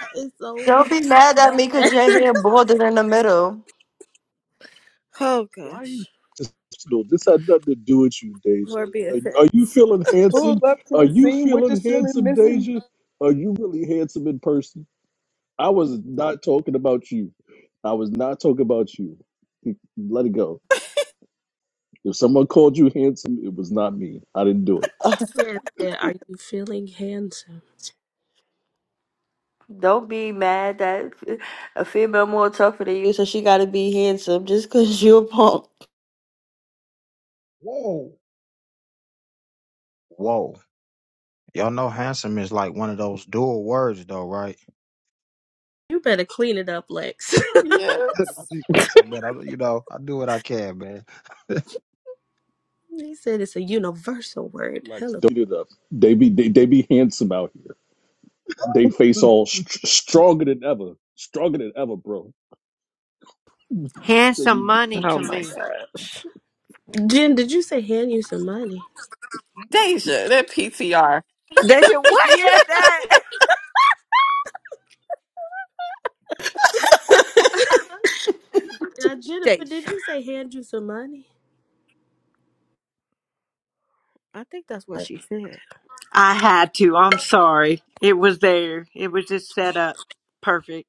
[SPEAKER 6] That is so
[SPEAKER 3] Don't be mad at
[SPEAKER 6] bad.
[SPEAKER 3] me because your hair balded in the middle.
[SPEAKER 1] Oh
[SPEAKER 9] Why are you?
[SPEAKER 1] gosh.
[SPEAKER 9] Just, no, this had nothing to do with you, Deja.
[SPEAKER 1] Lord be
[SPEAKER 9] Are you, are you
[SPEAKER 1] offense.
[SPEAKER 9] feeling handsome?
[SPEAKER 5] Pull up to
[SPEAKER 9] Are
[SPEAKER 5] the
[SPEAKER 9] you
[SPEAKER 5] scene with the
[SPEAKER 9] feeling
[SPEAKER 5] ceiling
[SPEAKER 9] handsome,
[SPEAKER 5] missing.
[SPEAKER 9] Deja? Are you really handsome in person? I was not talking about you. I was not talking about you. Let it go. If someone called you handsome, it was not me. I didn't do it.
[SPEAKER 6] Man said, Are you feeling handsome?
[SPEAKER 3] Don't be mad that a female more tougher than you, so she gotta be handsome just cause you a punk.
[SPEAKER 15] Whoa. Whoa. Y'all know handsome is like one of those dual words though, right?
[SPEAKER 6] You better clean it up, Lex.
[SPEAKER 16] Yes.
[SPEAKER 15] Listen, man, I, you know, I do what I can, man.
[SPEAKER 6] he said it's a universal word.
[SPEAKER 9] Like,
[SPEAKER 6] Hello.
[SPEAKER 9] don't do it up. They be, they, they be handsome out here. They face all st- stronger than ever, stronger than ever, bro.
[SPEAKER 7] Hand some
[SPEAKER 9] you-
[SPEAKER 7] money
[SPEAKER 1] Oh
[SPEAKER 7] to
[SPEAKER 1] my
[SPEAKER 7] me.
[SPEAKER 1] god.
[SPEAKER 6] Jen, did you say hand you some money?
[SPEAKER 16] Deja, that PTR.
[SPEAKER 1] Deja, what
[SPEAKER 7] yeah.
[SPEAKER 1] is that?
[SPEAKER 6] uh, Jennifer, did
[SPEAKER 1] Deja.
[SPEAKER 6] you say hand you some money?
[SPEAKER 1] I think that's what she said.
[SPEAKER 7] I had to. I'm sorry. It was there. It was just set up perfect.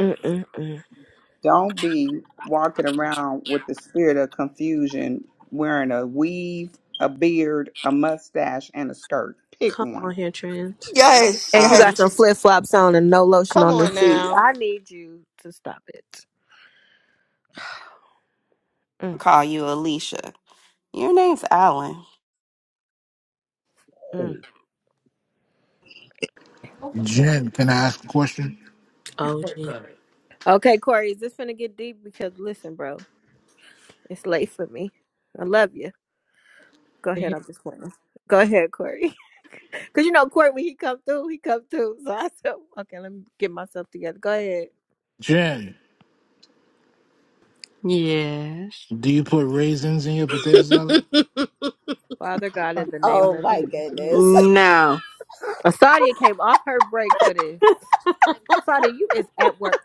[SPEAKER 1] Mm-mm-mm.
[SPEAKER 5] Don't be walking around with the spirit of confusion wearing a weave, a beard, a mustache, and a skirt. Pick
[SPEAKER 6] Come on
[SPEAKER 5] one.
[SPEAKER 6] here, trans.
[SPEAKER 3] Yes,
[SPEAKER 1] And you
[SPEAKER 16] Um,
[SPEAKER 1] got some
[SPEAKER 3] yes.
[SPEAKER 1] flip flops on and no lotion
[SPEAKER 14] Come
[SPEAKER 1] on the
[SPEAKER 14] on
[SPEAKER 1] feet.
[SPEAKER 14] now.
[SPEAKER 1] I need you to stop it.
[SPEAKER 16] call you Alicia. Your name's Alan.
[SPEAKER 1] Mm-mm.
[SPEAKER 15] Oh,
[SPEAKER 13] Jen, can I ask a question?
[SPEAKER 6] Oh, Jesus.
[SPEAKER 1] Okay, Corey, is this gonna get deep? Because listen, bro, it's late for me. I love you. Go ahead, I'm just playing. Go ahead, Corey. Cause you know Corey, when he come through, he come through. So I said, okay, let me get myself together. Go ahead,
[SPEAKER 13] Jen,
[SPEAKER 7] Yes.
[SPEAKER 13] do you put raisins in your potato salad?
[SPEAKER 1] Father God, in the name
[SPEAKER 10] Oh
[SPEAKER 1] of
[SPEAKER 10] my goodness.
[SPEAKER 1] Jesus.
[SPEAKER 7] No.
[SPEAKER 1] Asadia came off her break for this. Asadia, you is at work.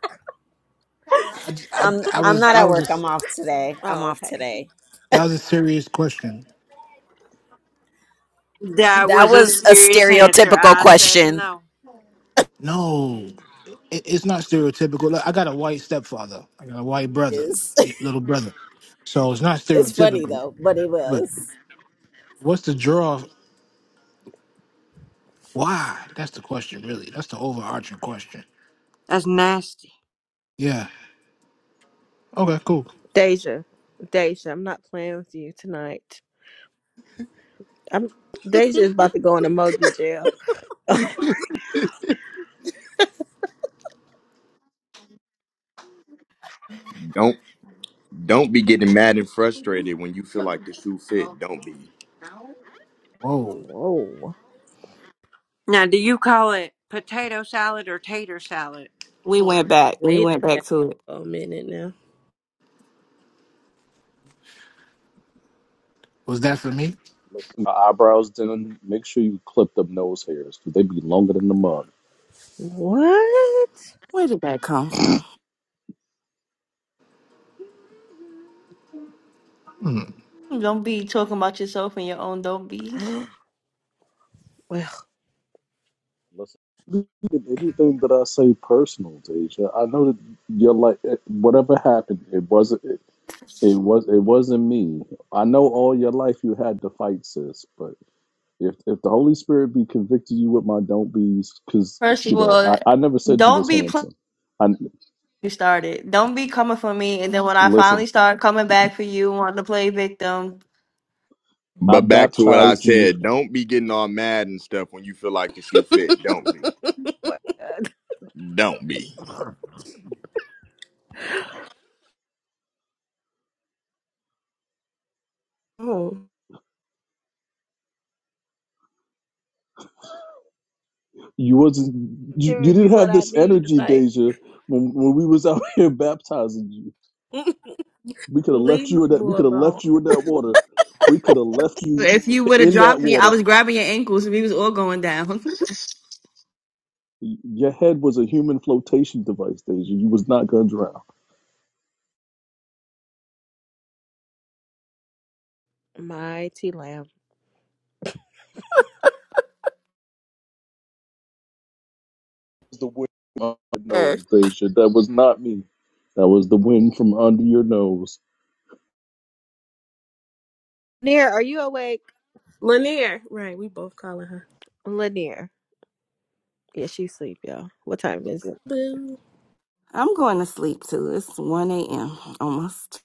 [SPEAKER 13] I I I
[SPEAKER 10] I'm I'm
[SPEAKER 13] was
[SPEAKER 10] not
[SPEAKER 13] that
[SPEAKER 10] at
[SPEAKER 13] was a
[SPEAKER 10] work. I'm off today. I'm
[SPEAKER 1] Oh,
[SPEAKER 10] off
[SPEAKER 1] okay.
[SPEAKER 10] today.
[SPEAKER 13] that was a serious question.
[SPEAKER 7] That
[SPEAKER 10] That
[SPEAKER 7] was a
[SPEAKER 10] was a
[SPEAKER 7] serious answer.
[SPEAKER 10] stereotypical
[SPEAKER 7] I said
[SPEAKER 10] question.
[SPEAKER 7] no.
[SPEAKER 13] No, it, it's not stereotypical. Look, I got a white stepfather. I got a white brother,
[SPEAKER 10] Is
[SPEAKER 13] y- little brother. So it's not
[SPEAKER 10] It's funny
[SPEAKER 13] stereotypical.
[SPEAKER 10] though, but it
[SPEAKER 13] But
[SPEAKER 10] was.
[SPEAKER 13] what's the draw? Why? That's the question, really. That's the overarching question.
[SPEAKER 7] That's nasty.
[SPEAKER 13] Yeah. Okay. Cool.
[SPEAKER 1] Deja. Deja, I'm not playing with you tonight. I'm Deja is about to go in emoji jail.
[SPEAKER 5] Don't don't be getting mad and frustrated when you feel like the shoe fit. Don't be.
[SPEAKER 13] Whoa.
[SPEAKER 1] Whoa.
[SPEAKER 7] Now, do you call it potato salad or tater salad,
[SPEAKER 16] We
[SPEAKER 7] Corey?
[SPEAKER 16] went back. We
[SPEAKER 6] Wait
[SPEAKER 16] went back to it.
[SPEAKER 6] a minute now.
[SPEAKER 13] Was that for me?
[SPEAKER 9] Listen, my eyebrows done. Make sure you clip them nose hairs because they be longer than the mug.
[SPEAKER 1] What?
[SPEAKER 16] Where did that come from?
[SPEAKER 13] Hmm.
[SPEAKER 3] Don't be talking about yourself and your own don't be's.
[SPEAKER 1] Well,
[SPEAKER 9] Listen, if anything that I say personal, Deja, I know that you're like it- whatever happened. It wasn't. It, it was. It wasn't me. I know all your life you had to fight, sis. But if if the Holy Spirit be convicting you with my don't be's, because
[SPEAKER 3] First of
[SPEAKER 9] you know
[SPEAKER 3] all,
[SPEAKER 9] I, I never said you
[SPEAKER 3] don't
[SPEAKER 9] was
[SPEAKER 3] be playing
[SPEAKER 9] handsome. I
[SPEAKER 3] you started. Don't be coming for me, and then when I
[SPEAKER 9] listen.
[SPEAKER 3] finally start coming back for you, wanting to play victim.
[SPEAKER 9] I
[SPEAKER 5] But back to what I
[SPEAKER 9] baptized you
[SPEAKER 5] said, don't be getting all mad and stuff when you feel like the shoe fit. Don't be.
[SPEAKER 1] my God.
[SPEAKER 5] Don't be.
[SPEAKER 6] oh.
[SPEAKER 9] You wasn't you, you
[SPEAKER 1] giving me
[SPEAKER 9] didn't
[SPEAKER 1] what
[SPEAKER 9] have
[SPEAKER 1] I
[SPEAKER 9] this
[SPEAKER 1] need
[SPEAKER 9] energy,
[SPEAKER 1] tonight.
[SPEAKER 9] Deja, when when we was out here baptizing you. We could have left
[SPEAKER 6] Leave my
[SPEAKER 9] you in that we
[SPEAKER 6] boo
[SPEAKER 9] could have left you
[SPEAKER 6] alone.
[SPEAKER 9] in that water. We could have left you
[SPEAKER 3] If you would have
[SPEAKER 9] in that
[SPEAKER 3] dropped me, I
[SPEAKER 9] water.
[SPEAKER 3] was grabbing your ankles and we was all going down.
[SPEAKER 9] Y- Your head was a human flotation device, Deja. You was not gonna drown.
[SPEAKER 1] Mighty lamb.
[SPEAKER 9] was the wind from under your
[SPEAKER 16] Uh,
[SPEAKER 9] nose, Deja. That was not me. That was the wind from under your nose.
[SPEAKER 1] Lanier, are you awake?
[SPEAKER 6] Lanier. Right, we both calling her.
[SPEAKER 1] Lanier. Yeah, she's asleep, y'all. What time is it?
[SPEAKER 6] Boo.
[SPEAKER 16] I'm going to sleep too. It's 1 a.m. almost.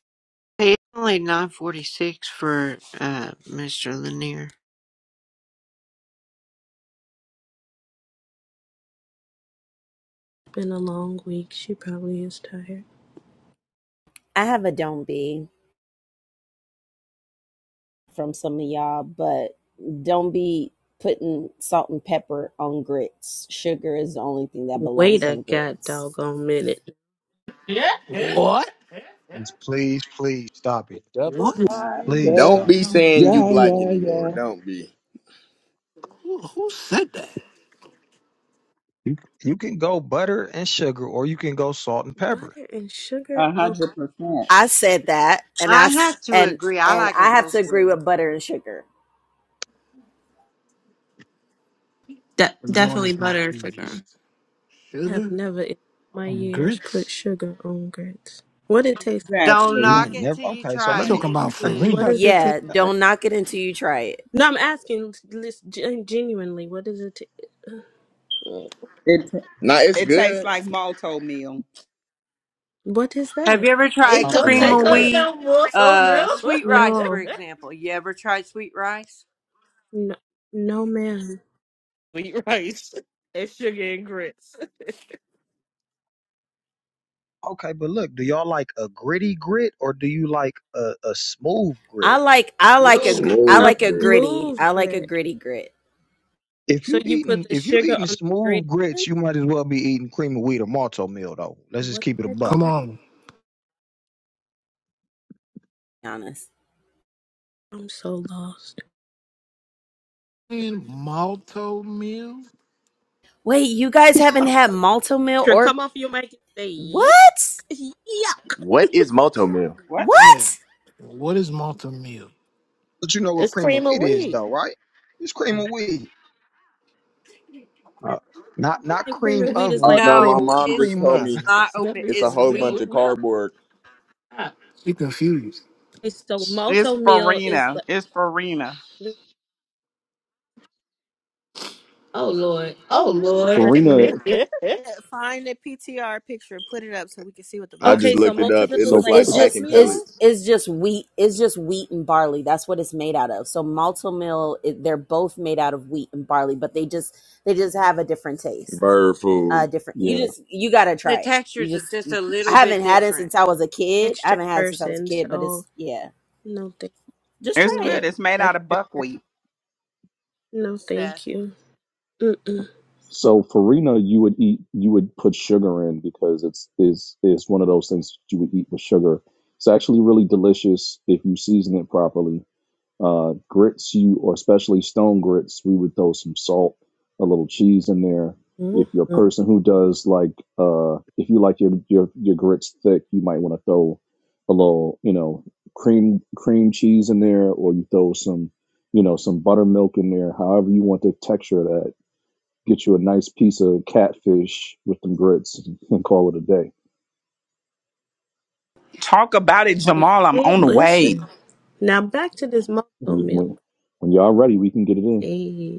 [SPEAKER 7] Hey, it's only 946 for uh, Mr. Lanier.
[SPEAKER 6] Been a long week. She probably is tired.
[SPEAKER 10] I have a don't be from some of y'all, but don't be putting salt and pepper on grits. Sugar is the only thing that
[SPEAKER 6] Wait
[SPEAKER 10] belongs
[SPEAKER 6] a
[SPEAKER 10] on
[SPEAKER 6] god
[SPEAKER 10] grits.
[SPEAKER 6] doggone minute.
[SPEAKER 13] What?
[SPEAKER 15] Please, please, please stop it.
[SPEAKER 13] What?
[SPEAKER 9] Yeah,
[SPEAKER 15] Please
[SPEAKER 9] yeah,
[SPEAKER 5] Don't
[SPEAKER 15] stop it.
[SPEAKER 5] be saying you
[SPEAKER 9] yeah,
[SPEAKER 5] black
[SPEAKER 9] yeah.
[SPEAKER 5] anymore.
[SPEAKER 9] yeah.
[SPEAKER 5] Don't be.
[SPEAKER 13] Who, who said that?
[SPEAKER 15] You can go butter and sugar, or you can go salt and pepper.
[SPEAKER 6] Butter and sugar
[SPEAKER 5] A
[SPEAKER 6] on
[SPEAKER 5] hundred percent.
[SPEAKER 10] I said that, and I
[SPEAKER 7] I
[SPEAKER 10] s-
[SPEAKER 7] have to
[SPEAKER 10] and
[SPEAKER 7] agree. I
[SPEAKER 10] and
[SPEAKER 7] like
[SPEAKER 10] I
[SPEAKER 7] it
[SPEAKER 10] have to
[SPEAKER 7] both
[SPEAKER 10] agree
[SPEAKER 7] ways.
[SPEAKER 10] with butter and sugar.
[SPEAKER 3] De-
[SPEAKER 13] The Lord
[SPEAKER 3] definitely
[SPEAKER 13] is my
[SPEAKER 3] better for her.
[SPEAKER 13] pleased.
[SPEAKER 6] I have
[SPEAKER 13] Sugar
[SPEAKER 6] never in my
[SPEAKER 13] and
[SPEAKER 6] years put
[SPEAKER 13] grits.
[SPEAKER 6] sugar on grits. What it taste
[SPEAKER 7] Don't
[SPEAKER 5] Exactly.
[SPEAKER 15] You
[SPEAKER 7] knock
[SPEAKER 15] ain't
[SPEAKER 7] it
[SPEAKER 15] never
[SPEAKER 7] till you
[SPEAKER 15] okay. So
[SPEAKER 13] I
[SPEAKER 7] try
[SPEAKER 15] let
[SPEAKER 7] it.
[SPEAKER 15] me
[SPEAKER 13] talking
[SPEAKER 7] It's
[SPEAKER 13] about
[SPEAKER 7] good.
[SPEAKER 6] What
[SPEAKER 13] Farina.
[SPEAKER 6] does it taste
[SPEAKER 10] Yeah,
[SPEAKER 6] like?
[SPEAKER 10] don't knock it until you try it.
[SPEAKER 6] No, I'm asking lis- gen- genuinely, what does it ta- uh,
[SPEAKER 5] It Nah, it's it tastes good. like malto meal.
[SPEAKER 6] What is
[SPEAKER 7] Have
[SPEAKER 6] that?
[SPEAKER 7] you ever
[SPEAKER 14] It
[SPEAKER 7] tried
[SPEAKER 15] something
[SPEAKER 14] don't
[SPEAKER 7] cream
[SPEAKER 15] like
[SPEAKER 14] take
[SPEAKER 7] of
[SPEAKER 14] like
[SPEAKER 15] that.
[SPEAKER 7] wheat,
[SPEAKER 14] no more so
[SPEAKER 7] uh,
[SPEAKER 14] milk.
[SPEAKER 7] sweet rice, for
[SPEAKER 6] No.
[SPEAKER 7] example? You ever tried sweet rice?
[SPEAKER 6] No, no ma'am.
[SPEAKER 14] Wheat rice. And sugar and grits.
[SPEAKER 15] Okay, but look, do y'all like a gritty grit or do you like a, a smooth
[SPEAKER 10] I
[SPEAKER 15] grit?
[SPEAKER 10] like I
[SPEAKER 5] Move.
[SPEAKER 10] like a gr- I
[SPEAKER 6] A
[SPEAKER 10] like a
[SPEAKER 5] Smooth.
[SPEAKER 10] gritty.
[SPEAKER 6] smooth
[SPEAKER 10] I like a
[SPEAKER 6] grit.
[SPEAKER 10] gritty grit.
[SPEAKER 15] If
[SPEAKER 6] So
[SPEAKER 15] you
[SPEAKER 6] you put
[SPEAKER 15] eating
[SPEAKER 6] the
[SPEAKER 15] if you
[SPEAKER 6] sugar
[SPEAKER 15] eating
[SPEAKER 6] on the green
[SPEAKER 15] smooth grits,
[SPEAKER 6] one?
[SPEAKER 15] you might as well be eating cream of wheat or malto meal though. Let's just
[SPEAKER 6] What
[SPEAKER 15] keep it a
[SPEAKER 6] the heck is
[SPEAKER 15] buck.
[SPEAKER 13] Come
[SPEAKER 6] that?
[SPEAKER 13] on.
[SPEAKER 10] to be honest.
[SPEAKER 6] I'm so lost.
[SPEAKER 13] And malto meal?
[SPEAKER 10] Wait, you guys haven't had malto meal
[SPEAKER 6] Sure,
[SPEAKER 10] or
[SPEAKER 6] come off your mic and say
[SPEAKER 10] what?
[SPEAKER 6] yuck. yuck.
[SPEAKER 5] What is Moto Mill? What?
[SPEAKER 13] Yeah.
[SPEAKER 10] What?
[SPEAKER 13] What is malto meal?
[SPEAKER 15] But you know what
[SPEAKER 14] It's
[SPEAKER 15] cream of
[SPEAKER 14] cream of
[SPEAKER 15] wheat is
[SPEAKER 14] wheat.
[SPEAKER 15] though, right? It's cream of wheat. Uh, not not
[SPEAKER 6] And cream
[SPEAKER 15] cream
[SPEAKER 6] of wheat
[SPEAKER 15] of
[SPEAKER 6] is
[SPEAKER 5] Oh
[SPEAKER 15] wheat,
[SPEAKER 6] like
[SPEAKER 5] no,
[SPEAKER 15] cream
[SPEAKER 5] my
[SPEAKER 6] oatmeal.
[SPEAKER 7] No,
[SPEAKER 5] mom just
[SPEAKER 7] it's
[SPEAKER 5] told
[SPEAKER 15] creamer.
[SPEAKER 7] it's
[SPEAKER 5] me
[SPEAKER 7] not open.
[SPEAKER 5] it's a
[SPEAKER 7] It's
[SPEAKER 5] whole bunch
[SPEAKER 7] wheat.
[SPEAKER 5] of cardboard.
[SPEAKER 13] She confused.
[SPEAKER 6] Okay, so
[SPEAKER 5] It's
[SPEAKER 6] malto meal is
[SPEAKER 5] Farina. It's Farina.
[SPEAKER 14] Oh Lord.
[SPEAKER 6] like.
[SPEAKER 9] Farina.
[SPEAKER 14] I
[SPEAKER 1] Find the PTR picture and put it up so we can see what the
[SPEAKER 5] I
[SPEAKER 1] box
[SPEAKER 5] just
[SPEAKER 6] Okay,
[SPEAKER 1] look
[SPEAKER 6] so
[SPEAKER 5] looked it
[SPEAKER 1] like.
[SPEAKER 6] malto
[SPEAKER 5] up.
[SPEAKER 6] meal
[SPEAKER 5] It
[SPEAKER 6] is
[SPEAKER 9] So
[SPEAKER 5] looked
[SPEAKER 6] like
[SPEAKER 5] like
[SPEAKER 10] It's
[SPEAKER 9] f-
[SPEAKER 10] just
[SPEAKER 5] packing
[SPEAKER 10] it's
[SPEAKER 6] oatmeal.
[SPEAKER 5] pellets.
[SPEAKER 10] it's just wheat. It's just wheat and barley. That's what it's made out of. So malto meal, it, they're both made out of wheat and barley, but they just they just have a different taste.
[SPEAKER 5] Bird
[SPEAKER 10] Uh,
[SPEAKER 5] food.
[SPEAKER 10] different. You
[SPEAKER 9] yeah.
[SPEAKER 10] just you gotta
[SPEAKER 7] The
[SPEAKER 10] try it. You
[SPEAKER 7] textures are
[SPEAKER 10] just
[SPEAKER 7] just
[SPEAKER 10] you-
[SPEAKER 7] a
[SPEAKER 10] I
[SPEAKER 7] little
[SPEAKER 10] haven't
[SPEAKER 7] bit
[SPEAKER 10] had it
[SPEAKER 7] different,
[SPEAKER 10] since I was a kid. I
[SPEAKER 6] Extra
[SPEAKER 10] haven't had it since I was a
[SPEAKER 6] person,
[SPEAKER 10] kid, but
[SPEAKER 6] so
[SPEAKER 10] it's yeah.
[SPEAKER 6] no thank
[SPEAKER 10] Just
[SPEAKER 5] It's
[SPEAKER 10] try
[SPEAKER 6] no
[SPEAKER 5] good.
[SPEAKER 10] it.
[SPEAKER 5] It's made out of
[SPEAKER 6] extra. person.
[SPEAKER 5] buckwheat.
[SPEAKER 6] No,
[SPEAKER 7] Steph.
[SPEAKER 6] thank you. Mm-mm.
[SPEAKER 9] So farina, you would eat, you would put sugar in because it's is is one of those things you would eat with sugar. It's actually really delicious if you season it properly. Uh, grits, you or especially stone grits, we would throw some salt, a little cheese in there.
[SPEAKER 6] Mm,
[SPEAKER 9] If you're a person who does like, uh, if you like your your your grits thick, you might want to throw a little, you know, cream cream cheese in there, or you throw some, you know, some buttermilk in there. However you want the texture of that get you a nice piece of catfish with them grits and call it a day.
[SPEAKER 5] Talk about it, Jamal. I'm
[SPEAKER 6] Okay,
[SPEAKER 5] on the way.
[SPEAKER 6] listen. Now back to this malto
[SPEAKER 9] When
[SPEAKER 6] meal.
[SPEAKER 9] when when y'all ready, we can get it in.
[SPEAKER 6] Hey.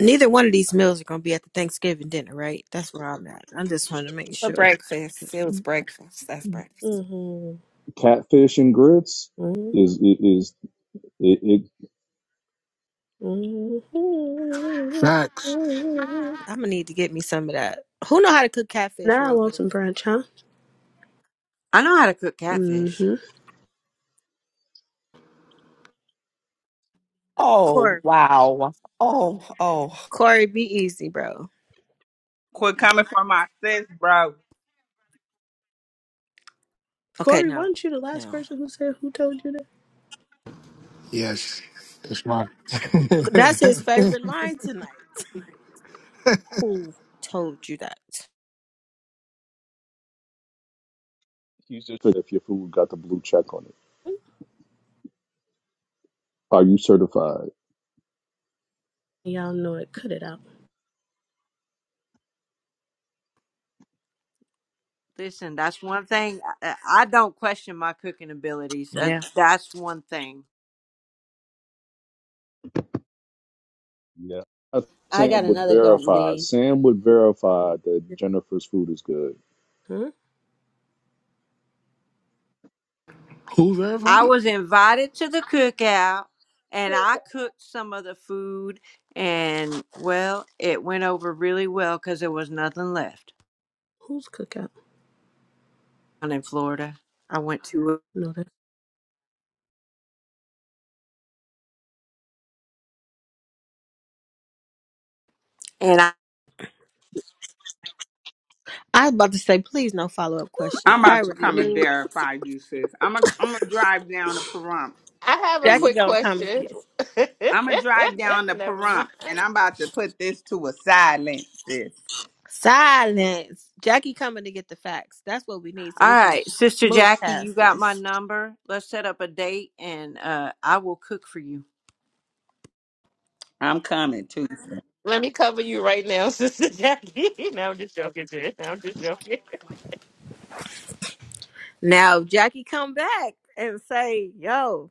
[SPEAKER 1] Neither one of these meals are gonna be at the Thanksgiving dinner, right? That's where I'm at. I just want to make
[SPEAKER 16] For
[SPEAKER 1] sure.
[SPEAKER 16] breakfast. It was breakfast. That's breakfast.
[SPEAKER 6] Mm-hmm.
[SPEAKER 9] Catfish and grits
[SPEAKER 6] Mm-hmm.
[SPEAKER 9] is it is it, it
[SPEAKER 6] Mhm.
[SPEAKER 13] Facts.
[SPEAKER 1] I'm gonna need to get me some of that. Who know how to cook catfish
[SPEAKER 6] Now I
[SPEAKER 1] real
[SPEAKER 6] want
[SPEAKER 1] good?
[SPEAKER 6] some brunch, huh?
[SPEAKER 7] I know how to cook catfish.
[SPEAKER 6] Mm-hmm.
[SPEAKER 16] Oh,
[SPEAKER 1] Corey.
[SPEAKER 16] wow. Oh, oh.
[SPEAKER 1] Corey, be easy, bro.
[SPEAKER 5] Quit coming for my sis, bro.
[SPEAKER 1] Okay,
[SPEAKER 6] Corey,
[SPEAKER 1] no,
[SPEAKER 6] wasn't you the last
[SPEAKER 1] no.
[SPEAKER 6] person who said who told you that?
[SPEAKER 13] Yes. That's right.
[SPEAKER 1] That's his favorite line tonight. Who told you that?
[SPEAKER 9] you just if your food got the blue check on it. Are you certified?
[SPEAKER 6] Y'all know it. Cut it out.
[SPEAKER 7] Listen, that's one thing. I, I don't question my cooking abilities. That,
[SPEAKER 1] Yeah.
[SPEAKER 7] that's one thing.
[SPEAKER 9] Yeah.
[SPEAKER 10] I got
[SPEAKER 9] Sam would
[SPEAKER 10] another don't
[SPEAKER 9] verify.
[SPEAKER 10] be.
[SPEAKER 9] Sam would verify that Jennifer's food is good.
[SPEAKER 6] Huh?
[SPEAKER 13] Who verified
[SPEAKER 7] I
[SPEAKER 13] it?
[SPEAKER 7] was invited to the cookout, and I cooked some of the food, and well, it went over really well because there was nothing left.
[SPEAKER 6] Who's cookout?
[SPEAKER 7] down in Florida. I went to it.
[SPEAKER 6] No, that.
[SPEAKER 7] and I,
[SPEAKER 1] I was about to say, please no follow up question.
[SPEAKER 5] I'm
[SPEAKER 1] I
[SPEAKER 5] about to
[SPEAKER 1] already
[SPEAKER 5] come and
[SPEAKER 1] knew.
[SPEAKER 5] verify you, sis. I'm gonna I'm gonna drive down to Pahrump
[SPEAKER 14] have a
[SPEAKER 5] and
[SPEAKER 1] Jackie
[SPEAKER 14] quick
[SPEAKER 1] gonna come and
[SPEAKER 14] question.
[SPEAKER 1] get
[SPEAKER 5] I'm gonna drive down to
[SPEAKER 14] Never mind.
[SPEAKER 5] Pahrump and I'm about to put this to a silence, sis.
[SPEAKER 1] silence. Jackie coming to get the facts. That's what we need so
[SPEAKER 7] all
[SPEAKER 1] we can
[SPEAKER 7] right, Sister
[SPEAKER 1] move
[SPEAKER 7] Jackie, you
[SPEAKER 1] past
[SPEAKER 7] got my
[SPEAKER 1] this.
[SPEAKER 7] number. Let's set up a date and uh I will cook for you.
[SPEAKER 5] I'm coming too.
[SPEAKER 14] Let me cover you right now, Sister Jackie. no, I'm just joking, Jen. No, I'm just joking.
[SPEAKER 1] Now if Jackie come back and say, yo,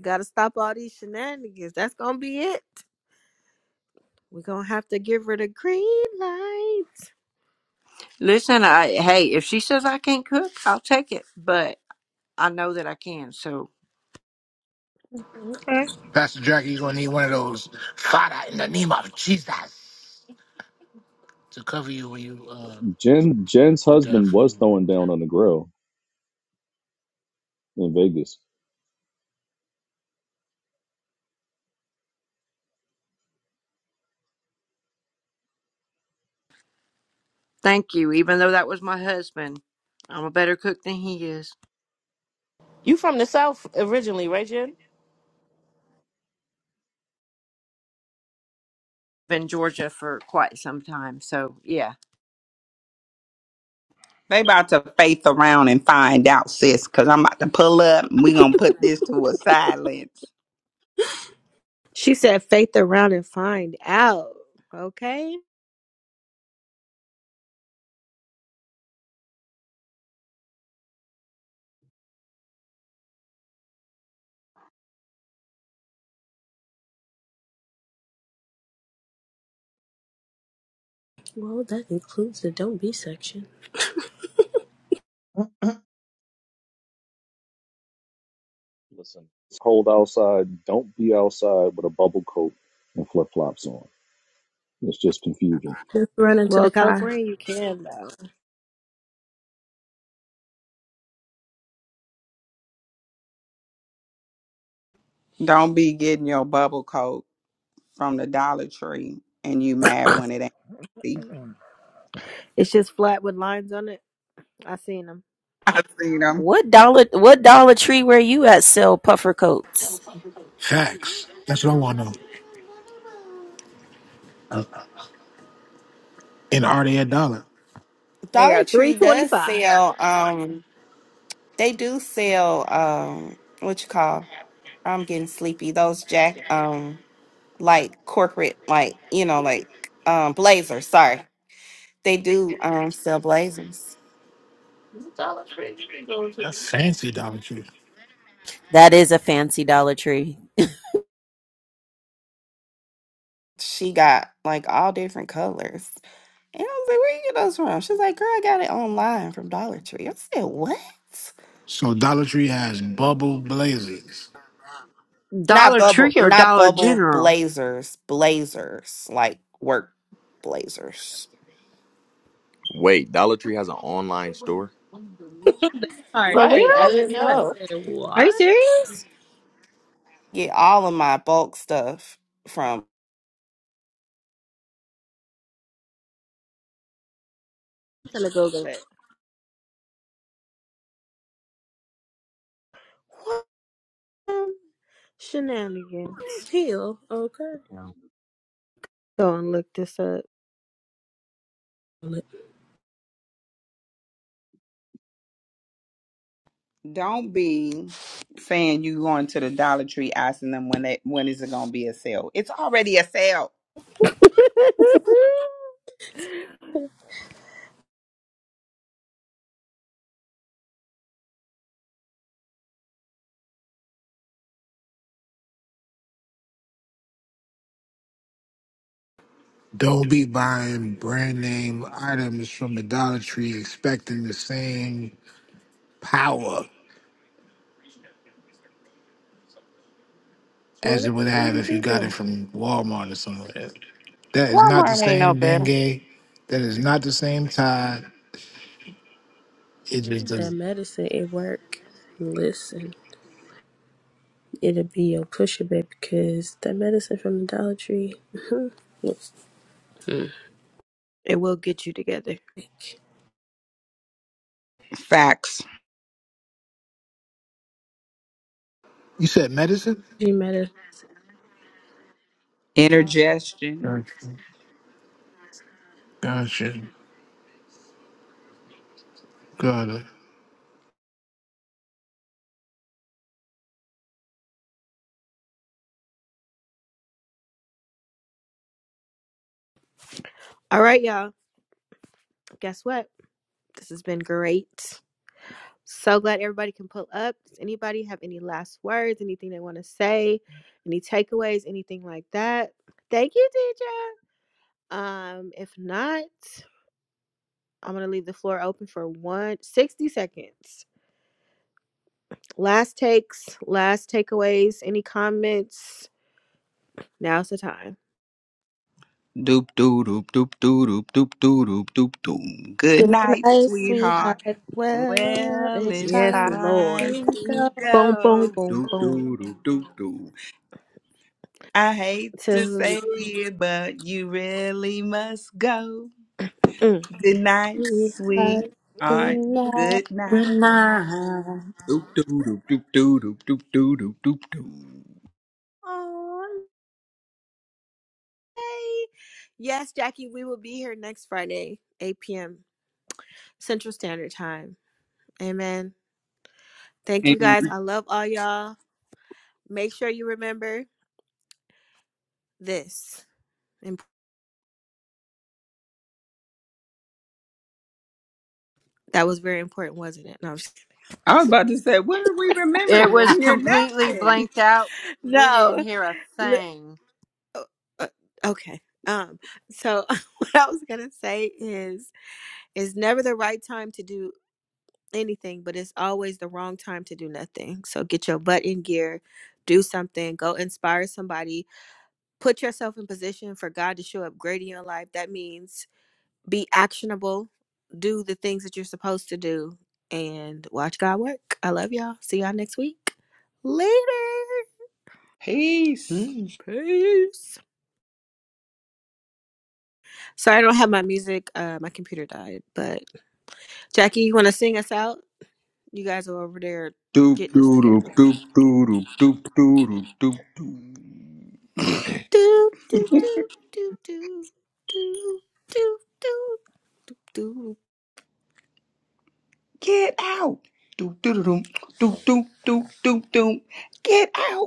[SPEAKER 1] gotta stop all these shenanigans. That's gonna be it. We're gonna have to give her the green light.
[SPEAKER 7] Listen, I hey, if she says I can't cook, I'll take it, but I know that I can. So,
[SPEAKER 1] Okay.
[SPEAKER 13] Pastor Jackie, you're gonna need one of those. Father, in the name of Jesus, to cover you when you uh,
[SPEAKER 9] Jen Jen's
[SPEAKER 13] eat that
[SPEAKER 9] husband was
[SPEAKER 13] food.
[SPEAKER 9] throwing down on the grill in Vegas.
[SPEAKER 7] thank you even though that was my husband. I'm a better cook than he is.
[SPEAKER 14] You from the South originally, right, Jen?
[SPEAKER 7] Been in Georgia for quite some time. So, yeah.
[SPEAKER 5] They about to faith around and find out, sis, because I'm about to pull up and we going to put this to a silence.
[SPEAKER 1] She said faith around and find out. Okay.
[SPEAKER 6] Well, that includes the don't be section.
[SPEAKER 9] Listen, it's cold outside. Don't be outside with a bubble coat and flip flops on. It's just confusing.
[SPEAKER 6] Just run into the
[SPEAKER 1] Well,
[SPEAKER 6] car.
[SPEAKER 1] California, you can though.
[SPEAKER 5] Don't be getting your bubble coat from the Dollar Tree and you mad when it ain't. empty.
[SPEAKER 1] It's just flat with lines on it. I seen them.
[SPEAKER 5] I seen 'em.
[SPEAKER 10] What dollar what Dollar Tree where you at sell puffer coats?
[SPEAKER 13] Facts. That's what I want to know. Uh, and are they at Dollar?
[SPEAKER 1] They
[SPEAKER 16] Dollar
[SPEAKER 1] are three
[SPEAKER 16] Tree
[SPEAKER 1] twenty
[SPEAKER 16] does
[SPEAKER 1] five.
[SPEAKER 16] sell, um, they do sell, um, what you call, I'm getting sleepy. Those Jack, um, like corporate, like you know, like um blazers. Sorry, they do um sell blazers.
[SPEAKER 13] That's fancy Dollar Tree.
[SPEAKER 10] That is a fancy Dollar Tree.
[SPEAKER 16] She got like all different colors, and I was like, "Where you get those from?" She's like, "Girl, I got it online from Dollar Tree." I said, "What?"
[SPEAKER 13] So Dollar Tree has bubble blazers.
[SPEAKER 7] Dollar
[SPEAKER 16] Not bubble, not bubble
[SPEAKER 7] General.
[SPEAKER 16] blazers, blazers like work blazers.
[SPEAKER 5] Wait, Dollar Tree has an online store?
[SPEAKER 6] All
[SPEAKER 1] For
[SPEAKER 6] right, that
[SPEAKER 14] Right. I
[SPEAKER 6] part.
[SPEAKER 1] real?
[SPEAKER 14] didn't know.
[SPEAKER 6] That's I said
[SPEAKER 1] Are you
[SPEAKER 6] what?
[SPEAKER 1] serious?
[SPEAKER 16] Get all of my bulk stuff from
[SPEAKER 1] I'm gonna Google it. What? Um, Shenanigans.
[SPEAKER 6] Heal. Okay.
[SPEAKER 15] Yeah.
[SPEAKER 1] Go and look this up.
[SPEAKER 6] Well, let
[SPEAKER 5] Don't be saying you going to the Dollar Tree asking them when they when is it gonna be a sale. It's already a sale.
[SPEAKER 13] Don't be buying brand name items from the Dollar Tree expecting the same power as it
[SPEAKER 6] well,
[SPEAKER 13] would
[SPEAKER 6] let
[SPEAKER 13] have
[SPEAKER 6] me
[SPEAKER 13] if you
[SPEAKER 6] do
[SPEAKER 13] got it
[SPEAKER 6] that.
[SPEAKER 13] from Walmart or somewhere. That is not the
[SPEAKER 16] Walmart. Ain't no
[SPEAKER 13] same
[SPEAKER 16] better.
[SPEAKER 13] Bengay. That is not the same tie. It just
[SPEAKER 6] That
[SPEAKER 13] doesn't.
[SPEAKER 6] medicine it work. Listen. it'll be your pusher, a bit because that medicine from the Dollar Tree looks like
[SPEAKER 1] it will get you together.
[SPEAKER 5] Facts.
[SPEAKER 13] You said medicine?
[SPEAKER 6] G medicine.
[SPEAKER 5] Intergestion.
[SPEAKER 13] Gotcha. Gotcha. Got it.
[SPEAKER 1] All right, y'all. Guess what? This has been great. So glad everybody can pull up. Does anybody have any last words, anything they want to say, any takeaways, anything like that? Thank you, Deidre. Um, if not, I'm gonna leave the floor open for one 60 seconds. Last takes, last takeaways, any comments? Now's the time.
[SPEAKER 5] Doop doop doop doop doop doop doop doop doop doop doop. Good
[SPEAKER 6] Good
[SPEAKER 5] night,
[SPEAKER 6] night,
[SPEAKER 5] sweetheart.
[SPEAKER 6] sweetheart. Well,
[SPEAKER 5] Well,
[SPEAKER 6] it's
[SPEAKER 5] it's
[SPEAKER 1] Yes,
[SPEAKER 6] time
[SPEAKER 1] Lord.
[SPEAKER 5] time
[SPEAKER 6] to
[SPEAKER 5] to
[SPEAKER 1] Boom,
[SPEAKER 6] go,
[SPEAKER 1] boom,
[SPEAKER 5] go.
[SPEAKER 1] boom,
[SPEAKER 5] Doop
[SPEAKER 1] boom.
[SPEAKER 5] doop doop doop doop. I hate to
[SPEAKER 1] To
[SPEAKER 5] say it, but you really must go.
[SPEAKER 1] mm.
[SPEAKER 5] Good night, sweet.
[SPEAKER 6] sweetheart.
[SPEAKER 5] All
[SPEAKER 6] Good
[SPEAKER 5] right.
[SPEAKER 6] night.
[SPEAKER 5] Good night.
[SPEAKER 7] Good
[SPEAKER 5] Doop doop doop doop doop doop doop doop doop doop doop.
[SPEAKER 6] Aww.
[SPEAKER 1] Hey. Yes, Jackie, we will be here next Friday, 8 p.m. Central Standard Time. Amen. Thank you guys.
[SPEAKER 5] And
[SPEAKER 1] I love all y'all. Make sure you remember this. Imp- That was very important, wasn't it? No, I'm just
[SPEAKER 5] I was
[SPEAKER 1] kidding.
[SPEAKER 5] about to say, what are we
[SPEAKER 7] It
[SPEAKER 5] remembering and
[SPEAKER 7] was
[SPEAKER 5] hear
[SPEAKER 7] completely
[SPEAKER 5] nothing?
[SPEAKER 7] blanked out. We didn't
[SPEAKER 1] no.
[SPEAKER 7] hear a thing.
[SPEAKER 1] uh, uh, Okay. Um. So what I was gonna say is, it's never the right time to do anything, but it's always the wrong time to do nothing. So get your butt in gear, do something, go inspire somebody, put yourself in position for God to show up great in your life. That means be actionable, do the things that you're supposed to do, and watch God work. I love y'all. See y'all next week. Later.
[SPEAKER 5] Peace. Mm.
[SPEAKER 1] Peace. Sorry, I don't have my music. Uh, my computer died. But Jackie, you want to sing us out? You guys are over there
[SPEAKER 5] Doop
[SPEAKER 1] getting us together.
[SPEAKER 5] doop doop doop doop doop doop doop doop doop.
[SPEAKER 1] Do do do do do do do do do. do.
[SPEAKER 5] Get out. Doop doop doop doop doop doop doop doop. Get out.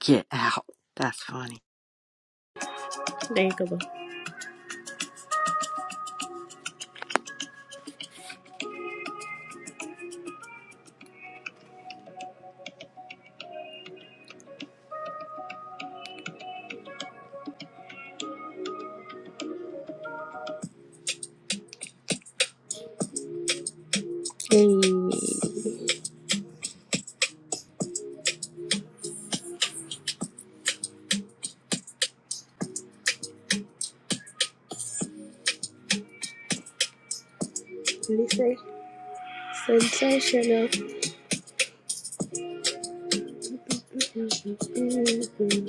[SPEAKER 7] Get out. That's funny.
[SPEAKER 6] There you go. boo. Hey. What do you say? Sensational. Mm-hmm, mm-hmm, mm-hmm.